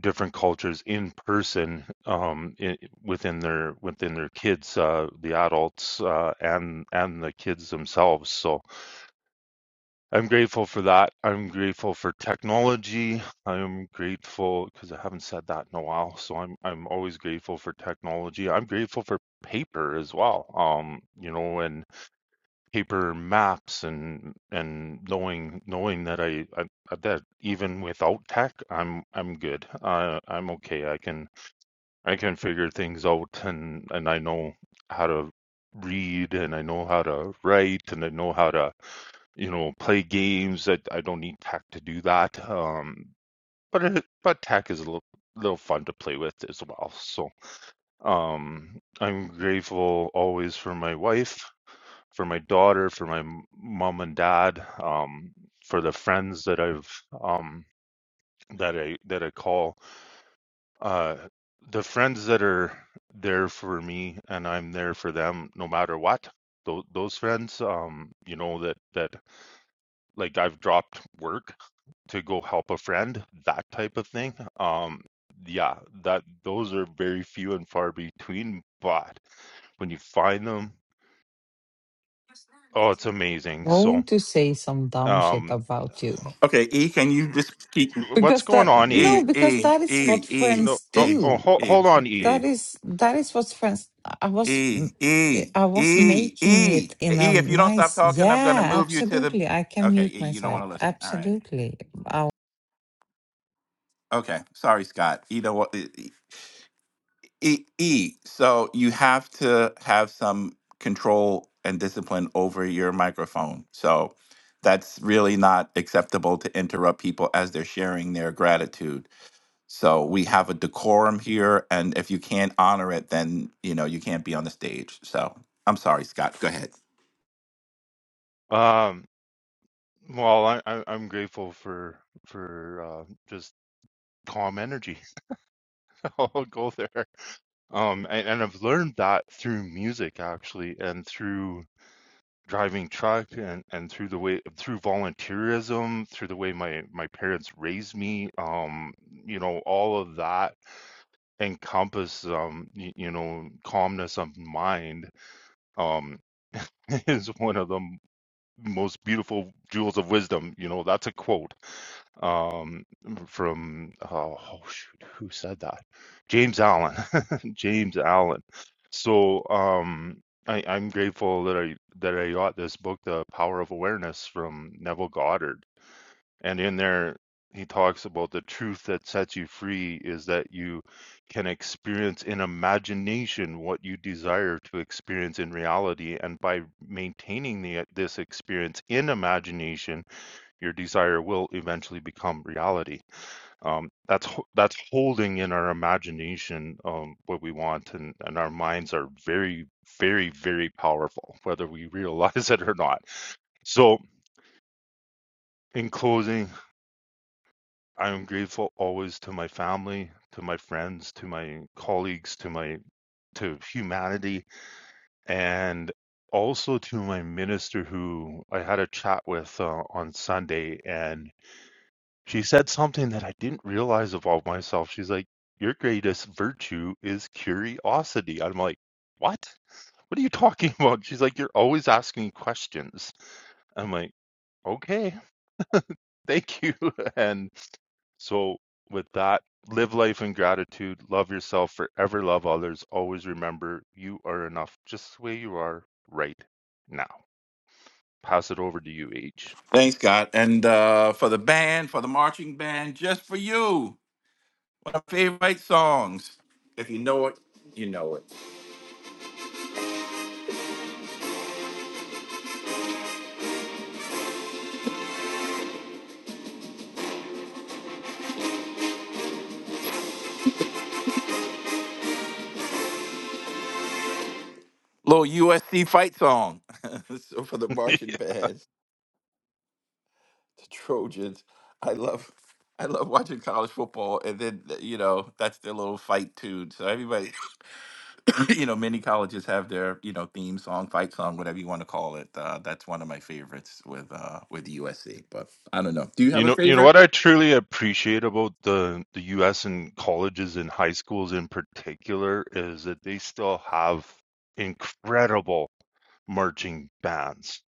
[SPEAKER 37] different cultures in person um i within their within their kids uh the adults uh and and the kids themselves so i'm grateful for that i'm grateful for technology i'm grateful because i haven't said that in a while so i'm i'm always grateful for technology i'm grateful for paper as well um you know and paper maps and and knowing knowing that I, I that even without tech I'm I'm good. I I'm okay. I can I can figure things out and and I know how to read and I know how to write and I know how to you know play games. I I don't need tech to do that. Um but it, but tech is a little little fun to play with as well. So um I'm grateful always for my wife for my daughter, for my m- mom and dad, um, for the friends that I've um, that I that I call, uh, the friends that are there for me and I'm there for them no matter what. Those those friends, um, you know that that like I've dropped work to go help a friend, that type of thing. Um, yeah, that those are very few and far between, but when you find them, oh, it's amazing. So.
[SPEAKER 36] going to say some dumb shit
[SPEAKER 37] Um,
[SPEAKER 36] about you
[SPEAKER 31] Okay. E, can you just keep?
[SPEAKER 37] What's
[SPEAKER 36] because
[SPEAKER 37] going
[SPEAKER 36] that
[SPEAKER 37] on, E?
[SPEAKER 31] Hey,
[SPEAKER 36] no because
[SPEAKER 31] hey,
[SPEAKER 36] that is what
[SPEAKER 31] hey, hey,
[SPEAKER 37] No,
[SPEAKER 36] friends
[SPEAKER 37] no.
[SPEAKER 31] hey,
[SPEAKER 37] Oh,
[SPEAKER 36] do
[SPEAKER 37] hold,
[SPEAKER 31] hey,
[SPEAKER 37] hold on, E.
[SPEAKER 36] that
[SPEAKER 31] hey,
[SPEAKER 36] is that is what friends i
[SPEAKER 31] hey,
[SPEAKER 36] was
[SPEAKER 31] hey, hey,
[SPEAKER 36] i was
[SPEAKER 31] hey. E,
[SPEAKER 36] making it in a
[SPEAKER 31] E, if you don't stop
[SPEAKER 36] nice
[SPEAKER 31] talking, I'm gonna
[SPEAKER 36] yeah
[SPEAKER 31] move you to the.
[SPEAKER 36] absolutely i can
[SPEAKER 31] Okay,
[SPEAKER 36] mute
[SPEAKER 31] E, you don't want
[SPEAKER 36] myself
[SPEAKER 31] to listen. All right.
[SPEAKER 36] absolutely I,
[SPEAKER 31] Okay, sorry, Scott. You know what? E, E, E, so you have to have some control and discipline over your microphone. So that's really not acceptable to interrupt people as they're sharing their gratitude. So we have a decorum here, and if you can't honor it, then you know you can't be on the stage. So I'm sorry, Scott. Go ahead.
[SPEAKER 37] Um, well, I, I, I'm grateful for for uh, just calm energy. *laughs* I'll go there. Um, and, and I've learned that through music actually, and through driving truck, and and through the way through volunteerism, through the way my my parents raised me. Um, you know, all of that encompass um, y- you know, calmness of mind. Um, *laughs* is one of them most beautiful jewels of wisdom. You know, that's a quote um, from oh, oh shoot, who said that? James Allen. *laughs* James Allen. So um, I, I'm grateful that I that I got this book, The Power of Awareness, from Neville Goddard and in there, he talks about the truth that sets you free is that you can experience in imagination what you desire to experience in reality. And by maintaining the, this experience in imagination, your desire will eventually become reality. Um, that's that's holding in our imagination um, what we want, and, and our minds are very, very, very powerful, whether we realize *laughs* it or not. So, in closing, I am grateful always to my family, to my friends, to my colleagues, to my to humanity, and also to my minister who I had a chat with uh, on Sunday, and she said something that I didn't realize about myself. She's like, "Your greatest virtue is curiosity." I'm like, "What? What are you *laughs* talking about?" She's like, "You're always asking questions." I'm like, "Okay, thank you," *laughs* and So, with that, live life in gratitude, love yourself, forever love others. Always remember you are enough just the way you are right now. Pass it over to you, H.
[SPEAKER 31] Thanks, Scott, and uh, for the band, for the marching band, just for you. One of my favorite songs. If you know it, you know it. Little USC fight song. *laughs* so for the
[SPEAKER 37] *laughs*
[SPEAKER 31] marching bands, the Trojans. I love, I love watching college football, and then you know that's their little fight tune. So everybody. *clears throat* you know, many colleges have their, you know, theme song, fight song, whatever you want to call it. Uh, that's one of my favorites with uh, with USC. But I don't know. Do you
[SPEAKER 37] you
[SPEAKER 31] have a
[SPEAKER 37] know, you know
[SPEAKER 31] favorite?
[SPEAKER 37] what I truly appreciate about the the U.S. and colleges and high schools in particular is that they still have incredible marching bands.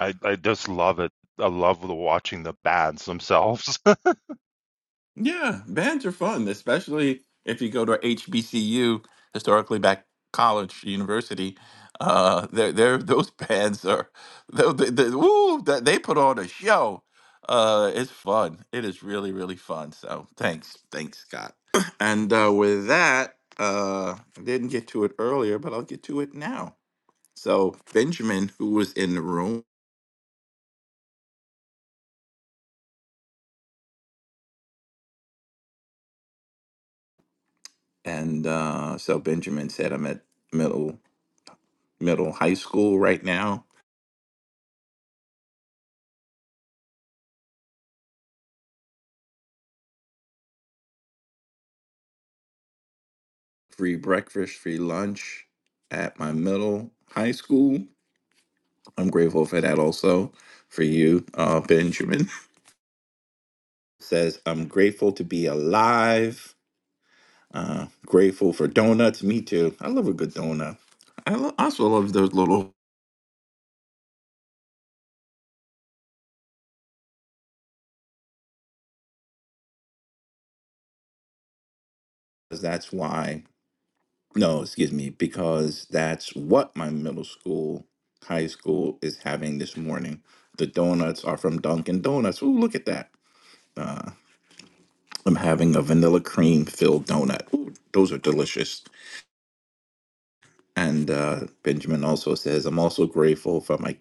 [SPEAKER 37] I I just love it. I love the watching the bands themselves.
[SPEAKER 31] Yeah, bands are fun, especially if you go to HBCU, historically back college, university. Uh, they're, they're, *laughs* those bands are, they, they, they, woo, that- they put on a show. Uh, it's fun. It is really, really fun. So thanks. Thanks, Scott. *clears throat* And uh, with that, uh, I didn't get to it earlier, but I'll get to it now. So Benjamin, who was in the room, and uh, so Benjamin said, I'm at middle middle high school right now free breakfast, free lunch at my middle high school. I'm grateful for that also for you, uh, Benjamin. *laughs* Says, I'm grateful to be alive. Uh, grateful for donuts. Me too. I love a good donut. I lo- also love those little. That's why, no, excuse me, because that's what my middle school, high school is having this morning. The donuts are from Dunkin' Donuts. Ooh, look at that. I'm having a vanilla cream filled donut. Ooh, those are delicious. And uh, Benjamin also says, I'm also grateful for my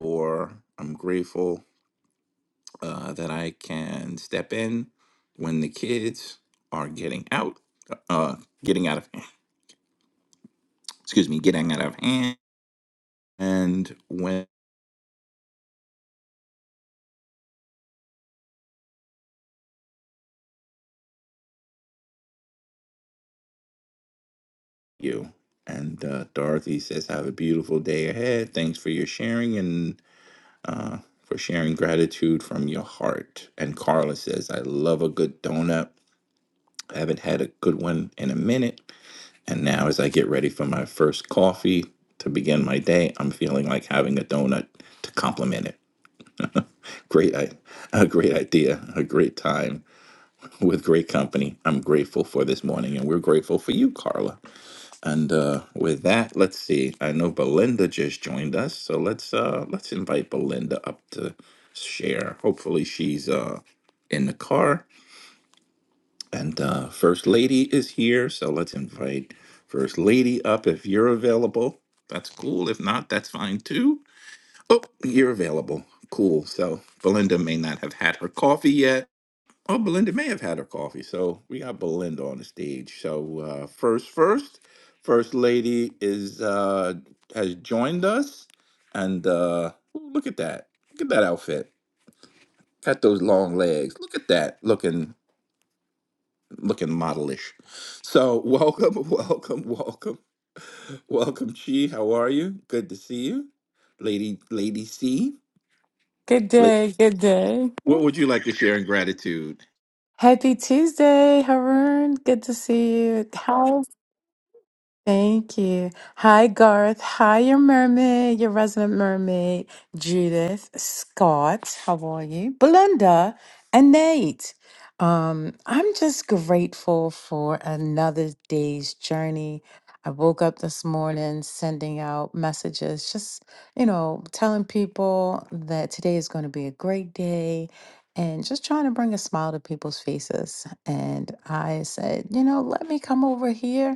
[SPEAKER 31] or I'm grateful uh, that I can step in when the kids are getting out, uh, getting out of, excuse me, getting out of hand. And when you and uh, Dorothy says, have a beautiful day ahead. Thanks for your sharing and uh, for sharing gratitude from your heart. And Carla says, I love a good donut I haven't had a good one in a minute. And now, as I get ready for my first coffee to begin my day, I'm feeling like having a donut to complement it. Great, a great idea, a great time with great company. I'm grateful for this morning, and we're grateful for you, Carla. And uh, with that, let's see. I know Belinda just joined us, so let's uh, let's invite Belinda up to share. Hopefully, she's uh, in the car. And uh, First Lady is here, so let's invite First Lady up if you're available. That's cool. If not, that's fine too. Oh, you're available. Cool. So Belinda may not have had her coffee yet. Oh, Belinda may have had her coffee. So we got Belinda on the stage. So uh, first, first, First Lady is uh, has joined us, and uh, ooh, look at that. Look at that outfit. Got those long legs. Look at that. Looking looking modelish. So welcome, *laughs* welcome, welcome, welcome, Chi. How are you? Good to see you, lady, lady C.
[SPEAKER 38] Good
[SPEAKER 31] La-
[SPEAKER 38] day, good day.
[SPEAKER 31] What would you like to share in gratitude?
[SPEAKER 38] Happy Tuesday, Haroon. Good to see you. How? Thank you. Hi, Garth. Hi, your mermaid, your resident mermaid, Judith, Scott. How are you? Belinda and Nate. Um, I'm just grateful for another day's journey. I woke up this morning sending out messages, just, you know, telling people that today is going to be a great day and just trying to bring a smile to people's faces. And I said, you know, let me come over here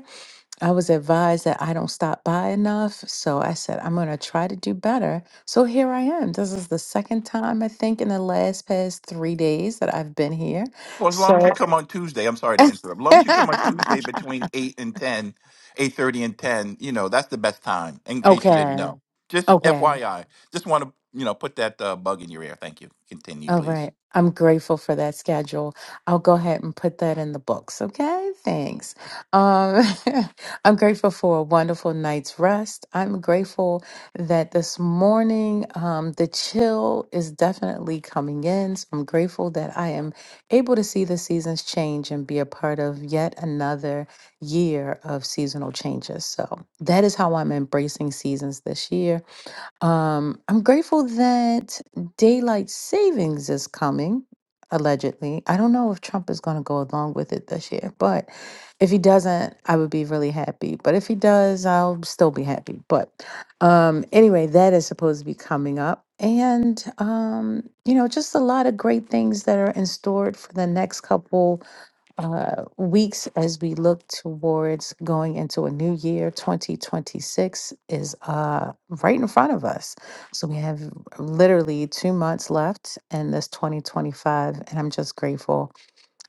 [SPEAKER 38] I was advised that I don't stop by enough. So I said, I'm going to try to do better. So here I am. This is the second time, I think, in the last past three days that I've been here.
[SPEAKER 31] Well, as long as you
[SPEAKER 38] So,
[SPEAKER 31] come on Tuesday, I'm sorry to interrupt. As long as you come on Tuesday
[SPEAKER 38] *laughs*
[SPEAKER 31] between eight and ten, eight thirty and ten, you know that's the best time. In case you didn't
[SPEAKER 38] okay.
[SPEAKER 31] know, just
[SPEAKER 38] Okay.
[SPEAKER 31] FYI, just want to you know put that uh, bug in your ear. Thank you. Continue,
[SPEAKER 38] All
[SPEAKER 31] please.
[SPEAKER 38] right. I'm grateful for that schedule. I'll go ahead and put that in the books. Okay. Thanks. Um, *laughs* I'm grateful for a wonderful night's rest. I'm grateful that this morning um, the chill is definitely coming in. So I'm grateful that I am able to see the seasons change and be a part of yet another year of seasonal changes. So that is how I'm embracing seasons this year. Um, I'm grateful that daylight savings is coming, allegedly. I don't know if Trump is going to go along with it this year, but if he doesn't, I would be really happy. But if he does, I'll still be happy. But um, anyway, that is supposed to be coming up. And, um, you know, just a lot of great things that are in store for the next couple uh, weeks as we look towards going into a new year 2026 is uh, right in front of us so we have literally two months left in this 2025 and i'm just grateful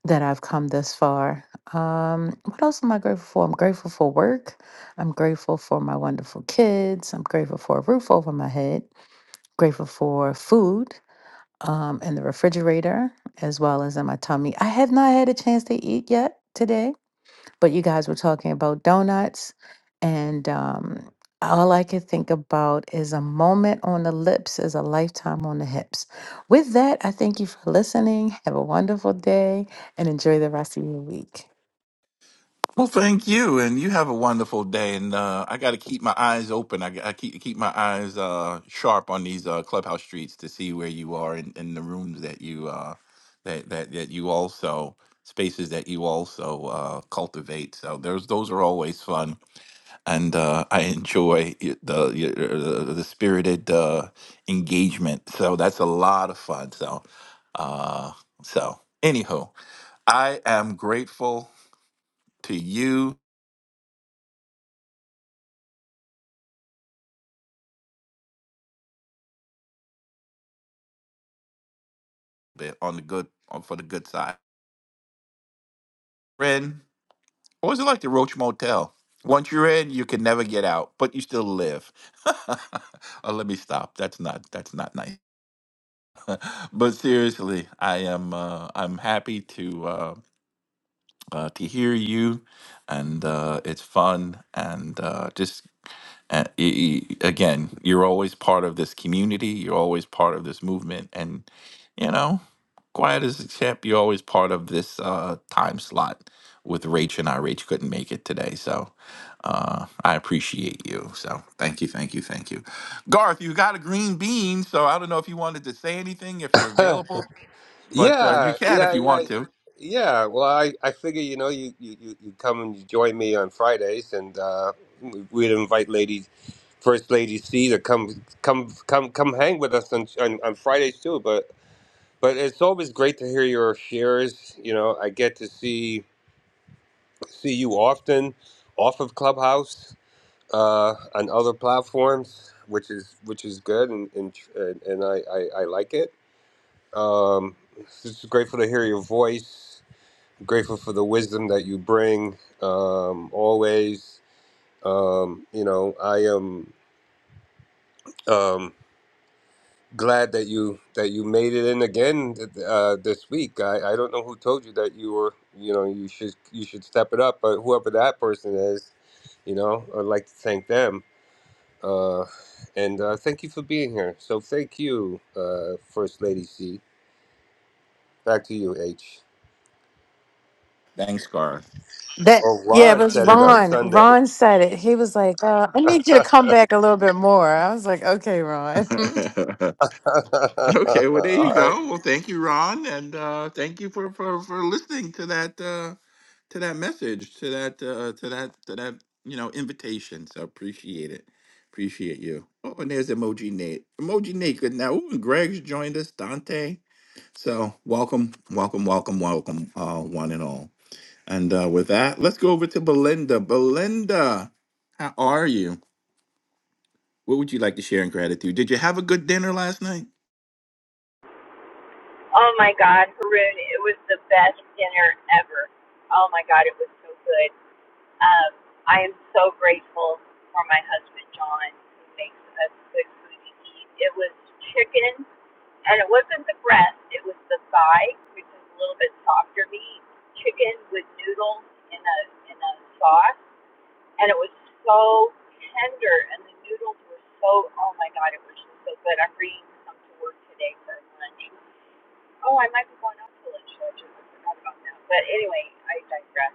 [SPEAKER 38] that i've come this far um, what else am i grateful for i'm grateful for work i'm grateful for my wonderful kids i'm grateful for a roof over my head grateful for food um, in the refrigerator as well as in my tummy. I have not had a chance to eat yet today, but you guys were talking about donuts, and um, all I could think about is a moment on the lips is a lifetime on the hips. With that, I thank you for listening. Have a wonderful day and enjoy the rest of your week.
[SPEAKER 31] Well, thank you, and you have a wonderful day. And uh, I got to keep my eyes open. I, I keep keep my eyes uh, sharp on these uh, clubhouse streets to see where you are in, in the rooms that you uh, that that that you also spaces that you also uh, cultivate. So those those are always fun, and uh, I enjoy y- the y- er, the, the spirited uh, engagement. So that's a lot of fun. So uh, so anywho, I am grateful to you bit on the good on for the good side. Ren, what was it like the Roach Motel? Once you're in, you can never get out, but you still live. *laughs* oh, let me stop. That's not that's not nice. *laughs* but seriously, I am uh, I'm happy to uh, uh, to hear you, and uh, it's fun and uh, just Uh, y- y- again, you're always part of this community. You're always part of this movement, and you know, quiet as a chip, you're always part of this uh, time slot. With Rach and I, Rach couldn't make it today, so uh, I appreciate you. So thank you, thank you, thank you, Garth. You got a green bean, so I don't know if you wanted to say anything if you're
[SPEAKER 26] Huh.
[SPEAKER 31] available, but uh, you
[SPEAKER 26] yeah
[SPEAKER 31] can if
[SPEAKER 26] yeah
[SPEAKER 31] you
[SPEAKER 26] yeah
[SPEAKER 31] want to.
[SPEAKER 26] yeah well i i figure you know you you you you come and you join me on fridays and uh we'd invite ladies first lady c to come come come come hang with us on on, on fridays too but But it's always great to hear your shares. You know, I get to see see you often off of Clubhouse uh, on other platforms, which is which is good, and and, and I, I I like it. Um, just grateful to hear your voice. Grateful for the wisdom that you bring. Um, always, um, you know, I am. Um, glad that you that you made it in again uh, this week. I, I don't know who told you that you were you know you should you should step it up, but whoever that person is, you know, I'd like to thank them. Uh, and uh, thank you for being here. So thank you, uh, First Lady C. Back to you, H.
[SPEAKER 31] Thanks, Garth.
[SPEAKER 38] That
[SPEAKER 26] Or
[SPEAKER 38] yeah, it
[SPEAKER 26] Ron
[SPEAKER 38] was
[SPEAKER 26] said it on
[SPEAKER 38] Ron.
[SPEAKER 26] Sunday.
[SPEAKER 38] Ron said it. He was like, uh, "I need
[SPEAKER 26] *laughs*
[SPEAKER 38] you to
[SPEAKER 26] All
[SPEAKER 38] come back a little bit more." I was like, "Okay, Ron."
[SPEAKER 31] *laughs* Okay, well there you
[SPEAKER 26] right.
[SPEAKER 31] go. Well, thank you, Ron, and uh, thank you for, for for listening to that uh, to that message, to that uh, to that to that you know invitation. So appreciate it, appreciate you. Oh, and there's Emoji Nate. Emoji Nate, good now. Ooh, and Greg's joined us, Dante. So welcome, welcome, welcome, welcome, uh, one and all. And uh, with that, let's go over to Belinda. Belinda, how are you? What would you like to share in gratitude? Did you have a good dinner last night?
[SPEAKER 39] Oh my God, Haroon, it was the best dinner ever. Oh my God, it was so good. Um, I am so grateful for my husband John, who makes the best good food to eat. It was chicken, and it wasn't the breast; it was the thigh, which is a little bit softer meat. Chicken with noodles in a in a sauce, and it was so tender, and the noodles were so. Oh my God, it was just so good. I'm bringing some to work today for lunch. Oh, I might be going up to Lynch Church. I forgot about that. But anyway, I digress.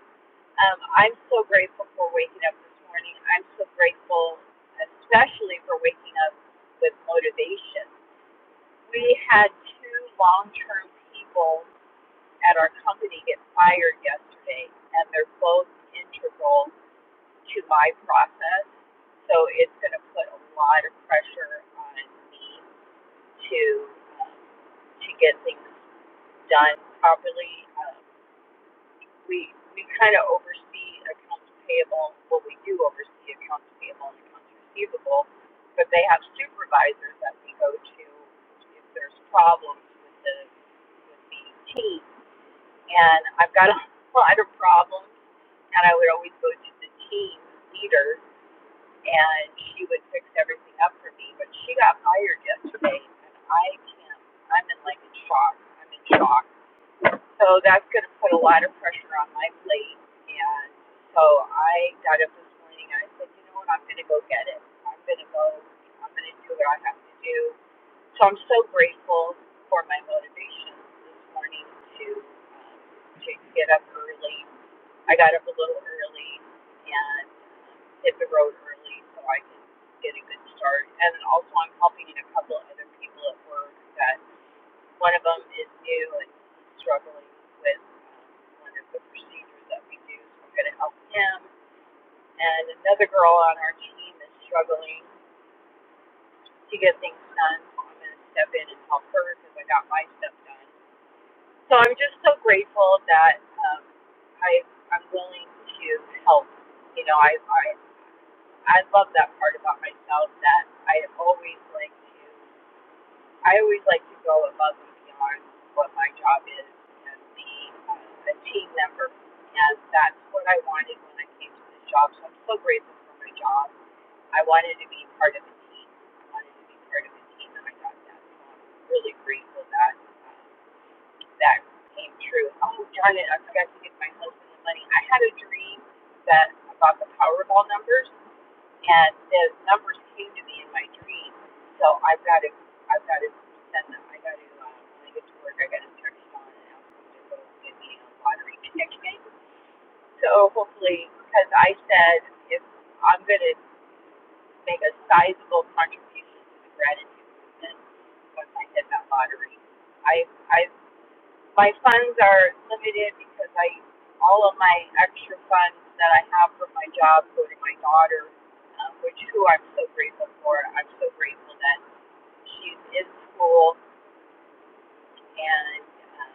[SPEAKER 39] Um, I'm so grateful for waking up this morning. I'm so grateful, especially for waking up with motivation. We had two long term people at our company get fired yesterday, and they're both integral to my process. So it's going to put a lot of pressure on me to, um, to get things done properly. Um, we we kind of oversee accounts payable. Well, we do oversee accounts payable and accounts receivable, but they have supervisors that we go to if there's problems with the with the team. And I've got a *laughs* lot of problems, and I would always go to the team leader, and she would fix everything up for me. But she got fired yesterday, and I can't. I'm in like a shock. I'm in shock so that's going to put a lot of pressure on my plate. And so I got up this morning and I said, you know what, I'm going to go get it. I'm going to go, I'm going to do what I have to do. So I'm so grateful for my motivation this morning to, to get up early. I got up a little early and hit the road early so I could get a good start. And also I'm helping a couple of other people at work that. One of them is new and struggling with one of the procedures that we do, so we're going to help him. And another girl on our team is struggling to get things done, so I'm going to step in and help her because I got my stuff done. So I'm just so grateful that um, I I'm willing to help. You know, I I I love that part about myself that I always like to. I always like to go above and beyond what my job is and be uh, a team member. And that's what I wanted when I came to this job. So I'm so grateful for my job. I wanted to be part of a team. I wanted to be part of a team, and I got that. So I'm really grateful that that came true. Oh, darn it, I forgot to give my husband the money. I had a dream that about the Powerball numbers, and the numbers came to me in my dream. So I've got to, I've got to send them. I got to, uh, when I get to work, I got to text on and ask them to go get me a lottery *laughs* ticket. So hopefully, because I said if I'm going to make a sizable contribution to the gratitude movement once I hit that lottery, I, I've my funds are limited because I all of my extra funds that I have from my job go to my daughter, um, which who I'm so grateful for. I'm so grateful that she's in school and um,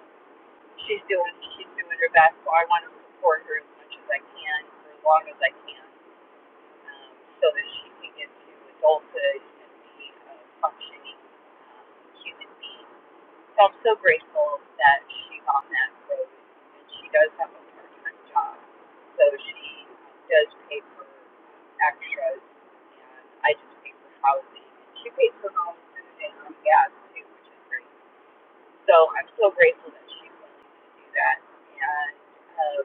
[SPEAKER 39] she's doing she's doing her best. So I want to support her as much as I can for as long as I can, um, so that she can get to adulthood and be a functioning um, human being. So I'm so grateful that she's on that road and she does have a part time job. So she does pay for extras and I just pay for housing. She pays for her own food and her own gas too, which is great. So I'm so grateful that she's willing to do that. And uh,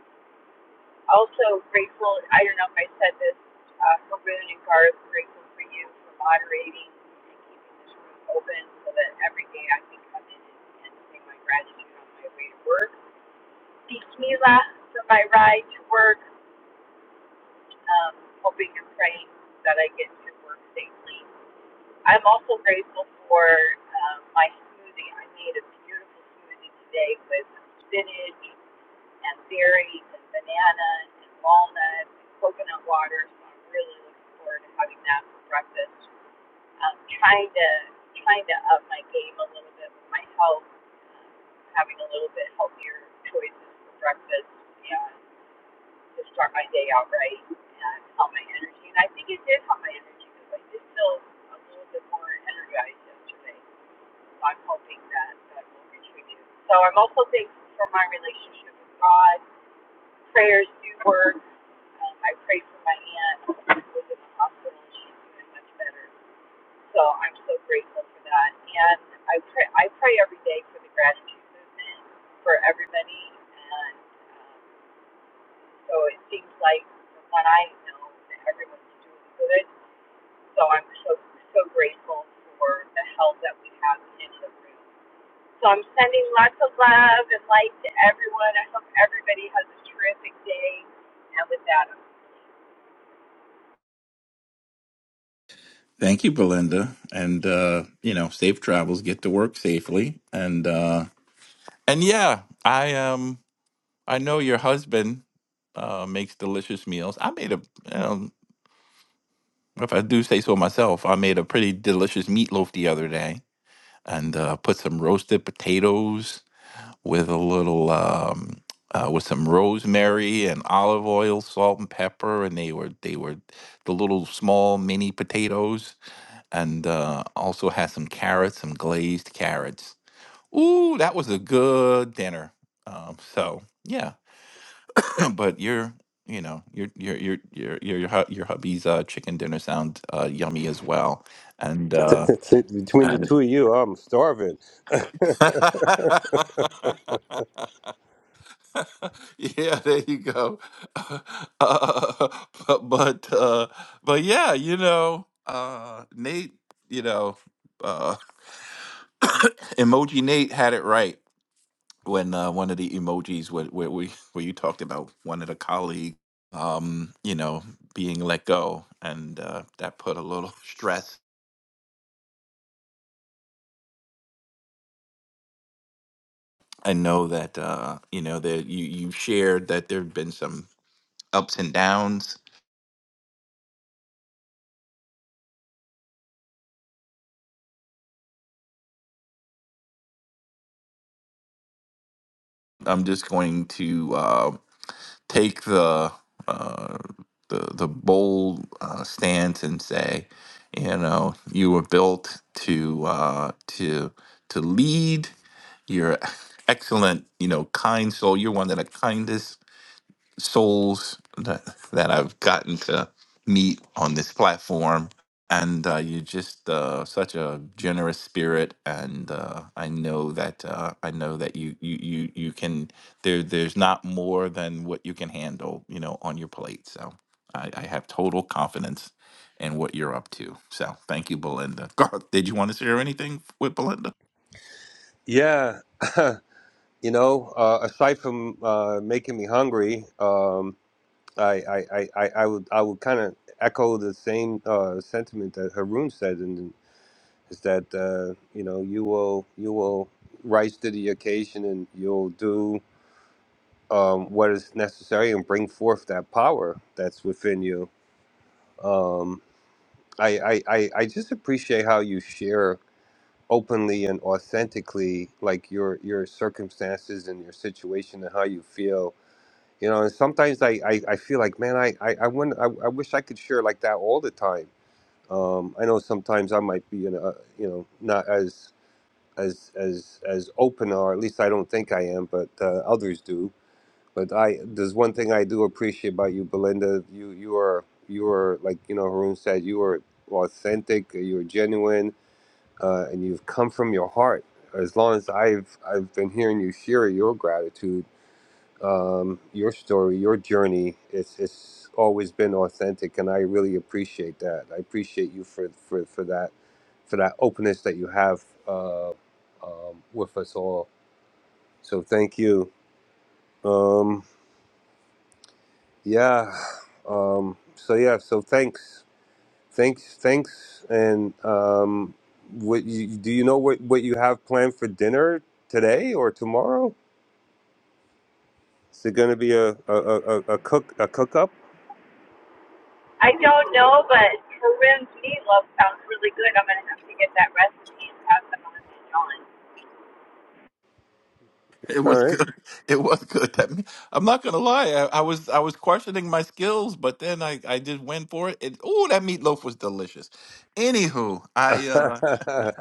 [SPEAKER 39] also grateful, I don't know if I said this, uh, for Boone and Garth, grateful for you for moderating and keeping this room open so that every day I can come in and, and say my gratitude on my way to work. Thank Mila for my ride to work, um, hoping and praying that I get to work safely. I'm also grateful for um, my smoothie. I made a beautiful smoothie today with spinach, and berries and banana and walnut and coconut water. So I'm really looking forward to having that for breakfast. I'm trying to trying to up my game a little bit with my health, having a little bit healthier choices for breakfast and to start my day out right and help my energy. And I think it did help my energy because I did feel a little bit more energized yesterday. So I'm hoping that that will contribute. So I'm also thankful for my relationship with God prayers do work. Um, I prayed for my aunt who was in the hospital and she's doing much better. So I'm so grateful for that. And I pray I pray every day for the gratitude movement for everybody and um, so it seems like from what I know that everyone's doing good. So I'm so so grateful for the help that we have in the room. So I'm sending lots of love and light to everyone. I hope everybody has a terrific day. And with that, I'm
[SPEAKER 31] Thank you, Belinda. And uh, you know, safe travels, get to work safely. And uh and yeah, I um I know your husband uh makes delicious meals. I made a you know, if I do say so myself, I made a pretty delicious meatloaf the other day and uh put some roasted potatoes with a little um uh, with some rosemary and olive oil, salt and pepper, and they were they were the little small mini potatoes and uh, also had some carrots, some glazed carrots. Ooh, that was a good dinner. Um, so yeah, *clears throat* but your, you know, your your your your your your, hu- your hubby's uh, chicken dinner sounds uh, yummy as well, and
[SPEAKER 26] *laughs*
[SPEAKER 31] uh,
[SPEAKER 26] Between the
[SPEAKER 31] and
[SPEAKER 26] two of you, I'm starving. *laughs*
[SPEAKER 31] *laughs* yeah, there you go. *laughs* Uh, but but uh, but yeah, you know, uh, Nate, you know, uh, *coughs* emoji Nate had it right when uh, one of the emojis where, where we where you talked about one of the colleagues um you know being let go and uh, that put a little *laughs* stress i know that uh you know that you you shared that there have been some ups and downs i'm just going to uh take the uh, the the bold uh, stance and say, you know, you were built to uh, to to lead. You're *laughs* excellent, you know, kind soul. You're one of the kindest souls that that I've gotten to meet on this platform, and uh, you're just uh, such a generous spirit, and uh, I know that uh, I know that you you you you can there there's not more than what you can handle, you know, on your plate. So I, I have total confidence in what you're up to. So thank you, Belinda. *laughs* Garth, did you want to share anything with Belinda?
[SPEAKER 26] Yeah. *laughs* You know, uh, aside from uh, making me hungry, um, I, I, I, I I would I would kind of echo the same uh, sentiment that Haroon said, and is that uh, you know you will you will rise to the occasion and you'll do um, what is necessary and bring forth that power that's within you. Um, I, I, I, I just appreciate how you share openly and authentically like your your circumstances and your situation and how you feel you know and sometimes i i, I feel like man i i I, wouldn't, I I wish i could share like that all the time um i know sometimes i might be in a you know not as as as as open or at least i don't think i am but uh, others do but i there's one thing i do appreciate about you belinda you you are you are like you know haroon said you are authentic you're genuine uh, and you've come from your heart as long as i've i've been hearing you share your gratitude um, your story, your journey. It's it's always been authentic, and I really appreciate that. I appreciate you for for, for that for that openness that you have uh, um, with us all. So thank you. Um, yeah. Um, so yeah. So thanks, thanks, thanks. And um, what you, do you know what what you have planned for dinner today or tomorrow? Is it going to be a a, a, a a cook a cook up?
[SPEAKER 39] I don't know, but Corinne's meatloaf sounds really good. I'm gonna have to get that recipe and have them on the John.
[SPEAKER 31] It was
[SPEAKER 26] All
[SPEAKER 31] good. *laughs* It was good. That me- I'm not gonna lie. I, I was I was questioning my skills, but then I I did win for it. it oh, that meatloaf was delicious. Anywho, I
[SPEAKER 26] right. *laughs*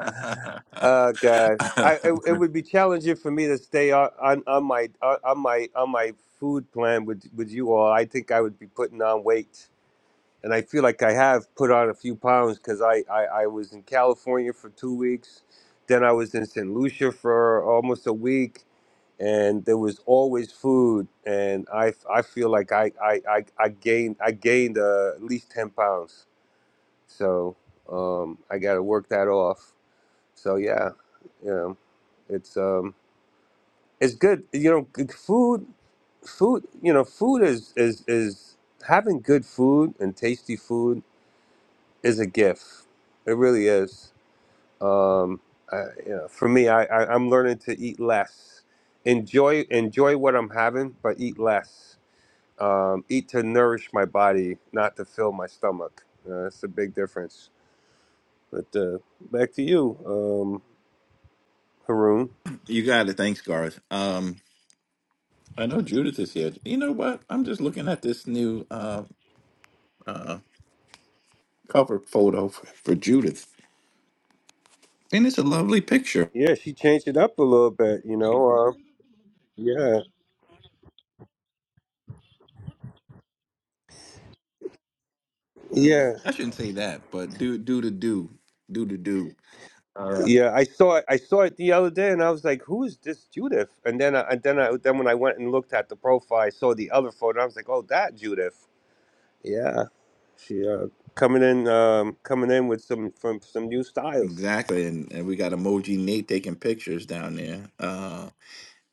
[SPEAKER 26] Uh, God, I it, it would be challenging for me to stay on on, on my on, on my on my food plan with with you all. I think I would be putting on weight, and I feel like I have put on a few pounds because I, I I was in California for two weeks, then I was in St. Lucia for almost a week, and there was always food, and I I feel like I I I, I gained I gained uh, at least ten pounds, so um I got to work that off. So yeah, yeah, it's um, it's good. You know, good food, food. You know, food is is is having good food and tasty food is a gift. It really is. Um, I, you know, for me, I, I I'm learning to eat less, enjoy enjoy what I'm having, but eat less. Um, eat to nourish my body, not to fill my stomach. Uh, that's a big difference. But uh, back to you, um, Haroon.
[SPEAKER 31] *laughs* you got it. Thanks, Garth. Um, I know Judith is here. You know what? I'm just looking at this new uh cover photo for, for Judith, and it's a lovely picture.
[SPEAKER 26] Yeah, she changed it up a little bit, you know. Um, yeah, yeah,
[SPEAKER 31] I shouldn't say that, but do do to do do to do.
[SPEAKER 26] yeah. I saw it. I saw it the other day, and I was like, "Who is this Judith?" And then, I, and then, I, then when I went and looked at the profile, I saw the other photo. And I was like, "Oh, that Judith." Yeah, she uh, coming in, um, coming in with some from some new styles.
[SPEAKER 31] Exactly, and, and we got emoji Nate taking pictures down there. Uh,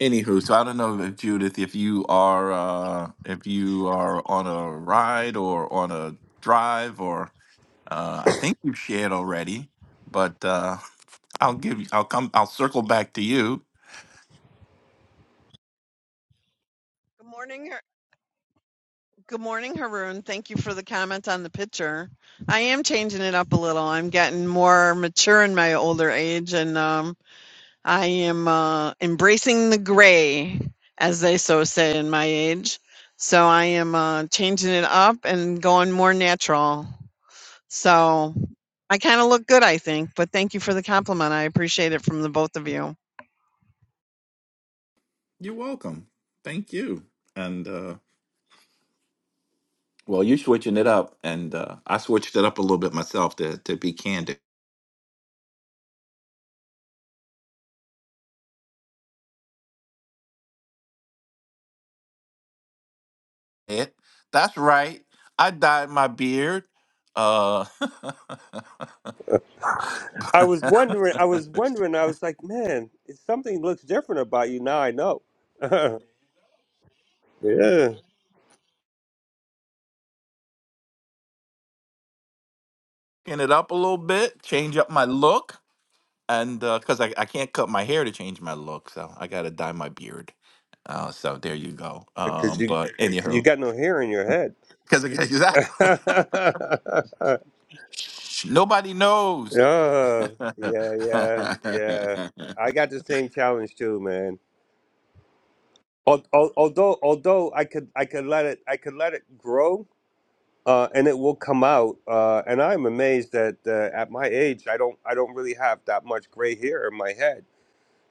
[SPEAKER 31] anywho, so I don't know if Judith, if you are uh, if you are on a ride or on a drive, or uh, I think you shared already, but uh, I'll give you, I'll come, I'll circle back to you.
[SPEAKER 19] Good morning, Good morning, Haroon. Thank you for the comment on the picture. I am changing it up a little. I'm getting more mature in my older age, and um, I am uh, embracing the gray, as they so say in my age. So I am uh, changing it up and going more natural. So I kind of look good, I think. But thank you for the compliment. I appreciate it from the both of you.
[SPEAKER 31] You're welcome. Thank you. And uh, well, you're switching it up, and uh, I switched it up a little bit myself to to be candid. it. That's right. I dyed my beard, uh, *laughs*
[SPEAKER 26] I was wondering. I was wondering. I was like, "Man, it's, something looks different about you now." I know. *laughs* yeah,
[SPEAKER 31] skin it up a little bit, change up my look, and uh 'cause because I, I can't cut my hair to change my look, so I gotta dye my beard. Uh, so there you go.
[SPEAKER 26] because
[SPEAKER 31] Um,
[SPEAKER 26] you
[SPEAKER 31] but
[SPEAKER 26] you
[SPEAKER 31] anyhow,
[SPEAKER 26] got no hair in your head.
[SPEAKER 31] because exactly,
[SPEAKER 26] *laughs*
[SPEAKER 31] *laughs* nobody knows.
[SPEAKER 26] Oh, yeah, yeah, yeah.
[SPEAKER 31] *laughs*
[SPEAKER 26] I got the same challenge too, man. Al- al- Although, although I could, I could let it, I could let it grow, uh, and it will come out. Uh, and I'm amazed that uh, at my age, I don't, I don't really have that much gray hair in my head.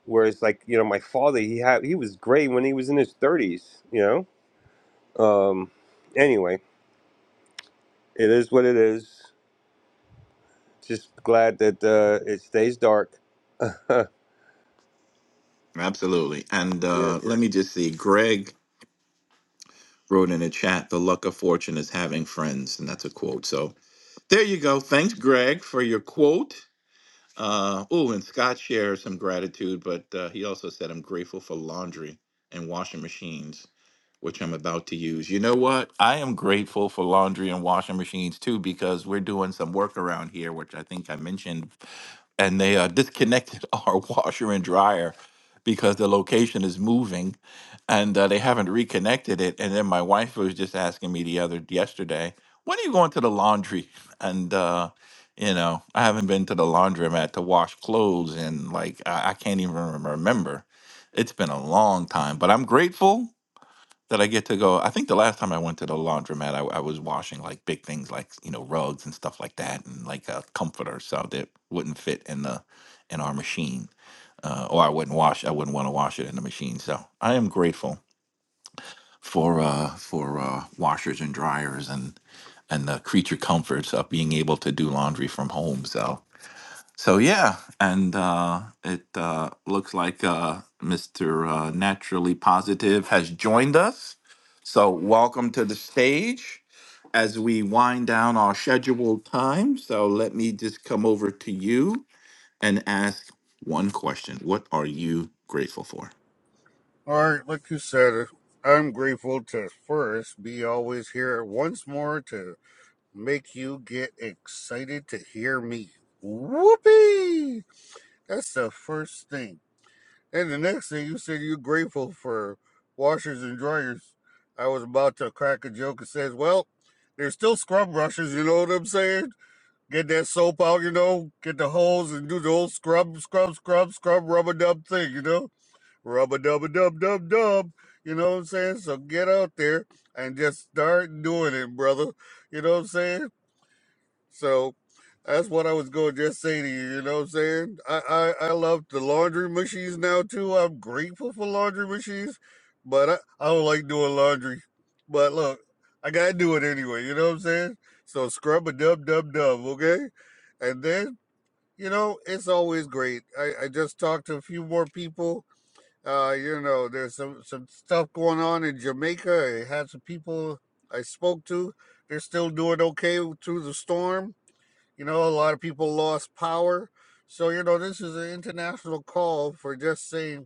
[SPEAKER 26] Whereas, like you know, my father, he had, he was gray when he was in his 30s. You know. Um, anyway, it is what it is. Just glad that uh, it stays dark. *laughs*
[SPEAKER 31] Absolutely. And
[SPEAKER 26] yeah.
[SPEAKER 31] uh, let me just see. Greg wrote in the chat, "The luck of fortune is having friends," and that's a quote. So There you go. Thanks, Greg, for your quote. Uh, oh, and Scott shares some gratitude, but uh, he also said, I'm grateful for laundry and washing machines, which I'm about to use. You know what? I am grateful for laundry and washing machines too, because we're doing some work around here, which I think I mentioned and they uh, disconnected *laughs* our washer and dryer because the location is moving and uh, they haven't reconnected it and then my wife was just asking me the other yesterday when are you going to the laundry *laughs* and uh you know i haven't been to the laundromat to wash clothes and like i, I can't even remember it's been a long time but i'm grateful that I get to go. I think the last time I went to the laundromat, I, I was washing like big things like you know rugs and stuff like that, and like a comforter so that wouldn't fit in the in our machine, uh, or I wouldn't wash. I wouldn't want to wash it in the machine. So I am grateful for uh, for uh, washers and dryers and and the creature comforts of being able to do laundry from home. So so yeah, and uh, it uh, looks like uh, Mr. Uh, Naturally Positive has joined us. So welcome to the stage as we wind down our scheduled time. So let me just come over to you and ask one question: What are you grateful for?
[SPEAKER 2] All right, like you said, I'm grateful to first be always here once more to make you get excited to hear me. Whoopee! That's the first thing. And the next thing you said you're grateful for washers and dryers. I was about to crack a joke and says, Well, there's still scrub brushes, you know what I'm saying? Get that soap out, you know, get the hose and do the whole scrub, scrub, scrub, scrub, rub a dub thing, you know? Rub a dub a dub dub dub. You know what I'm saying? So get out there and just start doing it, brother. You know what I'm saying? So that's what I was going to just say to you. You know what I'm saying? I, I, I love the laundry machines now too. I'm grateful for laundry machines, but I, I don't like doing laundry. But look, I got to do it anyway. You know what I'm saying? So scrub a dub dub dub, okay? And then, you know, it's always great. I, I just talked to a few more people. Uh, you know, there's some, some stuff going on in Jamaica. I had some people I spoke to. They're still doing okay through the storm you know, a lot of people lost power. So, you know, this is an international call for just saying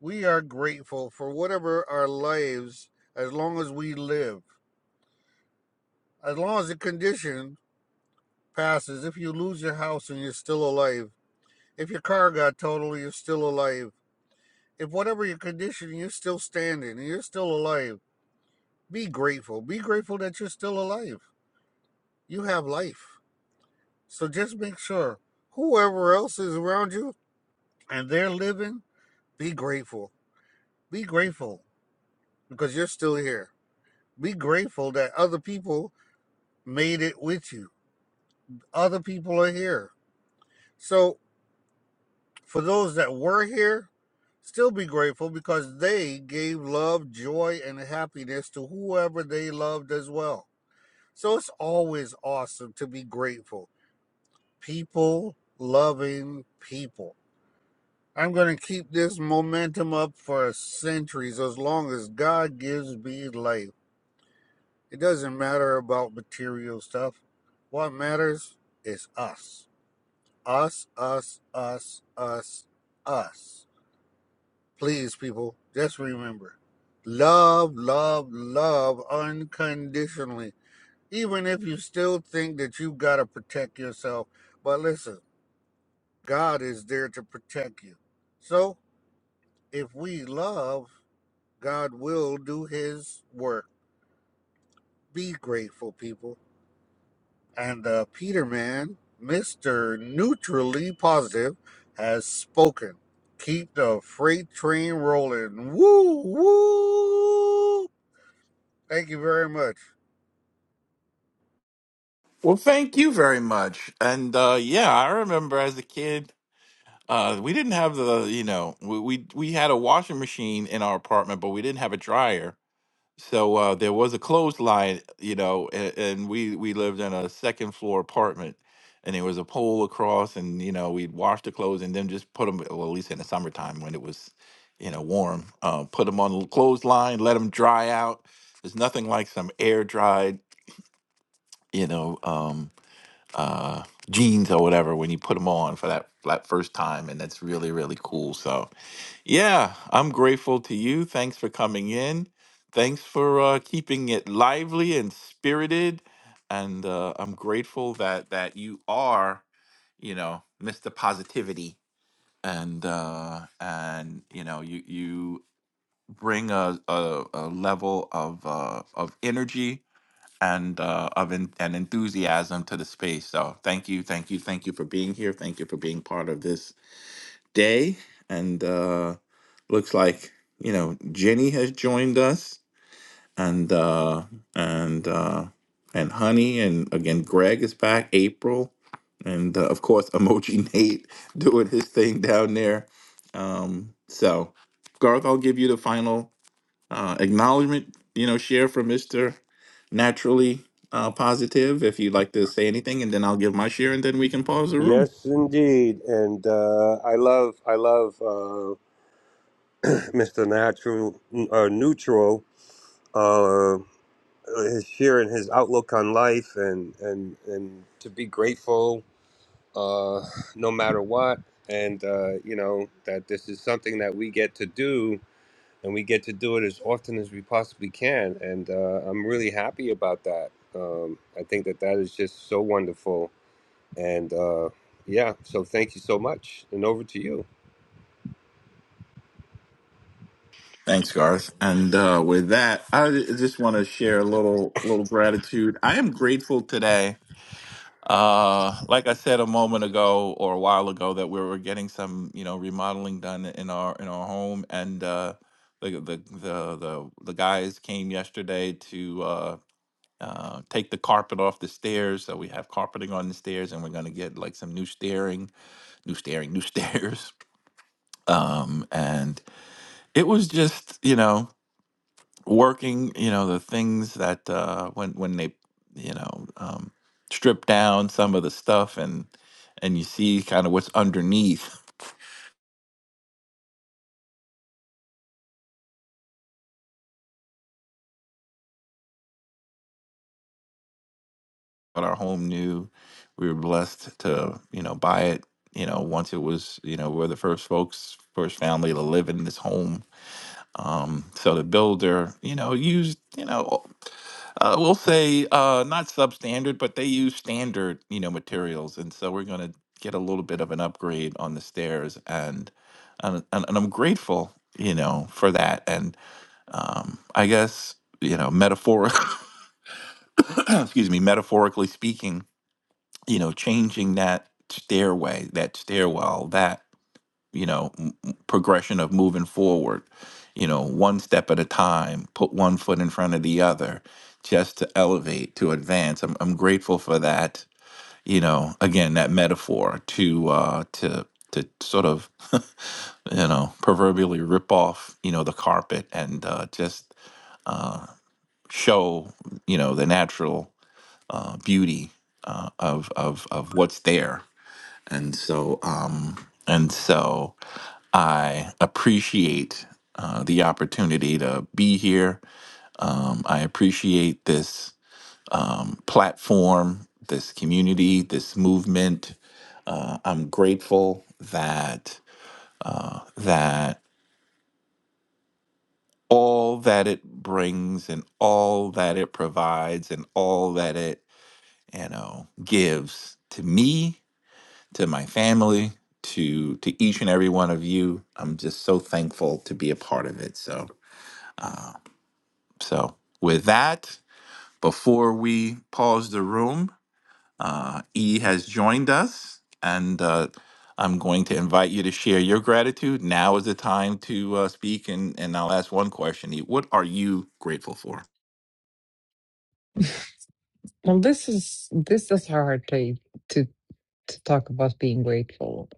[SPEAKER 2] we are grateful for whatever our lives, as long as we live, as long as the condition passes. If you lose your house and you're still alive, if your car got totaled, you're still alive. If whatever your condition, you're still standing and you're still alive, be grateful. Be grateful that you're still alive. You have life. So just make sure whoever else is around you and they're living Be grateful. Be grateful because you're still here. Be grateful that other people made it with you. Other people are here. So, for those that were here, still be grateful because they gave love, joy, and happiness to whoever they loved as well. So, it's always awesome to be grateful. People loving people. I'm going to keep this momentum up for centuries as long as God gives me life. It doesn't matter about material stuff. What matters is us. Us, us, us, us, us. Please, people, just remember love, love, love unconditionally. Even if you still think that you've got to protect yourself. But listen, God is there to protect you. So if we love, God will do his work. Be grateful, people And the Peterman, Mr. Neutrally Positive, has spoken. Keep the freight train rolling. Woo, woo. Thank you very much.
[SPEAKER 31] Well, thank you very much. And uh, yeah, I remember as a kid, uh, we didn't have the you know we, we we had a washing machine in our apartment, but we didn't have a dryer. So uh, there was a clothesline, you know, and, and we we lived in a second floor apartment, and there was a pole across, and you know we'd wash the clothes and then just put them. Well, at least in the summertime when it was, you know, warm, uh, put them on the clothesline, let them dry out. There's nothing like some air dried, you know, um, uh, jeans or whatever when you put them on for that that first time, and that's really really cool. So yeah, I'm grateful to you. Thanks for coming in. Thanks for uh, keeping it lively and spirited. And uh, I'm grateful that that you are, you know, Mr. Positivity, and uh, and you know, you you bring a a, a level of uh, of energy and uh, of en- and enthusiasm to the space. So thank you, thank you, thank you for being here. Thank you for being part of this day. And uh, looks like, you know, Jenny has joined us and uh, and uh, and Honey. And again, Greg is back, April. And uh, of course, Emoji *laughs* Nate doing his thing down there. Um, so, Garth, I'll give you the final uh, acknowledgement, you know, share from Mr. Naturally uh, Positive if you'd like to say anything. And then I'll give my share and then we can pause the room.
[SPEAKER 26] Yes, indeed, and uh, I love I love uh, *clears throat* Mr. Natural uh, Neutral. Uh, his sharing his outlook on life and and and to be grateful uh, no matter what, and uh, you know that this is something that we get to do, and we get to do it as often as we possibly can, and uh, I'm really happy about that. Um, I think that that is just so wonderful, and uh, yeah, so thank you so much, and over to you.
[SPEAKER 31] Thanks, Garth. And uh, with that, I just want to share a little little gratitude. I am grateful today. Uh, like I said a moment ago or a while ago, that we were getting some you know remodeling done in our in our home, and uh, the, the the the the guys came yesterday to. Uh, uh, take the carpet off the stairs, so we have carpeting on the stairs, and we're gonna get like some new steering, new steering, new stairs. *laughs* Um, and it was just, you know, working you know the things that uh when when they you know um strip down some of the stuff and and you see kind of what's underneath *laughs* but our home knew we were blessed to you know buy it you know once it was you know we're the first folks first family to live in this home um so the builder you know used you know Uh, we'll say uh, not substandard, but they use standard, you know, materials, and so we're going to get a little bit of an upgrade on the stairs, and and, and, and I'm grateful, you know, for that. And um, I guess you know, metaphoric, *coughs* excuse me, metaphorically speaking, you know, changing that stairway, that stairwell, that you know m- m- progression of moving forward you know one step at a time put one foot in front of the other just to elevate to advance i'm, I'm grateful for that you know again that metaphor to uh to to sort of *laughs* you know proverbially rip off you know the carpet and uh, just show you know the natural uh, beauty uh, of of of what's there and so um and so i appreciate uh, the opportunity to be here um i appreciate this um platform this community this movement uh, i'm grateful that uh that all that it brings and all that it provides and all that it you know gives to me to my family, to to each and every one of you. I'm just so thankful to be a part of it. So so with that, before we pause the room, uh, E has joined us, and uh, I'm going to invite you to share your gratitude. Now is the time to uh, speak, and and I'll ask one question. E, what are you grateful for?
[SPEAKER 36] well this is this is hard to to to talk about being grateful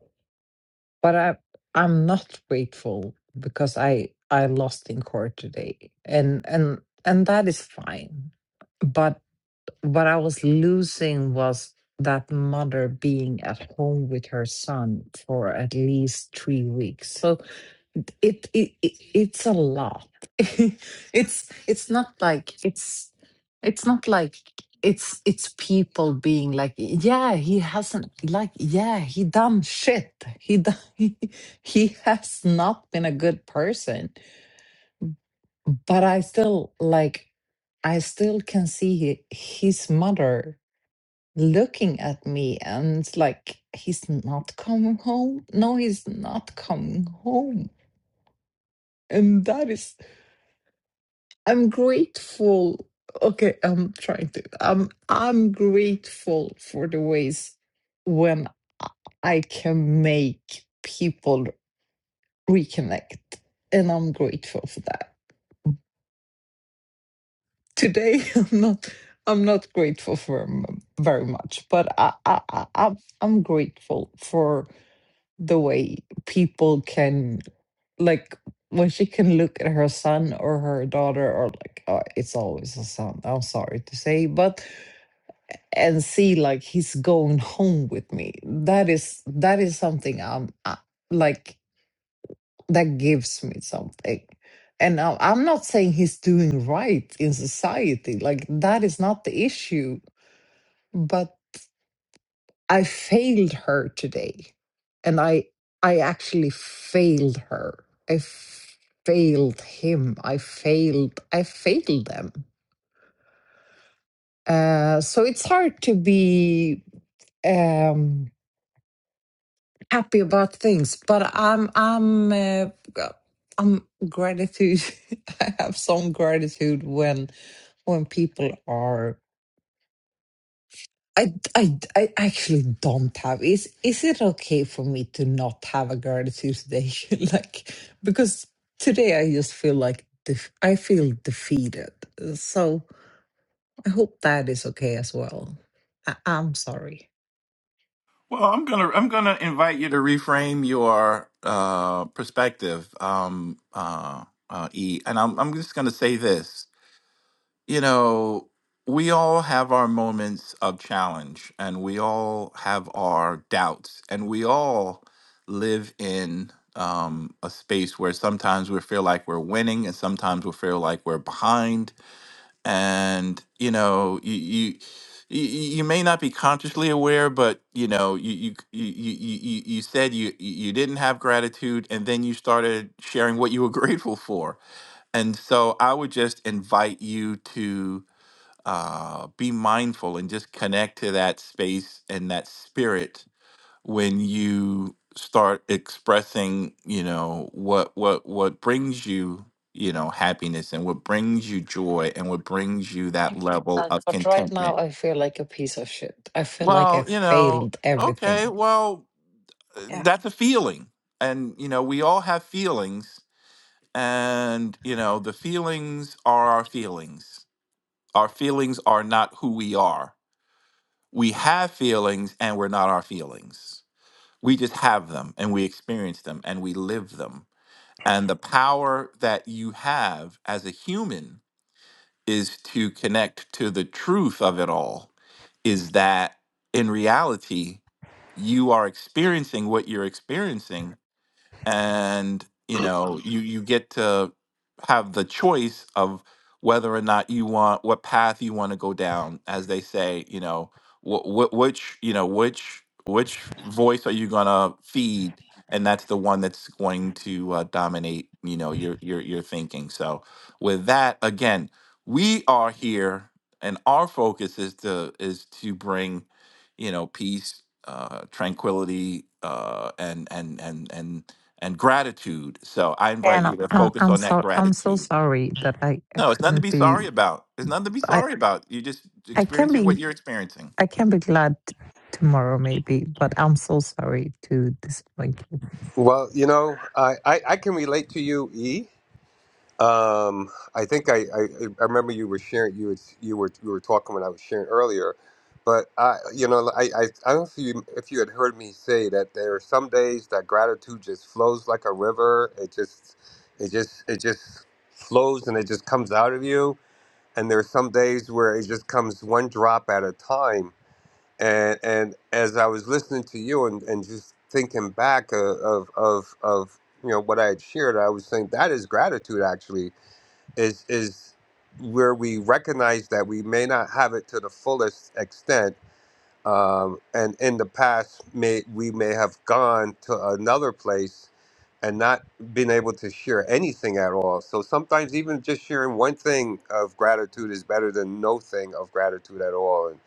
[SPEAKER 36] but I I'm not grateful because I I lost in court today and and and that is fine. But what I was losing was that mother being at home with her son for at least three weeks. So it, it, it it's a lot. *laughs* it's it's not like it's it's not like it's it's people being like yeah he hasn't like yeah he done shit he done, *laughs* he, he has not been a good person but i still like i still can see hi- his mother looking at me and it's like he's not coming home no he's not coming home and that is i'm grateful okay i'm trying to Um, i'm grateful for the ways when i can make people reconnect and i'm grateful for that today *laughs* i'm not i'm not grateful for m- very much but i i, I i'm I'm grateful for. the way people can like when she can look at her son or her daughter or like uh, it's always a son i'm sorry to say but and see like he's going home with me that is that is something i'm uh, like that gives me something and I- i'm not saying he's doing right in society like that is not the issue I failed her today. And I I actually failed her. I f- failed him. I failed I failed them. Uh, so it's hard to be um, happy about things, but I'm I'm uh, I'm gratitude. *laughs* I have some gratitude when when people are. I, I, I actually don't have. Is is it okay for me to not have a gratitude day? *laughs* like because today I just feel like def- I feel defeated. So I hope that is okay as well. I- I'm sorry.
[SPEAKER 31] Well, I'm gonna I'm gonna invite you to reframe your uh, perspective, um, uh, uh, E, and I'm I'm just gonna say this you know, we all have our moments of challenge and we all have our doubts and we all live in um, a space where sometimes we feel like we're winning and sometimes we feel like we're behind. And, you know, you, you, you you may not be consciously aware, but you know you you you you, you you- you said you you you didn't have gratitude, and then you started sharing what you were *laughs* grateful for. And so I would just invite you to uh, be mindful and just connect to that space and that spirit when you start expressing you know what what what brings you you know happiness and what brings you joy and what brings you that level
[SPEAKER 36] Uh,
[SPEAKER 31] of
[SPEAKER 36] but right
[SPEAKER 31] contentment
[SPEAKER 36] now I feel like a piece of shit. I feel like
[SPEAKER 31] well
[SPEAKER 36] I
[SPEAKER 31] you know
[SPEAKER 36] failed
[SPEAKER 31] okay
[SPEAKER 36] everything.
[SPEAKER 31] well uh,
[SPEAKER 36] Yeah.
[SPEAKER 31] that's a feeling and you know we all have feelings and you know the feelings are our feelings our feelings are not who we are We have feelings and we're not our feelings. We just have them and we experience them and we live them. And the power that you have as a human is to connect to the truth of it all is that in reality, you are experiencing what you're experiencing and you know you you get to have the choice of whether or not you want what path you want to go down as they say you know wh- wh- which you know which which voice are you going to feed and that's the one that's going to uh, dominate you know your your your thinking so with that again we are here and our focus is to is to bring you know peace uh tranquility uh and and and and and gratitude. So I invite
[SPEAKER 36] And
[SPEAKER 31] you to
[SPEAKER 36] I'm
[SPEAKER 31] focus
[SPEAKER 36] I'm
[SPEAKER 31] on that
[SPEAKER 36] so I'm so
[SPEAKER 31] gratitude.
[SPEAKER 36] sorry that I, I
[SPEAKER 31] No, it's nothing to
[SPEAKER 36] couldn't
[SPEAKER 31] be sorry
[SPEAKER 36] be
[SPEAKER 31] about. There's nothing to be
[SPEAKER 36] I
[SPEAKER 31] sorry about. You're just
[SPEAKER 36] I can
[SPEAKER 31] experiencing
[SPEAKER 36] be.
[SPEAKER 31] what you're experiencing.
[SPEAKER 36] I can be glad t- tomorrow, maybe, but I'm so sorry to disappoint you.
[SPEAKER 26] Well, you know, I, I, I can relate to you, E. Um, I think I, I, I remember you were sharing you was, you were you were talking when I was sharing earlier, but I you know I, I, I don't know if you if you had heard me say that there are some days that gratitude just flows like a river. It just it just it just flows and it just comes out of you. And there are some days where it just comes one drop at a time and and as I was listening to you and, and just thinking back of, of of of you know what I had shared, I was saying that is gratitude. Actually, is is where we recognize that we may not have it to the fullest extent, um, and in the past may we may have gone to another place and not been able to share anything at all. So sometimes even just sharing one thing of gratitude is better than no thing of gratitude at all. And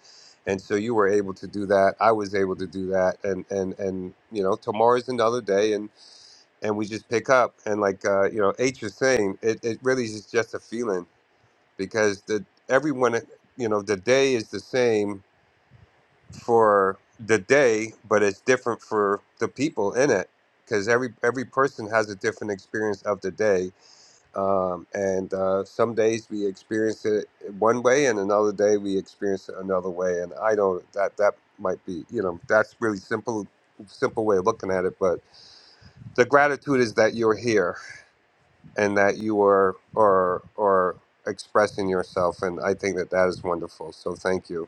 [SPEAKER 26] and so you were able to do that. I was able to do that. And and and you know tomorrow's another day, and and we just pick up. And like uh, you know H is saying, it it really is just a feeling because the everyone you know the day is the same for the day, but it's different for the people in it because every every person has a different experience of the day. Um, and uh, some days we experience it one way, and another day we experience it another way. And I don't that that might be you know that's really simple simple way of looking at it. But the gratitude is that you're here and that you are are are expressing yourself, and I think that that is wonderful. So thank you.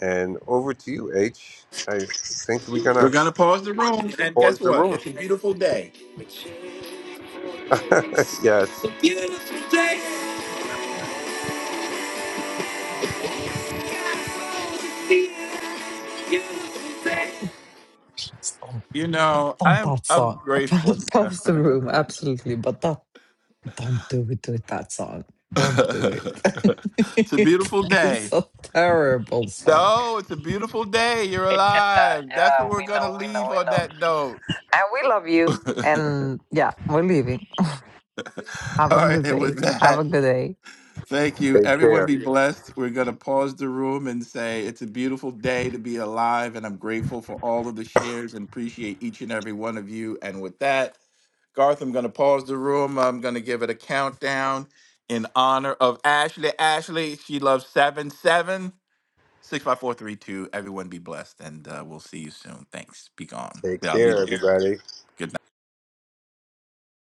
[SPEAKER 26] And over to you, H. I think we're going
[SPEAKER 31] We're
[SPEAKER 26] to
[SPEAKER 31] going to pause the room. And
[SPEAKER 26] pause
[SPEAKER 31] guess
[SPEAKER 26] the
[SPEAKER 31] what?
[SPEAKER 26] room.
[SPEAKER 31] It's a beautiful day. It's
[SPEAKER 26] *laughs* yes.
[SPEAKER 31] a beautiful day. Beautiful day.
[SPEAKER 36] Don't,
[SPEAKER 31] You know,
[SPEAKER 36] don't
[SPEAKER 31] I'm
[SPEAKER 36] that
[SPEAKER 31] I'm
[SPEAKER 36] song.
[SPEAKER 31] grateful.
[SPEAKER 36] *laughs* Pause the room, absolutely, but that don't do it with that song.
[SPEAKER 31] *laughs* it's
[SPEAKER 36] Don't do it. *laughs*
[SPEAKER 31] a
[SPEAKER 36] it
[SPEAKER 31] beautiful day.
[SPEAKER 36] is a terrible song.
[SPEAKER 31] No, it's a beautiful day. You're
[SPEAKER 36] Uh,
[SPEAKER 31] alive. That's what
[SPEAKER 36] yeah,
[SPEAKER 31] we're
[SPEAKER 36] we
[SPEAKER 31] going to
[SPEAKER 36] know, we know,
[SPEAKER 31] leave
[SPEAKER 36] we
[SPEAKER 31] on
[SPEAKER 36] know.
[SPEAKER 31] that note.
[SPEAKER 36] And we love
[SPEAKER 31] *laughs*
[SPEAKER 36] you.
[SPEAKER 31] All
[SPEAKER 36] And yeah, we're leaving. Have a
[SPEAKER 31] right.
[SPEAKER 36] good
[SPEAKER 31] And
[SPEAKER 36] day.
[SPEAKER 31] with
[SPEAKER 36] Have
[SPEAKER 31] that,
[SPEAKER 36] a good day.
[SPEAKER 31] thank you.
[SPEAKER 26] Take
[SPEAKER 31] Everyone
[SPEAKER 26] care.
[SPEAKER 31] be blessed. We're going to pause the room and say it's a beautiful day to be alive. And I'm grateful for all of the shares and appreciate each and every one of you. And with that, Garth, I'm going to pause the room. I'm going to give it a countdown in honor of Ashley. Ashley, she loves 7 7. 65432. Everyone be blessed, and uh, we'll see you soon. Thanks. Be gone.
[SPEAKER 26] Take
[SPEAKER 31] Yeah, I'll be Take
[SPEAKER 26] care,
[SPEAKER 31] blessed. care.
[SPEAKER 26] everybody.
[SPEAKER 31] Good night.